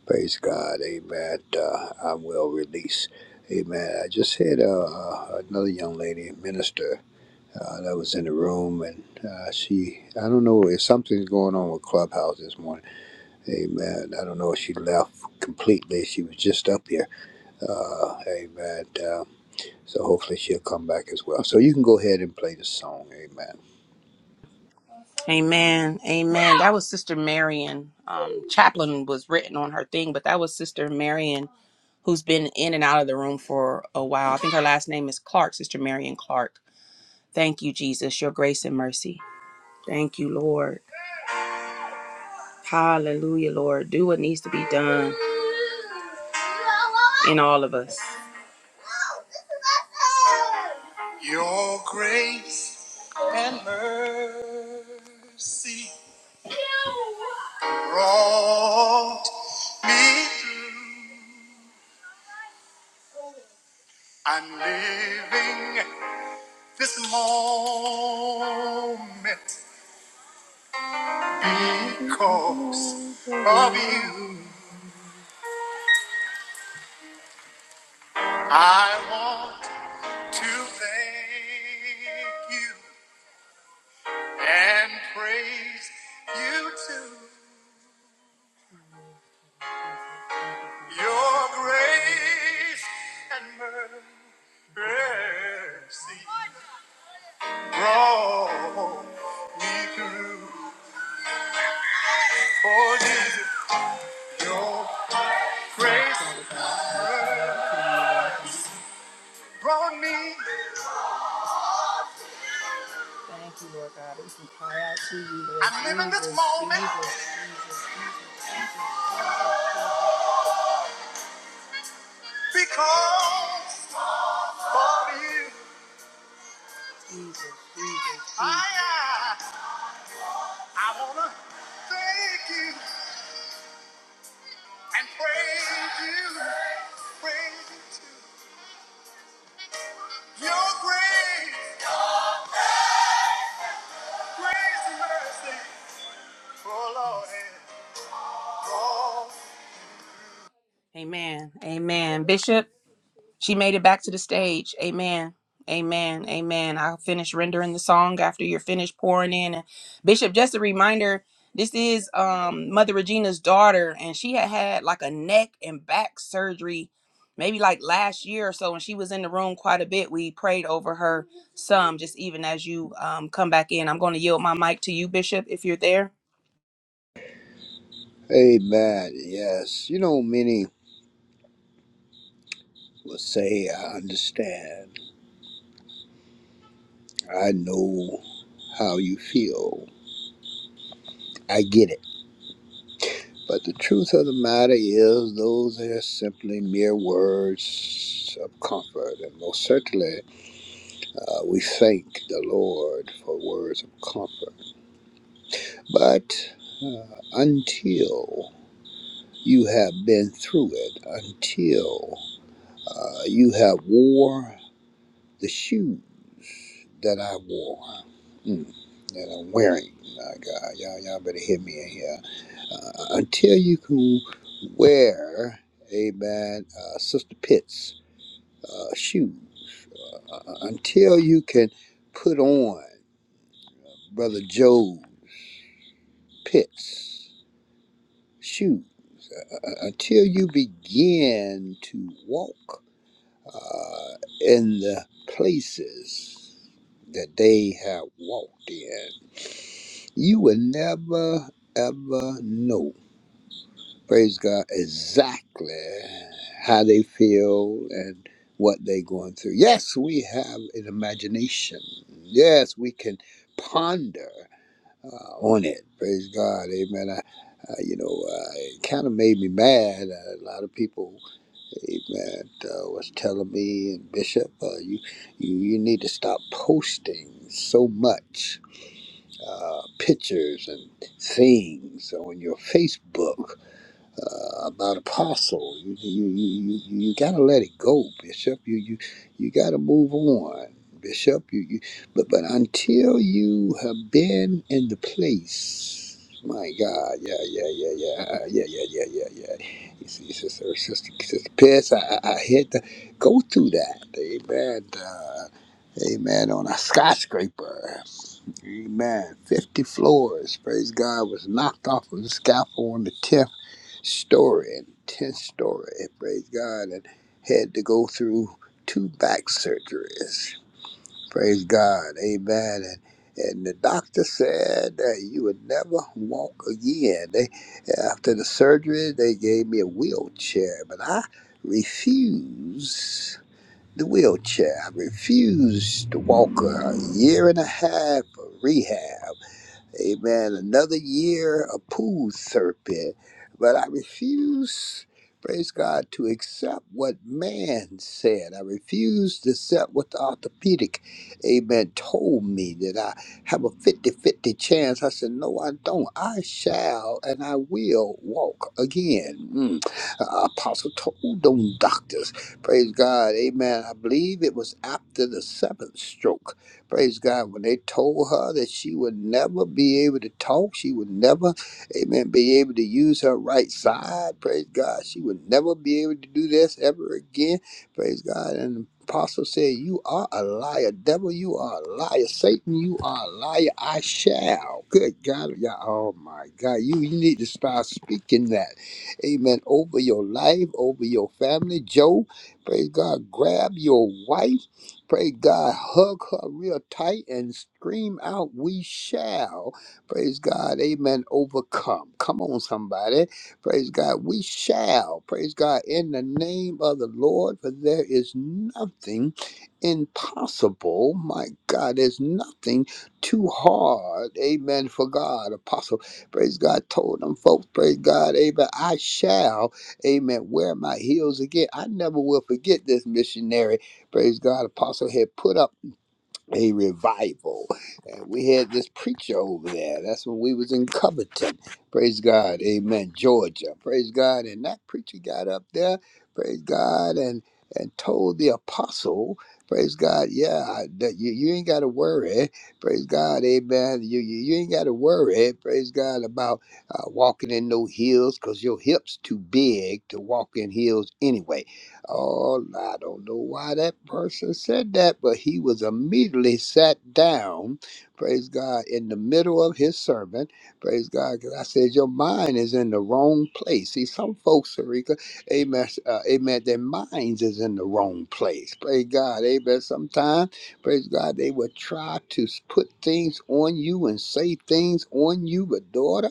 praise God, amen, uh, I will release. Amen. I just had uh, uh, another young lady, minister, uh, that was in the room, and uh, she, I don't know if something's going on with Clubhouse this morning. Amen. I don't know if she left completely. She was just up here. Uh, amen. Uh, so hopefully she'll come back as well. So you can go ahead and play the song. Amen.
Amen. Amen. That was Sister Marion. Um, chaplain was written on her thing, but that was Sister Marion, who's been in and out of the room for a while. I think her last name is Clark. Sister Marion Clark. Thank you, Jesus. Your grace and mercy. Thank you, Lord. Hallelujah, Lord. Do what needs to be done in all of us. Your grace, see, brought me through. I'm living this moment because of you. I want to thank you and praise you too. Your grace and mercy. mercy brought me through. Oh, Jesus, your grace brought me. Thank you, Lord God. We can cry out to you, Lord I'm living this moment because of you. I, I, I want to thank you and praise you. Praise you too. Your grace, grace and mercy. Oh, Lord, it brought Amen. Amen. Bishop, she made it back to the stage. Amen. Amen. Amen. I'll finish rendering the song after you're finished pouring in. And Bishop, just a reminder, this is um Mother Regina's daughter, and she had had like a neck and back surgery maybe like last year or so, and she was in the room quite a bit. We prayed over her some just even as you um, come back in. I'm going to yield my mic to you, Bishop, if you're there.
Amen. Yes. You know, many will say, I understand. I know how you feel. I get it. But the truth of the matter is, those are simply mere words of comfort. And most certainly, uh, we thank the Lord for words of comfort. But uh, until you have been through it, until uh, you have war the shoes that I wore, mm, that I'm wearing. My God, y'all, y'all better hear me in here. Uh, until you can wear, amen, uh, Sister Pitt's uh, shoe, uh, until you can put on Brother Joe Pitt's shoe, uh, uh, until you begin to walk uh, in the places that they have walked in You will never, ever know, praise God, exactly how they feel and what they're going through. Yes, we have an imagination. Yes, we can ponder uh, on it. Praise God. Amen. I, uh, you know, uh, it kind of made me mad. Uh, a lot of people, amen, uh, was telling me, and Bishop, uh, you, you, you need to stop posting so much uh, pictures and things on your Facebook uh, about Apostle. You you, you, you you gotta let it go, Bishop. You you you gotta move on, Bishop. You, you but but until you have been in the place. My God, yeah, yeah, yeah, yeah, uh, yeah, yeah, yeah, yeah, yeah. You see, sister, sister, sister, Pierce, I, I, I had to go through that. Amen. Uh, amen. On a skyscraper. Amen. 50 floors, praise God, was knocked off of the scaffold on the 10th story and 10th story, praise God, and had to go through two back surgeries. Praise God. Amen. And and the doctor said that you would never walk again. They, after the surgery, they gave me a wheelchair, but I refused the wheelchair. I refused to walk. A year and a half of rehab. Amen. Another year of pool serpent. But I refuse, praise God, to accept what man said. I refuse to accept what the orthopedic, amen, told me that I have a fifty-fifty chance. I said, No, I don't. I shall and I will walk again. Mm. Uh, Apostle told them doctors, praise God, amen. I believe it was after the seventh stroke. Praise God. When they told her that she would never be able to talk, she would never, amen, be able to use her right side. Praise God. She would never be able to do this ever again. Praise God. And the apostle said, You are a liar. Devil, you are a liar. Satan, you are a liar. I shall. Good God. Yeah. Oh my God. You, you need to start speaking that. Amen. Over your life, over your family. Joe, praise God. Grab your wife. Praise God. Hug her real tight and scream out, We shall. Praise God. Amen. Overcome. Come on, somebody. Praise God. We shall. Praise God. In the name of the Lord, for there is nothing impossible. My God, there's nothing too hard. Amen. For God. Apostle, praise God, told them folks, praise God. Amen. I shall, amen, wear my heels again. I never will forget this missionary praise God, Apostle had put up a revival. And we had this preacher over there. That's when we was in Covington. Praise God. Amen. Georgia. Praise God. And that preacher got up there, praise God, and and told the apostle, praise God, yeah, I- that you, you ain't got to worry, praise God, amen. You, you, you ain't got to worry, praise God, about uh, walking in no heels because your hips too big to walk in heels anyway Oh, I don't know why that person said that, but he was immediately sat down, praise God, in the middle of his sermon, praise God, because I said, Your mind is in the wrong place. See, some folks, Sarika, amen, uh, amen, their minds is in the wrong place, praise God, amen. Sometimes, praise God, they would try to put things on you and say things on you, but daughter.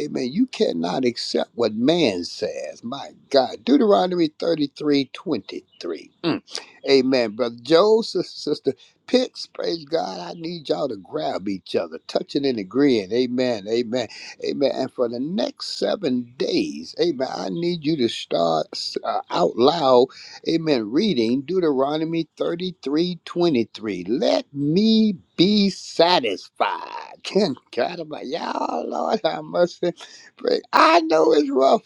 Amen. You cannot accept what man says. My God. Deuteronomy thirty three twenty three. 23. Mm. Amen. Brother Joe, sister, sister Pitts, praise God. I need y'all to grab each other, touching and agreeing. Amen. Amen. Amen. And for the next seven days, amen, I need you to start uh, out loud. Amen. Reading Deuteronomy 33, 23. Let me be satisfied. Can God, I'm like, y'all, Lord, I must say, pray. I know it's rough.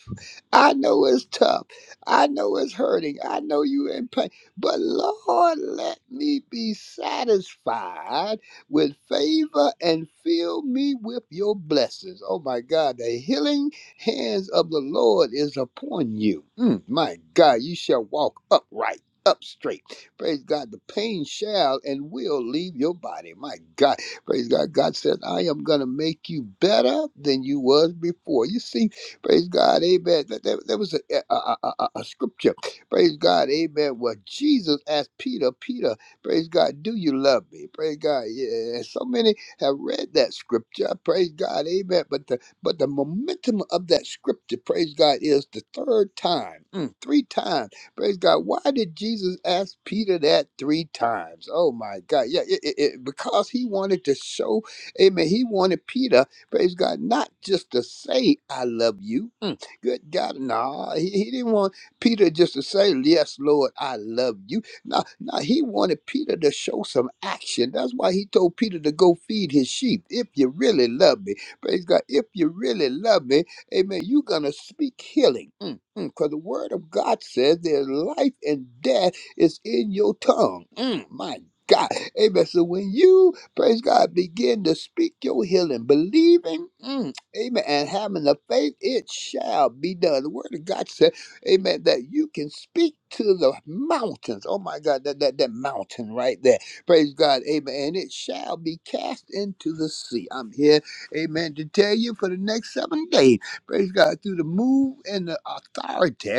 I know it's tough. I know it's hurting. I know you in pain. But Lord, let me be satisfied with favor and fill me with your blessings. Oh my God, the healing hands of the Lord is upon you. Mm, my God, you shall walk upright, up straight. Praise God, the pain shall and will leave your body. My God, praise God. God said, I am going to make you better than you was before. You see, praise God, amen. That, that, that was a, a, a, a, a scripture, praise God, amen, where Jesus asked Peter, Peter, praise God, do you love me? Praise God. Yeah, so many have read that scripture, praise God, amen. But the but the momentum of that scripture, praise God, is the third time, mm, three times. Praise God. Why did Jesus ask Peter that three times? Oh my God. Yeah, it, it, it- because he wanted to show, amen. He wanted Peter, praise God, not just to say, I love you. Mm, good God. no, he, he didn't want Peter just to say, Yes, Lord, I love you. No, no, he wanted Peter to show some action. That's why he told Peter to go feed his sheep. If you really love me. Praise God. If you really love me, amen, you're going to speak healing. Because the word of God says there's life and death is in your tongue. Mm, my God. Amen. So when you, praise God, begin to speak your healing, believing, mm, amen, and having the faith, it shall be done. The word of God says, amen, that you can speak to the mountains. Oh my God, that, that, that mountain right there. Praise God, amen. And it shall be cast into the sea. I'm here Amen. To tell you for the next seven days. Praise God. Through the move and the authority,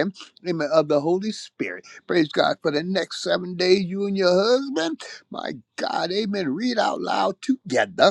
amen, of the Holy Spirit. Praise God. For the next seven days, you and your husband, my God, amen. Read out loud together.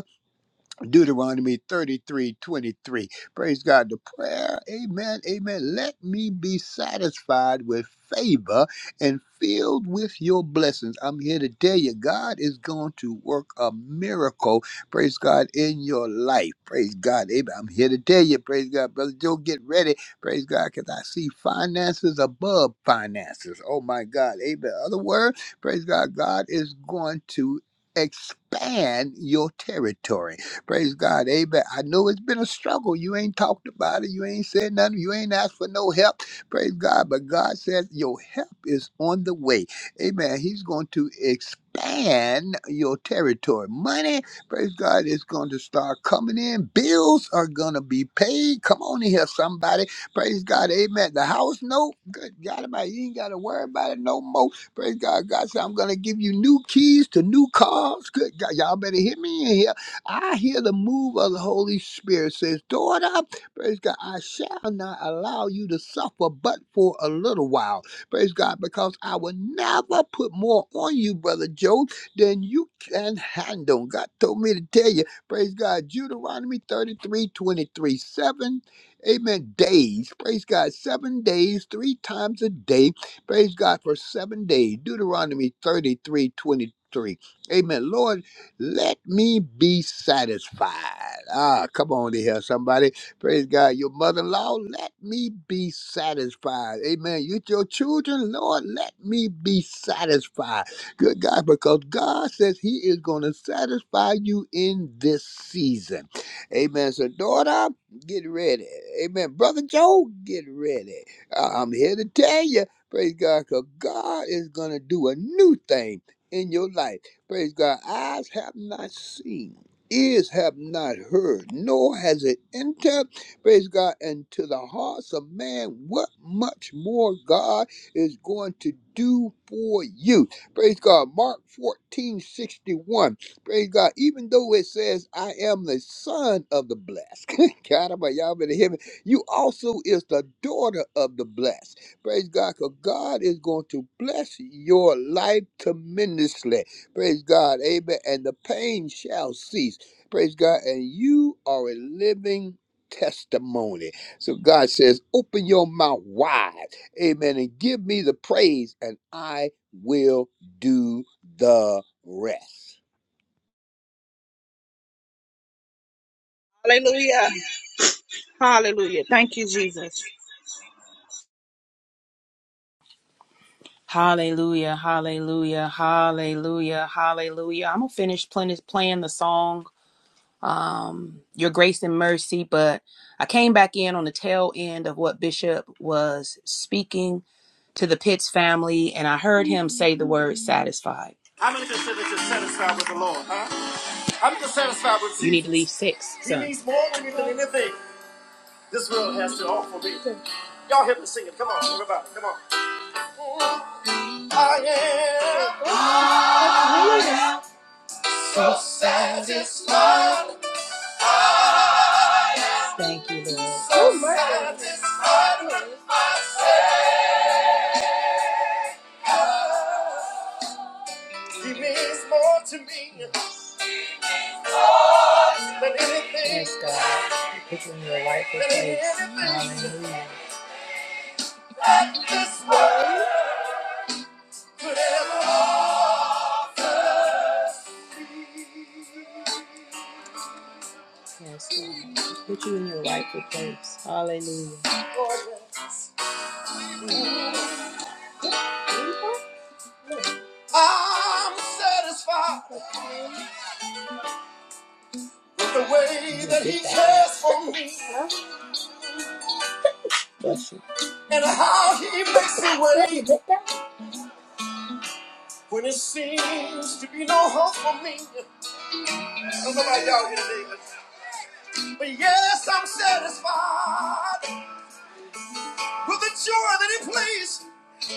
Deuteronomy 33 23. Praise God. The prayer, amen, amen. Let me be satisfied with favor and filled with your blessings. I'm here to tell you, God is going to work a miracle, praise God, in your life. Praise God. Amen. I'm here to tell you, praise God, Brother Joe, get ready. Praise God, because I see finances above finances. Oh, my God. Amen. Other word, praise God, God is going to expand your territory. Praise God. Amen. I know it's been a struggle. You ain't talked about it. You ain't said nothing. You ain't asked for no help. Praise God. But God says your help is on the way. Amen. He's going to expand your territory. Money, praise God, is going to start coming in. Bills are going to be paid. Come on in here, somebody. Praise God. Amen. The house note, good God, about you ain't got to worry about it no more. Praise God. God said, I'm going to give you new keys to new cars. Good God. Y'all better hear me in here. I hear the move of the Holy Spirit says, Daughter, praise God, I shall not allow you to suffer but for a little while. Praise God, because I will never put more on you, Brother Joe, than you can handle. God told me to tell you, praise God, Deuteronomy thirty-three twenty-three, 7, amen, days. Praise God, seven days, three times a day. Praise God for seven days. Deuteronomy 33 23, Amen. Lord, let me be satisfied. Ah, come on to here, somebody. Praise God. Your mother in law, let me be satisfied. Amen. You, your children, Lord, let me be satisfied. Good God, because God says He is going to satisfy you in this season. Amen. So, daughter, get ready. Amen. Brother Joe, get ready. I- I'm here to tell you, praise God, because God is going to do a new thing in your life. Praise God. Eyes have not seen, ears have not heard, nor has it entered, praise God, into the hearts of man what much more God is going to do for you. Praise God. Mark 14 61. Praise God. Even though it says, I am the son of the blessed. God, I'm y'all been in heaven. You also is the daughter of the blessed. Praise God. Because God is going to bless your life tremendously. Praise God. Amen. And the pain shall cease. Praise God. And you are a living testimony. So God says, open your mouth wide. Amen. And give me the praise, and I will do the rest.
Hallelujah. Hallelujah. Thank you, Jesus.
Hallelujah, hallelujah, hallelujah, hallelujah. I'm going to finish plen- playing the song your grace and mercy. But I came back in on the tail end of what Bishop was speaking to the Pitts family, and I heard him say the word satisfied. How many consider just satisfied with the Lord, huh? How many satisfied with Jesus? You need to leave six, son. He son. needs more than anything this world has to offer me. Y'all help me sing it. Come on, everybody. Come on. I am Thank you. so oh my satisfied. He means more to me than anything, Yes, God, than praise. Hallelujah. I'm satisfied with the way that he cares for me and how he makes a way when it seems to be no hope for me. I don't know about y'all here today, but, but yes, I'm satisfied with the joy that he plays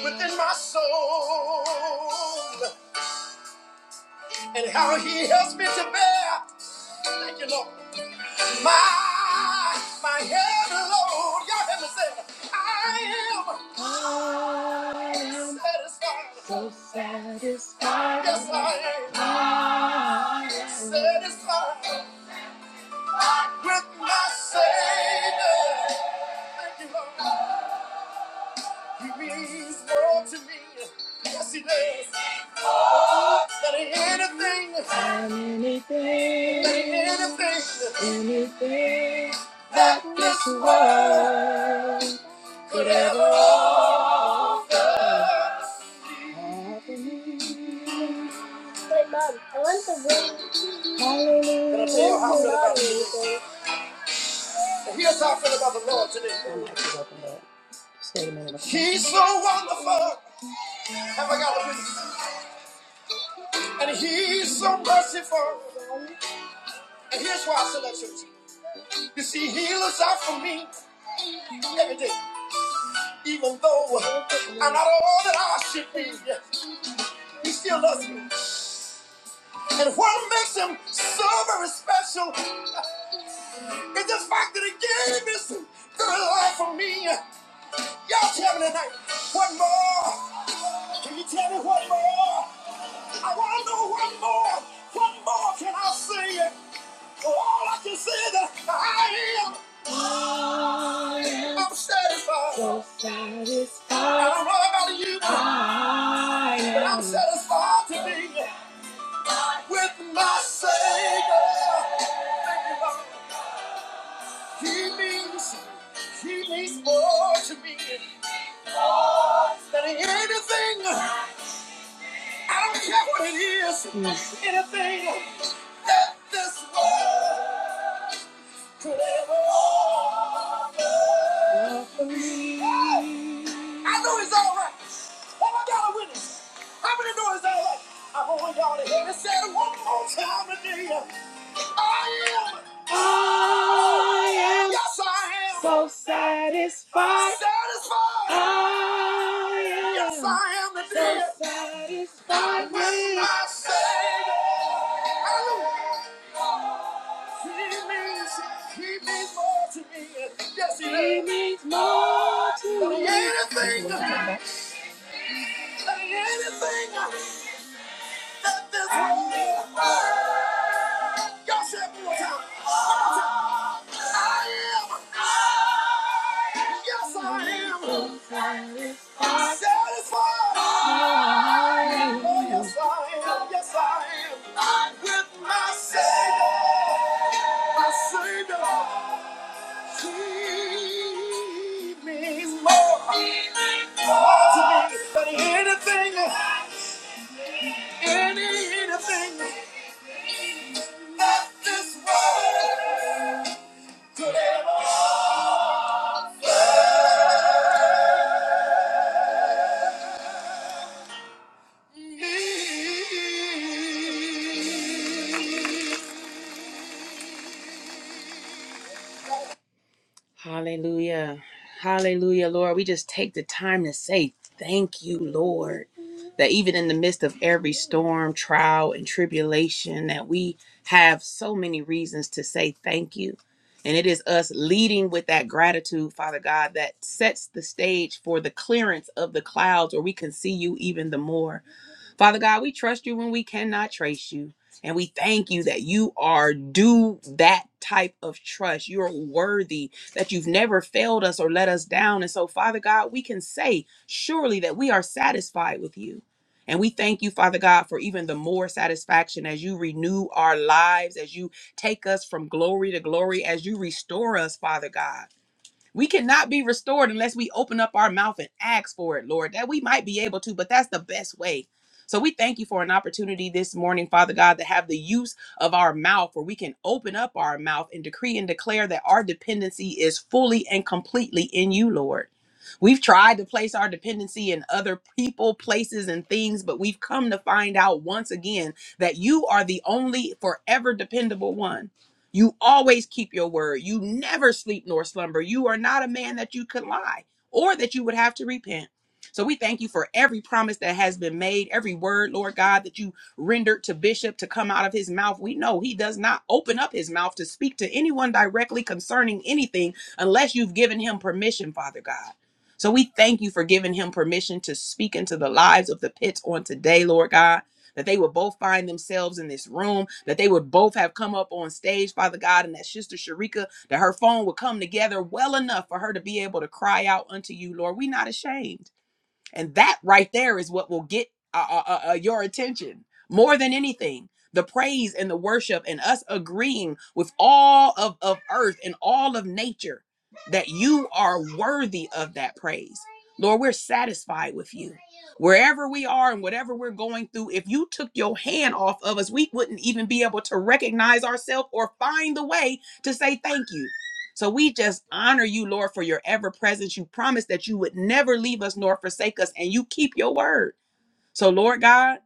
within my soul and how he helps me to bear. Thank you, Lord. My my head alone. Y'all hear me say, I am. Satisfied. Yes, I am satisfied with my Savior. Thank you, Lord. He means more to me. Yes, he does. Than anything, than anything that this world could ever offer. And I tell you how I feel about him. And here's how I feel about the Lord today. He's so wonderful. Have I got a witness? And he's so merciful. And here's why I select church. You see, he looks out for me every day. Even though I'm not all that I should be, he still loves me. And what makes him so very special is the fact that he gave his very life for me. Y'all tell me tonight, what more? Can you tell me what more? I want to know what more. What more can I say? All I can say is that I am. I'm satisfied. I don't know about you. I'm satisfied today with my Savior. He means, he means more to me than anything. I don't care what it is, Mm. anything that this world could ever offer me. I know he's all right. Have I got a witness? How many know he's all right? I want y'all to hear me say it one more time today. I am Yes, I am. So yes, I am. Yes, I am. So satisfied. I say, hallelujah. He means more to us than anything. than Anything. Yes, I am. Yes, I am. Satisfied. Oh, yes, I am. Yes, I am. I'm with my Savior. My Savior. He Hallelujah. Hallelujah, Lord. We just take the time to say thank you, Lord, that even in the midst of every storm, trial, and tribulation, that we have so many reasons to say thank you. And it is us leading with that gratitude, Father God, that sets the stage for the clearance of the clouds where we can see you even the more. Father God, we trust you when we cannot trace you. And we thank you that you are due that type of trust. You're worthy, that you've never failed us or let us down. And so, Father God, we can say surely that we are satisfied with you. And we thank you, Father God, for even the more satisfaction as you renew our lives, as you take us from glory to glory, as you restore us, Father God. We cannot be restored unless we open up our mouth and ask for it, Lord, that we might be able to, but that's the best way. So we thank you for an opportunity this morning, Father God, to have the use of our mouth where we can open up our mouth and decree and declare that our dependency is fully and completely in you, Lord. We've tried to place our dependency in other people, places, and things, but we've come to find out once again that you are the only forever dependable one. You always keep your word. You never sleep nor slumber. You are not a man that you could lie or that you would have to repent. So we thank you for every promise that has been made, every word, Lord God, that you rendered to Bishop to come out of his mouth. We know he does not open up his mouth to speak to anyone directly concerning anything unless you've given him permission, Father God. So we thank you for giving him permission to speak into the lives of the pits on today, Lord God that they would both find themselves in this room, that they would both have come up on stage, Father God, and that Sister Sharika, that her phone would come together well enough for her to be able to cry out unto you, Lord. we are not ashamed. And that right there is what will get uh, uh, uh, uh, your attention more than anything. The praise and the worship, and us agreeing with all of, of earth and all of nature that you are worthy of that praise. Lord, we're satisfied with you. Wherever we are and whatever we're going through, if you took your hand off of us, we wouldn't even be able to recognize ourselves or find the way to say thank you. So we just honor you, Lord, for your ever presence. You promised that you would never leave us nor forsake us, and you keep your word. So, Lord God,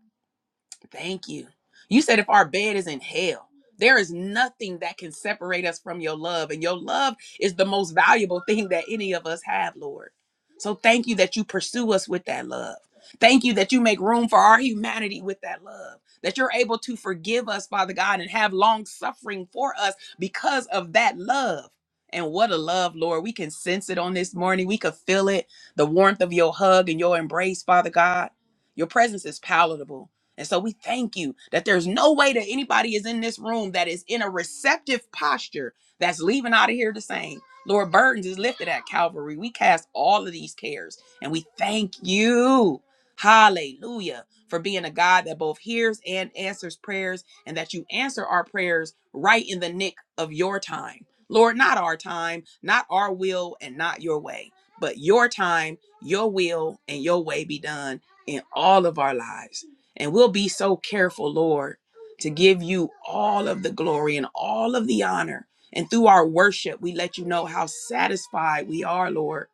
Thank you. You said if our bed is in hell, there is nothing that can separate us from your love. And your love is the most valuable thing that any of us have, Lord. So thank you that you pursue us with that love. Thank you that you make room for our humanity with that love, that you're able to forgive us, Father God, and have long suffering for us because of that love. And what a love, Lord. We can sense it on this morning. We could feel it the warmth of your hug and your embrace, Father God. Your presence is palatable. And so we thank you that there's no way that anybody is in this room that is in a receptive posture that's leaving out of here the same. Lord, burdens is lifted at Calvary. We cast all of these cares and we thank you. Hallelujah. For being a God that both hears and answers prayers, and that you answer our prayers right in the nick of your time. Lord, not our time, not our will, and not your way, but your time, your will, and your way be done in all of our lives. And we'll be so careful, Lord, to give you all of the glory and all of the honor. And through our worship, we let you know how satisfied we are, Lord,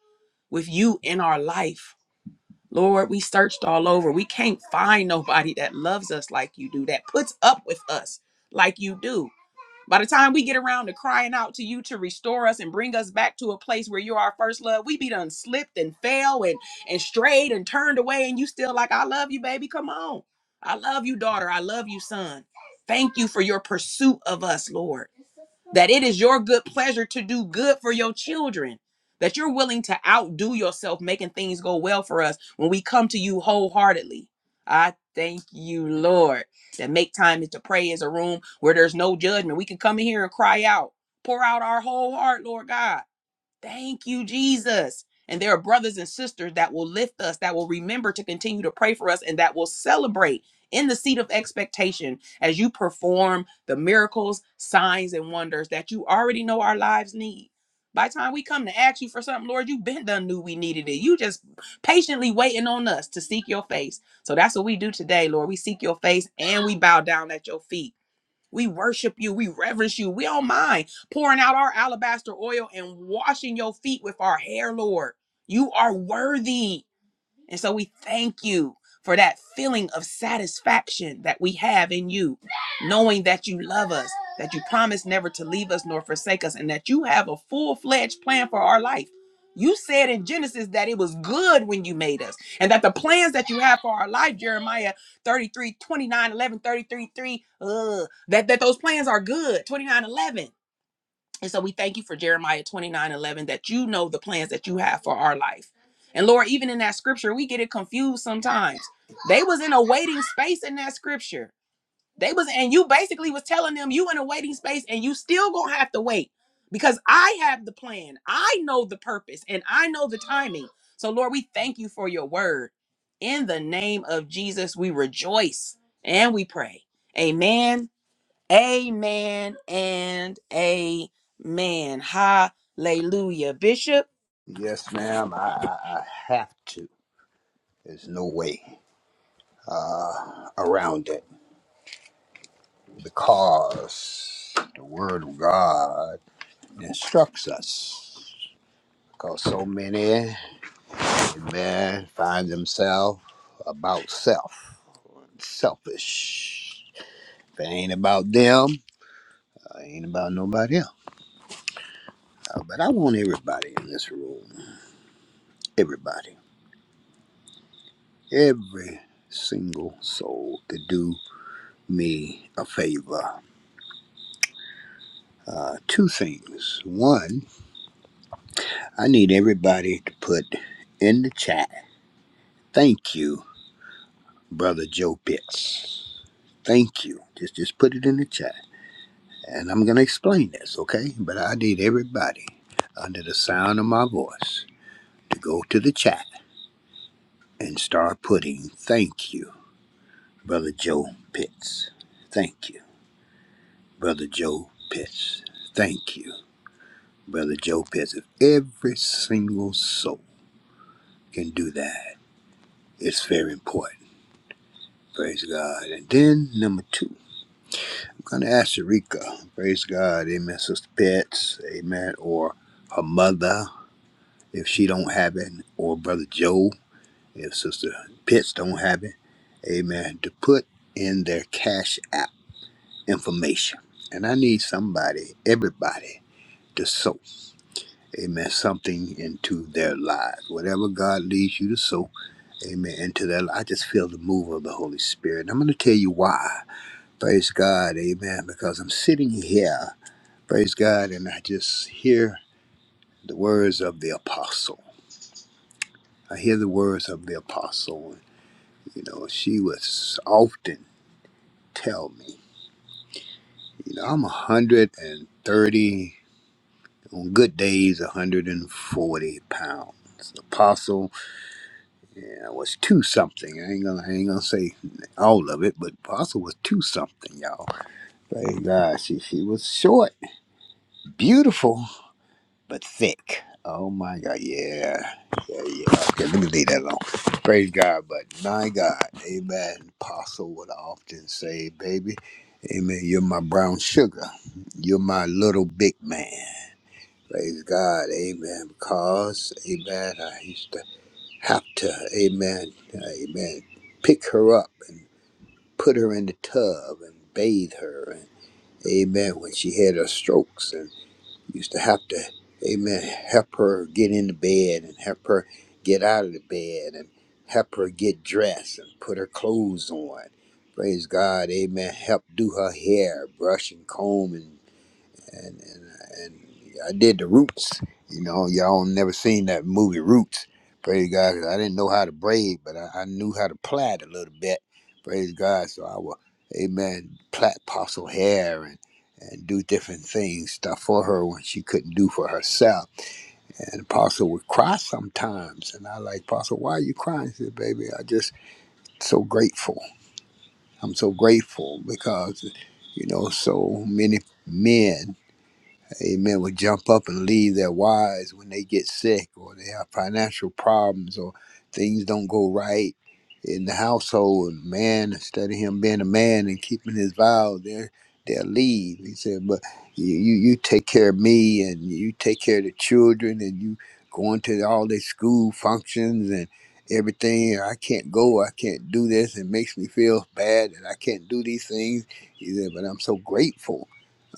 with you in our life. Lord, we searched all over. We can't find nobody that loves us like you do, that puts up with us like you do. By the time we get around to crying out to you to restore us and bring us back to a place where you're our first love, we be done slipped and fell and and strayed and turned away, and you still like, I love you, baby. Come on. I love you, daughter. I love you, son. Thank you for your pursuit of us, Lord that it is your good pleasure to do good for your children, that you're willing to outdo yourself making things go well for us when we come to you wholeheartedly. I thank you, Lord, that make time to pray is a room where there's no judgment. We can come in here and cry out, pour out our whole heart, Lord God. Thank you, Jesus. And there are brothers and sisters that will lift us, that will remember to continue to pray for us, and that will celebrate in the seat of expectation as you perform the miracles, signs, and wonders that you already know our lives need. By the time we come to ask you for something, Lord, you've been done, knew we needed it. You just patiently waiting on us to seek your face. So that's what we do today, Lord. We seek your face and we bow down at your feet. We worship you. We reverence you. We don't mind pouring out our alabaster oil and washing your feet with our hair, Lord. You are worthy. And so we thank you for that feeling of satisfaction that we have in you, knowing that you love us, that you promise never to leave us nor forsake us, and that you have a full fledged plan for our life. You said in Genesis that it was good when you made us, and that the plans that you have for our life, Jeremiah 33 29 3, uh, that, that those plans are good, 29 11. And so we thank you for Jeremiah 29 11 that you know the plans that you have for our life. And Lord, even in that scripture, we get it confused sometimes. They was in a waiting space in that scripture. They was, and you basically was telling them you in a waiting space and you still gonna have to wait because I have the plan. I know the purpose and I know the timing. So Lord, we thank you for your word. In the name of Jesus, we rejoice and we pray. Amen Amen and amen. Hallelujah. Bishop,
Yes, ma'am. I, I, I have to. There's no way uh, around it because the Word of God instructs us. Because so many man find themselves about self, selfish. If it ain't about them, it ain't about nobody else. Uh, But I want everybody in this room, everybody, every single soul to do me a favor. Uh, two things. One, I need everybody to put in the chat, thank you, Brother Joe Pitts. Thank you. Just just put it in the chat. And I'm going to explain this, okay? But I need everybody under the sound of my voice to go to the chat and start putting thank you, Brother Joe Pitts. Thank you, Brother Joe Pitts. Thank you, Brother Joe Pitts. If every single soul can do that, it's very important. Praise God. And then number two, I'm going to ask Eureka. Praise God. Amen, Sister Pitts. Amen. Or her mother if she don't have it, or Brother Joe if Sister Pitts don't have it, amen, to put in their cash app information. And I need somebody, everybody, to sow, amen, something into their lives. Whatever God leads you to sow, amen, into their life. I just feel the move of the Holy Spirit. And I'm going to tell you why. Praise God, amen, because I'm sitting here, praise God, and I just hear the words of the apostle. I hear the words of the apostle. You know, she was often tell me. You know, I'm 130, on good days, 140 pounds. Apostle, yeah, was two something. I ain't gonna, I ain't gonna say all of it, but Apostle was two something, y'all. Thank God, she she was short, beautiful, but thick. Oh my God, yeah, yeah, yeah. Okay, let me leave that alone. Praise God, but my God, Amen. Apostle would often say, "Baby, Amen. You're my brown sugar. You're my little big man." Praise God, Amen. Because, Amen, I used to have to, Amen, Amen, pick her up and put her in the tub and bathe her and. Amen. When she had her strokes used to have to, amen, help her get into bed and help her get out of the bed and help her get dressed and put her clothes on. Praise God, amen. Help do her hair, brush and comb and and and and I did the Roots. You know, y'all never seen that movie Roots. Praise God, 'cause I didn't know how to braid, but I, I knew how to plait a little bit. Praise God, so I would, Amen, plait apostle hair and and do different things stuff for her when she couldn't do for herself. And apostle would cry sometimes, and I like apostle, why are you crying? She said, baby, I just so grateful. I'm so grateful because you know so many men amen, will jump up and leave their wives when they get sick or they have financial problems or things don't go right in the household. And man, instead of him being a man and keeping his vow, they're, they'll leave. He said, but you, you, you take care of me and you take care of the children and you going to all their school functions and everything. I can't go. I can't do this. It makes me feel bad that I can't do these things. He said, but I'm so grateful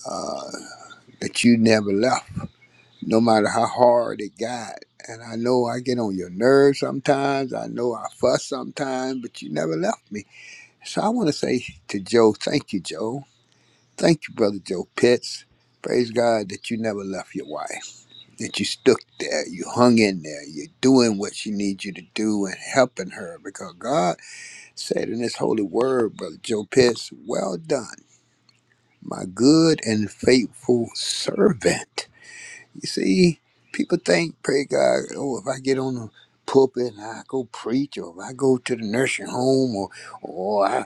uh, that you never left, no matter how hard it got. And I know I get on your nerves sometimes. I know I fuss sometimes, but you never left me. So I want to say to Joe, thank you, Joe. Thank you, Brother Joe Pitts. Praise God that you never left your wife, that you stuck there, you hung in there, you're doing what she needs you to do and helping her because God said in His holy word, Brother Joe Pitts, well done, my good and faithful servant You see, people think, pray God, oh, if I get on the pulpit and I go preach, or if I go to the nursing home, or or I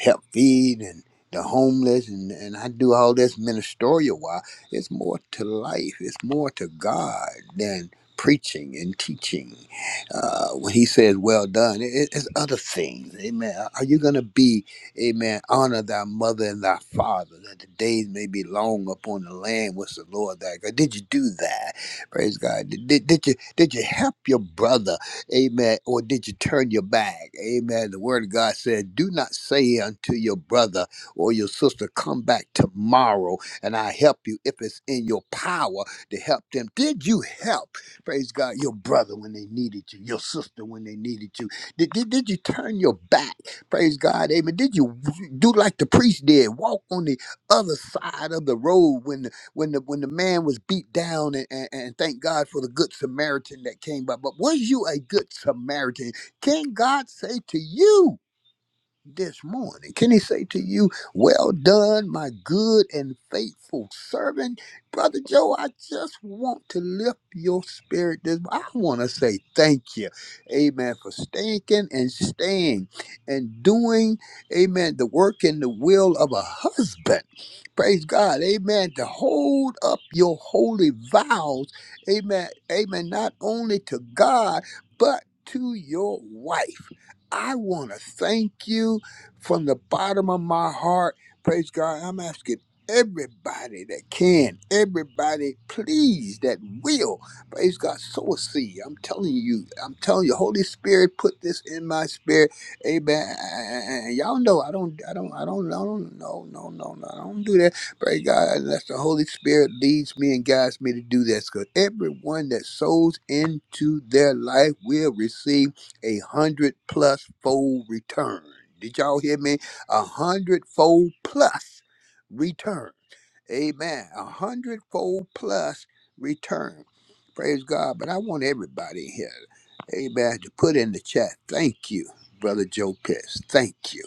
help feed and the homeless, and, and I do all this ministerial while it's more to life, it's more to God than preaching and teaching. Uh, when He says, "Well done," it, it's other things. Amen. Are you gonna be? Amen. Honor thy mother and thy father, that the days may be long upon the land which the Lord thy God. Did you do that? Praise God. Did, did, did you did you help your brother? Amen. Or did you turn your back? Amen. The word of God said, Do not say unto your brother or your sister, Come back tomorrow and I help you if it's in your power to help them. Did you help? Praise God, your brother when they needed you, your sister when they needed you. Did, did, did you turn your back? Praise God. Amen. Did you do like the priest did? Walk on the other side of the road when the when the when the man was beat down and, and, and thank God for the good Samaritan that came by. But was you a good Samaritan? Can God say to you? this morning. Can he say to you, Well done, my good and faithful servant? Brother Joe, I just want to lift your spirit this I want to say thank you, amen, for stinking and staying and doing, amen, the work and the will of a husband. Praise God, amen, to hold up your holy vows, amen, amen, not only to God, but to your wife. I want to thank you from the bottom of my heart. Praise God. I'm asking everybody that can, everybody, please, that will. Praise God. Sow a seed. I'm telling you, I'm telling you, Holy Spirit, put this in my spirit. Amen. And y'all know I don't, I don't, I don't, I don't, no, no, no, no, I don't do that. Praise God, unless the Holy Spirit leads me and guides me to do this. Because everyone that sows into their life will receive a hundred plus fold return. Did y'all hear me? A hundred fold plus return. Amen. A hundred fold plus return. Praise God. But I want everybody here, amen, to put in the chat, thank you, Brother Joe Pitts. Thank you.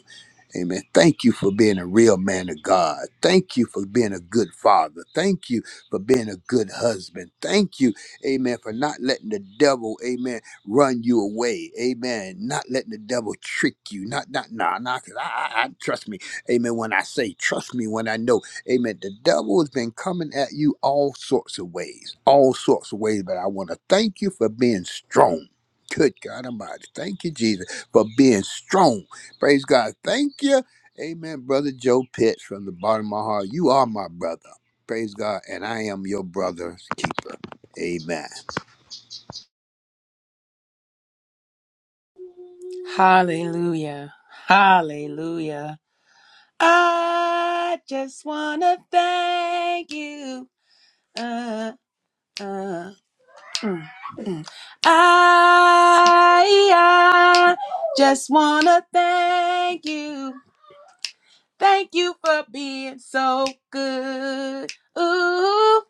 Amen. Thank you for being a real man of God. Thank you for being a good father. Thank you for being a good husband. Thank you, amen, for not letting the devil, amen, run you away. Amen. Not letting the devil trick you. Not, not, nah, nah, 'cause I, I, I, trust me. Amen. When I say, trust me when I know, amen, the devil has been coming at you all sorts of ways, all sorts of ways. But I want to thank you for being strong. Good God Almighty. Thank you, Jesus, for being strong. Praise God. Thank you. Amen, brother Joe Pitts, from the bottom of my heart. You are my brother. Praise God. And I am your brother's keeper. Amen.
hallelujah. Hallelujah. I just want to thank you. Uh, uh, mm, mm. I, I just want to thank you. Thank you for being so good. Ooh,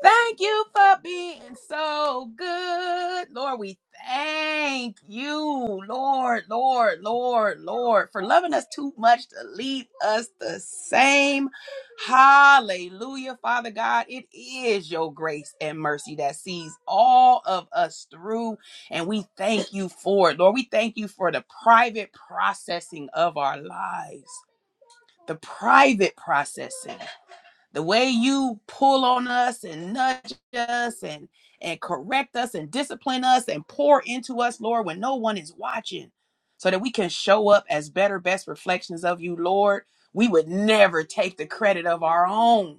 Thank you for being so good. Lord, we thank you, Lord, Lord, Lord, Lord, for loving us too much to leave us the same. Hallelujah, Father God. It is your grace and mercy that sees all of us through, and we thank you for it. Lord, we thank you for the private processing of our lives, the private processing the way you pull on us and nudge us and and correct us and discipline us and pour into us lord when no one is watching so that we can show up as better best reflections of you lord we would never take the credit of our own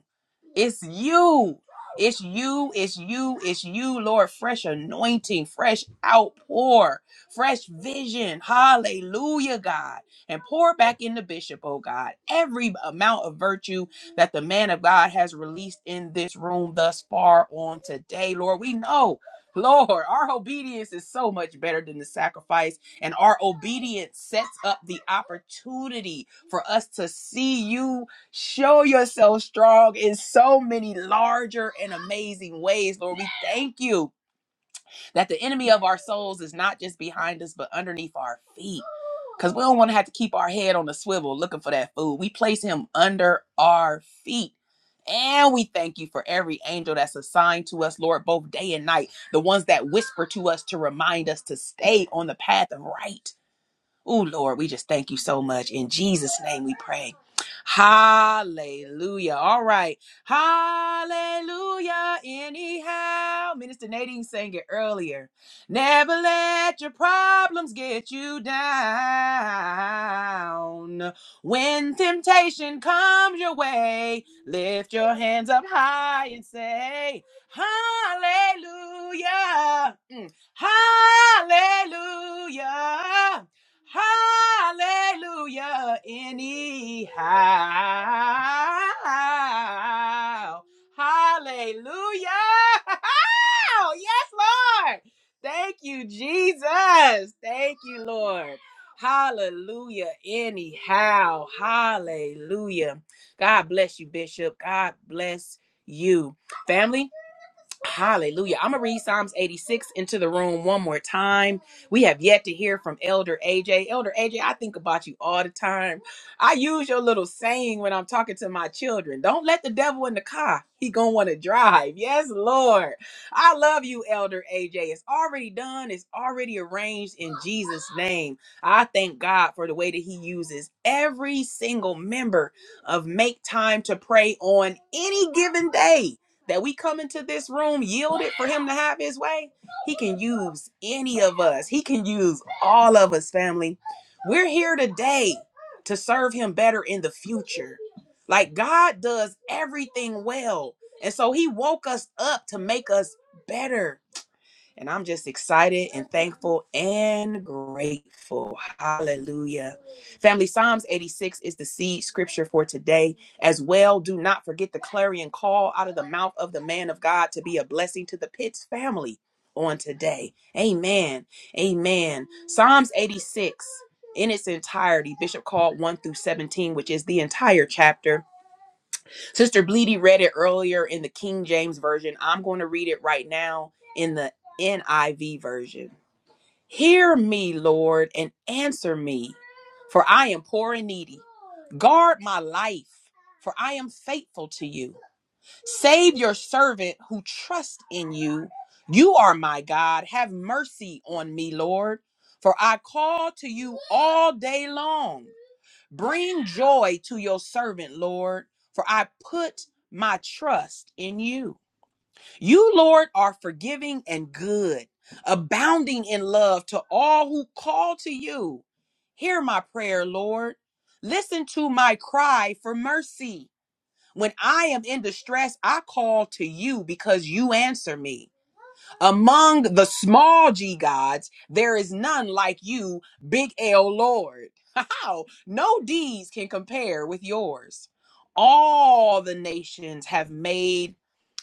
it's you. It's you. It's you. It's you, Lord. Fresh anointing, fresh outpour, fresh vision. Hallelujah, God. And pour back in the bishop, oh God, every amount of virtue that the man of God has released in this room thus far on today, Lord. We know. Lord, our obedience is so much better than the sacrifice, and our obedience sets up the opportunity for us to see you Show yourself strong in so many larger and amazing ways, Lord. We thank you that the enemy of our souls is not just behind us, but underneath our feet. Because we don't want to have to keep our head on the swivel looking for that food. We place him under our feet. And we thank you for every angel that's assigned to us, Lord, both day and night. The ones that whisper to us to remind us to stay on the path of right Oh, Lord, we just thank you so much. In Jesus' name we pray. Hallelujah. All right. Hallelujah. Anyhow, Minister Nadine sang it earlier. Never let your problems get you down. When temptation comes your way, lift your hands up high and say, Hallelujah. Mm. Hallelujah. Hallelujah, anyhow. Hallelujah. Yes, Lord. Thank you, Jesus. Thank you, Lord. Hallelujah, anyhow. Hallelujah. God bless you, Bishop. God bless you. Family, Hallelujah. I'm going to read Psalms 86 into the room one more time. We have yet to hear from Elder AJ. Elder AJ, I think about you all the time. I use your little saying when I'm talking to my children. Don't let the devil in the car. He going to want to drive. Yes, Lord. I love you, Elder AJ. It's already done. It's already arranged in Jesus' name. I thank God for the way that he uses every single member of Make Time to Pray on any given day that we come into this room yielded for him to have his way, he can use any of us. He can use all of us, family. We're here today to serve him better in the future. Like God does everything well. And so he woke us up to make us better. And I'm just excited and thankful and grateful. Hallelujah. Family, Psalms 86 is the seed scripture for today as well. Do not forget the clarion call out of the mouth of the man of God to be a blessing to the Pitts family on today. Amen. Amen. Psalms 86 in its entirety, Bishop called 1 through 17, which is the entire chapter. Sister Bleedy read it earlier in the King James Version. I'm going to read it right now in the NIV Version. Hear me, Lord, and answer me, for I am poor and needy. Guard my life, for I am faithful to you. Save your servant who trusts in you. You are my God. Have mercy on me, Lord, for I call to you all day long. Bring joy to your servant, Lord, for I put my trust in you. You, Lord, are forgiving and good, abounding in love to all who call to you. Hear my prayer, Lord. Listen to my cry for mercy. When I am in distress, I call to you because you answer me. Among the small g gods, there is none like you, big L Lord. How? No deeds can compare with yours. All the nations have made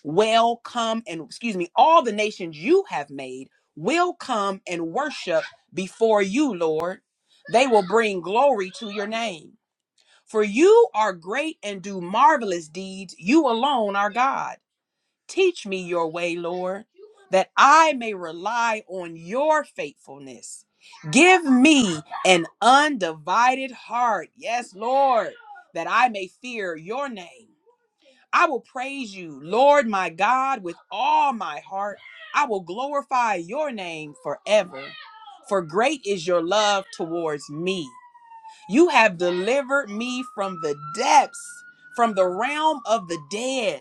will come and, excuse me, all the nations you have made will come and worship before you, Lord. They will bring glory to your name. For you are great and do marvelous deeds. You alone are God. Teach me your way, Lord, that I may rely on your faithfulness. Give me an undivided heart. Yes, Lord, that I may fear your name. I will praise you, Lord my God, with all my heart. I will glorify your name forever. For great is your love towards me. You have delivered me from the depths, from the realm of the dead.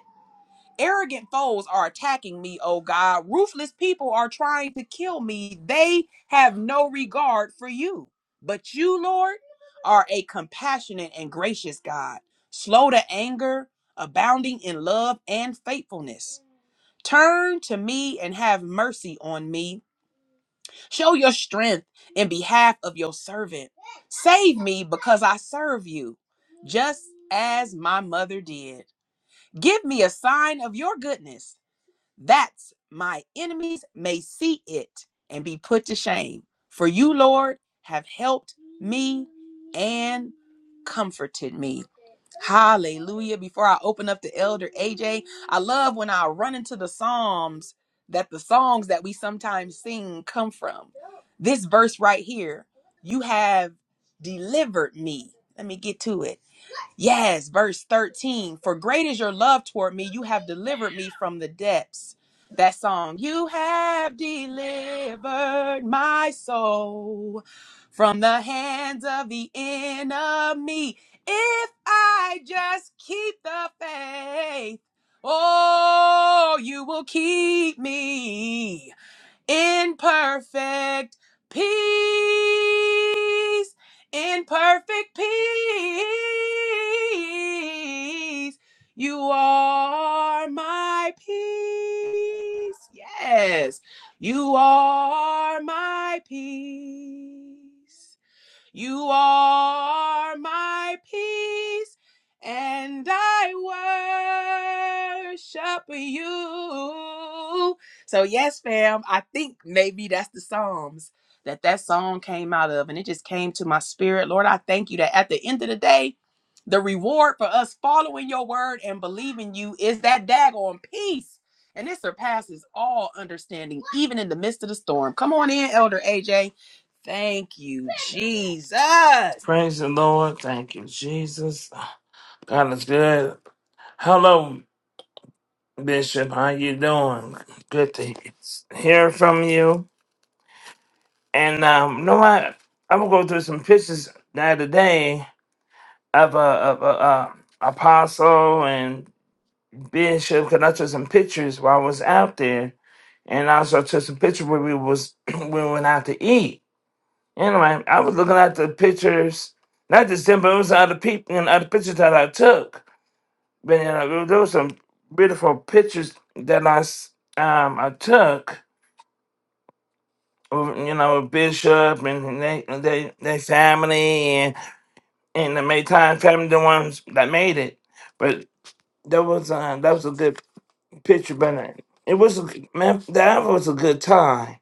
Arrogant foes are attacking me, oh God. Ruthless people are trying to kill me. They have no regard for you. But you, Lord, are a compassionate and gracious God, slow to anger, abounding in love and faithfulness. Turn to me and have mercy on me. Show your strength in behalf of your servant. Save me because I serve you, just as my mother did. Give me a sign of your goodness that's my enemies may see it and be put to shame. For you, Lord, have helped me and comforted me. Hallelujah. Before I open up to Elder AJ, I love when I run into the Psalms that the songs that we sometimes sing come from. This verse right here, you have delivered me. Let me get to it. Yes, verse 13. For great is your love toward me. You have delivered me from the depths. That song, you have delivered my soul from the hands of the enemy. If I just keep the faith, oh, you will keep me in perfect peace. In perfect peace, you are my peace. Yes, you are my peace. You are my peace, and I worship you. So yes, fam, I think maybe that's the Psalms that that song came out of, and it just came to my spirit. Lord, I thank you that at the end of the day, the reward for us following your word and believing you is that daggone peace. And it surpasses all understanding, even in the midst of the storm. Come on in, Elder AJ. Thank you, Jesus.
Praise the Lord. Thank you, Jesus. God is good. Hello, Bishop. How you doing? Good to hear from you. And um, you know what? I'm gonna go through some pictures the other day of a of a, uh apostle and bishop. Cause I took some pictures while I was out there, and I also took some pictures where we was when we went out to eat. Anyway, I was looking at the pictures, not just them, but it was other people and other pictures that I took. But you know, there were some beautiful pictures that I s- um I took. of, You know, with Bishop and they they their family and and the Maytime family, the ones that made it. But that was uh, that was a good picture. But uh, it was a g- man, that was a good time.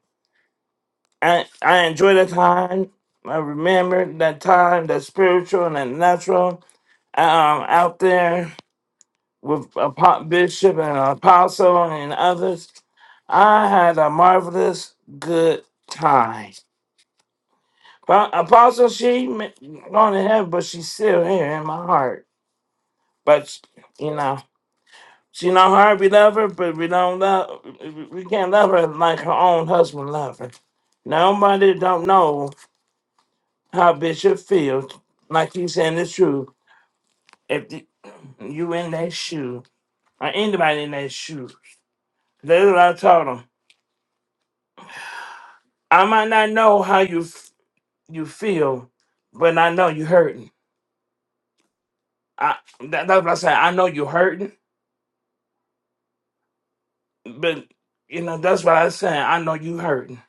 I I enjoyed that time. I remember that time, that spiritual and that natural um out there. with Apo- Bishop and Apostle and others. I had a marvelous good time. Pa- Apostle, she m- gone to heaven, but she's still here in my heart. But you know, she not hard. We love her, but we don't love. We can't love her like her own husband love her. Nobody don't know how Bishop feels. Like he's saying the truth. If the, you in that shoe, or anybody in that shoe, that's what I told 'em. I might not know how you f- you feel, but I know you hurting. I that, that's what I said. I know you hurting, but you know that's what I said. I know you hurting.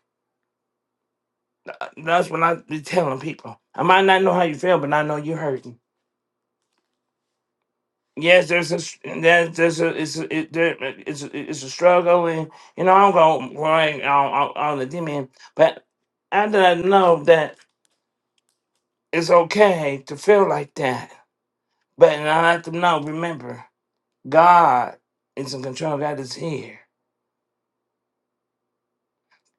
Uh, That's what I be telling people. I might not know how you feel, but I know you hurting. Yes, there's a s- there's, there's a it's a, it, there, it's a, it's a struggle, and you know I'm going right on, on, on the demon, but after I know that it's okay to feel like that, but I have to know remember. God is in control. God is here.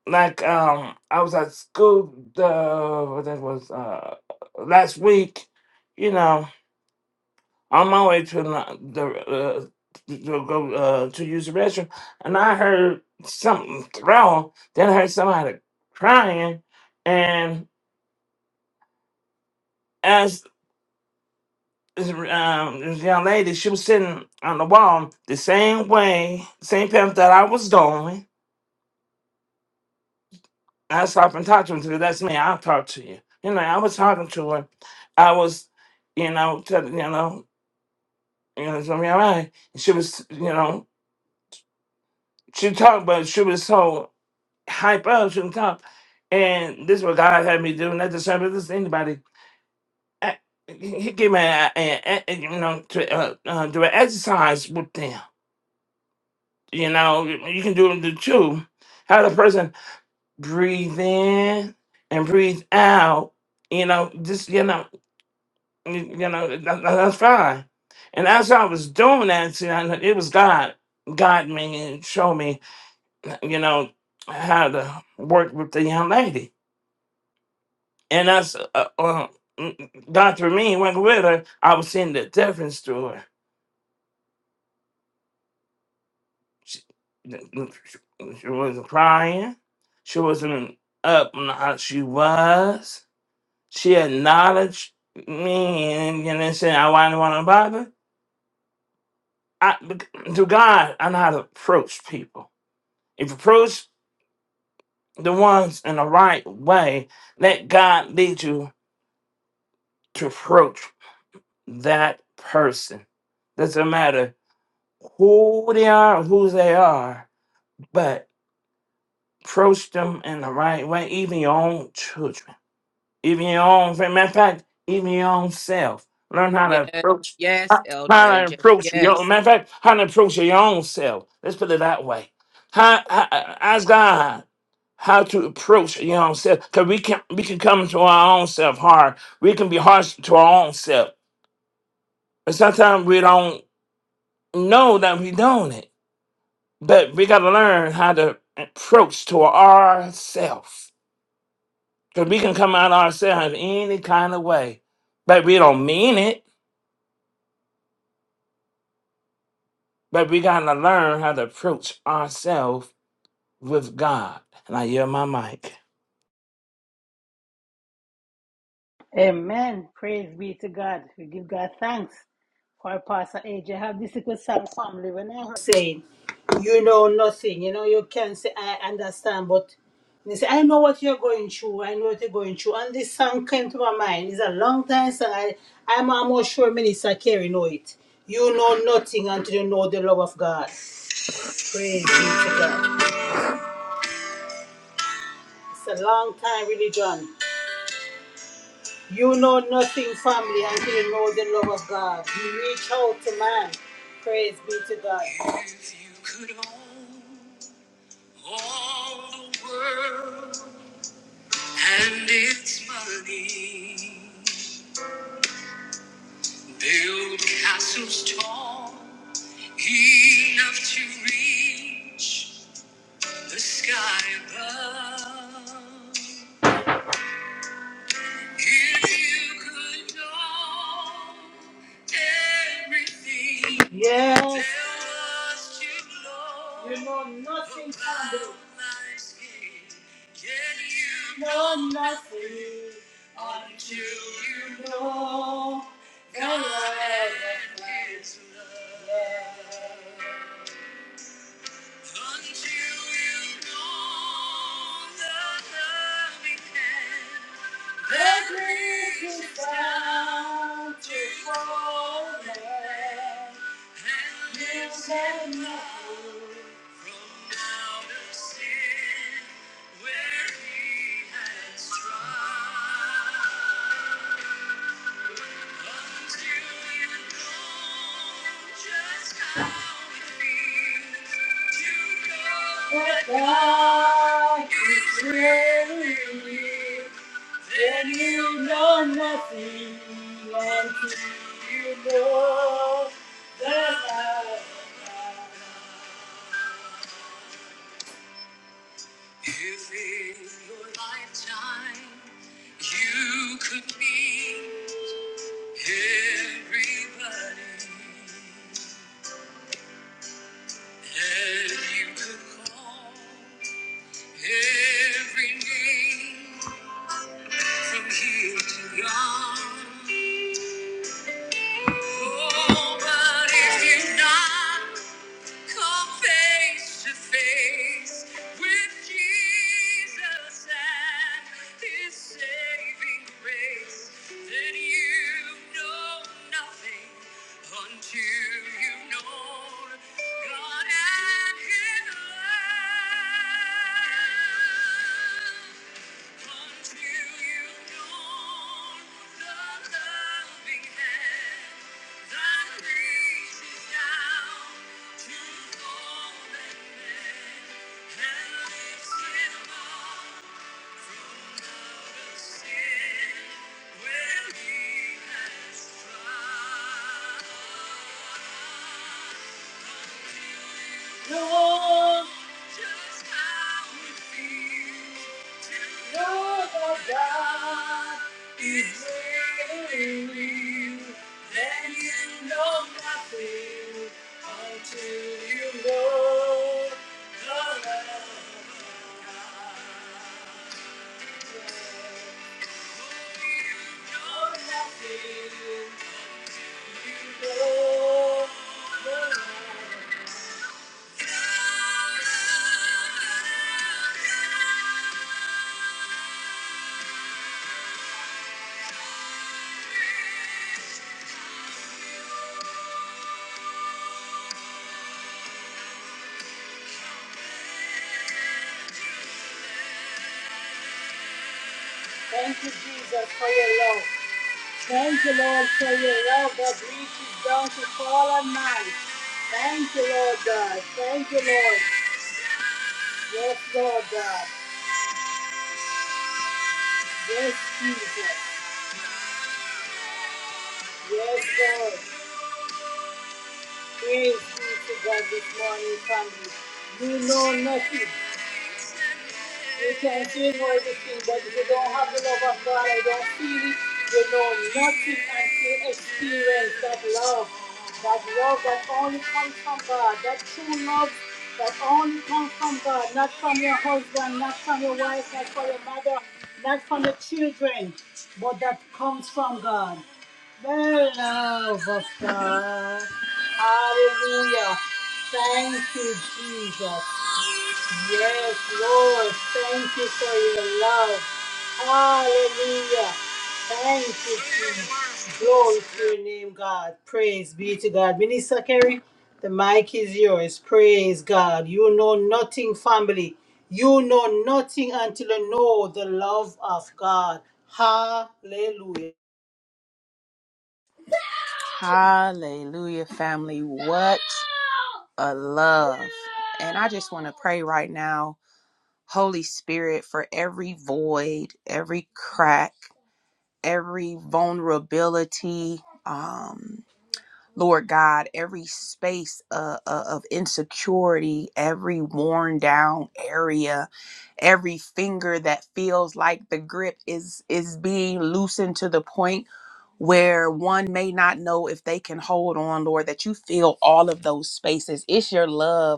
Like um, I was at school the what that was uh last week. You know, on my way to the, the uh, to go uh, to use the restroom, and I heard something throw. Then I heard somebody crying, and as this, um, this young lady, she was sitting on the wall the same way, same path that I was going I stopped and talked to him because that's me. I'll talk to you. You know, I was talking to her. I was, you know, telling, you know, you know, it's gonna be all right. And she was, you know, she talked, but she was so hype up, she didn't talk. And this is what God had me do, not to serve this to anybody. I, he he gave me, a, a, a, you know, to uh, uh, do an exercise with them. You know, you you can do it too. Have the person breathe in and breathe out. You know, just you know. You you know, that, that- that's fine. And as I was doing that, see, I, it was God, God me and showed me, you know, how to work with the young lady. And that's, uh, uh, well, mm, God through me, went with her, I was seeing the difference through her. She, she wasn't crying. She wasn't up on how she was. She acknowledged me and, and then said, I why do not want to bother. I, to God, I know how to approach people If you approach the ones in the right way, let God lead you to approach that person. Doesn't matter who they are, or who they are, but approach them in the right way, even your own children. even your own. Matter of fact, even your own self. Learn how to
Yes,
approach,
yes,
how
Elder
to
AJ.
approach your.
Yes.
Matter of fact, how to approach your own self. Let's put it that way. How, how ask God how to approach your own self, because we can we can come to our own self hard. We can be harsh to our own self, and sometimes we don't know that we're doing it. But we got to learn how to approach to ourself. Because we can come out ourselves any kind of way. But we don't mean it. But we got to learn how to approach ourselves with God. And I hear my mic.
Amen. Praise be to God. We give God thanks for Pastor AJ. I have this little song family. When I heard saying, you know nothing, you know, you can say, I understand, but they say, I know what you're going through. I know what you're going through. And this song came to my mind. It's a long time song. I, I'm almost sure Minister Carey know it. You know nothing until you know the love of God. Praise be to God. It's a long time religion. You know nothing, family, until you know the love of God. You reach out to man. Praise be to God. If you could own all the world and its money, build castles tall enough to reach the sky above. If you could know everything, yes. you know nothing can do. you know nothing until you know the Lord is love. Until you know the loving hand that reaches down to forehead and lives at love from out of sin where he has tried. That God is really real, then you know nothing until you know that God. If in your lifetime you could be everybody. That you could call every name from here to yon. Oh, but if you're not. Come face to face with Jesus and his saving grace. Then you know nothing until you know God and his love. Lord. Just how it feels to know that God is really real. Then you know nothing until you know the love of God. Thank you, Jesus, for your love. Thank you, Lord, for your love that reaches down to fall on man. Thank you, Lord God. Thank you, Lord. Yes, Lord God. Yes, Jesus. Yes, Lord. Praise be to God this morning, family. You know nothing. You can do all the but if you don't have the love of God, I don't feel it. You know nothing until experience that love. That love that only comes from God. That true love that only comes from God. Not from your husband, not from your wife, not from your mother, not from the children, but that comes from God. The love of God. Hallelujah. Thank you, Jesus. Yes, Lord. Thank you for your love. Hallelujah. Thank you, Jesus. Glory to your name, God. Praise be to God. Minister Kerry, the mic is yours. Praise God. You know nothing, family. You know nothing until you know the love of God. Hallelujah.
Hallelujah, family. What a love. And I just want to pray right now, Holy Spirit, for every void, every crack, every vulnerability. Um. Lord God, every space uh, uh, of insecurity, every worn down area, every finger that feels like the grip is is being loosened to the point where one may not know if they can hold on, Lord, that you fill all of those spaces. It's your love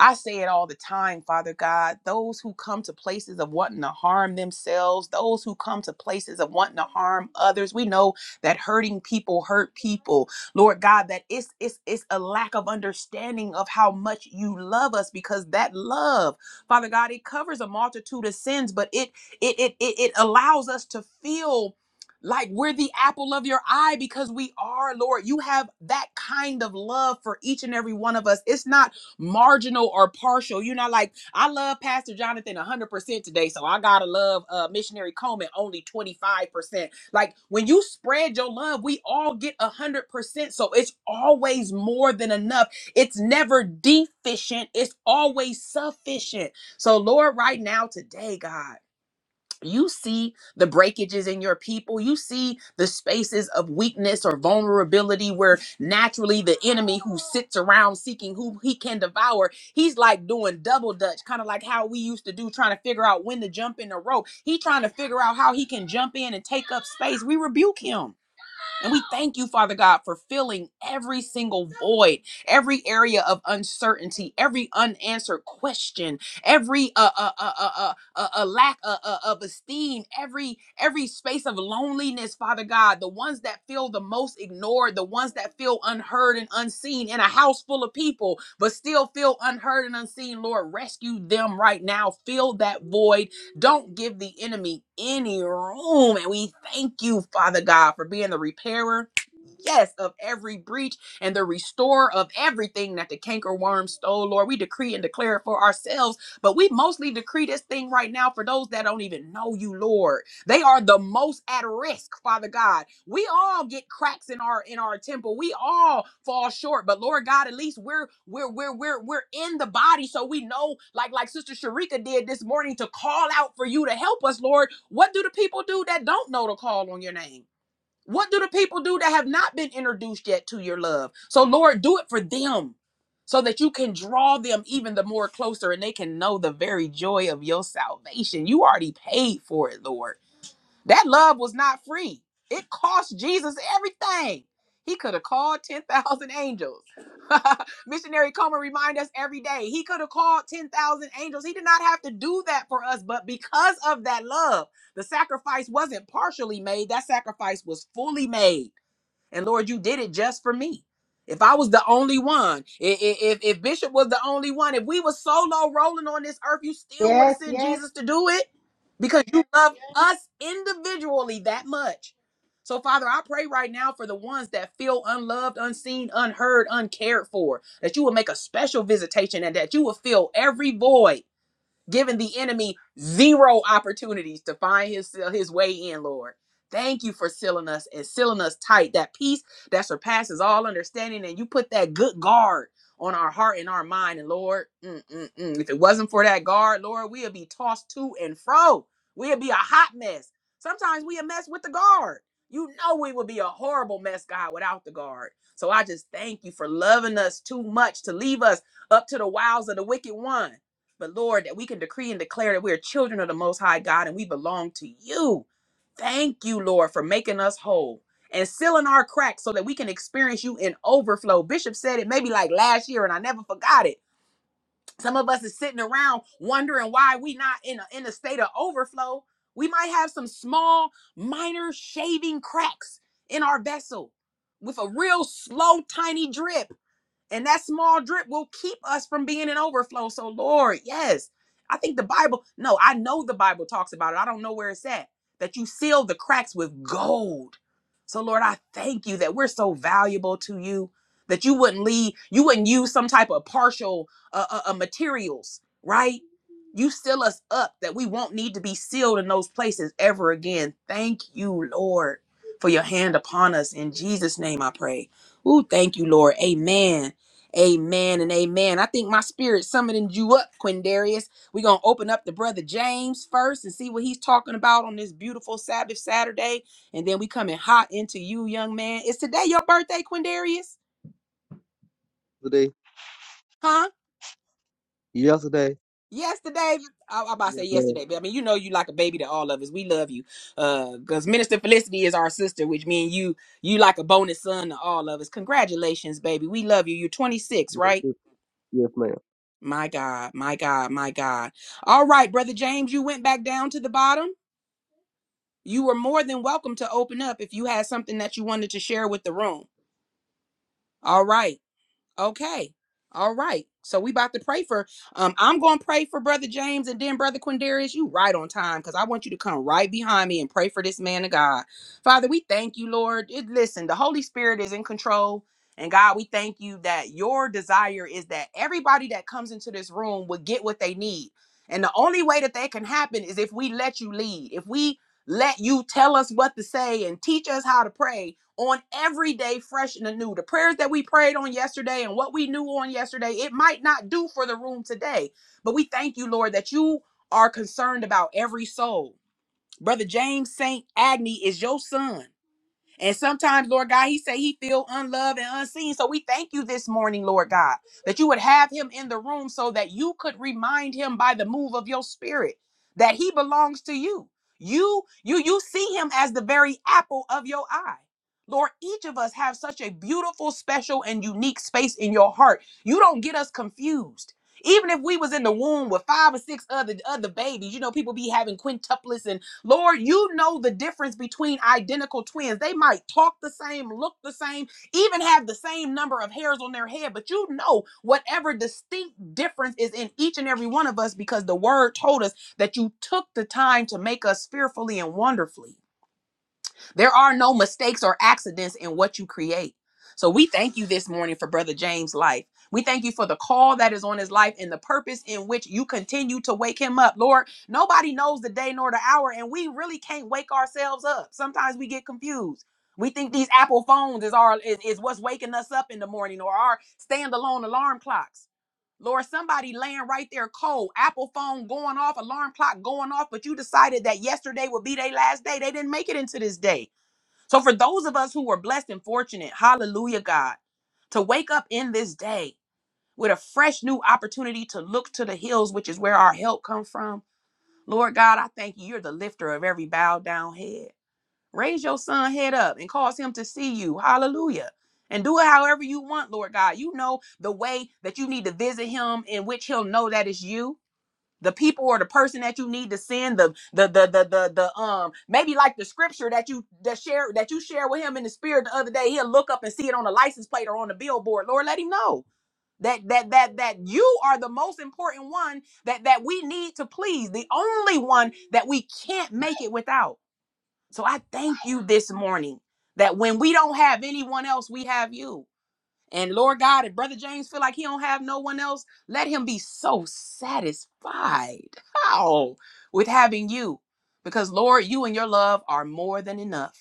I say it all the time, Father God. Those who come to places of wanting to harm themselves, those who come to places of wanting to harm others, we know that hurting people hurt people. Lord God, that it's it's it's a lack of understanding of how much you love us because that love, Father God, it covers a multitude of sins, but it it it it, it allows us to feel like we're the apple of your eye because we are, Lord. You have that kind of love for each and every one of us. It's not marginal or partial. You're not like, I love Pastor Jonathan 100% today, so I gotta love uh, Missionary Coleman only 25%. Like when you spread your love, we all get 100%. So it's always more than enough. It's never deficient, it's always sufficient. So, Lord, right now, today, God you see the breakages in your people you see the spaces of weakness or vulnerability where naturally the enemy who sits around seeking who he can devour he's like doing double dutch kind of like how we used to do trying to figure out when to jump in the rope he trying to figure out how he can jump in and take up space we rebuke him and we thank you, Father God, for filling every single void, every area of uncertainty, every unanswered question, every uh, uh, uh, uh, uh, uh, uh, lack uh, uh, of esteem, every every space of loneliness, Father God. The ones that feel the most ignored, the ones that feel unheard and unseen in a house full of people, but still feel unheard and unseen. Lord, rescue them right now. Fill that void don't give the enemy any room. And we thank you, Father God, for being the repairer. Yes, of every breach and the restorer of everything that the canker worm stole, Lord. We decree and declare it for ourselves, but we mostly decree this thing right now for those that don't even know you, Lord. They are the most at risk, Father God. We all get cracks in our in our temple. We all fall short, but Lord God, at least we're we're we're we're we're in the body, so we know, like like Sister Sharika did this morning, to call out for you to help us, Lord. What do the people do that don't know to call on your name? What do the people do that have not been introduced yet to your love? So Lord, do it for them. So that you can draw them even the more closer and they can know the very joy of your salvation. You already paid for it, Lord. That love was not free. It cost Jesus everything. He could have called 10,000 angels. Missionary Comer reminds us every day. He could have called 10,000 angels. He did not have to do that for us, but because of that love, the sacrifice wasn't partially made. That sacrifice was fully made. And Lord, you did it just for me. If I was the only one, i- i- if, if Bishop was the only one, if we were solo rolling on this earth, you still would have
Yes,
sent
yes,
Jesus to do it because you love us individually that much. So, Father, I pray right now for the ones that feel unloved, unseen, unheard, uncared for, that you will make a special visitation and that you will fill every void giving the enemy zero opportunities to find his his way in, Lord. Thank you for sealing us and sealing us tight. That peace that surpasses all understanding, and you put that good guard on our heart and our mind. And Lord, mm, mm, mm, if it wasn't for that guard, Lord, we'd be tossed to and fro. We'd be a hot mess. Sometimes we a mess with the guard. You know we would be a horrible mess, God, without the guard. So I just thank you for loving us too much to leave us up to the wiles of the wicked one. But Lord, that we can decree and declare that we are children of the Most High God and we belong to you. Thank you, Lord, for making us whole and sealing our cracks so that we can experience you in overflow. Bishop said it maybe like last year, and I never forgot it. Some of us is sitting around wondering why we not in a, in a state of overflow. We might have some small, minor shaving cracks in our vessel with a real slow, tiny drip and that small drip will keep us from being in overflow. So, Lord, yes, I think the Bible, no, I know the Bible talks about it. I don't know where it's at. That you seal the cracks with gold so, Lord, I thank you that we're so valuable to you that you wouldn't leave, you wouldn't use some type of partial uh, uh, uh, materials, right? You seal us up that we won't need to be sealed in those places ever again. Thank you, Lord, for your hand upon us. In Jesus' name I pray. Ooh, thank you, Lord. Amen. Amen and amen. I think my spirit summoned you up, Quindarius. We're going to open up to Brother James first and see what he's talking about on this beautiful Sabbath Saturday and then we coming hot into you, young man. Is today your birthday, Quindarius?
Yesterday,
Huh?
yesterday,
Yesterday, I, I about to say
yes, ma'am.
yesterday, but I mean, you know, you like a baby to all of us. We love you, uh, because Minister Felicity is our sister, which means you, you like a bonus son to all of us. Congratulations, baby. We love you. You're 26, right?
Yes, yes, ma'am.
My God, my God, my God. All right, brother James, you went back down to the bottom. You were more than welcome to open up if you had something that you wanted to share with the room. All right. Okay. All right. So we about to pray for um I'm going to pray for brother James and then brother Quindarius, you right on time cuz I want you to come right behind me and pray for this man of God. Father, we thank you, Lord. It, listen, the Holy Spirit is in control. And God, we thank you that your desire is that everybody that comes into this room will get what they need. And the only way that that can happen is if we let you lead. If we let you tell us what to say and teach us how to pray on every day fresh and anew. The prayers that we prayed on yesterday and what we knew on yesterday, it might not do for the room today. But we thank you, Lord, that you are concerned about every soul. Brother James St. Agni is your son. And sometimes, Lord God, he say he feel unloved and unseen. So we thank you this morning, Lord God, that you would have him in the room so that you could remind him by the move of your spirit that he belongs to you. You you you see him as the very apple of your eye. Lord, each of us have such a beautiful, special and unique space in your heart. You don't get us confused. Even if we was in the womb with five or six other other babies, you know, people be having quintuplets Lord, you know the difference between identical twins. They might talk the same, look the same, even have the same number of hairs on their head, but you know whatever distinct difference is in each and every one of us because the word told us that you took the time to make us fearfully and wonderfully. There are no mistakes or accidents in what you create. So we thank you this morning for Brother James' life. We thank you for the call that is on his life and the purpose in which you continue to wake him up. Lord, nobody knows the day nor the hour, and we really can't wake ourselves up. Sometimes we get confused. We think these Apple phones is our is, is what's waking us up in the morning or our standalone alarm clocks. Lord, somebody laying right there cold, Apple phone going off, alarm clock going off, but you decided that yesterday would be their last day. They didn't make it into this day. So for those of us who were blessed and fortunate, hallelujah, God, to wake up in this day with a fresh new opportunity to look to the hills, which is where our help come from. Lord God, I thank you. You're the lifter of every bowed down head. Raise your son head up and cause him to see you. Hallelujah. And do it however you want, Lord God. You know the way that you need to visit him in which he'll know that it's you the people or the person that you need to send the the the the the, the um maybe like the scripture that you that share that you share with him in the spirit the other day he'll look up and see it on the license plate or on the billboard lord let him know that that that that you are the most important one that that we need to please the only one that we can't make it without so i thank you this morning that when we don't have anyone else we have you and Lord God, if Brother James feel like he don't have no one else, let him be so satisfied. How? With having you. Because Lord, you and your love are more than enough.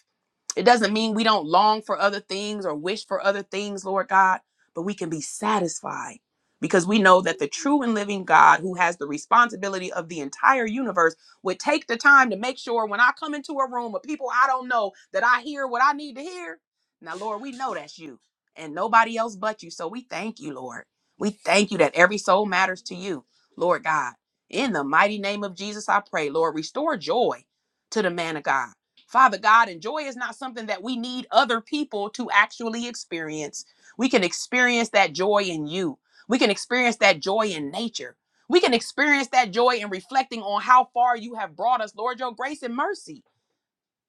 It doesn't mean we don't long for other things or wish for other things, Lord God, but we can be satisfied because we know that the true and living God, who has the responsibility of the entire universe, would take the time to make sure when I come into a room of people I don't know that I hear what I need to hear. Now, Lord, we know that's you and nobody else but you. So we thank you, Lord. We thank you that every soul matters to you, Lord God. In the mighty name of Jesus, I pray, Lord, restore joy to the man of God Father God, and joy is not something that we need other people to actually experience. We can experience that joy in you. We can experience that joy in nature. We can experience that joy in reflecting on how far you have brought us, Lord, your grace and mercy.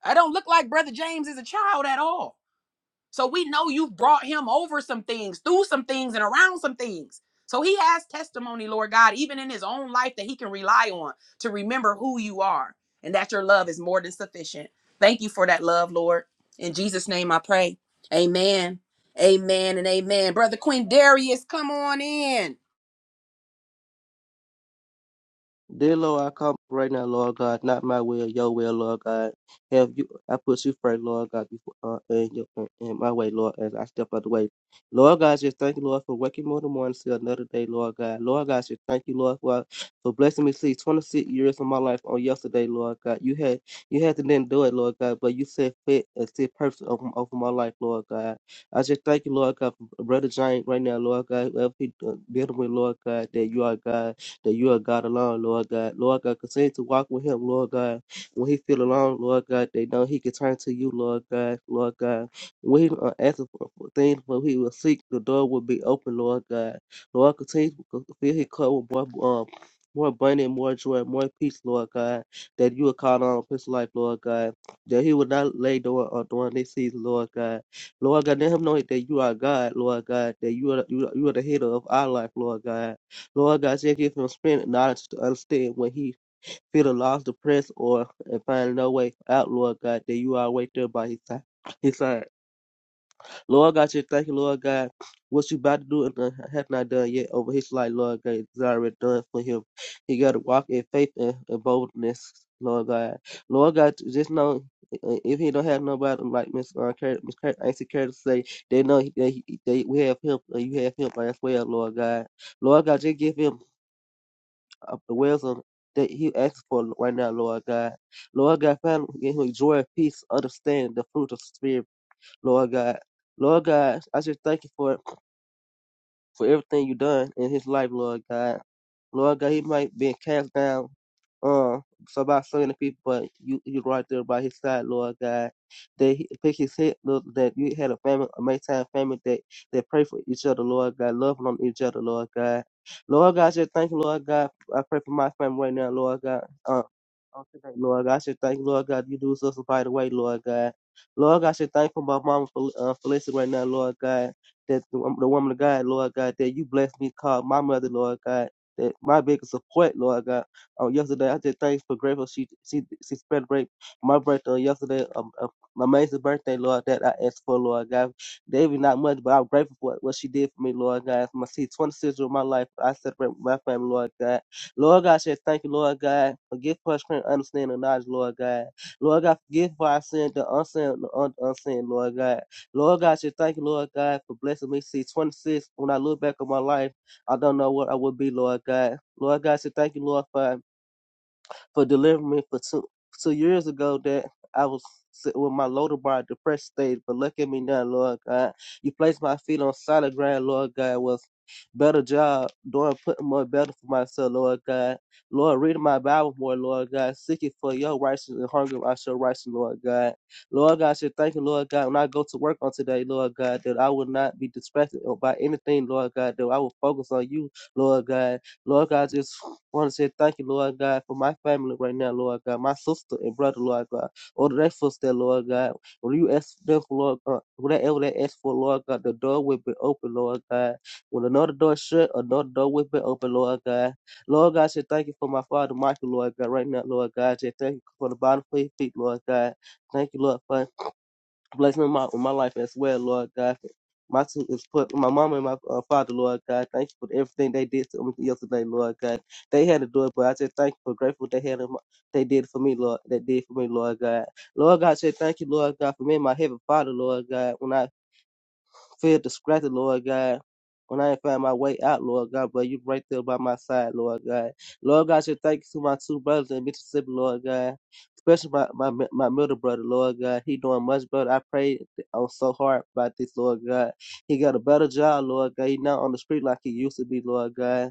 I don't look like Brother James is a child at all. So we know you've brought him over some things, through some things, and around some things. So he has testimony, Lord God, even in his own life that he can rely on to remember who you are and that your love is more than sufficient. Thank you for that love, Lord. In Jesus' name I pray. Amen. Amen and amen. Brother Quindarius, come on in.
Dear Lord, I come right now, Lord God, not my will, your will, Lord God. Have you, I put you first, Lord God, before uh, in, your, in my way, Lord, as I step out of the way. Lord God, just thank you, Lord, for waking me in the morning to another day, Lord God. Lord God, just thank you, Lord, for, for blessing me to see 26 years of my life on yesterday, Lord God. You had you had to then do it, Lord God, but you said fit and said perfect over, over my life, Lord God. I just thank you, Lord God, for Brother Giant right now, Lord God, whoever he uh, dealing with, Lord God, that you are God that you are God alone, Lord God. Lord God, continue to walk with him, Lord God. When he feel alone, Lord God, they know he can turn to you, Lord God, Lord God. When he uh, asking for, for things, when he will seek, the door will be open, Lord God. Lord, continue to fill his cup with more, um, more abundant, more joy, more peace, Lord God, that you will call on his life, Lord God, that he will not lay down uh, during this season, Lord God. Lord God, let him know that you are God, Lord God, that you are you are, you are the healer of our life, Lord God. Lord God, just give him spirit and knowledge to understand when he feel lost, depressed, or and find no way out, Lord God, that you are right there by his side. His side. Lord God, just thank you, Lord God, what you about to do and done- have not done yet over his life, Lord God, it's already done for him. He got to walk in faith and, and boldness, Lord God. Lord God, just know uh, if he don't have nobody like Miss uh, Cur- Miss Cur- Auntie Curtis say, they know he- they he, that we have him, and you have him as well, Lord God. Lord God, just give him of the wisdom that he asks for right now, Lord God. Lord God, Father, give him joy, peace, understand the fruit of the Spirit, Lord God. Lord God, I just thank you for it for everything you done in his life, Lord God. Lord God, he might be cast down uh so by so many people, but you you right there by his side, Lord God. That he pick his head, Lord, that you had a family, a maintained family that that pray for each other, Lord God, loving on each other, Lord God. Lord God, I just thank you, Lord God. I pray for my family right now, Lord God. Uh, on today, Lord God, I should thank you, Lord God. You do something by the way, Lord God. Lord God, I should thank you for my mama, Fel- uh, Felicity, right now, Lord God that the, the woman of God, Lord God, that you blessed me, called my mother, Lord God, that my biggest support, Lord God. On yesterday, I just thanks for grateful she she she celebrated my birthday on yesterday, um, uh, my amazing birthday, Lord, that I asked for, Lord God. Maybe not much, but I'm grateful for what she did for me, Lord God. My see 26 years of my life, I celebrate with my family, Lord God. Lord God, I said thank you, Lord God, for gift for strength, understanding, and knowledge, Lord God. Lord God, forgive for our sin, the unseen, the un- unseen, Lord God. Lord God, I should thank you, Lord God, for blessing me. See, 26, when I look back on my life, I don't know what I would be, Lord God. Lord God, I should thank you, Lord, for for delivering me for two two years ago that I was sitting with my loader bar depressed state. But look at me now, Lord God. You placed my feet on solid ground, Lord God. Was better job doing putting more better for myself, Lord God. Lord, reading my Bible more, Lord God. Seeking for your righteousness and hunger I shall righteousness, Lord God. Lord God, I should thank you, Lord God, when I go to work on today, Lord God, that I will not be distracted by anything, Lord God, that I will focus on you, Lord God. Lord God, just want to say thank you, Lord God, for my family right now, Lord God, my sister and brother, Lord God, all the that footstep, Lord God. When you ask them for, Lord God, whatever they ask for, Lord God, the door will be open, Lord God. When another door is shut, another door will be open, Lord God. Lord God, I say thank you for my father, Michael, Lord God, right now, Lord God. I say thank you for the bottom of your feet, Lord God. Thank you, Lord, for Bless me in my, in my life as well, Lord God. My two is put my mama and my uh, father, Lord God. Thank you for everything they did to me yesterday, Lord God. They had to do it, but I just thank you for grateful they had in they did for me, Lord. They did for me, Lord God. Lord God, I said thank you, Lord God, for me and my heavenly Father, Lord God. When I feel distracted, Lord God. When I ain't find my way out, Lord God, but you right there by my side, Lord God. Lord God, I should thank you to my two brothers in Mississippi, Lord God. Especially my, my my middle brother, Lord God. He doing much better. I prayed on so hard about this, Lord God. He got a better job, Lord God. He not on the street like he used to be, Lord God.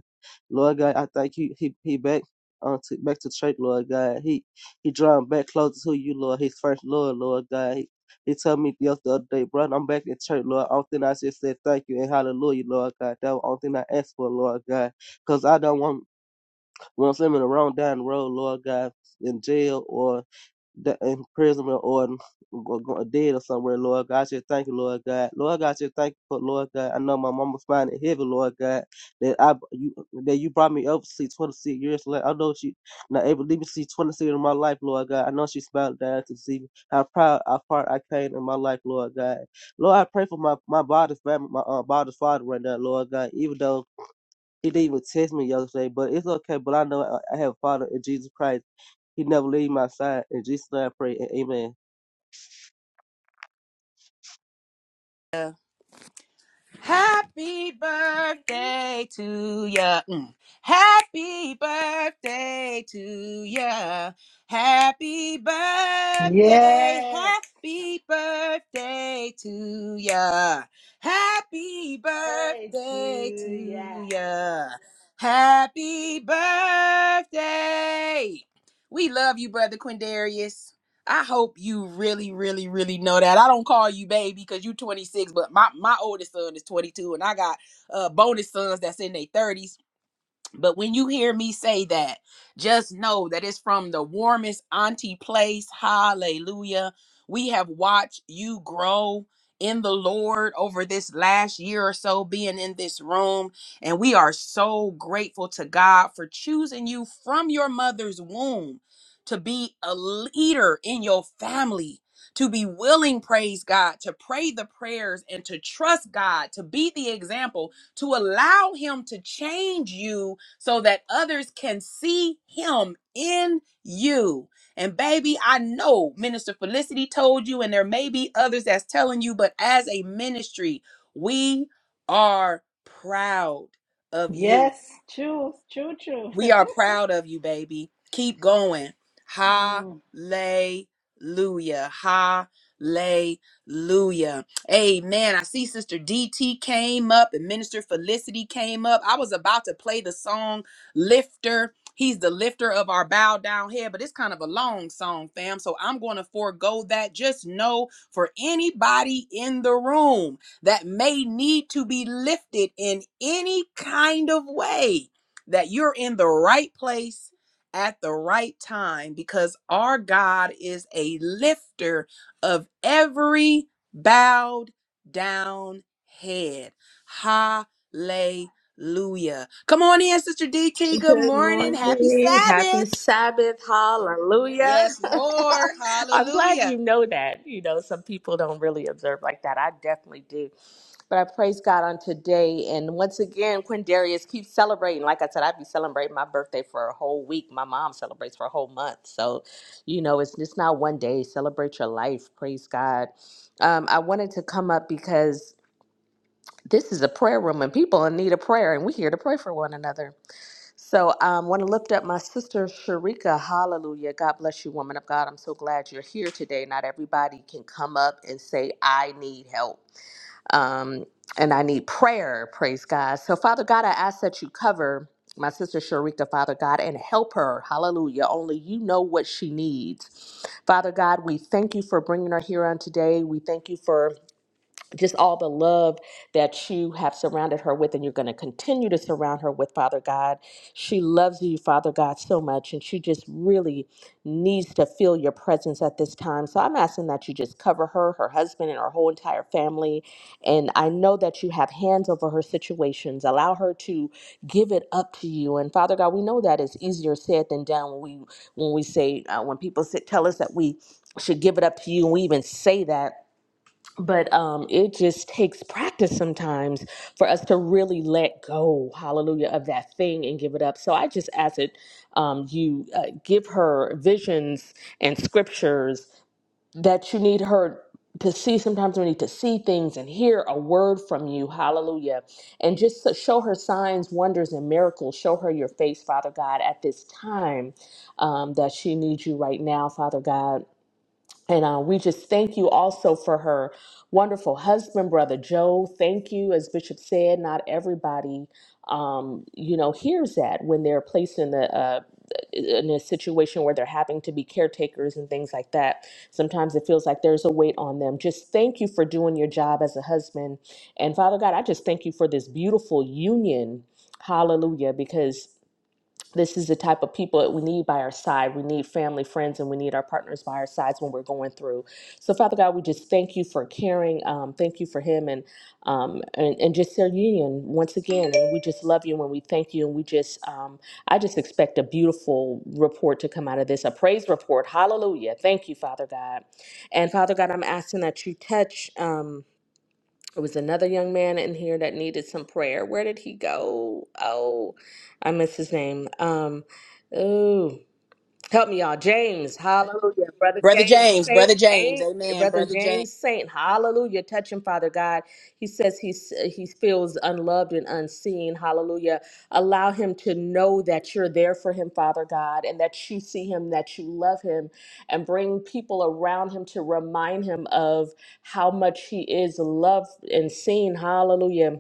Lord God, I thank you. He he back on to, back to church, Lord God. He he drawing back closer to you, Lord. His first Lord, Lord God. He told me the other day, bro, I'm back in church, Lord. Only thing I just said thank you and hallelujah, Lord God. That was the only thing I asked for, Lord God. Because I don't want, want someone in the down the road, Lord God, in jail or the imprisonment or go- go- dead or somewhere, Lord God. I just thank you, Lord God. Lord God, I just thank you for Lord God. I know my mama's finding is heavy, Lord God. That I you that you brought me up to see twenty six years later. I know she not able to leave me see twenty six in my life, Lord God. I know she smiled down to see How proud how far I came in my life, Lord God. Lord, I pray for my my body's family, my uh, body's father right now, Lord God. Even though he didn't even text me yesterday, but it's okay. But I know I I have a father in Jesus Christ. He never leave my side. In Jesus' name I pray and amen.
Happy birthday to ya. Mm. Happy birthday to ya. Happy birthday.
yes.
Happy birthday to ya. Happy
Hey, to
birthday
yeah.
to ya. Happy birthday. We love you, brother Quindarius. I hope you really, really, really know that. I don't call you baby because you 26, but my my oldest son is 22, and I got uh bonus sons that's in their 30s. But when you hear me say that, just know that it's from the warmest auntie place. Hallelujah. We have watched you grow in the Lord over this last year or so being in this room. And we are so grateful to God for choosing you from your mother's womb to be a leader in your family. To be willing, praise God, to pray the prayers and to trust God, to be the example, to allow Him to change you so that others can see him in you. And baby, I know Minister Felicity told you, and there may be others that's telling you, but as a ministry, we are proud of you.
Yes, true, true, true.
We are proud of you, baby. Keep going. Hallelujah.
Mm.
Hallelujah. Amen. I see Sister DT came up and Minister Felicity came up. I was about to play the song Lifter. He's the lifter of our bow down head, but it's kind of a long song, fam. So I'm going to forego that. Just know for anybody in the room that may need to be lifted in any kind of way that you're in the right place at the right time because our God is a lifter of every bowed down head. Hallelujah. Come on in, Sister DT. Good
Good
morning. Happy
morning. Happy
Sabbath.
Sabbath. Hallelujah.
Yes, Lord.
I'm glad you
Hallelujah.
know that. You know, some people don't really observe like that. I definitely do. But I praise God on today. And once again, Quindarius, keep celebrating. Like I said, I'd be celebrating my birthday for a whole week. My mom celebrates for a whole month. So, you know, it's just not one day. Celebrate your life. Praise God. Um, I wanted to come up because this is a prayer room and people in need of prayer and we're here to pray for one another so I um, want to lift up my sister Sharika. Hallelujah. God bless you, woman of God. I'm so glad you're here today. Not everybody can come up and say, I need help. Um, and I need prayer. Praise God. So, Father God, I ask that you cover my sister Sharika, Father God, and help her. Hallelujah. Only you know what she needs. Father God, we thank you for bringing her here on today. We thank you for just all the love that you have surrounded her with and you're going to continue to surround her with father god she loves you father god so much and she just really needs to feel your presence at this time so i'm asking that you just cover her her husband and her whole entire family and i know that you have hands over her situations allow her to give it up to you and father god we know that is easier said than done when we when we say uh, when people say, tell us that we should give it up to you and we even say that but um, it just takes practice sometimes for us to really let go, hallelujah, of that thing and give it up. So I just ask that um, you uh, give her visions and scriptures that you need her to see. Sometimes we need to see things and hear a word from you, hallelujah. And just so- show her signs, wonders, and miracles. Show her your face, Father God, at this time um, that she needs you right now, Father God. And uh, we just thank you also for her wonderful husband, Brother Joe. Thank you. As Bishop said, not everybody, um, you know, hears that when they're placed in the. Uh, in a situation where they're having to be caretakers and things like that, sometimes it feels like there's a weight on them. Just thank you for doing your job as a husband. And Father God, I just thank you for this beautiful union. Hallelujah. Because this is the type of people that we need by our side. We need family, friends, and we need our partners by our sides when we're going through. So, Father God, we just thank you for caring. Um, thank you for him and, um, and and just their union once again. And we just love you and we thank you. And we just, um, I just expect a beautiful report to come out of this, a praise report. Hallelujah. Thank you, Father God. And Father God, I'm asking that you touch. Um, there was another young man in here that needed some prayer. Where did he go? Oh, I miss his name. Um, oh, Help me, y'all. James, hallelujah. Brother
Brother
James
James,
Saint,
Brother James.
ain't
Amen,
Brother
Brother James.
James Saint, hallelujah. Touch him, Father God. He says he's, he feels unloved and unseen, hallelujah. Allow him to know that you're there for him, Father God, and that you see him, that you love him, and bring people around him to remind him of how much he is loved and seen, hallelujah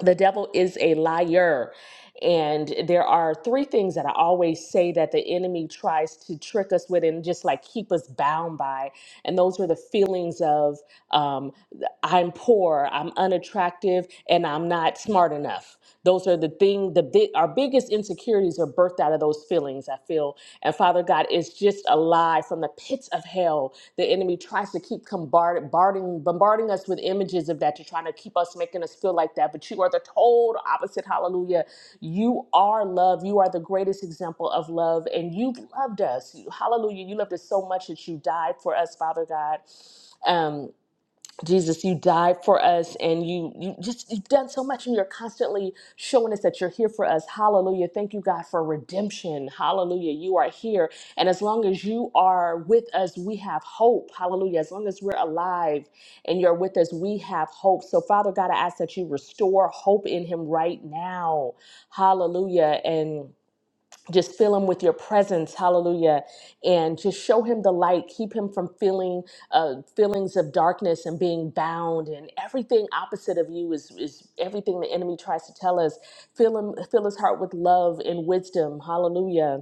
the devil is a liar. And there are three things that I always say that the enemy tries to trick us with and just like keep us bound by. And those are the feelings of um, I'm poor, I'm unattractive, and I'm not smart enough. Those are the thing, the big, our biggest insecurities are birthed out of those feelings, I feel. And Father God, it's just a lie from the pits of hell the enemy tries to keep bombarding, bombarding, bombarding us with images of that. You're trying to keep us making us feel like that, but you are the total opposite. Hallelujah. You are love. You are the greatest example of love, and you've loved us. You- Hallelujah. You loved us so much that you died for us, Father God. Um, Jesus, you died for us and you you just you've done so much and you're constantly showing us that you're here for us. Hallelujah. Thank you God for redemption. Hallelujah. You are here and as long as you are with us, we have hope. Hallelujah. As long as we're alive and you're with us, we have hope. So Father God, I ask that you restore hope in him right now. Hallelujah. And just fill him with your presence hallelujah and just show him the light keep him from feeling uh, feelings of darkness and being bound and everything opposite of you is, is everything the enemy tries to tell us fill him fill his heart with love and wisdom hallelujah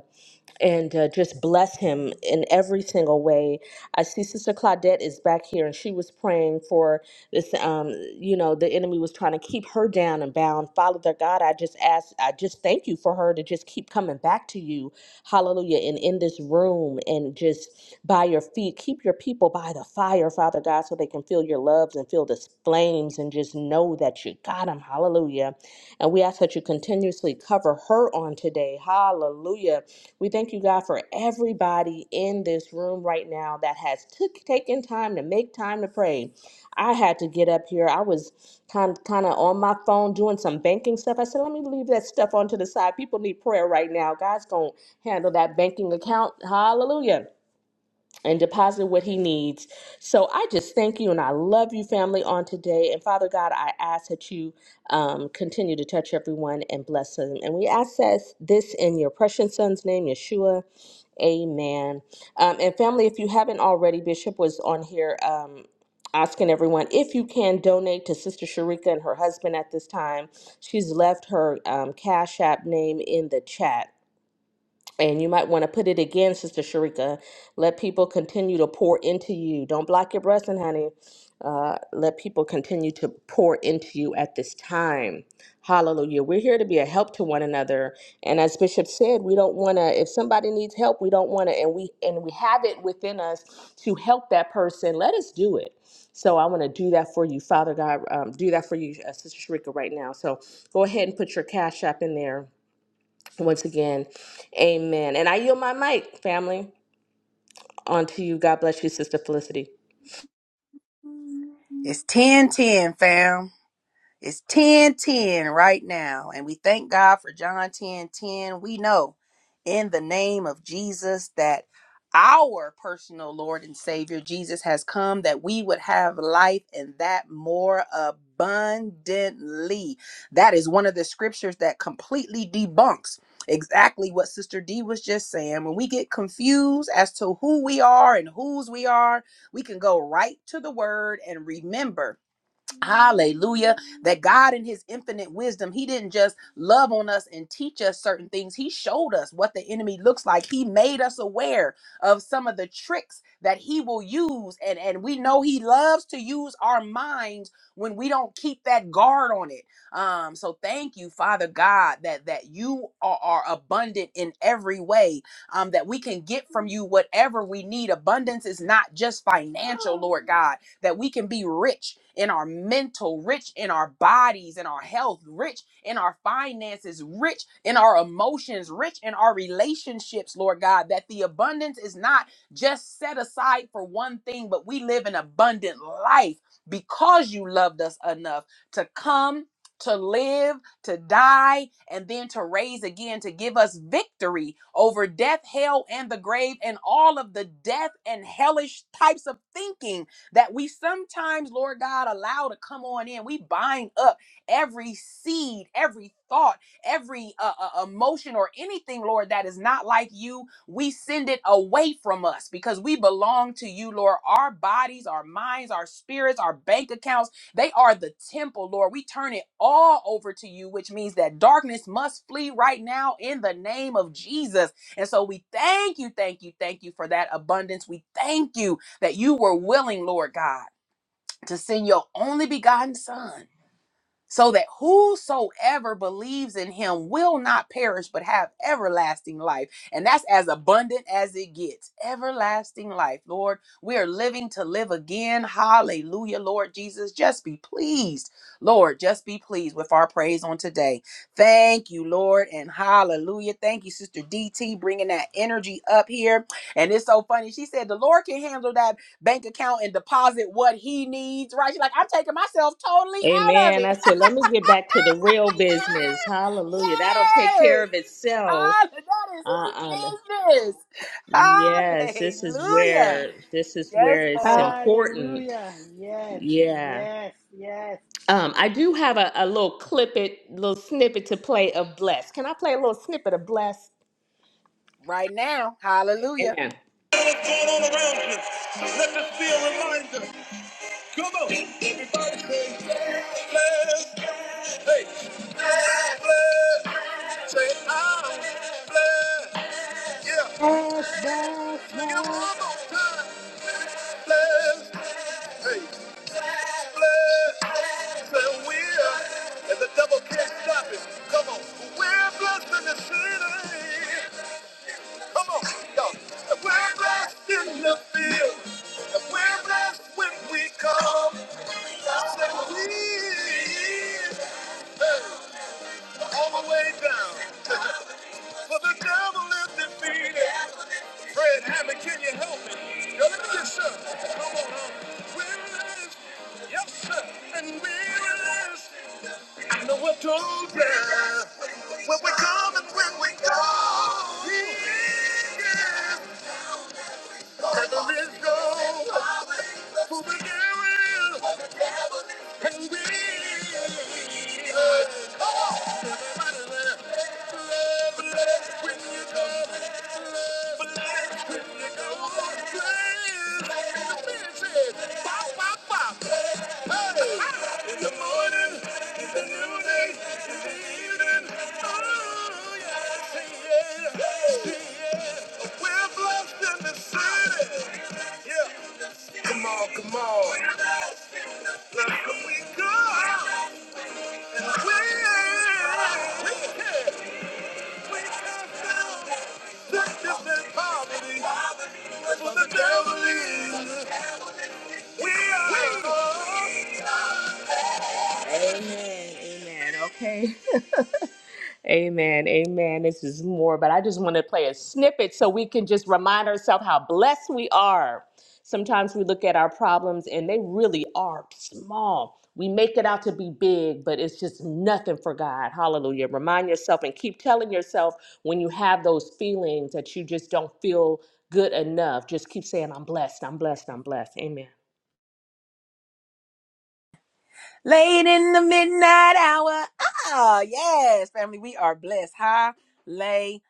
and uh, just bless him in every single way. I see Sister Claudette is back here, and she was praying for this. Um, you know, the enemy was trying to keep her down and bound. Father their God, I just ask, I just thank you for her to just keep coming back to you, Hallelujah, and in this room, and just by your feet, keep your people by the fire, Father God, so they can feel your loves and feel the flames, and just know that you got them, Hallelujah. And we ask that you continuously cover her on today, Hallelujah we thank you, God, for everybody in this room right now that has took taken time to make time to pray. I had to get up here. I was kind kind of on my phone doing some banking stuff. I said, let me leave that stuff onto the side. People need prayer right now. God's gonna handle that banking account. Hallelujah. And deposit what he needs. So I just thank you and I love you, family, on today. And Father God, I ask that you um, continue to touch everyone and bless them. And we ask this this in your precious son's name, Yeshua. Amen. Um, and family, if you haven't already, Bishop was on here um, asking everyone if you can donate to Sister Sharika and her husband at this time. She's left her um, Cash App name in the chat. And you might want to put it again, Sister Sharika. Let people continue to pour into you. Don't block your blessing, honey. Uh, let people continue to pour into you at this time. Hallelujah. We're here to be a help to one another. And as Bishop said, we don't want to, if somebody needs help, we don't want to, and we and we have it within us to help that person. Let us do it. So I want to do that for you, Father God. Um, do that for you, uh, Sister Sharika, right now. So go ahead and put your cash app in there once again, amen. And I yield my mic, family, on to you. God bless you, Sister Felicity.
It's 10 10, fam. It's 10 10 right now. And we thank God for John 10 10. We know in the name of Jesus that our personal Lord and Savior Jesus has come that we would have life and that more abundantly. That is one of the scriptures that completely debunks exactly what Sister D was just saying. When we get confused as to who we are and whose we are, we can go right to the word and remember Hallelujah. That God, in His infinite wisdom, He didn't just love on us and teach us certain things. He showed us what the enemy looks like. He made us aware of some of the tricks that He will use. And, and we know He loves to use our minds when we don't keep that guard on it. Um, so thank you, Father God, that, that you are, are abundant in every way, um, that we can get from you whatever we need. Abundance is not just financial, Lord God that we can be rich in our mental, rich in our bodies, in our health, rich in our finances, rich in our emotions, rich in our relationships, Lord God, that the abundance is not just set aside for one thing, but we live an abundant life because you loved us enough to come. To live, to die, and then to raise again to give us victory over death, hell, and the grave, and all of the death and hellish types of thinking that we sometimes, Lord God, allow to come on in. We bind up every seed, every thought, every uh, uh, emotion, or anything, Lord, that is not like you. We send it away from us because we belong to you, Lord. Our bodies, our minds, our spirits, our bank accounts, they are the temple, Lord. We turn it all over to you, which means that darkness must flee right now in the name of Jesus. And so we thank you, thank you, thank you for that abundance. We thank you that you were willing, Lord God, to send your only begotten Son so that whosoever believes in him will not perish but have everlasting life. And that's as abundant as it gets. Everlasting life, Lord. We are living to live again. Hallelujah, Lord Jesus. Just be pleased, Lord. Just be pleased with our praise on today. Thank you, Lord, and hallelujah. Thank you, Sister DT, bringing that energy up here. And it's so funny. She said, The Lord can handle that bank account and deposit what he needs, right? She's like, I'm taking myself totally out of
Amen.
it.
I said, let me get back to the real business. Hallelujah. That'll take care
Yes!
of itself.
Hall- That
Uh-uh.
is his business.
Yes, this is
Hallelujah.
where this is
Yes,
where it's
Lord.
important.
Hallelujah. Yes,
Yeah.
yes, yes.
Um, I do have a, a little clip it, little snippet to play of Bless. Can I play a little snippet of Bless?
Right now. Hallelujah.
Amen. What's going on around you? Let this be a reminder. Come on. blessed. Hey, i Say, I'm blessed. Yeah,
Yes, bless,
sing one
bless.
more time. Blessed. Hey, blessed. Say, we're, and the devil can't stop it. Come on, we're blessed in the city. Come on, y'all. We're blessed in the field. we're blessed when we come. I said, we. hey. all the way down. For the devil is defeated. Fred Hammond, can you help me? Yo, let me get some. Come on, home. Weariness. Yes, sir. And we're weariness. I know what to do. yeah. When we come and when we go. Yeah. Further is go. For the devil and weariness. Everybody there. Come on, come on. Let's go. We, we can. Amen. Amen. Okay. Amen. Amen. This is more, but I just want to play a snippet so we can just remind ourselves how blessed we are. Sometimes we look at our problems and they really are small. We make it out to be big, but it's just nothing for God. Hallelujah. Remind yourself and keep telling yourself when you have those feelings that you just don't feel good enough. Just keep saying, I'm blessed, I'm blessed, I'm blessed. Amen.
Late in the midnight hour. Ah, yes, family. We are blessed. Hallelujah.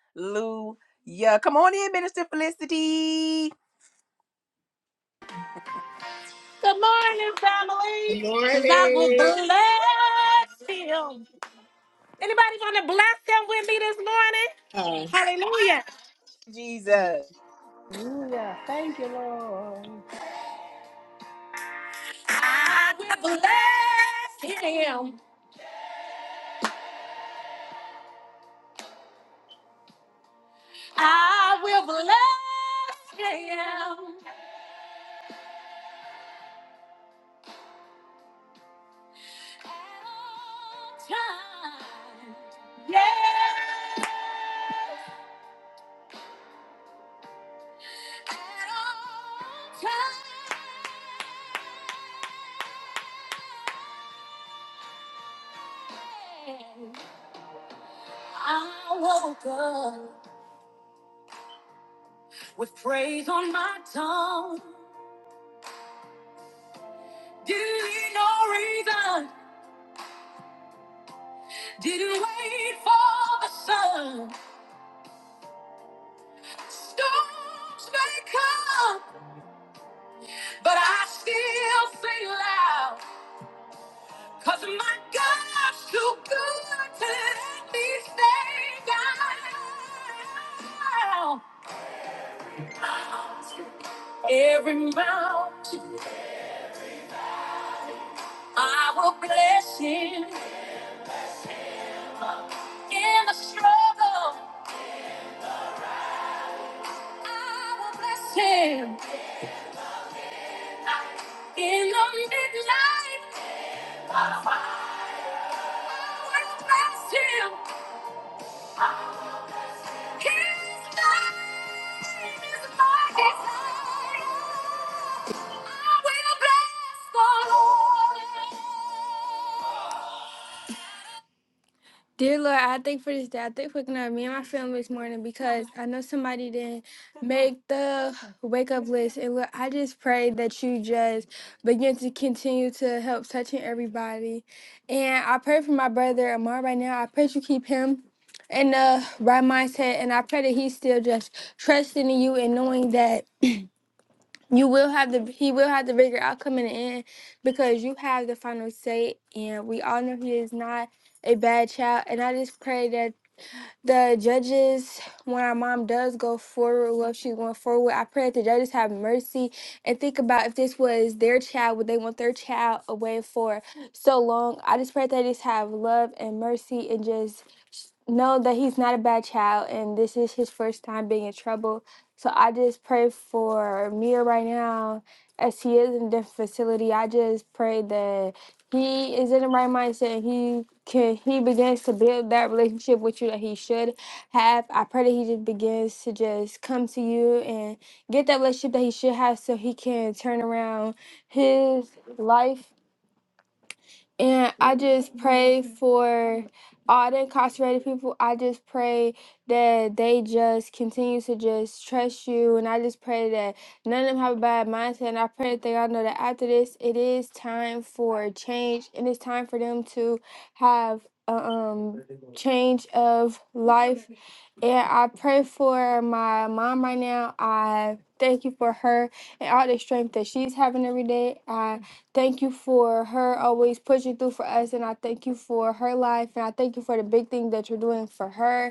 Come on in, Minister Felicity.
Good morning, family. Cause I will bless him. Anybody gonna bless him with me this morning? Hallelujah.
Jesus.
Hallelujah. Thank you, Lord.
I will bless him. I will bless him. At all times. Yeah. At all times. I woke up with praise on my tongue. Didn't need no reason. Didn't wait for the sun. Storms may come, but I still sing loud. Cause my God's too good to let me stay down. Every mountain I will bless him in the struggle. I will bless him in the midnight. I will bless him. His name is my desire. I will bless the Lord. Dear Lord, I thank for this day. I thank for waking up me and my family this morning because I know somebody didn't make the wake up list. And Lord, I just pray that you just begin to continue to help touching everybody. And I pray for my brother Amar right now. I pray that you keep him in the right mindset. And I pray that he's still just trusting in you and knowing that. You will have the he will have the bigger outcome in the end because you have the final say and we all know he is not a bad child and I just pray that the judges when our mom does go forward well if she's going forward, I pray that the judges have mercy and think about if this was their child, would they want their child away for so long? I just pray that they just have love and mercy and just know that he's not a bad child and this is his first time being in trouble. So I just pray for Mia right now as he is in the facility. I just pray that he is in the right mindset and he can he begins to build that relationship with you that he should have. I pray that he just begins to just come to you and get that relationship that he should have so he can turn around his life and I just pray for all the incarcerated people. I just pray that they just continue to just trust you. And I just pray that none of them have a bad mindset. And I pray that they all know that after this, it is time for change. And it's time for them to have a um, change of life and I pray for my mom right now. I thank you for her and all the strength that she's having every day. I thank you for her always pushing through for us. And I thank you for her life. And I thank you for the big thing that you're doing for her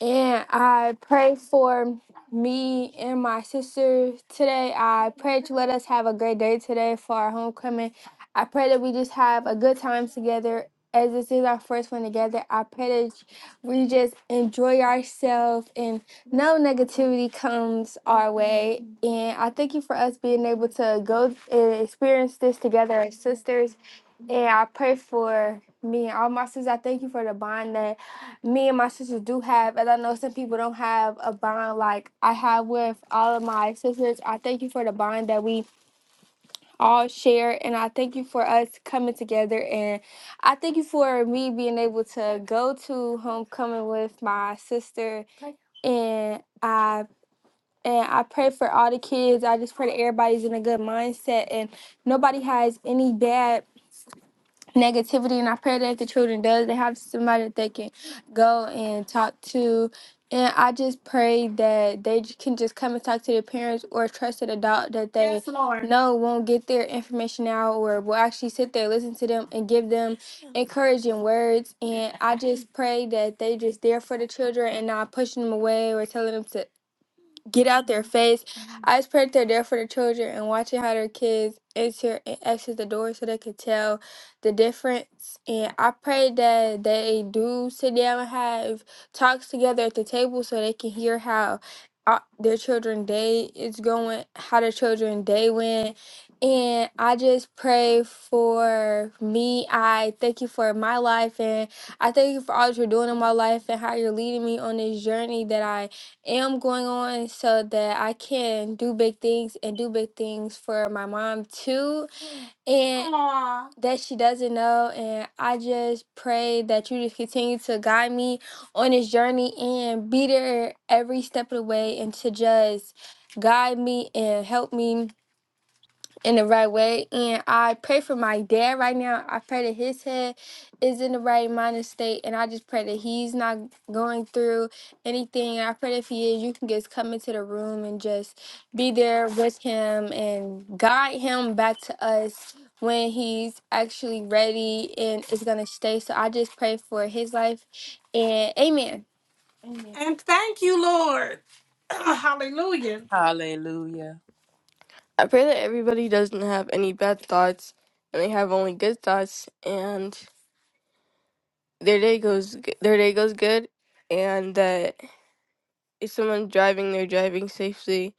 and I pray for me and my sister today. I pray to let us have a great day today for our homecoming. I pray that we just have a good time together. As this is our first one together, I pray that we just enjoy ourselves and no negativity comes our way. And I thank you for us being able to go and experience this together as sisters and I pray for me and all my sisters. I thank you for the bond that me and my sisters do have. And I know some people don't have a bond like I have with all of my sisters. I thank you for the bond that we all share. And I thank you for us coming together. And I thank you for me being able to go to homecoming with my sister. And I. And I pray for all the kids. I just pray that everybody's in a good mindset and nobody has any bad negativity and I pray that if the children does they have somebody that they can go and talk to and I just pray that they j- can just come and talk to their parents or a trusted adult that they Yes, Lord. know won't get their information out or will actually sit there, listen to them and give them encouraging words. And I just pray that they just there for the children and not pushing them away or telling them to get out their face. I just pray that they're there for their children and watching how their kids enter and exit the door so they can tell the difference. And I pray that they do sit down and have talks together at the table so they can hear how uh, their children day is going, how their children day went. And I just pray for me. I thank you for my life and I thank you for all that you're doing in my life and how you're leading me on this journey that I am going on so that I can do big things and do big things for my mom too. And Aw. that she doesn't know. And I just pray that you just continue to guide me on this journey and be there every step of the way and to just guide me and help me in the right way. And I pray for my dad right now. I pray that his head is in the right minded state. And I just pray that he's not going through anything. And I pray that if he is, you can just come into the room and just be there with him and guide him back to us when he's actually ready and is going to stay. So I just pray for his life. And amen. Amen. And thank you, Lord. Hallelujah.
Hallelujah.
I pray that everybody doesn't have any bad thoughts and they have only good thoughts and their day goes g- their day goes good and that if someone's driving they're driving safely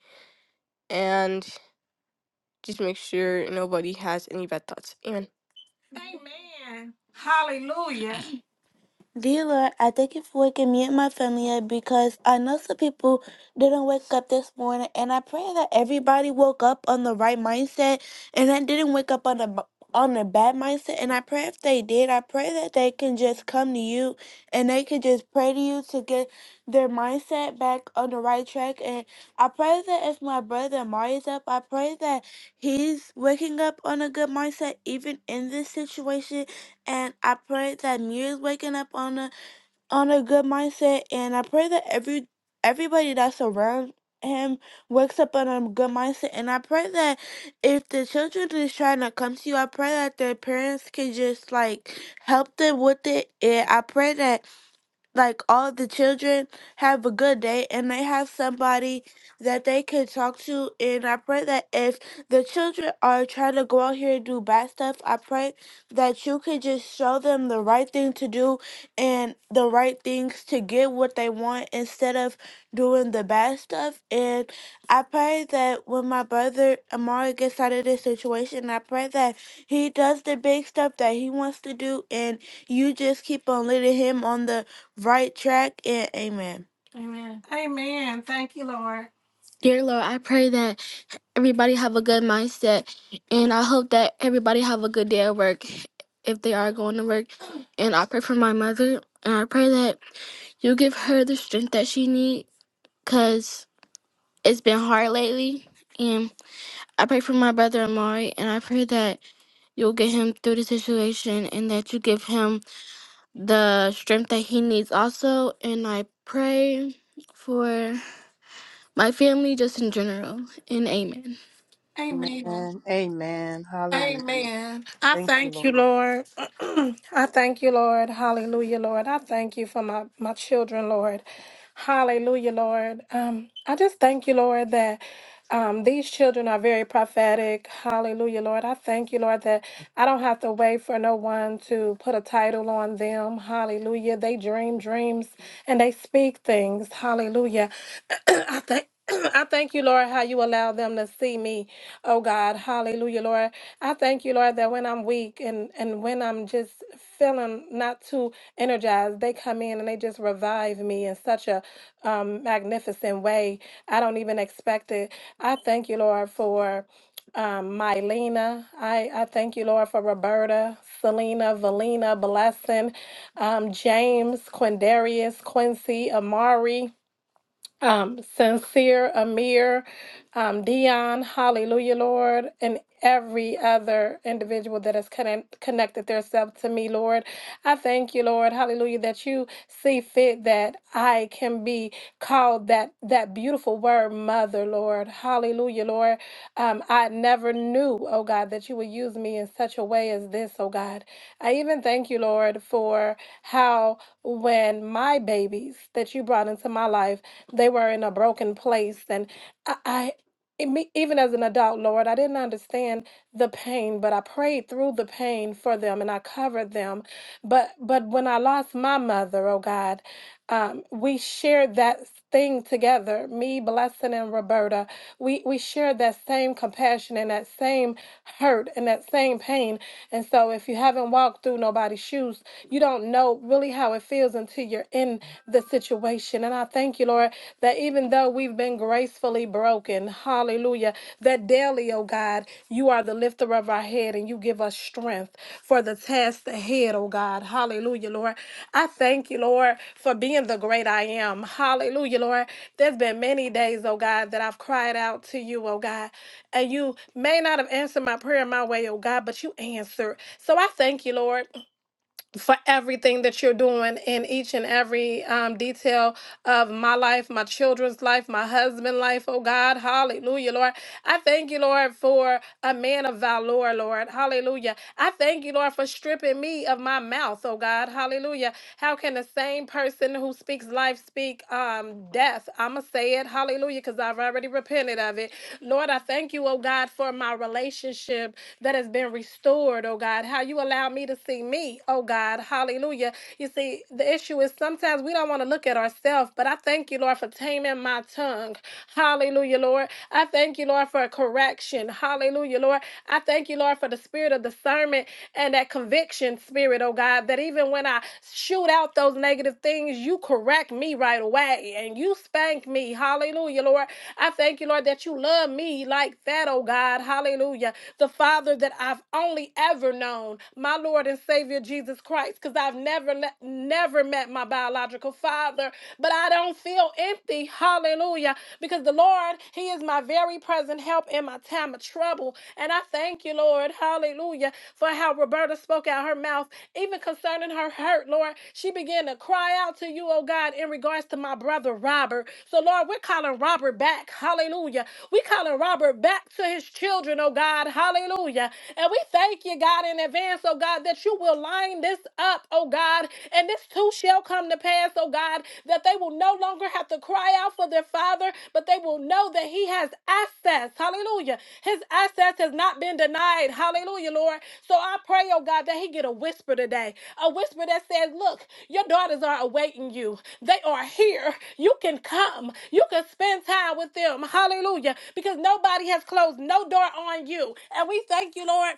and just make sure nobody has any bad thoughts. Amen. Amen. Hallelujah. Dealer, I think if we can mute my family up because I know some people didn't wake up this morning, and I pray that everybody woke up on the right mindset, and I didn't wake up on a b- on a bad mindset. And I pray if they did, I pray that they can just come to you, and they can just pray to you to get their mindset back on the right track. And I pray that if my brother Amari is up, I pray that he's waking up on a good mindset, even in this situation and I pray that Mir is waking up on a on a good mindset, and I pray that every everybody that's around him wakes up on a good mindset, and I pray that if the children is trying to come to you, I pray that their parents can just like help them with it, and I pray that like all the children have a good day and they have somebody that they can talk to and i pray that if the children are trying to go out here and do bad stuff i pray that you could just show them the right thing to do and the right things to get what they want instead of doing the bad stuff and i pray that when my brother amari gets out of this situation i pray that he does the big stuff that he wants to do and you just keep on leading him on the right track, and amen. Amen. Thank you, Lord. Dear Lord, I pray that everybody have a good mindset, and I hope that everybody have a good day at work if they are going to work. And I pray for my mother, and I pray that you give her the strength that she needs, cause it's been hard lately. And I pray for my brother Amari, and I pray that you'll get him through the situation, and that you give him the strength that he needs also and i pray for my family just in general and amen Amen.
Amen. Amen. Hallelujah.
Amen. I
Thank you,
thank
Lord.
you, Lord. I thank you, Lord. Hallelujah, Lord. I thank you for my, my children, Lord. Hallelujah, Lord. Um, I just thank you, Lord, that um, these children are very prophetic. Hallelujah, Lord. I thank you, Lord, that I don't have to wait for no one to put a title on them. Hallelujah. They dream dreams and they speak things. Hallelujah. I thank I thank you, Lord, how you allow them to see me. Oh God, hallelujah, Lord. I thank you, Lord, that when I'm weak and, and when I'm just feeling not too energized, they come in and they just revive me in such a um, magnificent way. I don't even expect it. I thank you, Lord, for um, Mylena. I, I thank you, Lord, for Roberta, Selena, Valina, Blessing, um, James, Quindarius, Quincy, Amari um, Sincere, Amir, um, Dion, Hallelujah, Lord, and every other individual that has connect, connected themselves to me, Lord. I thank you, Lord, Hallelujah, that you see fit that I can be called that that beautiful word, Mother, Lord, Hallelujah, Lord. Um, I never knew, oh God, that you would use me in such a way as this, oh God. I even thank you, Lord, for how when my babies that you brought into my life they were in a broken place. And I, I it me- even as an adult, Lord, I didn't understand the pain, but I prayed through the pain for them and I covered them. But but when I lost my mother, oh God um, we shared that thing together me blessing and roberta we we shared that same compassion and that same hurt and that same pain and so if you haven't walked through nobody's shoes you don't know really how it feels until you're in the situation and i thank you lord that even though though we've been gracefully broken, hallelujah, that daily, oh God, you are the lifter of our head and you give us strength for the task ahead, oh God, hallelujah, Lord. I thank you, Lord, for being the great I am, hallelujah, Lord. There's been many days, oh God, that I've cried out to you, oh God, and you may not have answered my prayer my way, oh God, but you answered. So I thank you, Lord for everything that you're doing in each and every um, detail of my life, my children's life, my husband's life. Oh God, hallelujah, Lord. I thank you, Lord, for a man of valor, Lord. Hallelujah. I thank you, Lord, for stripping me of my mouth, oh God. Hallelujah. How can the same person who speaks life speak um, death? I'm going to say it, hallelujah, because I've already repented of it. Lord, I thank you, oh God, for for my relationship that has been restored, oh God. How you allow me to see me, oh God. Hallelujah. You see, the issue is sometimes we don't want to look at ourselves, but I thank you, Lord, for taming my tongue. Hallelujah, Lord. I thank you, Lord, for a correction. Hallelujah, Lord. I thank you, Lord, for the spirit of discernment and that conviction spirit, oh God, that even when I shoot out those negative things, you correct me right away and you spank me. Hallelujah, Lord. I thank you, Lord, that you love me like that, oh God. Hallelujah. The Father that I've only ever known, my Lord and Savior Jesus Christ, because I've never let, never met my biological father, but I don't feel empty. Hallelujah. Because the Lord, He is my very present help in my time of trouble. And I thank you, Lord. Hallelujah. For how Roberta spoke out her mouth even concerning her hurt, Lord. She began to cry out to you, oh God, in regards to my brother Robert. So, Lord, we're calling Robert back. Hallelujah. We are calling Robert back to his children, oh God. Hallelujah. And we thank you, God, in advance, oh God, that you will line this up, oh God, and this too shall come to pass, oh God, that they will no longer have to cry out for their father, but they will know that he has access. Hallelujah. His access has not been denied. Hallelujah, Lord. So I pray, oh God, that he get a whisper today, a whisper that says, Look, your daughters are awaiting you. They are here. You can come. You can spend time with them. Hallelujah. Because nobody has closed no door on you. And we thank you, Lord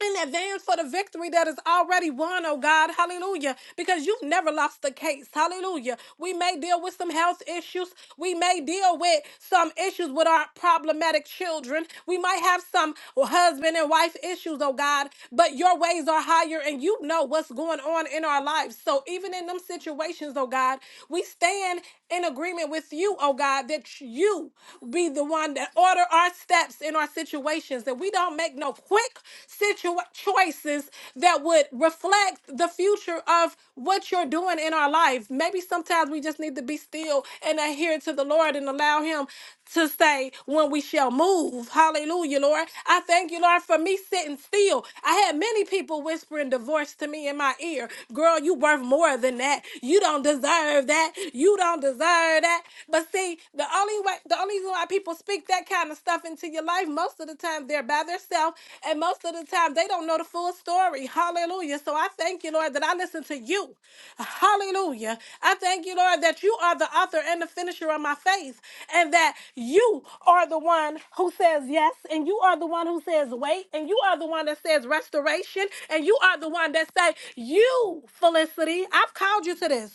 in advance for the victory that is already won, oh God. Hallelujah. Because you've never lost the case. Hallelujah. We may deal with some health issues. We may deal with some issues with our problematic children. We might have some husband and wife issues, oh God. But your ways are higher and you know what's going on in our lives. So even in them situations, oh God, we we stand in agreement with you, oh God, that you be the one that order our steps in our situations, that we don't make no quick situ- choices that would reflect the future of what you're doing in our life. Maybe sometimes we just need to be still and adhere to the Lord and allow Him to say when we shall move. Hallelujah, Lord. I thank you, Lord, for me sitting still. I had many people whispering divorce to me in my ear. Girl, you worth more than that. You don't deserve that. You don't deserve that. But see, the only way the only reason why people speak that kind of stuff into your life, most of the time they're by themselves, and most of the time they don't know the full story. Hallelujah. So I thank you, Lord, that I listen to you. Hallelujah. I thank you, Lord, that you are the author and the finisher of my faith and that you are the one who says yes, and you are the one who says wait, and you are the one that says restoration, and you are the one that say, you, Felicity, I've called you to this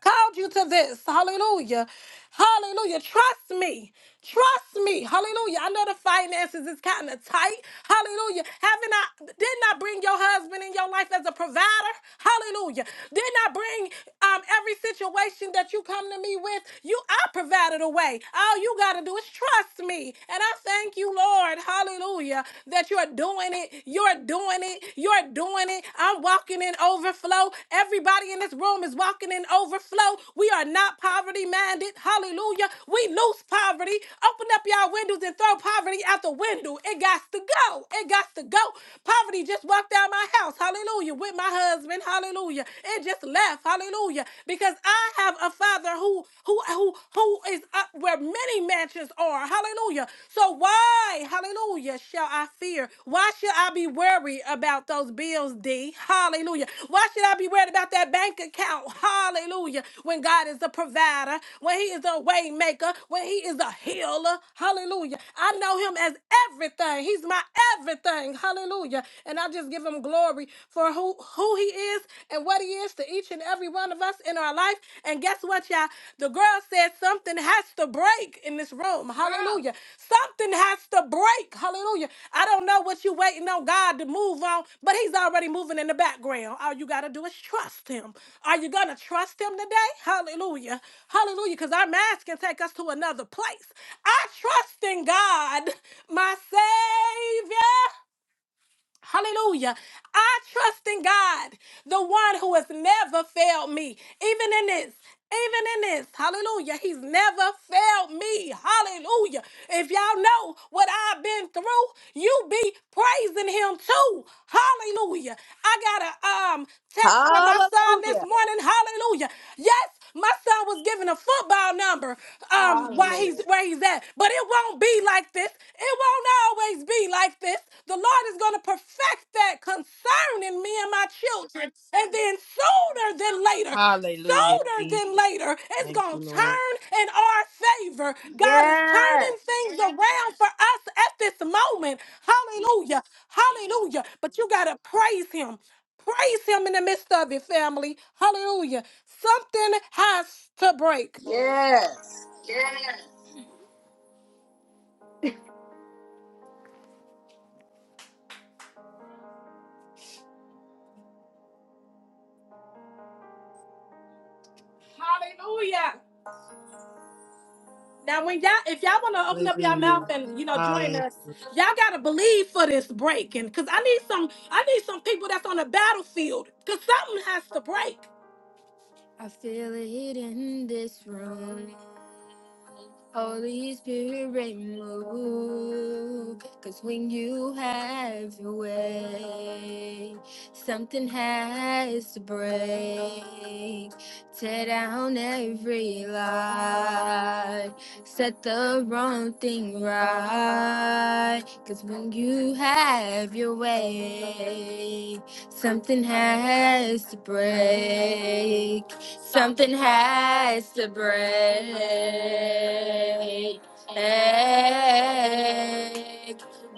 called you to this. Hallelujah. Hallelujah. Trust me. Trust me. Hallelujah. I know the finances is kind of tight. Hallelujah. Haven't I didn't I bring your husband in your life as a provider? Hallelujah. Didn't I bring um every situation that you come to me with? You I provided a way. All you gotta do is trust me. And I thank you, Lord. Hallelujah. That you're doing it. You're doing it. You're doing it. I'm walking in overflow. Everybody in this room is walking in overflow. We are not poverty minded. Hallelujah. We lose poverty. Open up y'all windows and throw poverty out the window. It got to go. It got to go. Poverty just walked out my house. Hallelujah. With my husband. Hallelujah. It just left. Hallelujah. Because I have a father who who who who is up where many mansions are. Hallelujah. So why? Why, hallelujah, shall I fear? Why should I be worried about those bills, D? Hallelujah. Why should I be worried about that bank account? Hallelujah. When God is the provider, when He is a way maker, when He is a healer. Hallelujah. I know Him as everything. He's my everything. Hallelujah. And I just give Him glory for who, who He is and what He is to each and every one of us in our our life. And guess what, y'all? The girl said something has to break in this room. Hallelujah. Something has to break. Hallelujah. I don't know what you're waiting on God to move on, but He's already moving in the background. All you got to do is trust Him. Are you going to trust Him today? Hallelujah. Hallelujah. Because our mask can take us to another place. I trust in God, my Savior. Hallelujah. I trust in God, the one who has never failed me, even in this. Even in this, hallelujah, he's never failed me. Hallelujah. If y'all know what I've been through, you be praising him too. Hallelujah. I got a um text from my son this
Hallelujah.
morning. Hallelujah. Yes, my son was given a football number um while
Hallelujah.
he's where he's at. But it won't be like this. It won't always be like this. The Lord is gonna perfect that concerning me and my children. And then sooner than later,
Hallelujah,
sooner
Jesus.
than later, it's
Thank
going
you,
to
Lord.
turn in our favor. God is
Yes.
turning things around for us at this moment. Hallelujah. Hallelujah. But you got to praise Him. Praise Him in the midst of it, family. Hallelujah. Something has to break.
Yes.
Hallelujah. Now, when y'all, if y'all want to open up your mouth
Hallelujah.
and you know join us,
Hallelujah.
y'all gotta believe for this break, and cause I need some, I need some people that's on the battlefield, cause something has to break. I feel it in this room. Holy Spirit, move. Cause when you have your way, something has to break. Tear down every lie. Set the wrong thing right. Cause when you have your way, something has to break. Something has to break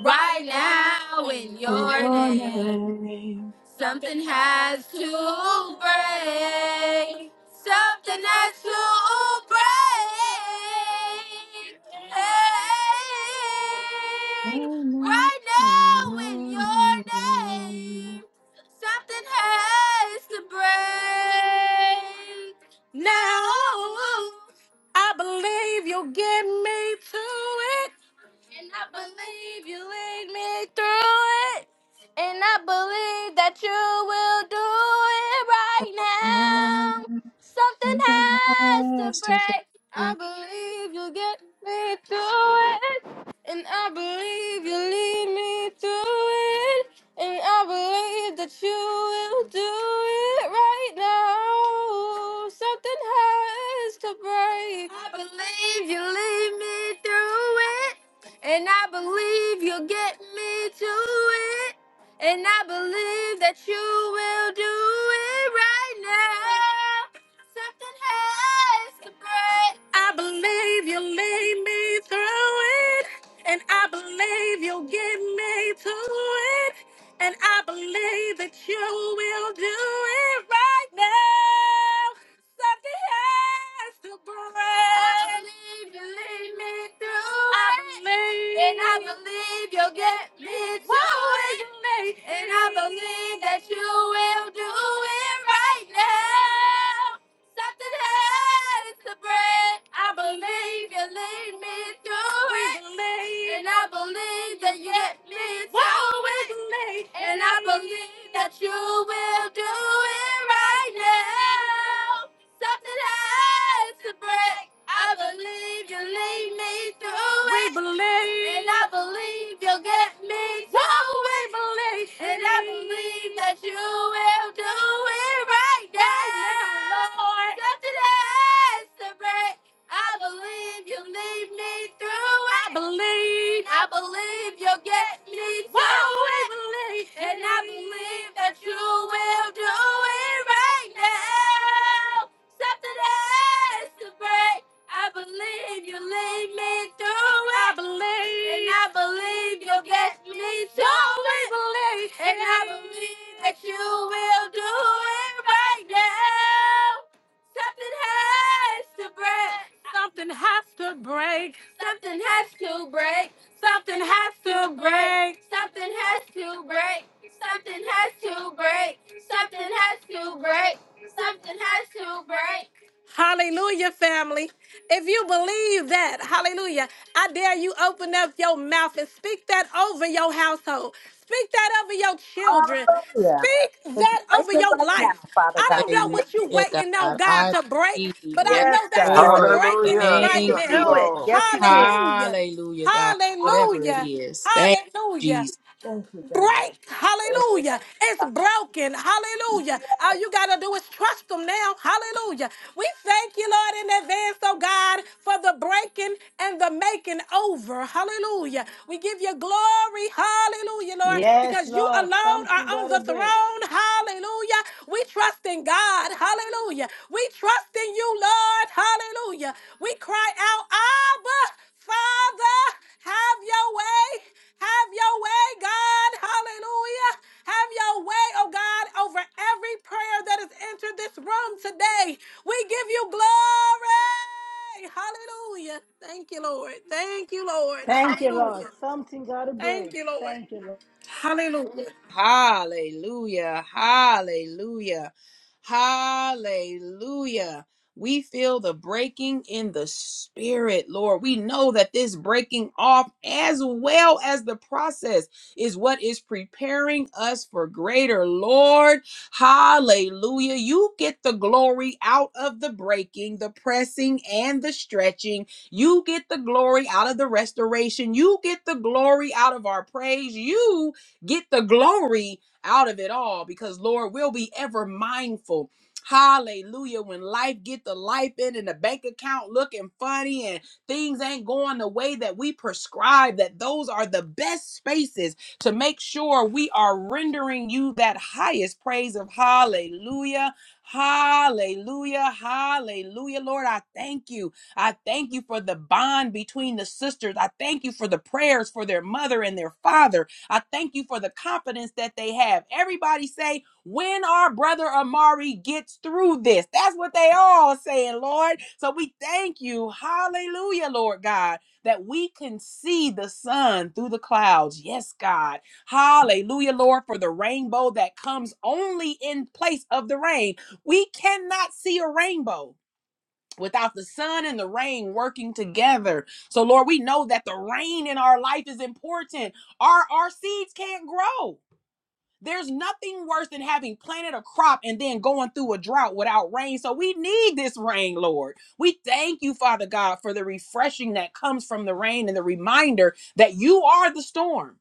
right now in your
Your
name.
name,
Something has to break. Something has to break.
I
Hey,
know
Right now, in
your
your
name.
name, something has to break. Now, I believe you'll get me to it. And I believe you lead me through it. And I believe that you will do it right now.
Ah,
Something
Something
has to
has to
break. I
break.
believe you'll get me through it. And I believe you'll lead me through it. And I believe that you will do it right now. Something has to break. I believe you'll lead me through it. And I believe you'll get me to and I believe that you will do it right now. Something has to break. I believe you'll lead me through it. And I believe you'll get me to it. And I believe that you will do it right now something has to break. I believe you lead me through. I believe, it. and I believe you'll get me through it. And I believe that you will do it right now. Something has to break. I believe you lead me through we it. Believe. And I believe that you get me through it. Believe. And I believe that you will do it right now. Something has to break. Believe you lead me through we it. We believe. And I believe you'll get me through we it. believe. And I believe that you will do it right now. Yes, Lord. Something has to break. I believe you lead me through it. I believe. I believe you'll get me through we it. Believe. And I believe that you will do it right now. And I believe. Something has to break. Something has to break. to break. Something has to break. Something has to break. Hallelujah, family. If you believe that, hallelujah, I dare you open up your mouth and speak that over your household. Speak that over your children.
Hallelujah.
Speak
It's
that over
breaking
your
right now,
life.
Father
I
God.
don't know what
Thank
you're
you.
Hallelujah,
waiting on
God.
God
I
to break,
believe.
but I
Yes,
know
Yes,
that
God.
He's
Lord.
breaking it
Hallelujah.
right
You can
Yes,
Thank
now.
do
you.
it.
Lord.
Yes, you can.
Hallelujah.
Hallelujah, God. Whatever it
Hallelujah.
Hallelujah.
is. Thank you,
Hallelujah
Jesus.
Thank you, God.
break.
It's
Hallelujah.
breaking,
It's
Father
broken.
God.
Hallelujah. All
Yes.
you got to do is trust them now. Hallelujah. We thank you, Lord, in advance, oh God, for the breaking and the making over. Hallelujah. We give you glory. Hallelujah, Lord,
Yes,
because you
Lord.
alone are
Something
on
got to
the
break.
throne. Hallelujah. We trust in God. Hallelujah. We trust in you, Lord. Hallelujah. We cry out, Abba, Father, have your way. Have your way, God. Hallelujah. Have your way, oh God, over every prayer that has entered this room today. We give you glory. Hallelujah. Thank you, Lord. Thank you, Lord.
Thank you, Lord.
Hallelujah.
Something got to
Thank
break.
you, Lord.
Thank you, Lord.
Hallelujah.
Hallelujah. Hallelujah. Hallelujah. We feel the breaking in the spirit, Lord. We know that this breaking off, as well as the process, is what is preparing us for greater, Lord. Hallelujah. You get the glory out of the breaking, the pressing, and the stretching. You get the glory out of the restoration. You get the glory out of our praise. You Get the glory out of it all because, Lord, we'll be ever mindful. Hallelujah. When life get the life in and the bank account looking funny and things ain't going the way that we prescribe, that those are the best spaces to make sure we are rendering you that highest praise of hallelujah. Hallelujah. Hallelujah. Lord, I thank you. I thank you for the bond between the sisters. I thank you for the prayers for their mother and their father. I thank you for the confidence that they have. Everybody say, when our brother Amari gets through this. That's what they all saying, Lord. So we thank you. Hallelujah, Lord God, that we can see the sun through the clouds. Yes, God. Hallelujah, Lord, for the rainbow that comes only in place of the rain. We cannot see a rainbow without the sun and the rain working together. So, Lord, we know that the rain in our life is important. Our, our seeds can't grow there's nothing worse than having planted a crop and then going through a drought without rain. So we need this rain, Lord. We thank you, Father God, for the refreshing that comes from the rain and the reminder that you are the storm.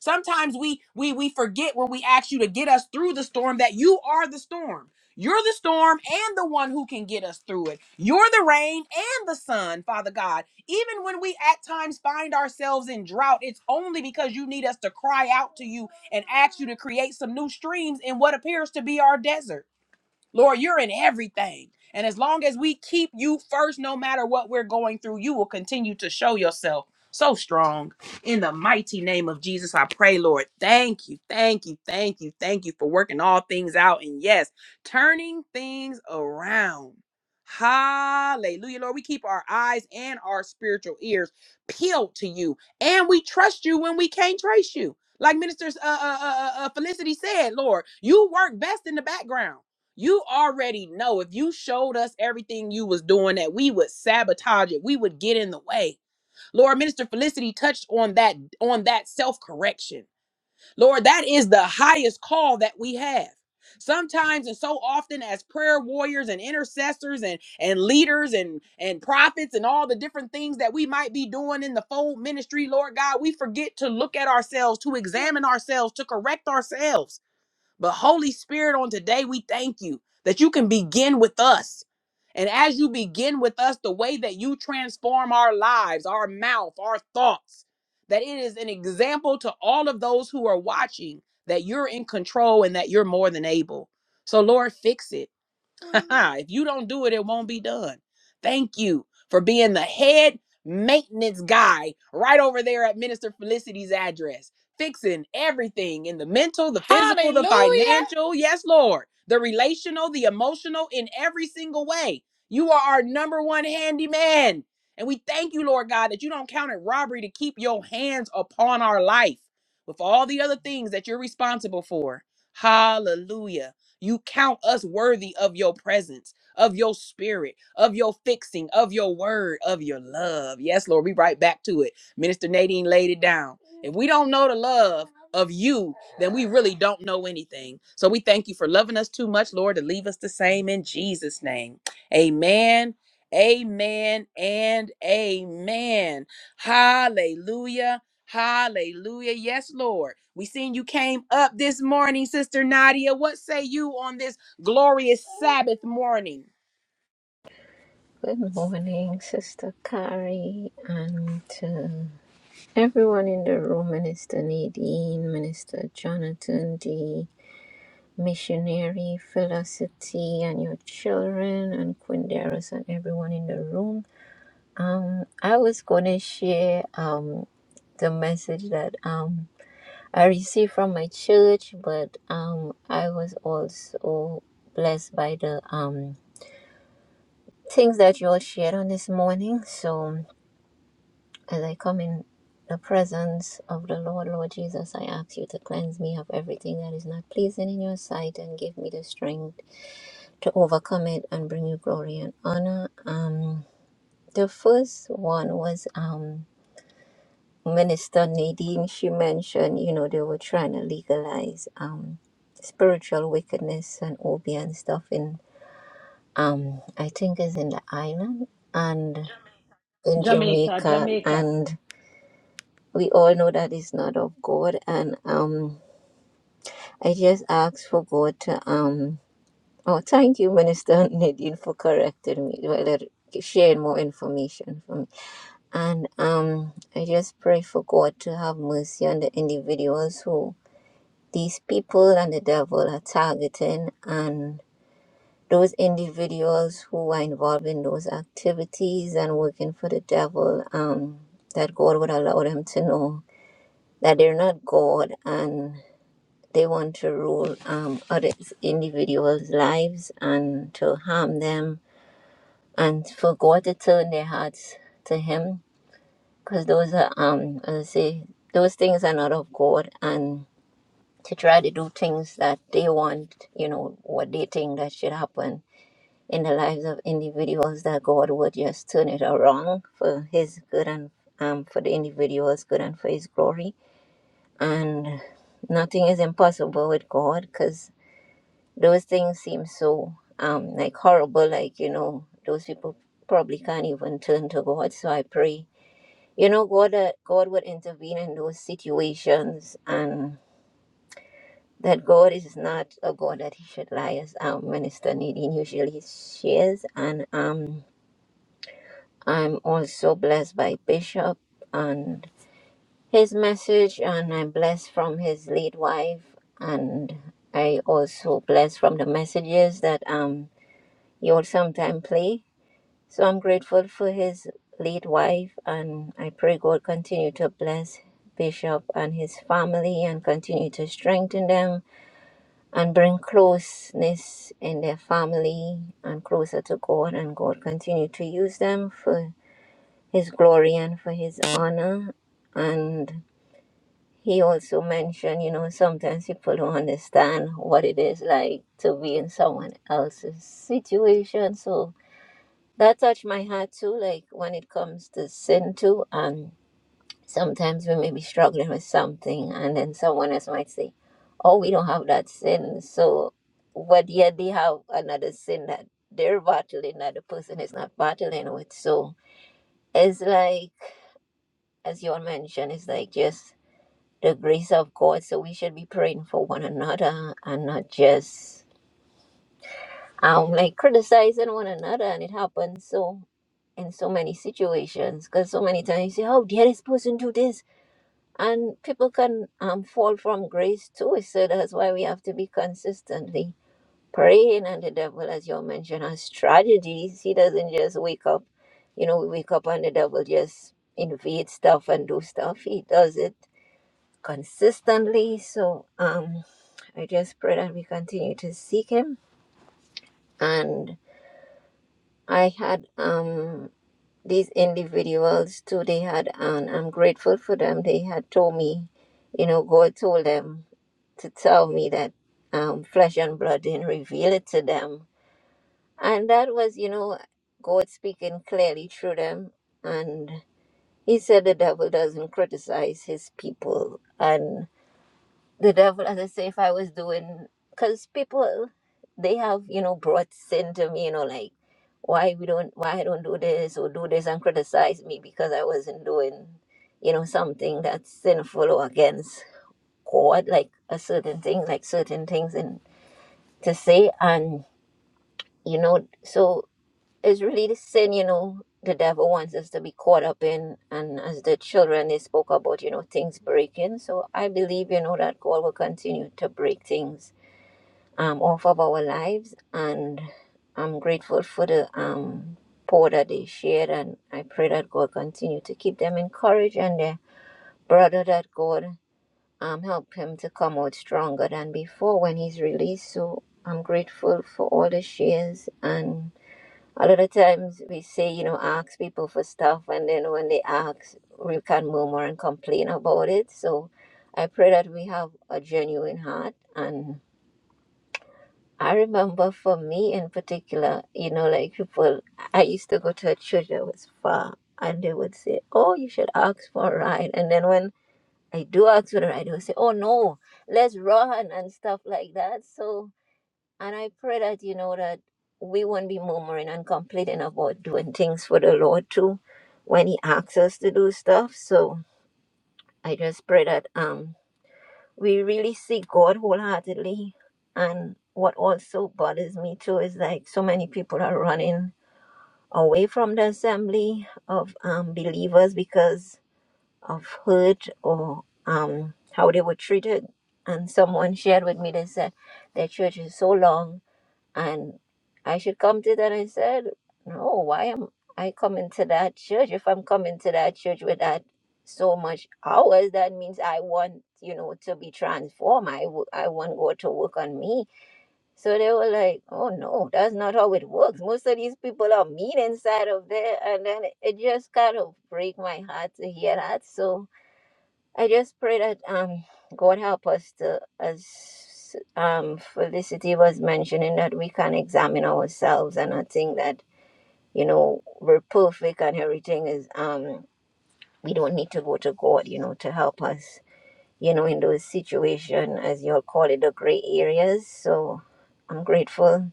Sometimes we we we forget when we ask you to get us through the storm that you are the storm. You're the storm and the one who can get us through it. You're the rain and the sun, Father God. Even when we at times find ourselves in drought, it's only because you need us to cry out to you and ask you to create some new streams in what appears to be our desert. Lord, you're in everything. And as long as we keep you first, no matter what we're going through, you will continue to show yourself so strong. In the mighty name of Jesus, I pray, Lord. Thank you, thank you, thank you, thank you for working all things out. And yes, turning things around. Hallelujah, Lord. We keep our eyes and our spiritual ears peeled to you, and we trust you when we can't trace you. Like Minister uh, uh, uh, uh, uh, Felicity said, Lord, you work best in the background. You already know if you showed us everything you was doing that we would sabotage it. We would get in the way. Lord Minister Felicity touched on that on that self-correction. Lord, that is the highest call that we have. Sometimes and so often as prayer warriors and intercessors and and leaders and and prophets and all the different things that we might be doing in the fold ministry, Lord God, we forget to look at ourselves, to examine ourselves, to correct ourselves. But Holy Spirit, on today, we thank you that you can begin with us. And as you begin with us, the way that you transform our lives, our mouth, our thoughts, that it is an example to all of those who are watching that you're in control and that you're more than able. So, Lord, fix it. if you don't do it, it won't be done. Thank you for being the head maintenance guy right over there at Minister Felicity's address, fixing everything in the mental, the physical, the
Hallelujah.
financial. Yes, Lord. The relational, the emotional, in every single way. You are our number one handyman. And we thank you, Lord God, that you don't count it robbery to keep your hands upon our life with all the other things that you're responsible for. Hallelujah. You count us worthy of your presence, of your spirit, of your fixing, of your word, of your love. Yes, Lord, we right back to it. Minister Nadine laid it down. If we don't know the love of you, then we really don't know anything. So we thank you for loving us too much, Lord, to leave us the same in Jesus' name. Amen. Amen and amen. Hallelujah. Hallelujah. Yes, Lord. We seen you came up this morning, Sister Nadia. What say you on this glorious Sabbath morning?
Good morning, Sister Carrie, and to everyone in the room Minister Nadine, Minister Jonathan, the missionary, Felicity, and your children, and Quinderos, and everyone in the room. Um, I was going to share um, the message that um, I received from my church, but um, I was also blessed by the um, things that you all shared on this morning. So. As I come in the presence of the Lord, Lord Jesus, I ask you to cleanse me of everything that is not pleasing in your sight and give me the strength to overcome it and bring you glory and honor. Um, the first one was um, Minister Nadine. She mentioned, you know, they were trying to legalize um, spiritual wickedness and obi and stuff in, um, I think, is in the island and in
Jamaica,
Jamaica.
Jamaica.
And we all know that it's not of God. And um, I just ask for God to um. Oh, thank you, Minister Nadine, for correcting me, well, uh, sharing more information for me. And um, I just pray for God to have mercy on the individuals who these people and the devil are targeting, and those individuals who are involved in those activities and working for the devil. Um, that God would allow them to know that they're not God and They want to rule um, other individuals' lives and to harm them and for God to turn their hearts to Him because those are, um, as I say, those things are not of God and to try to do things that they want, you know, what they think that should happen in the lives of individuals that God would just turn it around for His good and um, for the individual's good and for His glory. And nothing is impossible with God because those things seem so um like horrible like you know those people probably can't even turn to god so i pray you know god uh, god would intervene in those situations and that god is not a god that he should lie as um, minister nadine usually shares and um i'm also blessed by bishop and his message and i'm blessed from his late wife and i also blessed from the messages that um He would sometimes play. So I'm grateful for his late wife, and I pray God continue to bless Bishop and his family and continue to strengthen them and bring closeness in their family and closer to God. And God continue to use them for his glory and for his honor. And he also mentioned, you know, sometimes people don't understand what it is like to be in someone else's situation. So that touched my heart too like when it comes to sin too and sometimes we may be struggling with something and then someone else might say oh we don't have that sin so but yet they have another sin that they're battling that the person is not battling with so it's like as you all mentioned it's like just the grace of god so we should be praying for one another and not just um like criticizing one another and it happens so in so many situations because so many times you say, "Oh, dare this person do this," and people can um, fall from grace too. So that's why we have to be consistently praying. And the devil, as you mentioned, has strategies. He doesn't just wake up. You know, we wake up and the devil just invade stuff and do stuff. He does it consistently. So um, I just pray that we continue to seek Him. And I had um these individuals too they had and i'm grateful for them they had told me you know god told them to tell me that um, flesh and blood didn't reveal it to them and that was you know god speaking clearly through them and he said the devil doesn't criticize his people and the devil as I say if I was doing because people they have you know brought sin to me you know like why we don't why I don't do this or do this and criticize me because I wasn't doing you know something that's sinful or against God like a certain thing like certain things and to say and you know so it's really the sin you know the devil wants us to be caught up in and as the children they spoke about you know things breaking so I believe you know that God will continue to break things um, off of our lives. And I'm grateful for the um, poor that they shared. And I pray that God continue to keep them encouraged and their brother that God um, help him to come out stronger than before when he's released. So I'm grateful for all the shares. And a lot of times we say, you know, ask people for stuff. And then when they ask, we can murmur and complain about it. So I pray that we have a genuine heart and I remember for me in particular, you know, like people, I used to go to a church that was far and they would say, Oh, you should ask for a ride. And then when I do ask for a ride, they would say, Oh, no, let's run and stuff like that. So, and I pray that, you know, that we won't be murmuring and complaining about doing things for the Lord too when He asks us to do stuff. So I just pray that. um we really seek God wholeheartedly. And what also bothers me too is like so many people are running away from the assembly of um, believers because of hurt or um, how they were treated. And someone shared with me, they said their church is so long and I should come to that. I said, no, why am I coming to that church? If I'm coming to that church with that so much hours, that means I want, you know, to be transformed. I, w- I want God to work on me. So they were like, oh no, that's not how it works. Most of these people are mean inside of there. And then it just kind of break my heart to hear that. So, I just pray that um, God help us to, as um, Felicity was mentioning, that we can examine ourselves and not think that, you know, we're perfect and everything is, um, we don't need to go to God, you know, to help us, you know, in those situations, as you'll call it, the gray areas. So I'm grateful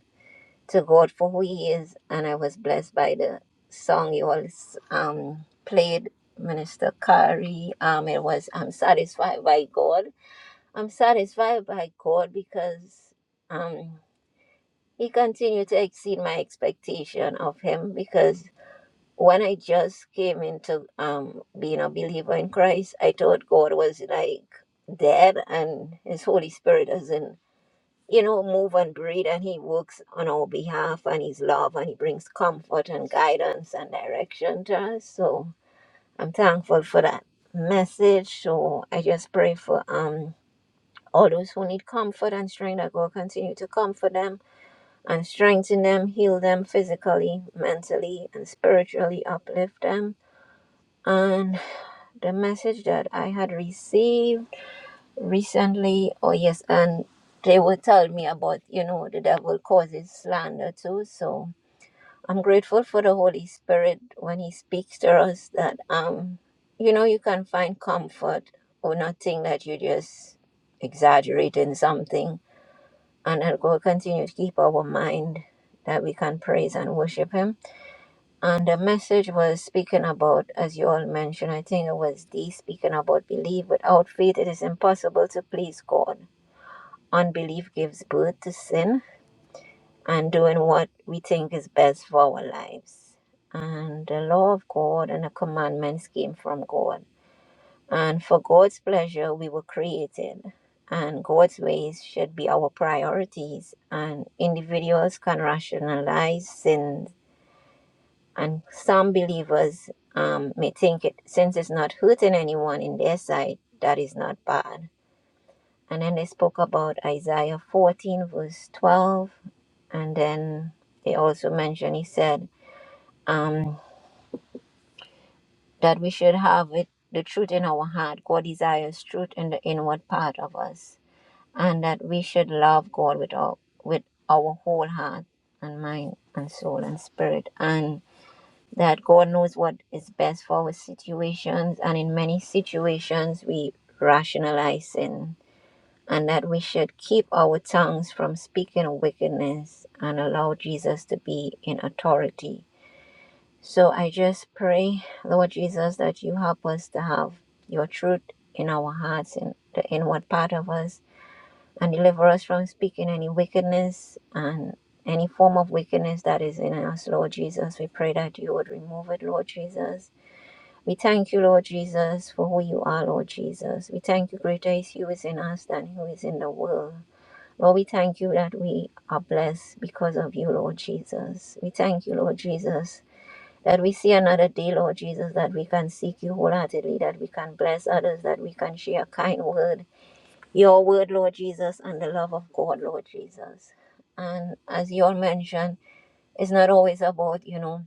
to God for who He is. And I was blessed by the song you all um, played, Minister Kari. Um, it was, I'm satisfied by God I'm satisfied by God because um, He continued to exceed my expectation of Him. Because when I just came into um, being a believer in Christ, I thought God was like dead and His Holy Spirit doesn't, you know, move and breathe and He works on our behalf and His love and He brings comfort and guidance and direction to us. So I'm thankful for that message. So I just pray for. um all those who need comfort and strength, that God continue to comfort them and strengthen them, heal them physically, mentally, and spiritually, uplift them. And the message that I had received recently, oh yes, and they would tell me about, you know, the devil causes slander too. So I'm grateful for the Holy Spirit when He speaks to us that, um, you know, you can find comfort or not think that you just exaggerating something and that God continue to keep our mind that we can praise and worship Him. And the message was speaking about, as you all mentioned, I think it was D speaking about belief. Without faith, it is impossible to please God. Unbelief gives birth to sin and doing what we think is best for our lives. And the law of God and the commandments came from God. And for God's pleasure, we were created, and God's ways should be our priorities. And individuals can rationalize sin, and some believers um, may think it since it's not hurting anyone in their sight, that is not bad. And then they spoke about Isaiah 14, verse 12, and then they also mentioned, he said, um, that we should have it, the truth in our heart. God desires truth in the inward part of us and that we should love God with our with our whole heart and mind and soul and spirit and that God knows what is best for our situations and in many situations we rationalize sin and that we should keep our tongues from speaking wickedness and allow Jesus to be in authority. So I just pray, Lord Jesus, that you help us to have your truth in our hearts in the inward part of us and deliver us from speaking any wickedness and any form of wickedness that is in us, Lord Jesus. We pray that you would remove it, Lord Jesus. We thank you, Lord Jesus, for who you are, Lord Jesus. We thank you, greater is he who is in us than who is in the world. Lord, we thank you that we are blessed because of you, Lord Jesus. We thank you, Lord Jesus, that we see another day, Lord Jesus, that we can seek you wholeheartedly, that we can bless others, that we can share a kind word, your word, Lord Jesus, and the love of God, Lord Jesus. And as you all mentioned, it's not always about, you know,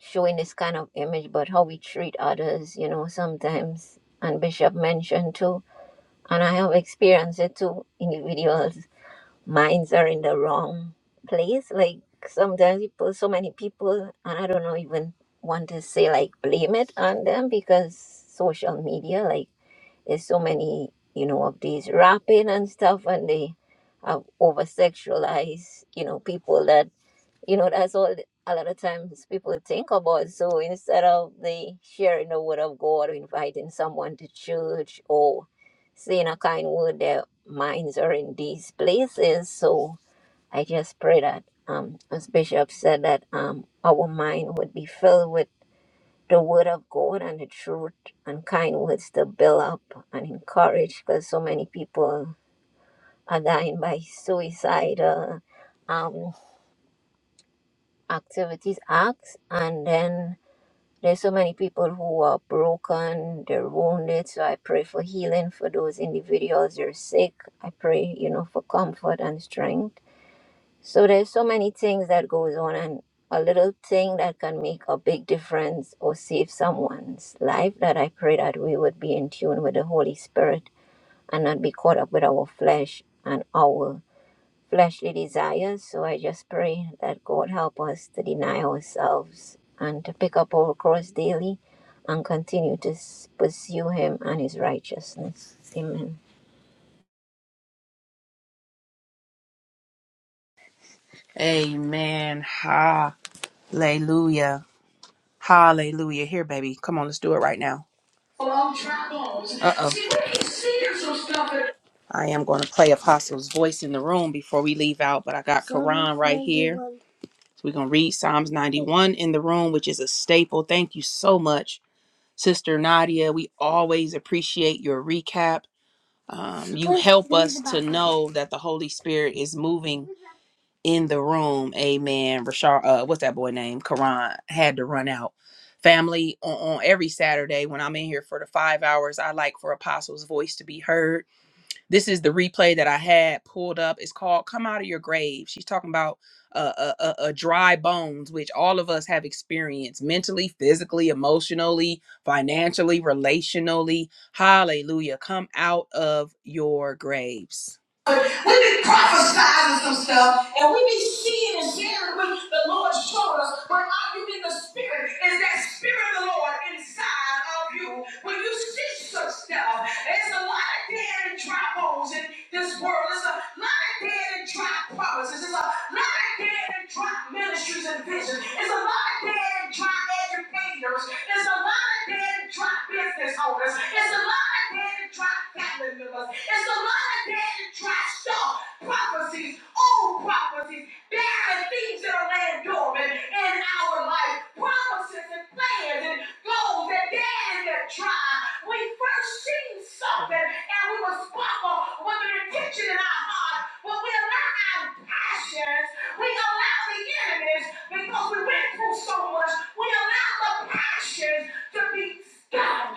showing this kind of image, but how we treat others, you know, sometimes. And Bishop mentioned too, and I have experienced it too, individuals' minds are in the wrong place. Like sometimes you put so many people, and I don't know even want to say like blame it on them because social media, like. There's so many, you know, of these rapping and stuff, and they have over sexualized, you know, people that, you know, that's all a lot of times people think about. So instead of the sharing the word of God or inviting someone to church or saying a kind word, their minds are in these places. So I just pray that, um, as Bishop said, that um, our mind would be filled with the word of God and the truth and kind words to build up and encourage because so many people are dying by suicidal um, activities, acts, and then there's so many people who are broken, they're wounded. So I pray for healing for those individuals. They're sick. I pray, you know, for comfort and strength So there's so many things that goes on and a little thing that can make a big difference or save someone's life that I pray that we would be in tune with the Holy Spirit and not be caught up with our flesh and our fleshly desires. So I just pray that God help us to deny ourselves and to pick up our cross daily and continue to s- pursue him and his righteousness. Amen.
Amen. Hallelujah. Hallelujah. Here, baby. Come on, let's do it right now. Uh oh. I am going to play Apostle's voice in the room before we leave out, but I got Quran right here. So we're going to read Psalms 91 in the room, which is a staple. Thank you so much, Sister Nadia. We always appreciate your recaps. Um, you help us to know that the Holy Spirit is moving in the room. Amen. Rashard, uh, what's that boy name? Karan had to run out. Family, on, on every Saturday when I'm in here for the five hours, I like for Apostles' voice to be heard this is the replay that I had pulled up. It's called "Come Out of Your Grave." She's talking about uh, uh, uh, uh, dry bones, which all of us have experienced mentally, physically, emotionally, financially, relationally. Hallelujah! Come out of your graves. we be prophesying some stuff, and we be seeing and hearing what the Lord showed us. But are you in the Spirit? Is that Spirit of the Lord inside of you? When you see such stuff, there's a lot of dead and dry bones in this world. There's a lot of dead and dry promises. There's a lot of dead and dry ministries and visions. There's a lot of dead and dry educators. There's a lot of dead and dry business owners. There's a lot of dead and dry family members. There's a lot of dead and dry stuff. Prophecies, old prophecies. There are things that are laying dormant in our life, promises and plans and goals that dare and that try. We first see something and we will sparkle with an intention in our heart, but we allow our passions, we allow the enemies because we went through so much, we allow the passions to be stopped.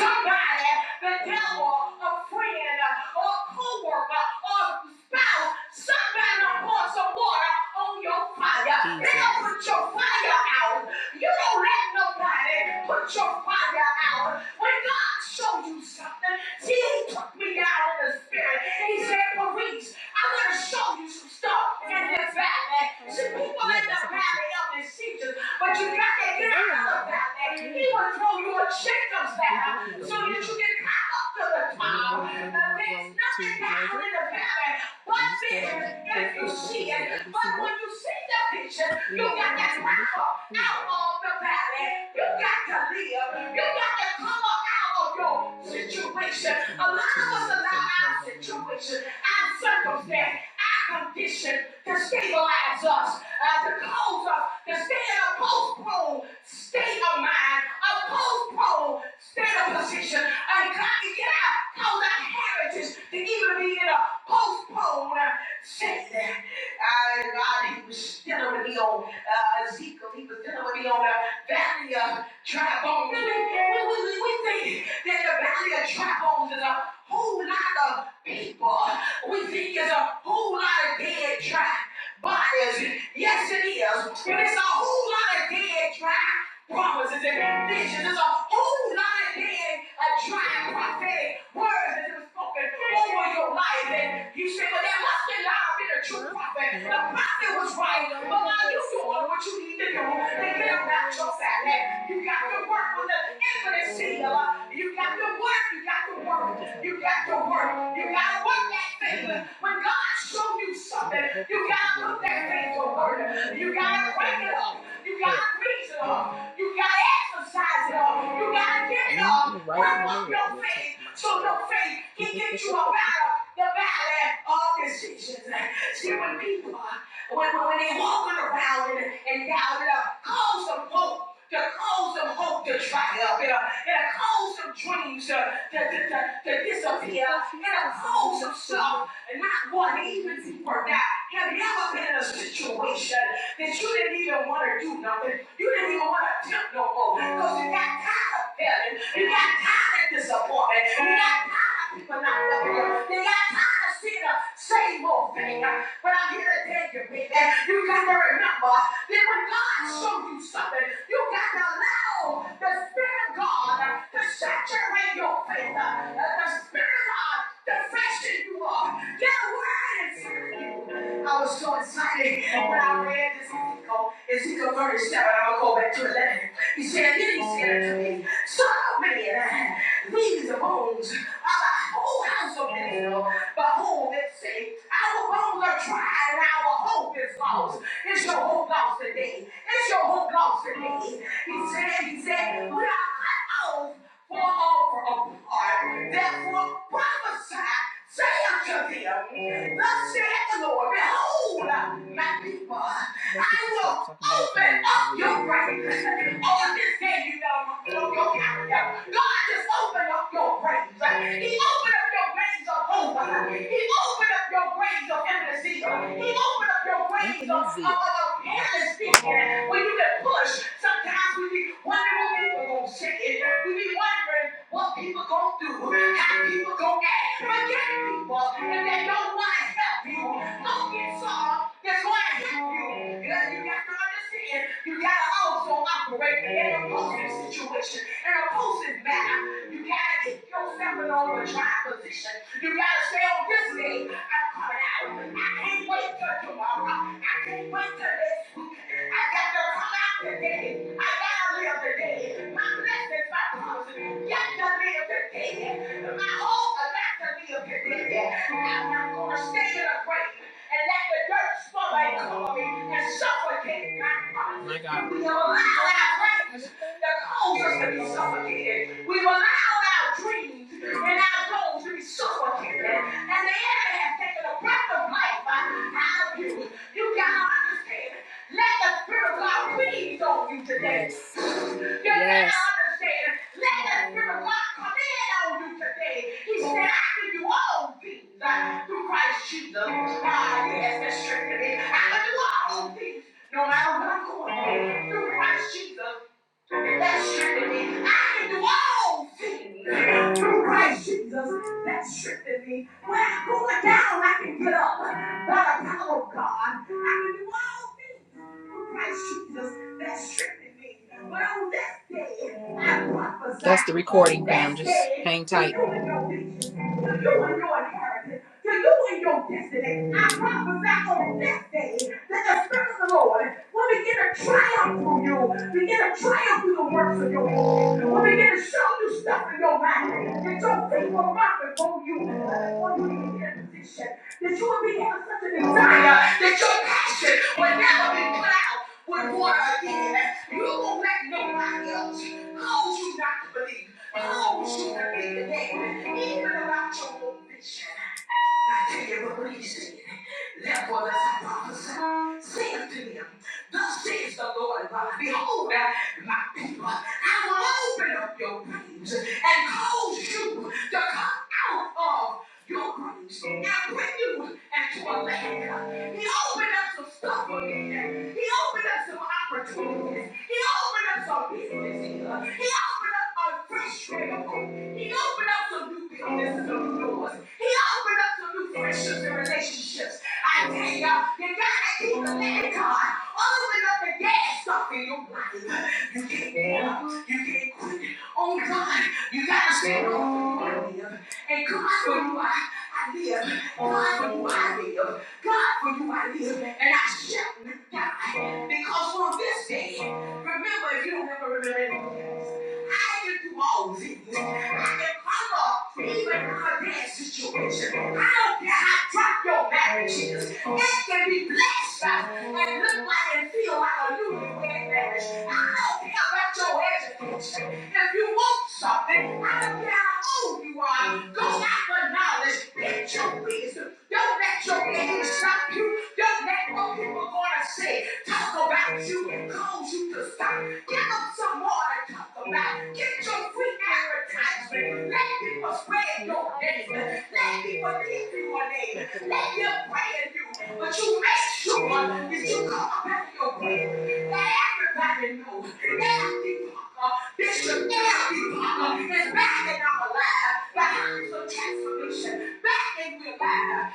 Somebody, the devil, a friend, or a co-worker, or a spouse, somebody don't pour some water on your fire. Jesus. They don't put your fire out. You don't let nobody put your fire out. When God showed you something, see, He took me out in the spirit. And He said, Maurice, I'm going to show you some stuff in this valley. See, people in the valley of decisions. But you got to get out of that. He will throw you a Jacob's valley so that you can come up to the top. Now, there's nothing down in the valley but vision if you see it. But when you see the vision, you got to come up out of the valley. You got to live. You got to come up out of your situation. A lot of us allow our situation, our circumstance, our condition to stabilize us uh, to cause us to stay in a postponed state of mind, a postponed state of position, and God can get out, cause our heritage to even be in a postponed uh, state. Uh, God, he was dealing with me on uh, Ezekiel, he was dealing with me on uh, valley of dry bones. We, we, we, think that the valley of dry bones is a whole lot of people. We think it's a whole lot of dead dry bodies. Yes, it is. But it's a whole lot of dead dry promises and visions. It's a whole lot of dead prophetic, uh, dry prophetic words that have spoken over your life. And you say, well, that must have not been a true prophet. The prophet was right, but now you're doing what you need to do. And they're not your salad. You got to work with the infinite seal. Uh, You got to work, you got to work, you got to work, you got to work that thing. When God shows you something, you got to put that thing to work. You got to break it up it up. You gotta preach it up. You gotta exercise it up. You gotta get it up. Bring up your faith so your faith can get you up out of the valley of decisions. See, when people, when, when, when they walking around and, and doubted up, call some hope to cause some hope to dry up, and, uh, and cause some dreams uh, to, to, to, to disappear, and cause some stuff, and not one, even deeper now. Have you ever been in a situation that you didn't even want to do nothing? You didn't even want to attempt no more because you got tired of failing, you got tired of disappointment, you got tired of people not loving you, you got tired of seeing did the same old thing. But I'm here to tell you, baby, you got to remember that when God shows you something, you got to allow the Spirit of God to saturate your faith. Uh, The Spirit of God to freshen you up. Get a word inside you. I was so excited when I read this Ezekiel, Ezekiel 37. I'm going to go back to 11. He said, Then he said to me, Son of man, these bones are the whole house of Israel. Behold, they say, Our bones are tried and our hope is lost. It's your hope lost today. It's your hope lost today. He said, He said, We are bones were all fall apart. Therefore prophesy, say unto them, Thus saith the Lord, Behold, my people, I will open up your graves. On this day, you know, on your calendar, God just opened up your graves. He opened up your graves of hope. He opened up your graves of endless season. He opened Open up your wings of, of, of atmosphere where you can push. Sometimes we be wondering what people gonna say. We be wondering what people gonna do, how people gonna act. Forget people and they don't want to help you. Don't get soft. That's why I help you. You know, you got to understand. You gotta also operate in a positive situation, in a positive manner. You gotta keep yourself in an overdrive position. You gotta stay on this day. I'm coming out. I can't wait till tomorrow. I can't wait till next week. I got to come out today. I got to live today. My blessings, my promises, got to live today. My hope, I got to live today. I'm not going to stay in a grave and let the dirt smother and cover me and suffocate my promises and we allow our greatness to cause us to be suffocated, we allow our dreams and our goals to be suffocated, and the enemy has taken a breath of life out of you. You gotta understand. Let the spirit of God breathe on you today. You gotta Yes understand. Let us hear of God come in on you today. He said, I give you all things uh, through Christ Jesus. Ah, yes, that's strength to me. I can do all things no matter what I'm going through. Through Christ Jesus. That's strengthened me. I can do all things through Christ Jesus. That's strengthened me. When I'm going down, I can get up by the power of God. I can do all things through Christ Jesus. That's strengthened me. But on this day, I prophesy. That's the recording, fam. Just hang tight. You and your inheritance to you and your destiny. I prophesy on this day that the Spirit of the Lord will begin to triumph through you, begin to triumph through the works of your hands, will begin to show you stuff in your mind that your feet will mark before you, before you even get in a position, that you will be having such a desire that your passion will never be clouded with water again. You won't let nobody else. How would you not believe? How would you not be the name, Even about your own vision. I tell you what, please sing. it. Therefore, let's prophesy. Sing it to him. Thus says the Lord God, behold, uh, my people, I will open up your graves and cause you to come out of your graves and bring you into a land. uh, He opened up some stuff again. He opened up some opportunities. He opened up some business here. He opened up a fresh revival. He opened up some new businesses, some new doors. He opened up some new friendships and relationships. I tell you, you gotta keep believing God. Open up the gas up in your life. You can't give up. You can't quit Oh God. You gotta stand on for you I live. And God for you I, I live. God for you I live. God, for you I live, and I shall not die. Because on this day, remember, if you don't ever remember anything else. I can do all things. I can come up, even out of that situation. I don't care how drunk your marriage is. It can be blessed by and look like and feel like a newlywed marriage. I don't care about your education. If you want something, I don't care how old you are. Go out for knowledge. Get your ways. Don't let your name stop you. Don't let what people are going to say talk about you and cause you to stop. Give them some more to talk about. Get your free advertisement. Let people spread your name. Let people keep your name. Let them pray in you. But you make sure that you come up your way. Let everybody know. Every Parker, Bishop Every Parker is back in our lives. Behind some transformation. Back in your as long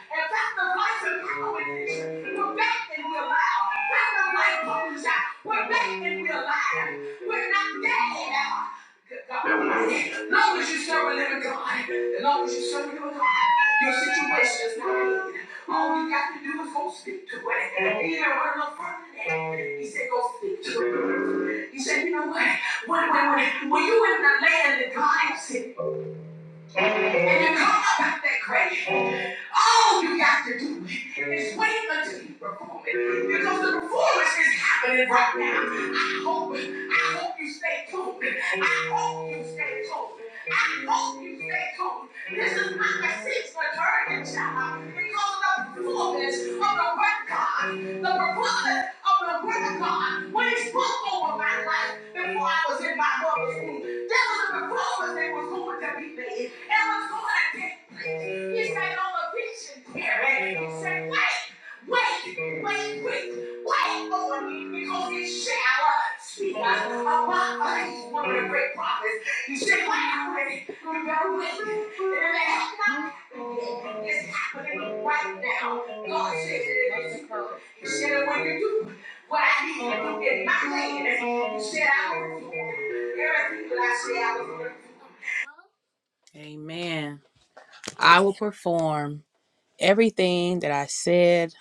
as you serve a living God, as long as you serve a living God, your situation is not in. All you got to do is go speak to it. He didn't want no further than that. He said, go speak to it. He said, you know what? When, when, when, when you in the land that God has sent and you come up out that grave. All you got to do is wait until you perform it. Because the performance is happening right now. I hope, I hope you stay tuned. I hope you stay tuned. I hope you stay tuned. This is not a six maternity child because of the performance of the one God, the performance of the word of God when he spoke over my life before I was in my mother's womb. There was a performance that was going to be made and was going to take place. He said, on the vision, Terry, he said, wait, wait, wait, wait, wait on me because it shall speak about us. One of the great prophets. He said, wait on it. You better wait. And if it has not happened, it's happening right now. God said it is. He said, when you do what I did and put in my hand. You said I would do. Everything that I said I was do. Amen. I will perform everything that I said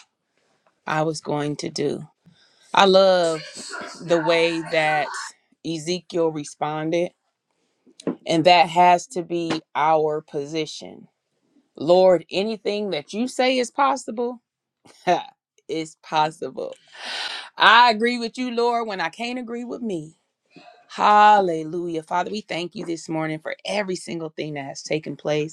I was going to do. I love the way that Ezekiel responded, and that has to be our position. Lord, anything that you say is possible, it's possible. I agree with you, Lord, when I can't agree with me. Hallelujah. Father, we thank you this morning for every single thing that has taken place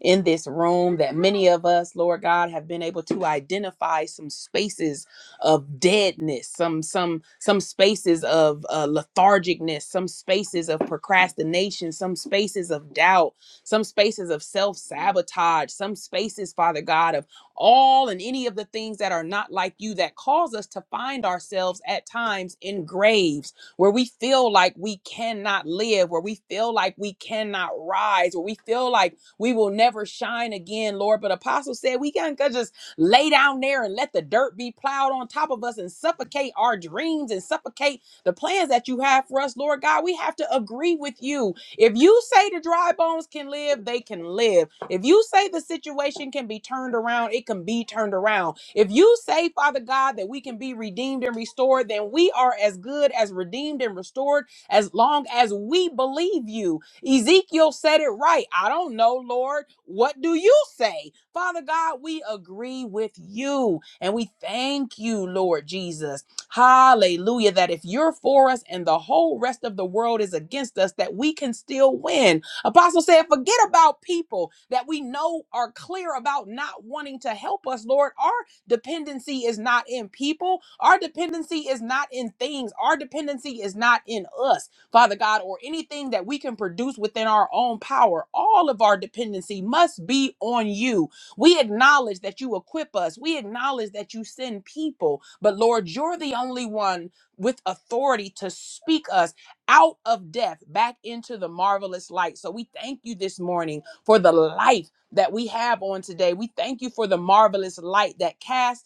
in this room that many of us, Lord God, have been able to identify some spaces of deadness, some some some spaces of uh, lethargicness, some spaces of procrastination, some spaces of doubt, some spaces of self sabotage, some spaces, Father God, of all and any of the things that are not like you that cause us to find ourselves at times in graves where we feel like we cannot live, where we feel like we cannot rise, where we feel like we will never shine again, Lord. But Apostle said we can't just lay down there and let the dirt be plowed on top of us and suffocate our dreams and suffocate the plans that you have for us, Lord God. We have to agree with you. If you say the dry bones can live, they can live. If you say the situation can be turned around, it can be turned around. If you say, Father God, that we can be redeemed and restored, then we are as good as redeemed and restored as long as we believe you. Ezekiel said it right. I don't know, Lord. What do you say? Father God, we agree with you and we thank you, Lord Jesus. Hallelujah. That if you're for us and the whole rest of the world is against us, that we can still win. Apostle said, forget about people that we know are clear about not wanting to help us, Lord. Our dependency is not in people, our dependency is not in things, our dependency is not in us. Father God, or anything that we can produce within our own power. All of our dependency must be on you. We acknowledge that you equip us, we acknowledge that you send people, but Lord, you're the only one with authority to speak us out of death back into the marvelous light. So we thank you this morning for the life that we have on today. We thank you for the marvelous light that casts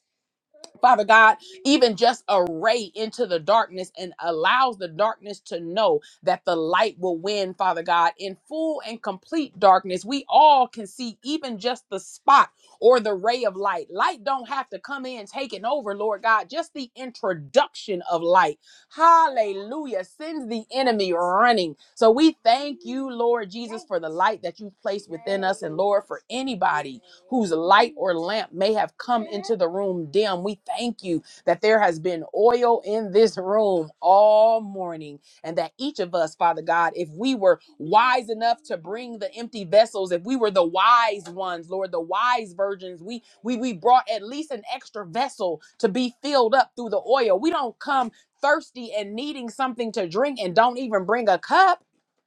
Father God, even just a ray into the darkness and allows the darkness to know that the light will win, Father God, in full and complete darkness. We all can see even just the spot or the ray of light. Light don't have to come in taking over, Lord God. Just the introduction of light. Hallelujah. Sends the enemy running. So we thank you, Lord Jesus, for the light that you've placed within us. And Lord, for anybody whose light or lamp may have come into the room dim. We thank you that there has been oil in this room all morning, and that each of us, Father God, if we were wise enough to bring the empty vessels, if we were the wise ones, Lord, the wise virgins, we we we brought at least an extra vessel to be filled up through the oil. We don't come thirsty and needing something to drink and don't even bring a cup.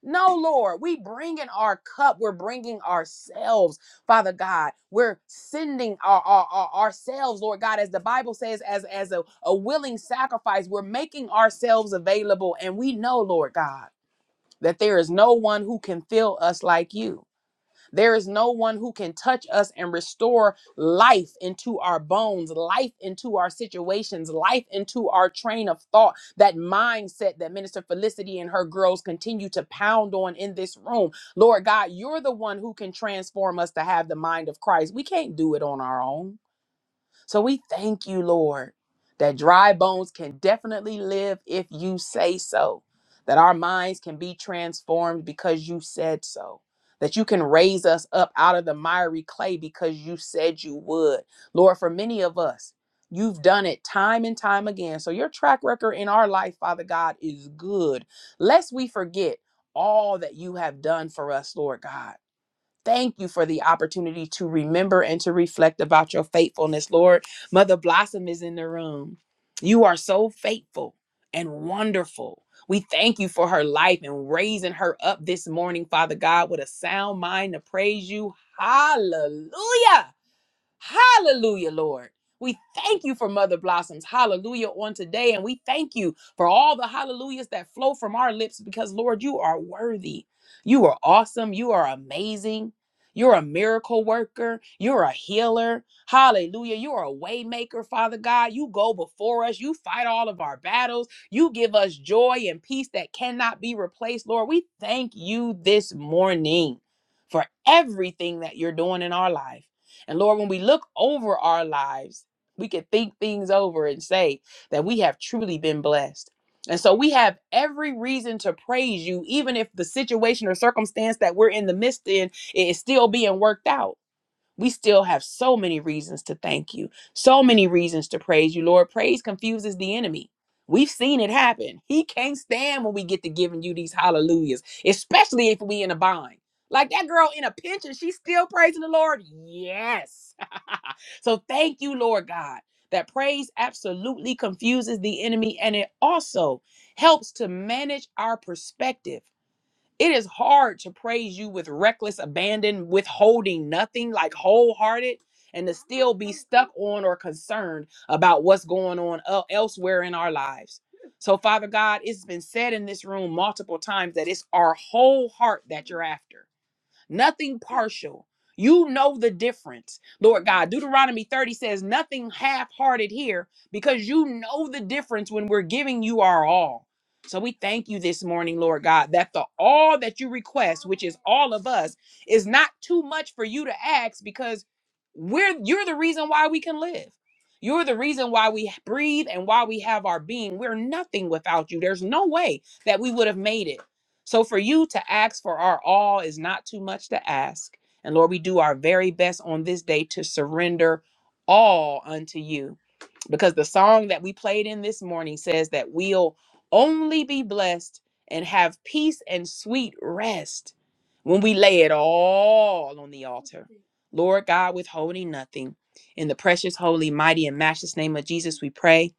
No, Lord, we bring in our cup. We're bringing ourselves. Father God, we're sending our, our- our- ourselves, Lord God, as the Bible says, as, as a, a willing sacrifice. We're making ourselves available. And we know, Lord God, that there is no one who can fill us like you. There is no one who can touch us and restore life into our bones, life into our situations, life into our train of thought, that mindset that Minister Felicity and her girls continue to pound on in this room. Lord God, you're the one who can transform us to have the mind of Christ. We can't do it on our own. So we thank you, Lord, that dry bones can definitely live if you say so, that our minds can be transformed because you said so, that you can raise us up out of the miry clay because you said you would. Lord, for many of us, You've done it time and time again. So, your track record in our life, Father God, is good. Lest we forget all that you have done for us, Lord God. Thank you for the opportunity to remember and to reflect about your faithfulness, Lord. Mother Blossom is in the room. You are so faithful and wonderful. We thank you for her life and raising her up this morning, Father God, with a sound mind to praise you. Hallelujah. Hallelujah, Lord. We thank you for Mother Blossoms. Hallelujah on today. And we thank you for all the hallelujahs that flow from our lips because, Lord, you are worthy. You are awesome. You are amazing. You're a miracle worker. You're a healer. Hallelujah. You're a waymaker, Father God. You go before us. You fight all of our battles. You give us joy and peace that cannot be replaced, Lord. We thank you this morning for everything that you're doing in our life. And Lord, when we look over our lives, we can think things over and say that we have truly been blessed. And so we have every reason to praise you, even if the situation or circumstance that we're in the midst in is still being worked out we still have so many reasons to thank you, so many reasons to praise you, Lord. Praise confuses the enemy. We've seen it happen. He can't stand when we get to giving you these hallelujahs, especially if we in a bind. Like that girl in a pinch and she's still praising the Lord. Yes. so thank you, Lord God, that praise absolutely confuses the enemy and it also helps to manage our perspective it is hard to praise you with reckless abandon, withholding nothing, like wholehearted, and to still be stuck on or concerned about what's going on el- elsewhere in our lives. So, Father God, it's been said in this room multiple times that it's our whole heart that you're after nothing partial. You know the difference, Lord God. Deuteronomy 30 says, nothing half hearted here because you know the difference when we're giving you our all. So we thank you this morning, Lord God, that the all that you request, which is all of us, is not too much for you to ask because we're you're the reason why we can live. You're the reason why we breathe and why we have our being. We're nothing without you. There's no way that we would have made it. So for you to ask for our all is not too much to ask. And Lord, we do our very best on this day to surrender all unto you. Because the song that we played in this morning says that we'll only be blessed and have peace and sweet rest when we lay it all on the altar. Lord God, withholding nothing. In the precious, holy, mighty, and matchless name of Jesus, we pray.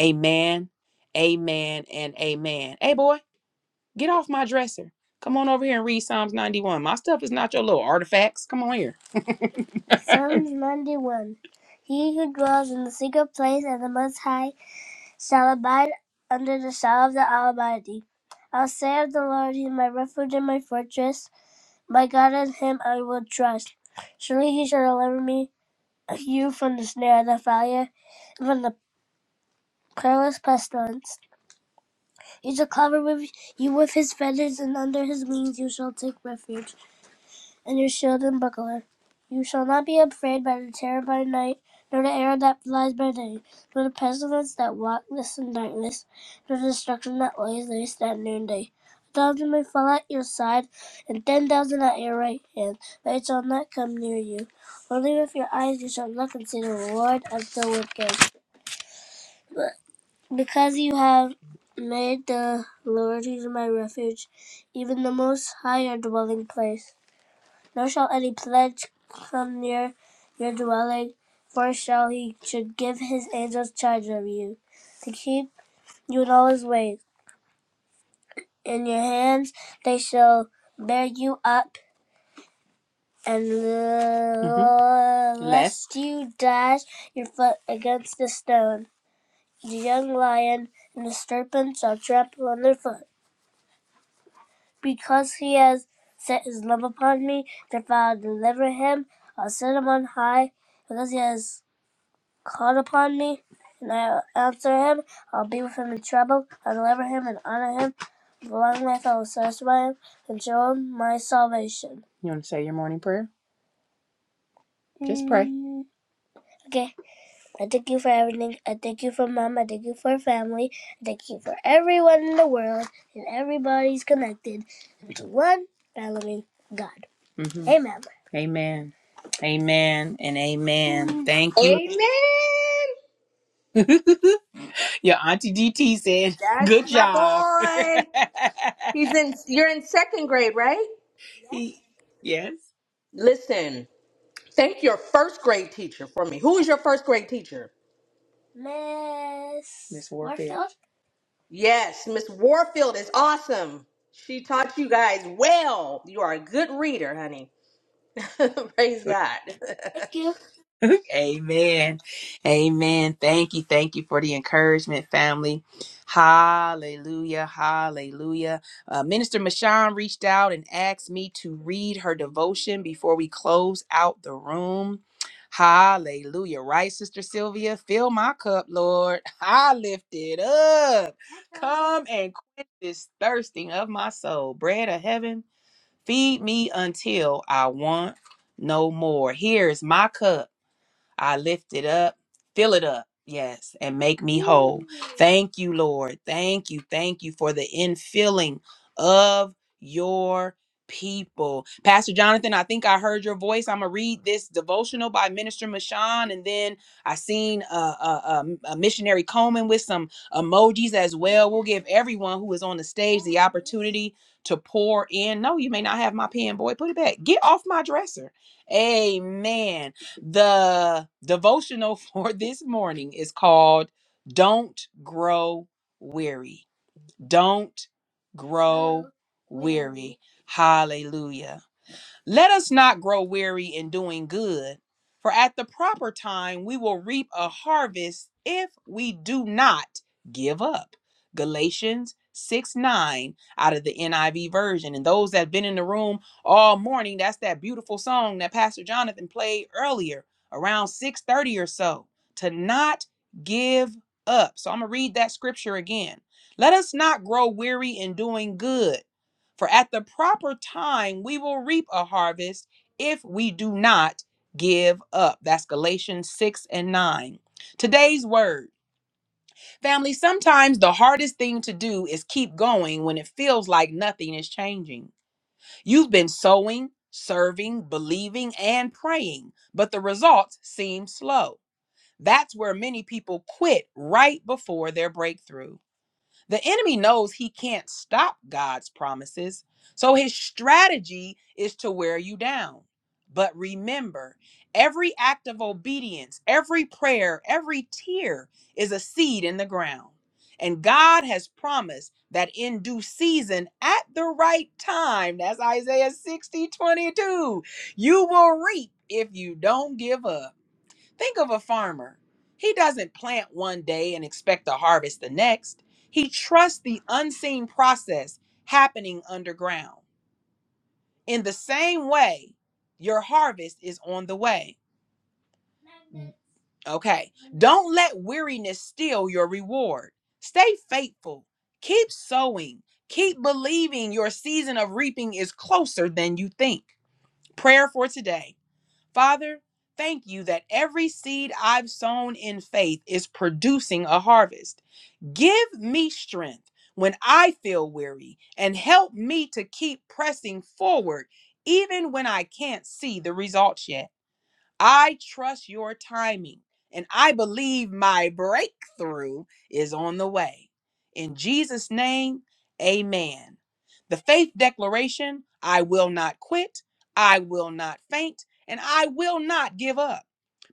Amen, amen, and amen. Hey, boy. Get off my dresser. Come on over here and read Psalms 91. My stuff is not your little artifacts. Come on here. Psalms 91. He who dwells in the secret place of the Most High shall abide under the shadow of the Almighty. I'll say of the Lord, He is my refuge and my fortress. My God, in Him I will trust. Surely He shall deliver me, you from the snare of the fowler, and from the perilous pestilence. He shall cover with you with His feathers, and under His wings you shall take refuge. and your shield and buckler. You shall not be afraid by the terror by night, nor the arrow that flies by day, nor the pestilence that walketh in darkness, nor the destruction that lies waste at noonday. A thousand may fall at your side, and ten thousand at your right hand, but it shall not come near you. Only with your eyes you shall look and see the reward of the wicked. But because you have made the Lord who is my refuge, even the Most High your dwelling place. Nor shall any pledge come near your dwelling, for shall he should give his angels charge of you, to keep you in all his ways. In your hands they shall bear you up, and lest, Lest. you dash your foot against a stone. The young lion and the serpent shall trample on their foot. Because he has set his love upon me, therefore I will deliver him. I'll set him on high, because he has called upon me, and I will answer him. I'll be with him in trouble. I'll deliver him and honor him. With a long life I will satisfy him and show him my salvation. You want to say your morning prayer? Just pray. Mm. Okay, I thank you for everything. I thank you for mom. I thank you for family. I thank you for everyone in the world, and everybody's connected into one following God. hmm Amen. Amen. Amen and amen. Mm-hmm. Thank you.
Amen.
Your auntie DT said, "Good
That's my
job."
boy.
Yes.
He's in you're in second grade, right?
He- yes.
Listen, thank your first grade teacher for me. Who is your first grade teacher?
Miss Miss Warfield. Warfield?
Yes, Miss Warfield is awesome. She taught you guys well. You are a good reader, honey. Praise God.
Thank you. Amen. Amen. Thank you. Thank you for the encouragement, family. Hallelujah. Hallelujah. Uh, Minister Mashawn reached out and asked me to read her devotion before we close out the room. Hallelujah. Right, Sister Sylvia? Fill my cup, Lord. I lift it up. Come and quench this thirsting of my soul. Bread of heaven Feed me until I want no more. Here's my cup. I lift it up, fill it up, yes, and make me whole. Thank you, Lord. Thank you. Thank you for the infilling of your people. Pastor Jonathan, I think I heard your voice. I'm going to read this devotional by Minister Mashawn, and then I seen a, a, a a missionary Coleman with some emojis as well. We'll give everyone who is on the stage the opportunity to pour in. No, you may not have my pen, boy. Put it back. Get off my dresser. Amen. The devotional for this morning is called Don't Grow Weary. Don't Grow Weary. Hallelujah. Let us not grow weary in doing good, for at the proper time we will reap a harvest if we do not give up. Galatians 6 9 out of the NIV version. And those that have been in the room all morning, that's that beautiful song that Pastor Jonathan played earlier around 6:30 or so. To not give up. So I'm gonna read that scripture again. Let us not grow weary in doing good. For at the proper time, we will reap a harvest if we do not give up. That's Galatians 6 and 9. Today's word. Family, sometimes the hardest thing to do is keep going when it feels like nothing is changing. You've been sowing, serving, believing, and praying, but the results seem slow. That's where many people quit right before their breakthrough. The enemy knows he can't stop God's promises, so his strategy is to wear you down. But remember, every act of obedience, every prayer, every tear is a seed in the ground. And God has promised that in due season, at the right time, that's Isaiah sixty twenty-two, you will reap if you don't give up. Think of a farmer. He doesn't plant one day and expect to harvest the next. He trusts the unseen process happening underground. In the same way, your harvest is on the way. Okay. Don't let weariness steal your reward. Stay faithful. Keep sowing. Keep believing your season of reaping is closer than you think. Prayer for today. Father, thank you that every seed I've sown in faith is producing a harvest. Give me strength when I feel weary and help me to keep pressing forward even when I can't see the results yet. I trust your timing, and I believe my breakthrough is on the way. In Jesus' name, amen. The faith declaration I will not quit, I will not faint, and I will not give up.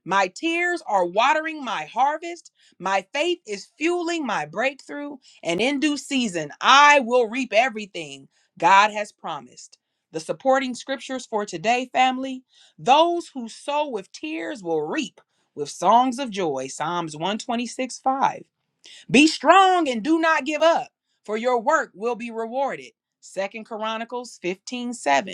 My tears are watering my harvest. My faith is fueling my breakthrough. And in due season, I will reap everything God has promised. The supporting scriptures for today, family those who sow with tears will reap with songs of joy. Psalms 126 5. Be strong and do not give up, for your work will be rewarded. Second Chronicles 15 7.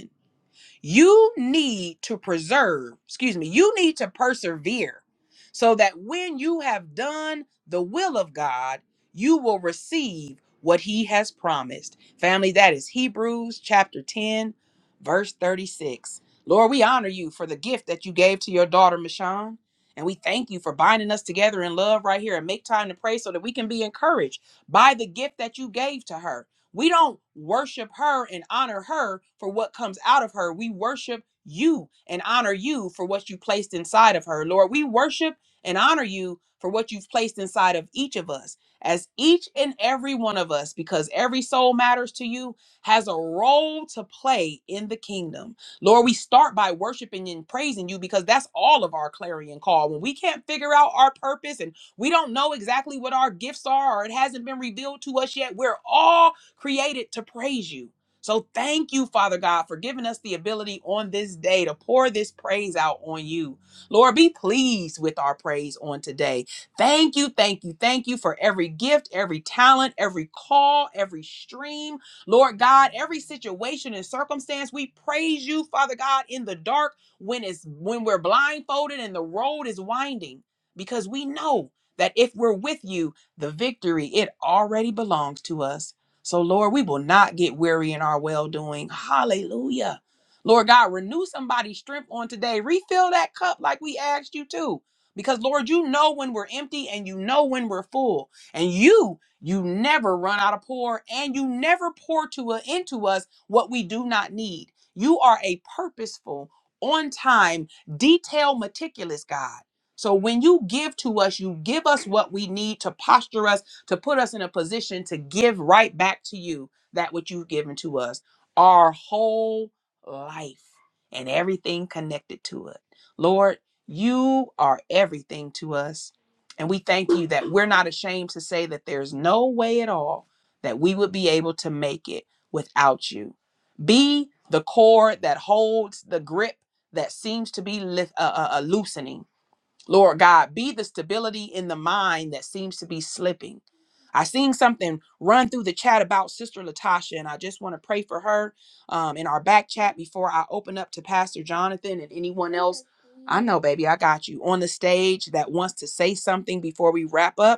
You need to preserve, excuse me, you need to persevere so that when you have done the will of God, you will receive what he has promised. Family, that is Hebrews chapter 10, verse 36. Lord, we honor you for the gift that you gave to your daughter, Michonne. And we thank you for binding us together in love right here and make time to pray so that we can be encouraged by the gift that you gave to her. We don't worship her and honor her for what comes out of her. We worship you and honor you for what you placed inside of her. Lord, we worship and honor you for what you've placed inside of each of us, as each and every one of us, because every soul matters to you, has a role to play in the kingdom. Lord, we start by worshiping and praising you because that's all of our clarion call. When we can't figure out our purpose and we don't know exactly what our gifts are or it hasn't been revealed to us yet, we're created to praise you. So thank you, Father God, for giving us the ability on this day to pour this praise out on you. Lord, be pleased with our praise on today. Thank you, thank you, thank you for every gift, every talent, every call, every stream. Lord God, every situation and circumstance, we praise you, Father God, in the dark when it's when we're blindfolded and the road is winding because we know that if we're with you, the victory it already belongs to us. So, Lord, we will not get weary in our well doing. Hallelujah. Lord God, renew somebody's strength on today. Refill that cup like we asked you to. Because, Lord, you know when we're empty and you know when we're full. And you, you never run out of pour and you never pour to into us what we do not need. You are a purposeful, on time, detailed, meticulous God. So when you give to us, you give us what we need to posture us to put us in a position to give right back to you that which you've given to us, our whole life and everything connected to it. Lord, you are everything to us. And we thank you that we're not ashamed to say that there's no way at all that we would be able to make it without you. Be the cord that holds the grip that seems to be lif- uh, uh, uh, loosening Lord God, be the stability in the mind that seems to be slipping. I seen something run through the chat about Sister Latasha, and I just want to pray for her um, in our back chat before I open up to Pastor Jonathan and anyone else. I know, baby, I got you on the stage that wants to say something before we wrap up.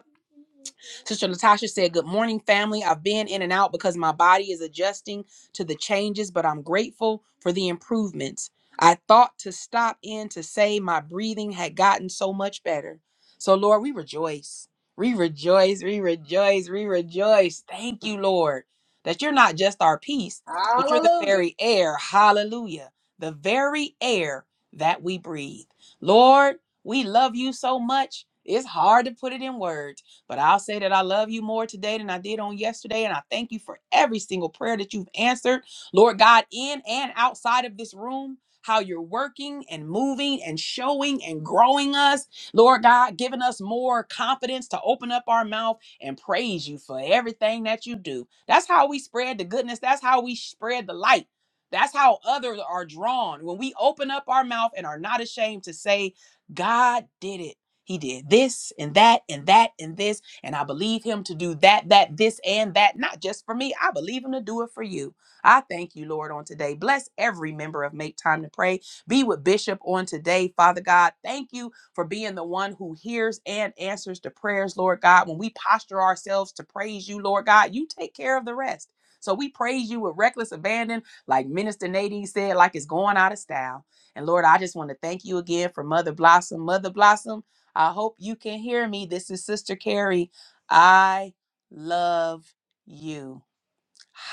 Sister Latasha said, Good morning, family. I've been in and out because my body is adjusting to the changes, but I'm grateful for the improvements. I thought to stop in to say my breathing had gotten so much better. So, Lord, we rejoice. We rejoice, we rejoice, we rejoice. Thank you, Lord, that you're not just our peace, but you're the
Hallelujah.
very air. Hallelujah. The very air that we breathe. Lord, we love you so much. It's hard to put it in words. But I'll say that I love you more today than I did on yesterday. And I thank you for every single prayer that you've answered, Lord God, in and outside of this room. How you're working and moving and showing and growing us, Lord God, giving us more confidence to open up our mouth and praise you for everything that you do. That's how we spread the goodness. That's how we spread the light. That's how others are drawn. When we open up our mouth and are not ashamed to say, God did it. He did this and that and that and this. And I believe him to do that, that, this, and that, not just for me. I believe him to do it for you. I thank you, Lord, on today. Bless every member of Make Time to Pray. Be with Bishop on today, Father God. Thank you for being the one who hears and answers the prayers, Lord God. When we posture ourselves to praise you, Lord God, you take care of the rest. So we praise you with reckless abandon, like Minister Nadine said, like it's going out of style. And Lord, I just want to thank you again for Mother Blossom. Mother Blossom, I hope you can hear me. This is Sister Carrie. I love you.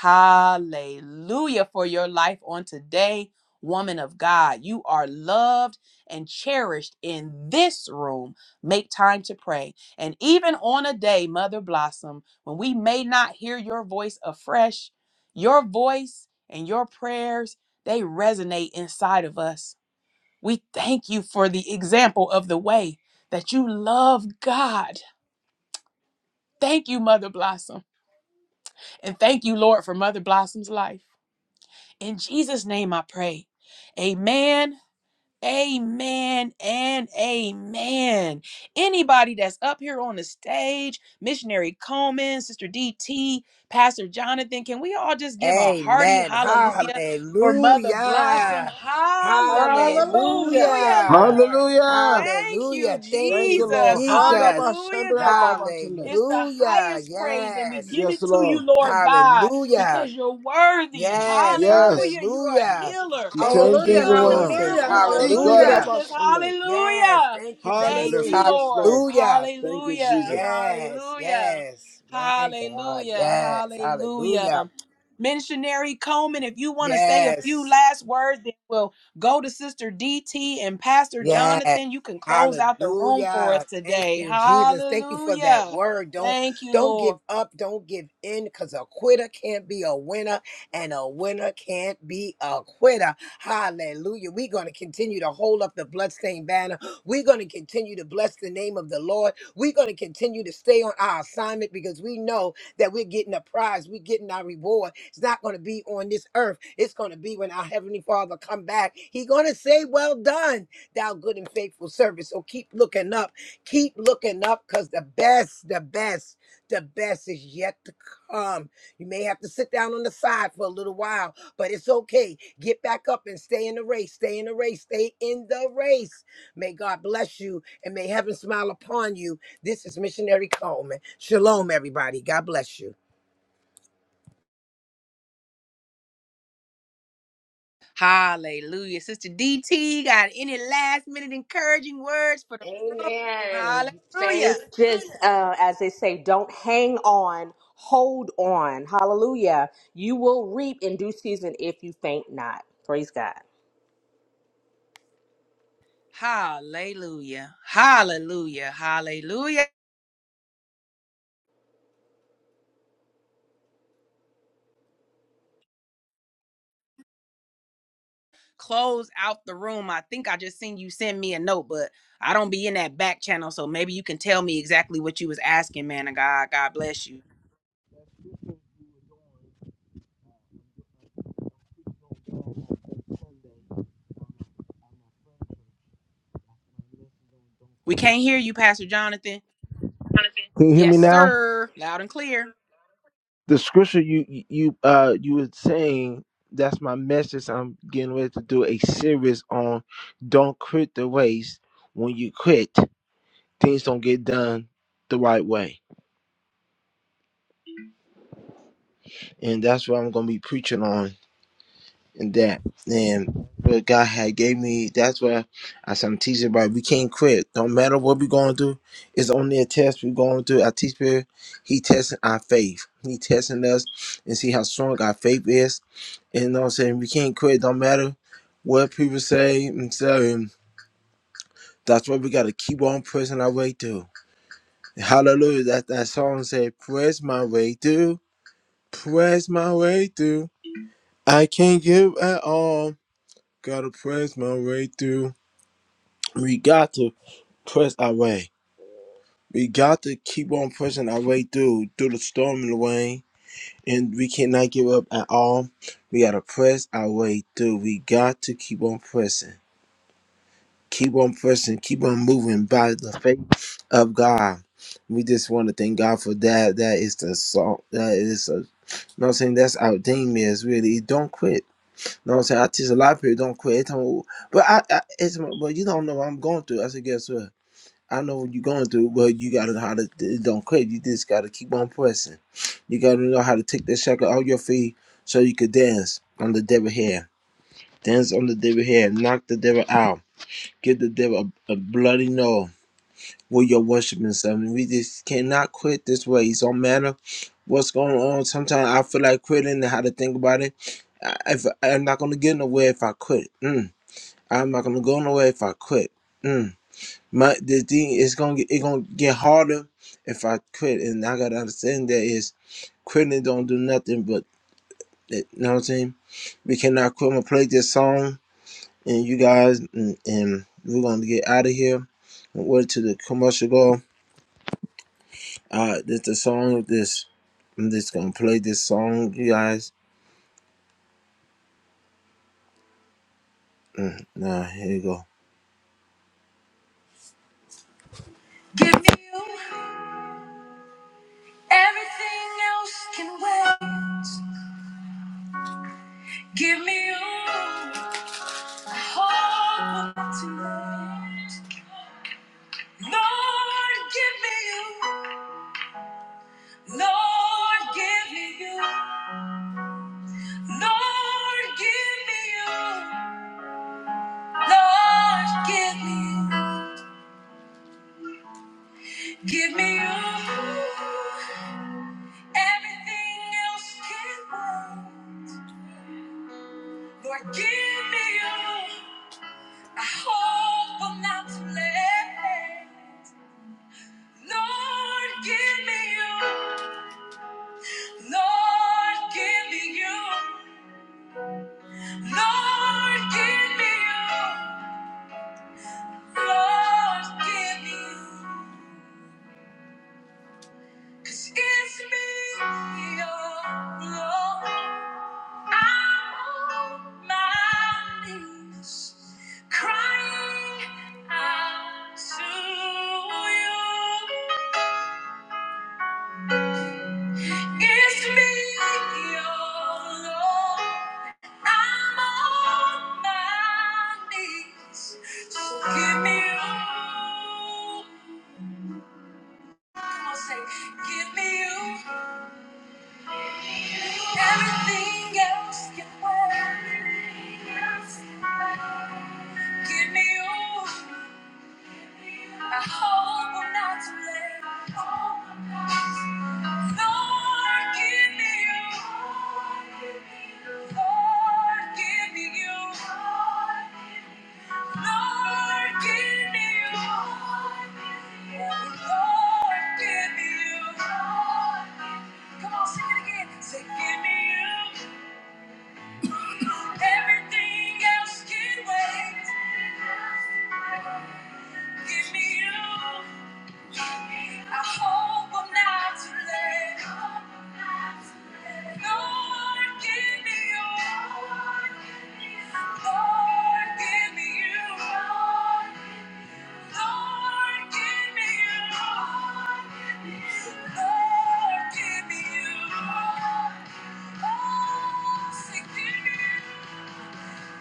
Hallelujah for your life on today, woman of God. You are loved and cherished in this room. Make time to pray. And even on a day, Mother Blossom, when we may not hear your voice afresh, your voice and your prayers, they resonate inside of us. We thank you for the example of the way that you love God. Thank you, Mother Blossom. And thank you, Lord, for Mother Blossom's life. In Jesus' name I pray. Amen. Amen and amen. Anybody that's up here on the stage, Missionary Coleman, Sister DT, Pastor Jonathan, can we all just give a hearty
Amen.
hallelujah for Mother Blossom?
Hallelujah.
Hallelujah,
Hallelujah.
Lord.
Hallelujah.
Thank you,
Hallelujah. Thank
Thank you,
you,
Lord.
Jesus.
Jesus.
Hallelujah,
Harabashandra
God.
babashanda.
It's the
Hallelujah.
highest praise, and we
Yes.
give
Yes,
it to
Lord.
you, Lord God,
Hallelujah.
because you're worthy.
Yes.
Yes.
Hallelujah. You're a
Hallelujah.
healer.
You
You're
Thank
turn things
you,
still in the
around.
Jesus.
miracle
He
working
got up.
Hallelujah.
business.
Yes.
Hallelujah.
Thank you,
Thank
Jesus.
you,
Hallelujah. Yes,
Lord.
Lord.
Hallelujah.
Thank you,
Hallelujah.
Jesus.
Yes.
Hallelujah.
Yes. My God.
Hallelujah.
Yes. Hallelujah.
Hallelujah. Missionary Coleman, if you want to say a few
Yes.
last words, then we'll go to Sister DT and Pastor
Yes.
Jonathan. You can close out the room for us
Hallelujah. Thank
today.
you, Jesus. Thank you for that
Hallelujah.
word. Don't
Thank you,
don't
Lord.
give up. Don't give in because a quitter can't be a winner and a winner can't be a quitter. Hallelujah. We're going to continue to hold up the bloodstained banner. We're going to continue to bless the name of the Lord. We're going to continue to stay on our assignment because we know that we're getting a prize. We're getting our reward. It's not going to be on this earth. It's going to be when our heavenly father come back. He's going to say, well done thou good and faithful servant. So keep looking up. Keep looking up because the best, the best, the best is yet to come. You may have to sit down on the side for a little while, but it's okay. Get back up and stay in the race. Stay in the race. Stay in the race. May God bless you and may heaven smile upon you. This is Missionary Coleman. Shalom, everybody. God bless you.
Hallelujah. Sister DT, got any last minute encouraging words for the room?
Amen.
Hallelujah.
Saints, just uh, as they say, don't hang on, hold on. Hallelujah. You will reap in due season if you faint not. Praise God.
Hallelujah. Hallelujah. Hallelujah. Close out the room. I think I just seen you send me a note, but I don't be in that back channel. So maybe you can tell me exactly what you was asking, man of God. God bless you. We can't hear you, Pastor Jonathan.
Can you hear me
Yes,
now?
sir. Loud and clear.
The scripture you you you, uh you were saying that's my message. I'm getting ready to do a series on don't quit the race. When you quit, things don't get done the right way, and that's what I'm gonna be preaching on. and that and what God had gave me. That's why as I'm teaching about we can't quit. Don't matter what we're going through, it's only a test we're going through. Our teacher, he testing our faith. He testing us and see how strong our faith is. And you know what I'm saying? We can't quit. Don't matter what people say. And so that's why we gotta keep on pressing our way through. Hallelujah. That that song said, Press my way through, press my way through. I can't give at all. Gotta press my way through. we got to press our way. We got to keep on pressing our way through through the storm and the rain, and we cannot give up at all. We got to press our way through. We got to keep on pressing, keep on pressing, keep on moving by the faith of God. We just want to thank God for that. That is the song. That is a. You know what I'm saying? That's our theme is really don't quit. You know what I'm saying? I teach a lot of people don't quit. They tell me, but I, I it's, but you don't know what I'm going through. I said, guess what? I know what you're going through, but you gotta know how to it don't quit. You just gotta keep on pressing. You gotta know how to take that shackle off your feet so you could dance on the devil hair. Dance on the devil hair. Knock the devil out. Give the devil a, a bloody no with your worshiping something. We just cannot quit this way. It don't matter what's going on. Sometimes I feel like quitting and how to think about it. I, if I'm not gonna get nowhere if I quit. Mm. I'm not gonna go nowhere if I quit. Mm. My the thing is gonna get it gonna get harder if I quit, and I gotta understand that is quitting don't do nothing but eh, you know what I'm saying. We cannot quit. I'm gonna play this song, and you guys, and, and we're gonna get out of here. I'm Wait to the commercial go. Uh, this the song. This I'm just gonna play this song, you guys. Mm, nah, here you go. Give me you. Everything else can wait. Give me you. hope tonight. Lord, give me you. Lord, give me you. Lord, give me you. Lord, give me you. Give me you. Everything else can wait. Lord, give me you. I hope I'm not too late. Lord, give me you. Lord, give me you. Lord, give me you. Lord, give me you. 'Cause it's me, oh Lord. I'm on my knees, crying out to you. It's me, your Lord. I'm on my knees. So give me you. Come on, say, give me you. Everything else can wait. Give me you. I hope I'm not too late. I hope I'm not too late. Lord, give me you. Lord, give me you. Lord, give me you. Lord, give me you. Come on, sing it again. Say, give me you. Everything else can wait. Give me you. I hope I'm not too late. Lord, give me you. Lord, give me you. Lord, give me you. Lord, give me you. Oh, say, give me you.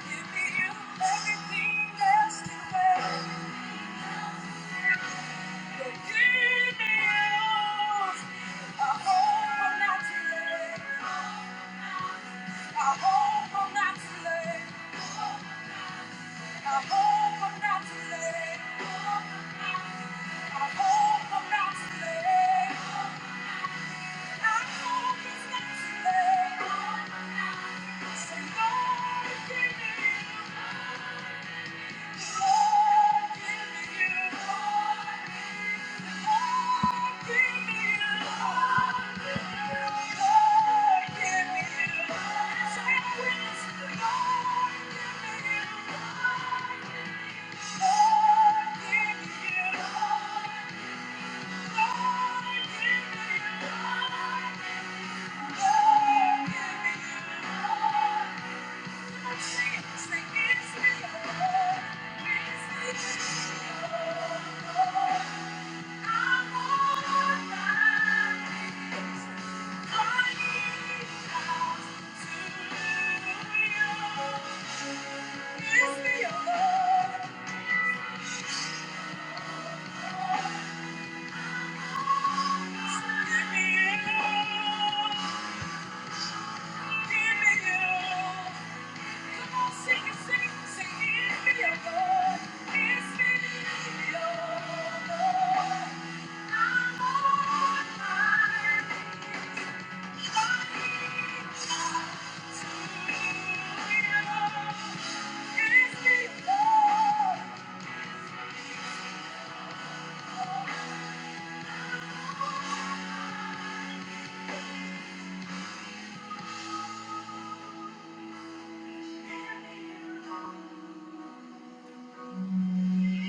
Give me you. Everything else can wait. Thank you. Thank you. Thank you.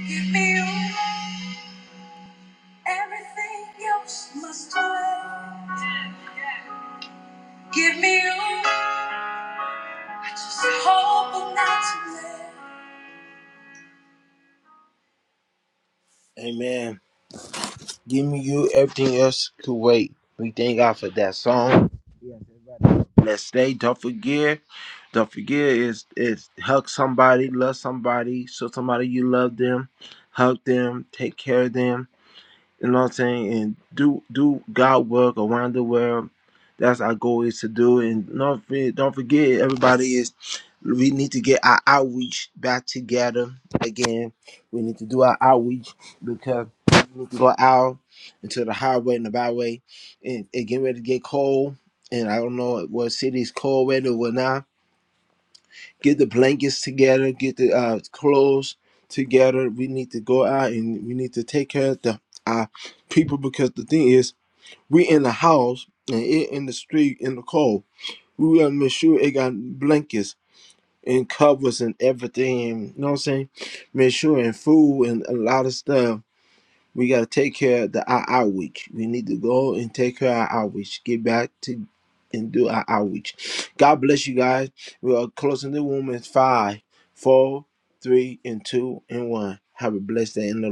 Give me you. Everything else must wait. Give me you. I just hope I'm not too late. Amen. Give me you. Everything else could wait. We thank God for that song. blessed day. Don't forget, don't forget is is hug somebody, love somebody, show somebody you love them, hug them, take care of them you know what I'm saying? And do do God work around the world. That's our goal is to do. And don't forget, don't forget, everybody is we need to get our outreach back together again. We need to do our outreach because we need to go out into the highway and the byway and, and get ready to get cold. And I don't know what city's cold weather or not get the blankets together, get the uh, clothes together. We need to go out and we need to take care of the our people because the thing is, we in the house and it in the street in the cold. We gotta make sure it got blankets and covers and everything. You know what I'm saying? Make sure and food and a lot of stuff we gotta take care of the our outreach. We need to go and take care of our outreach. Get back to and do our outreach. God bless you guys. We are closing the room in five, four, three, and two, and one. Have a blessed day in the Lord.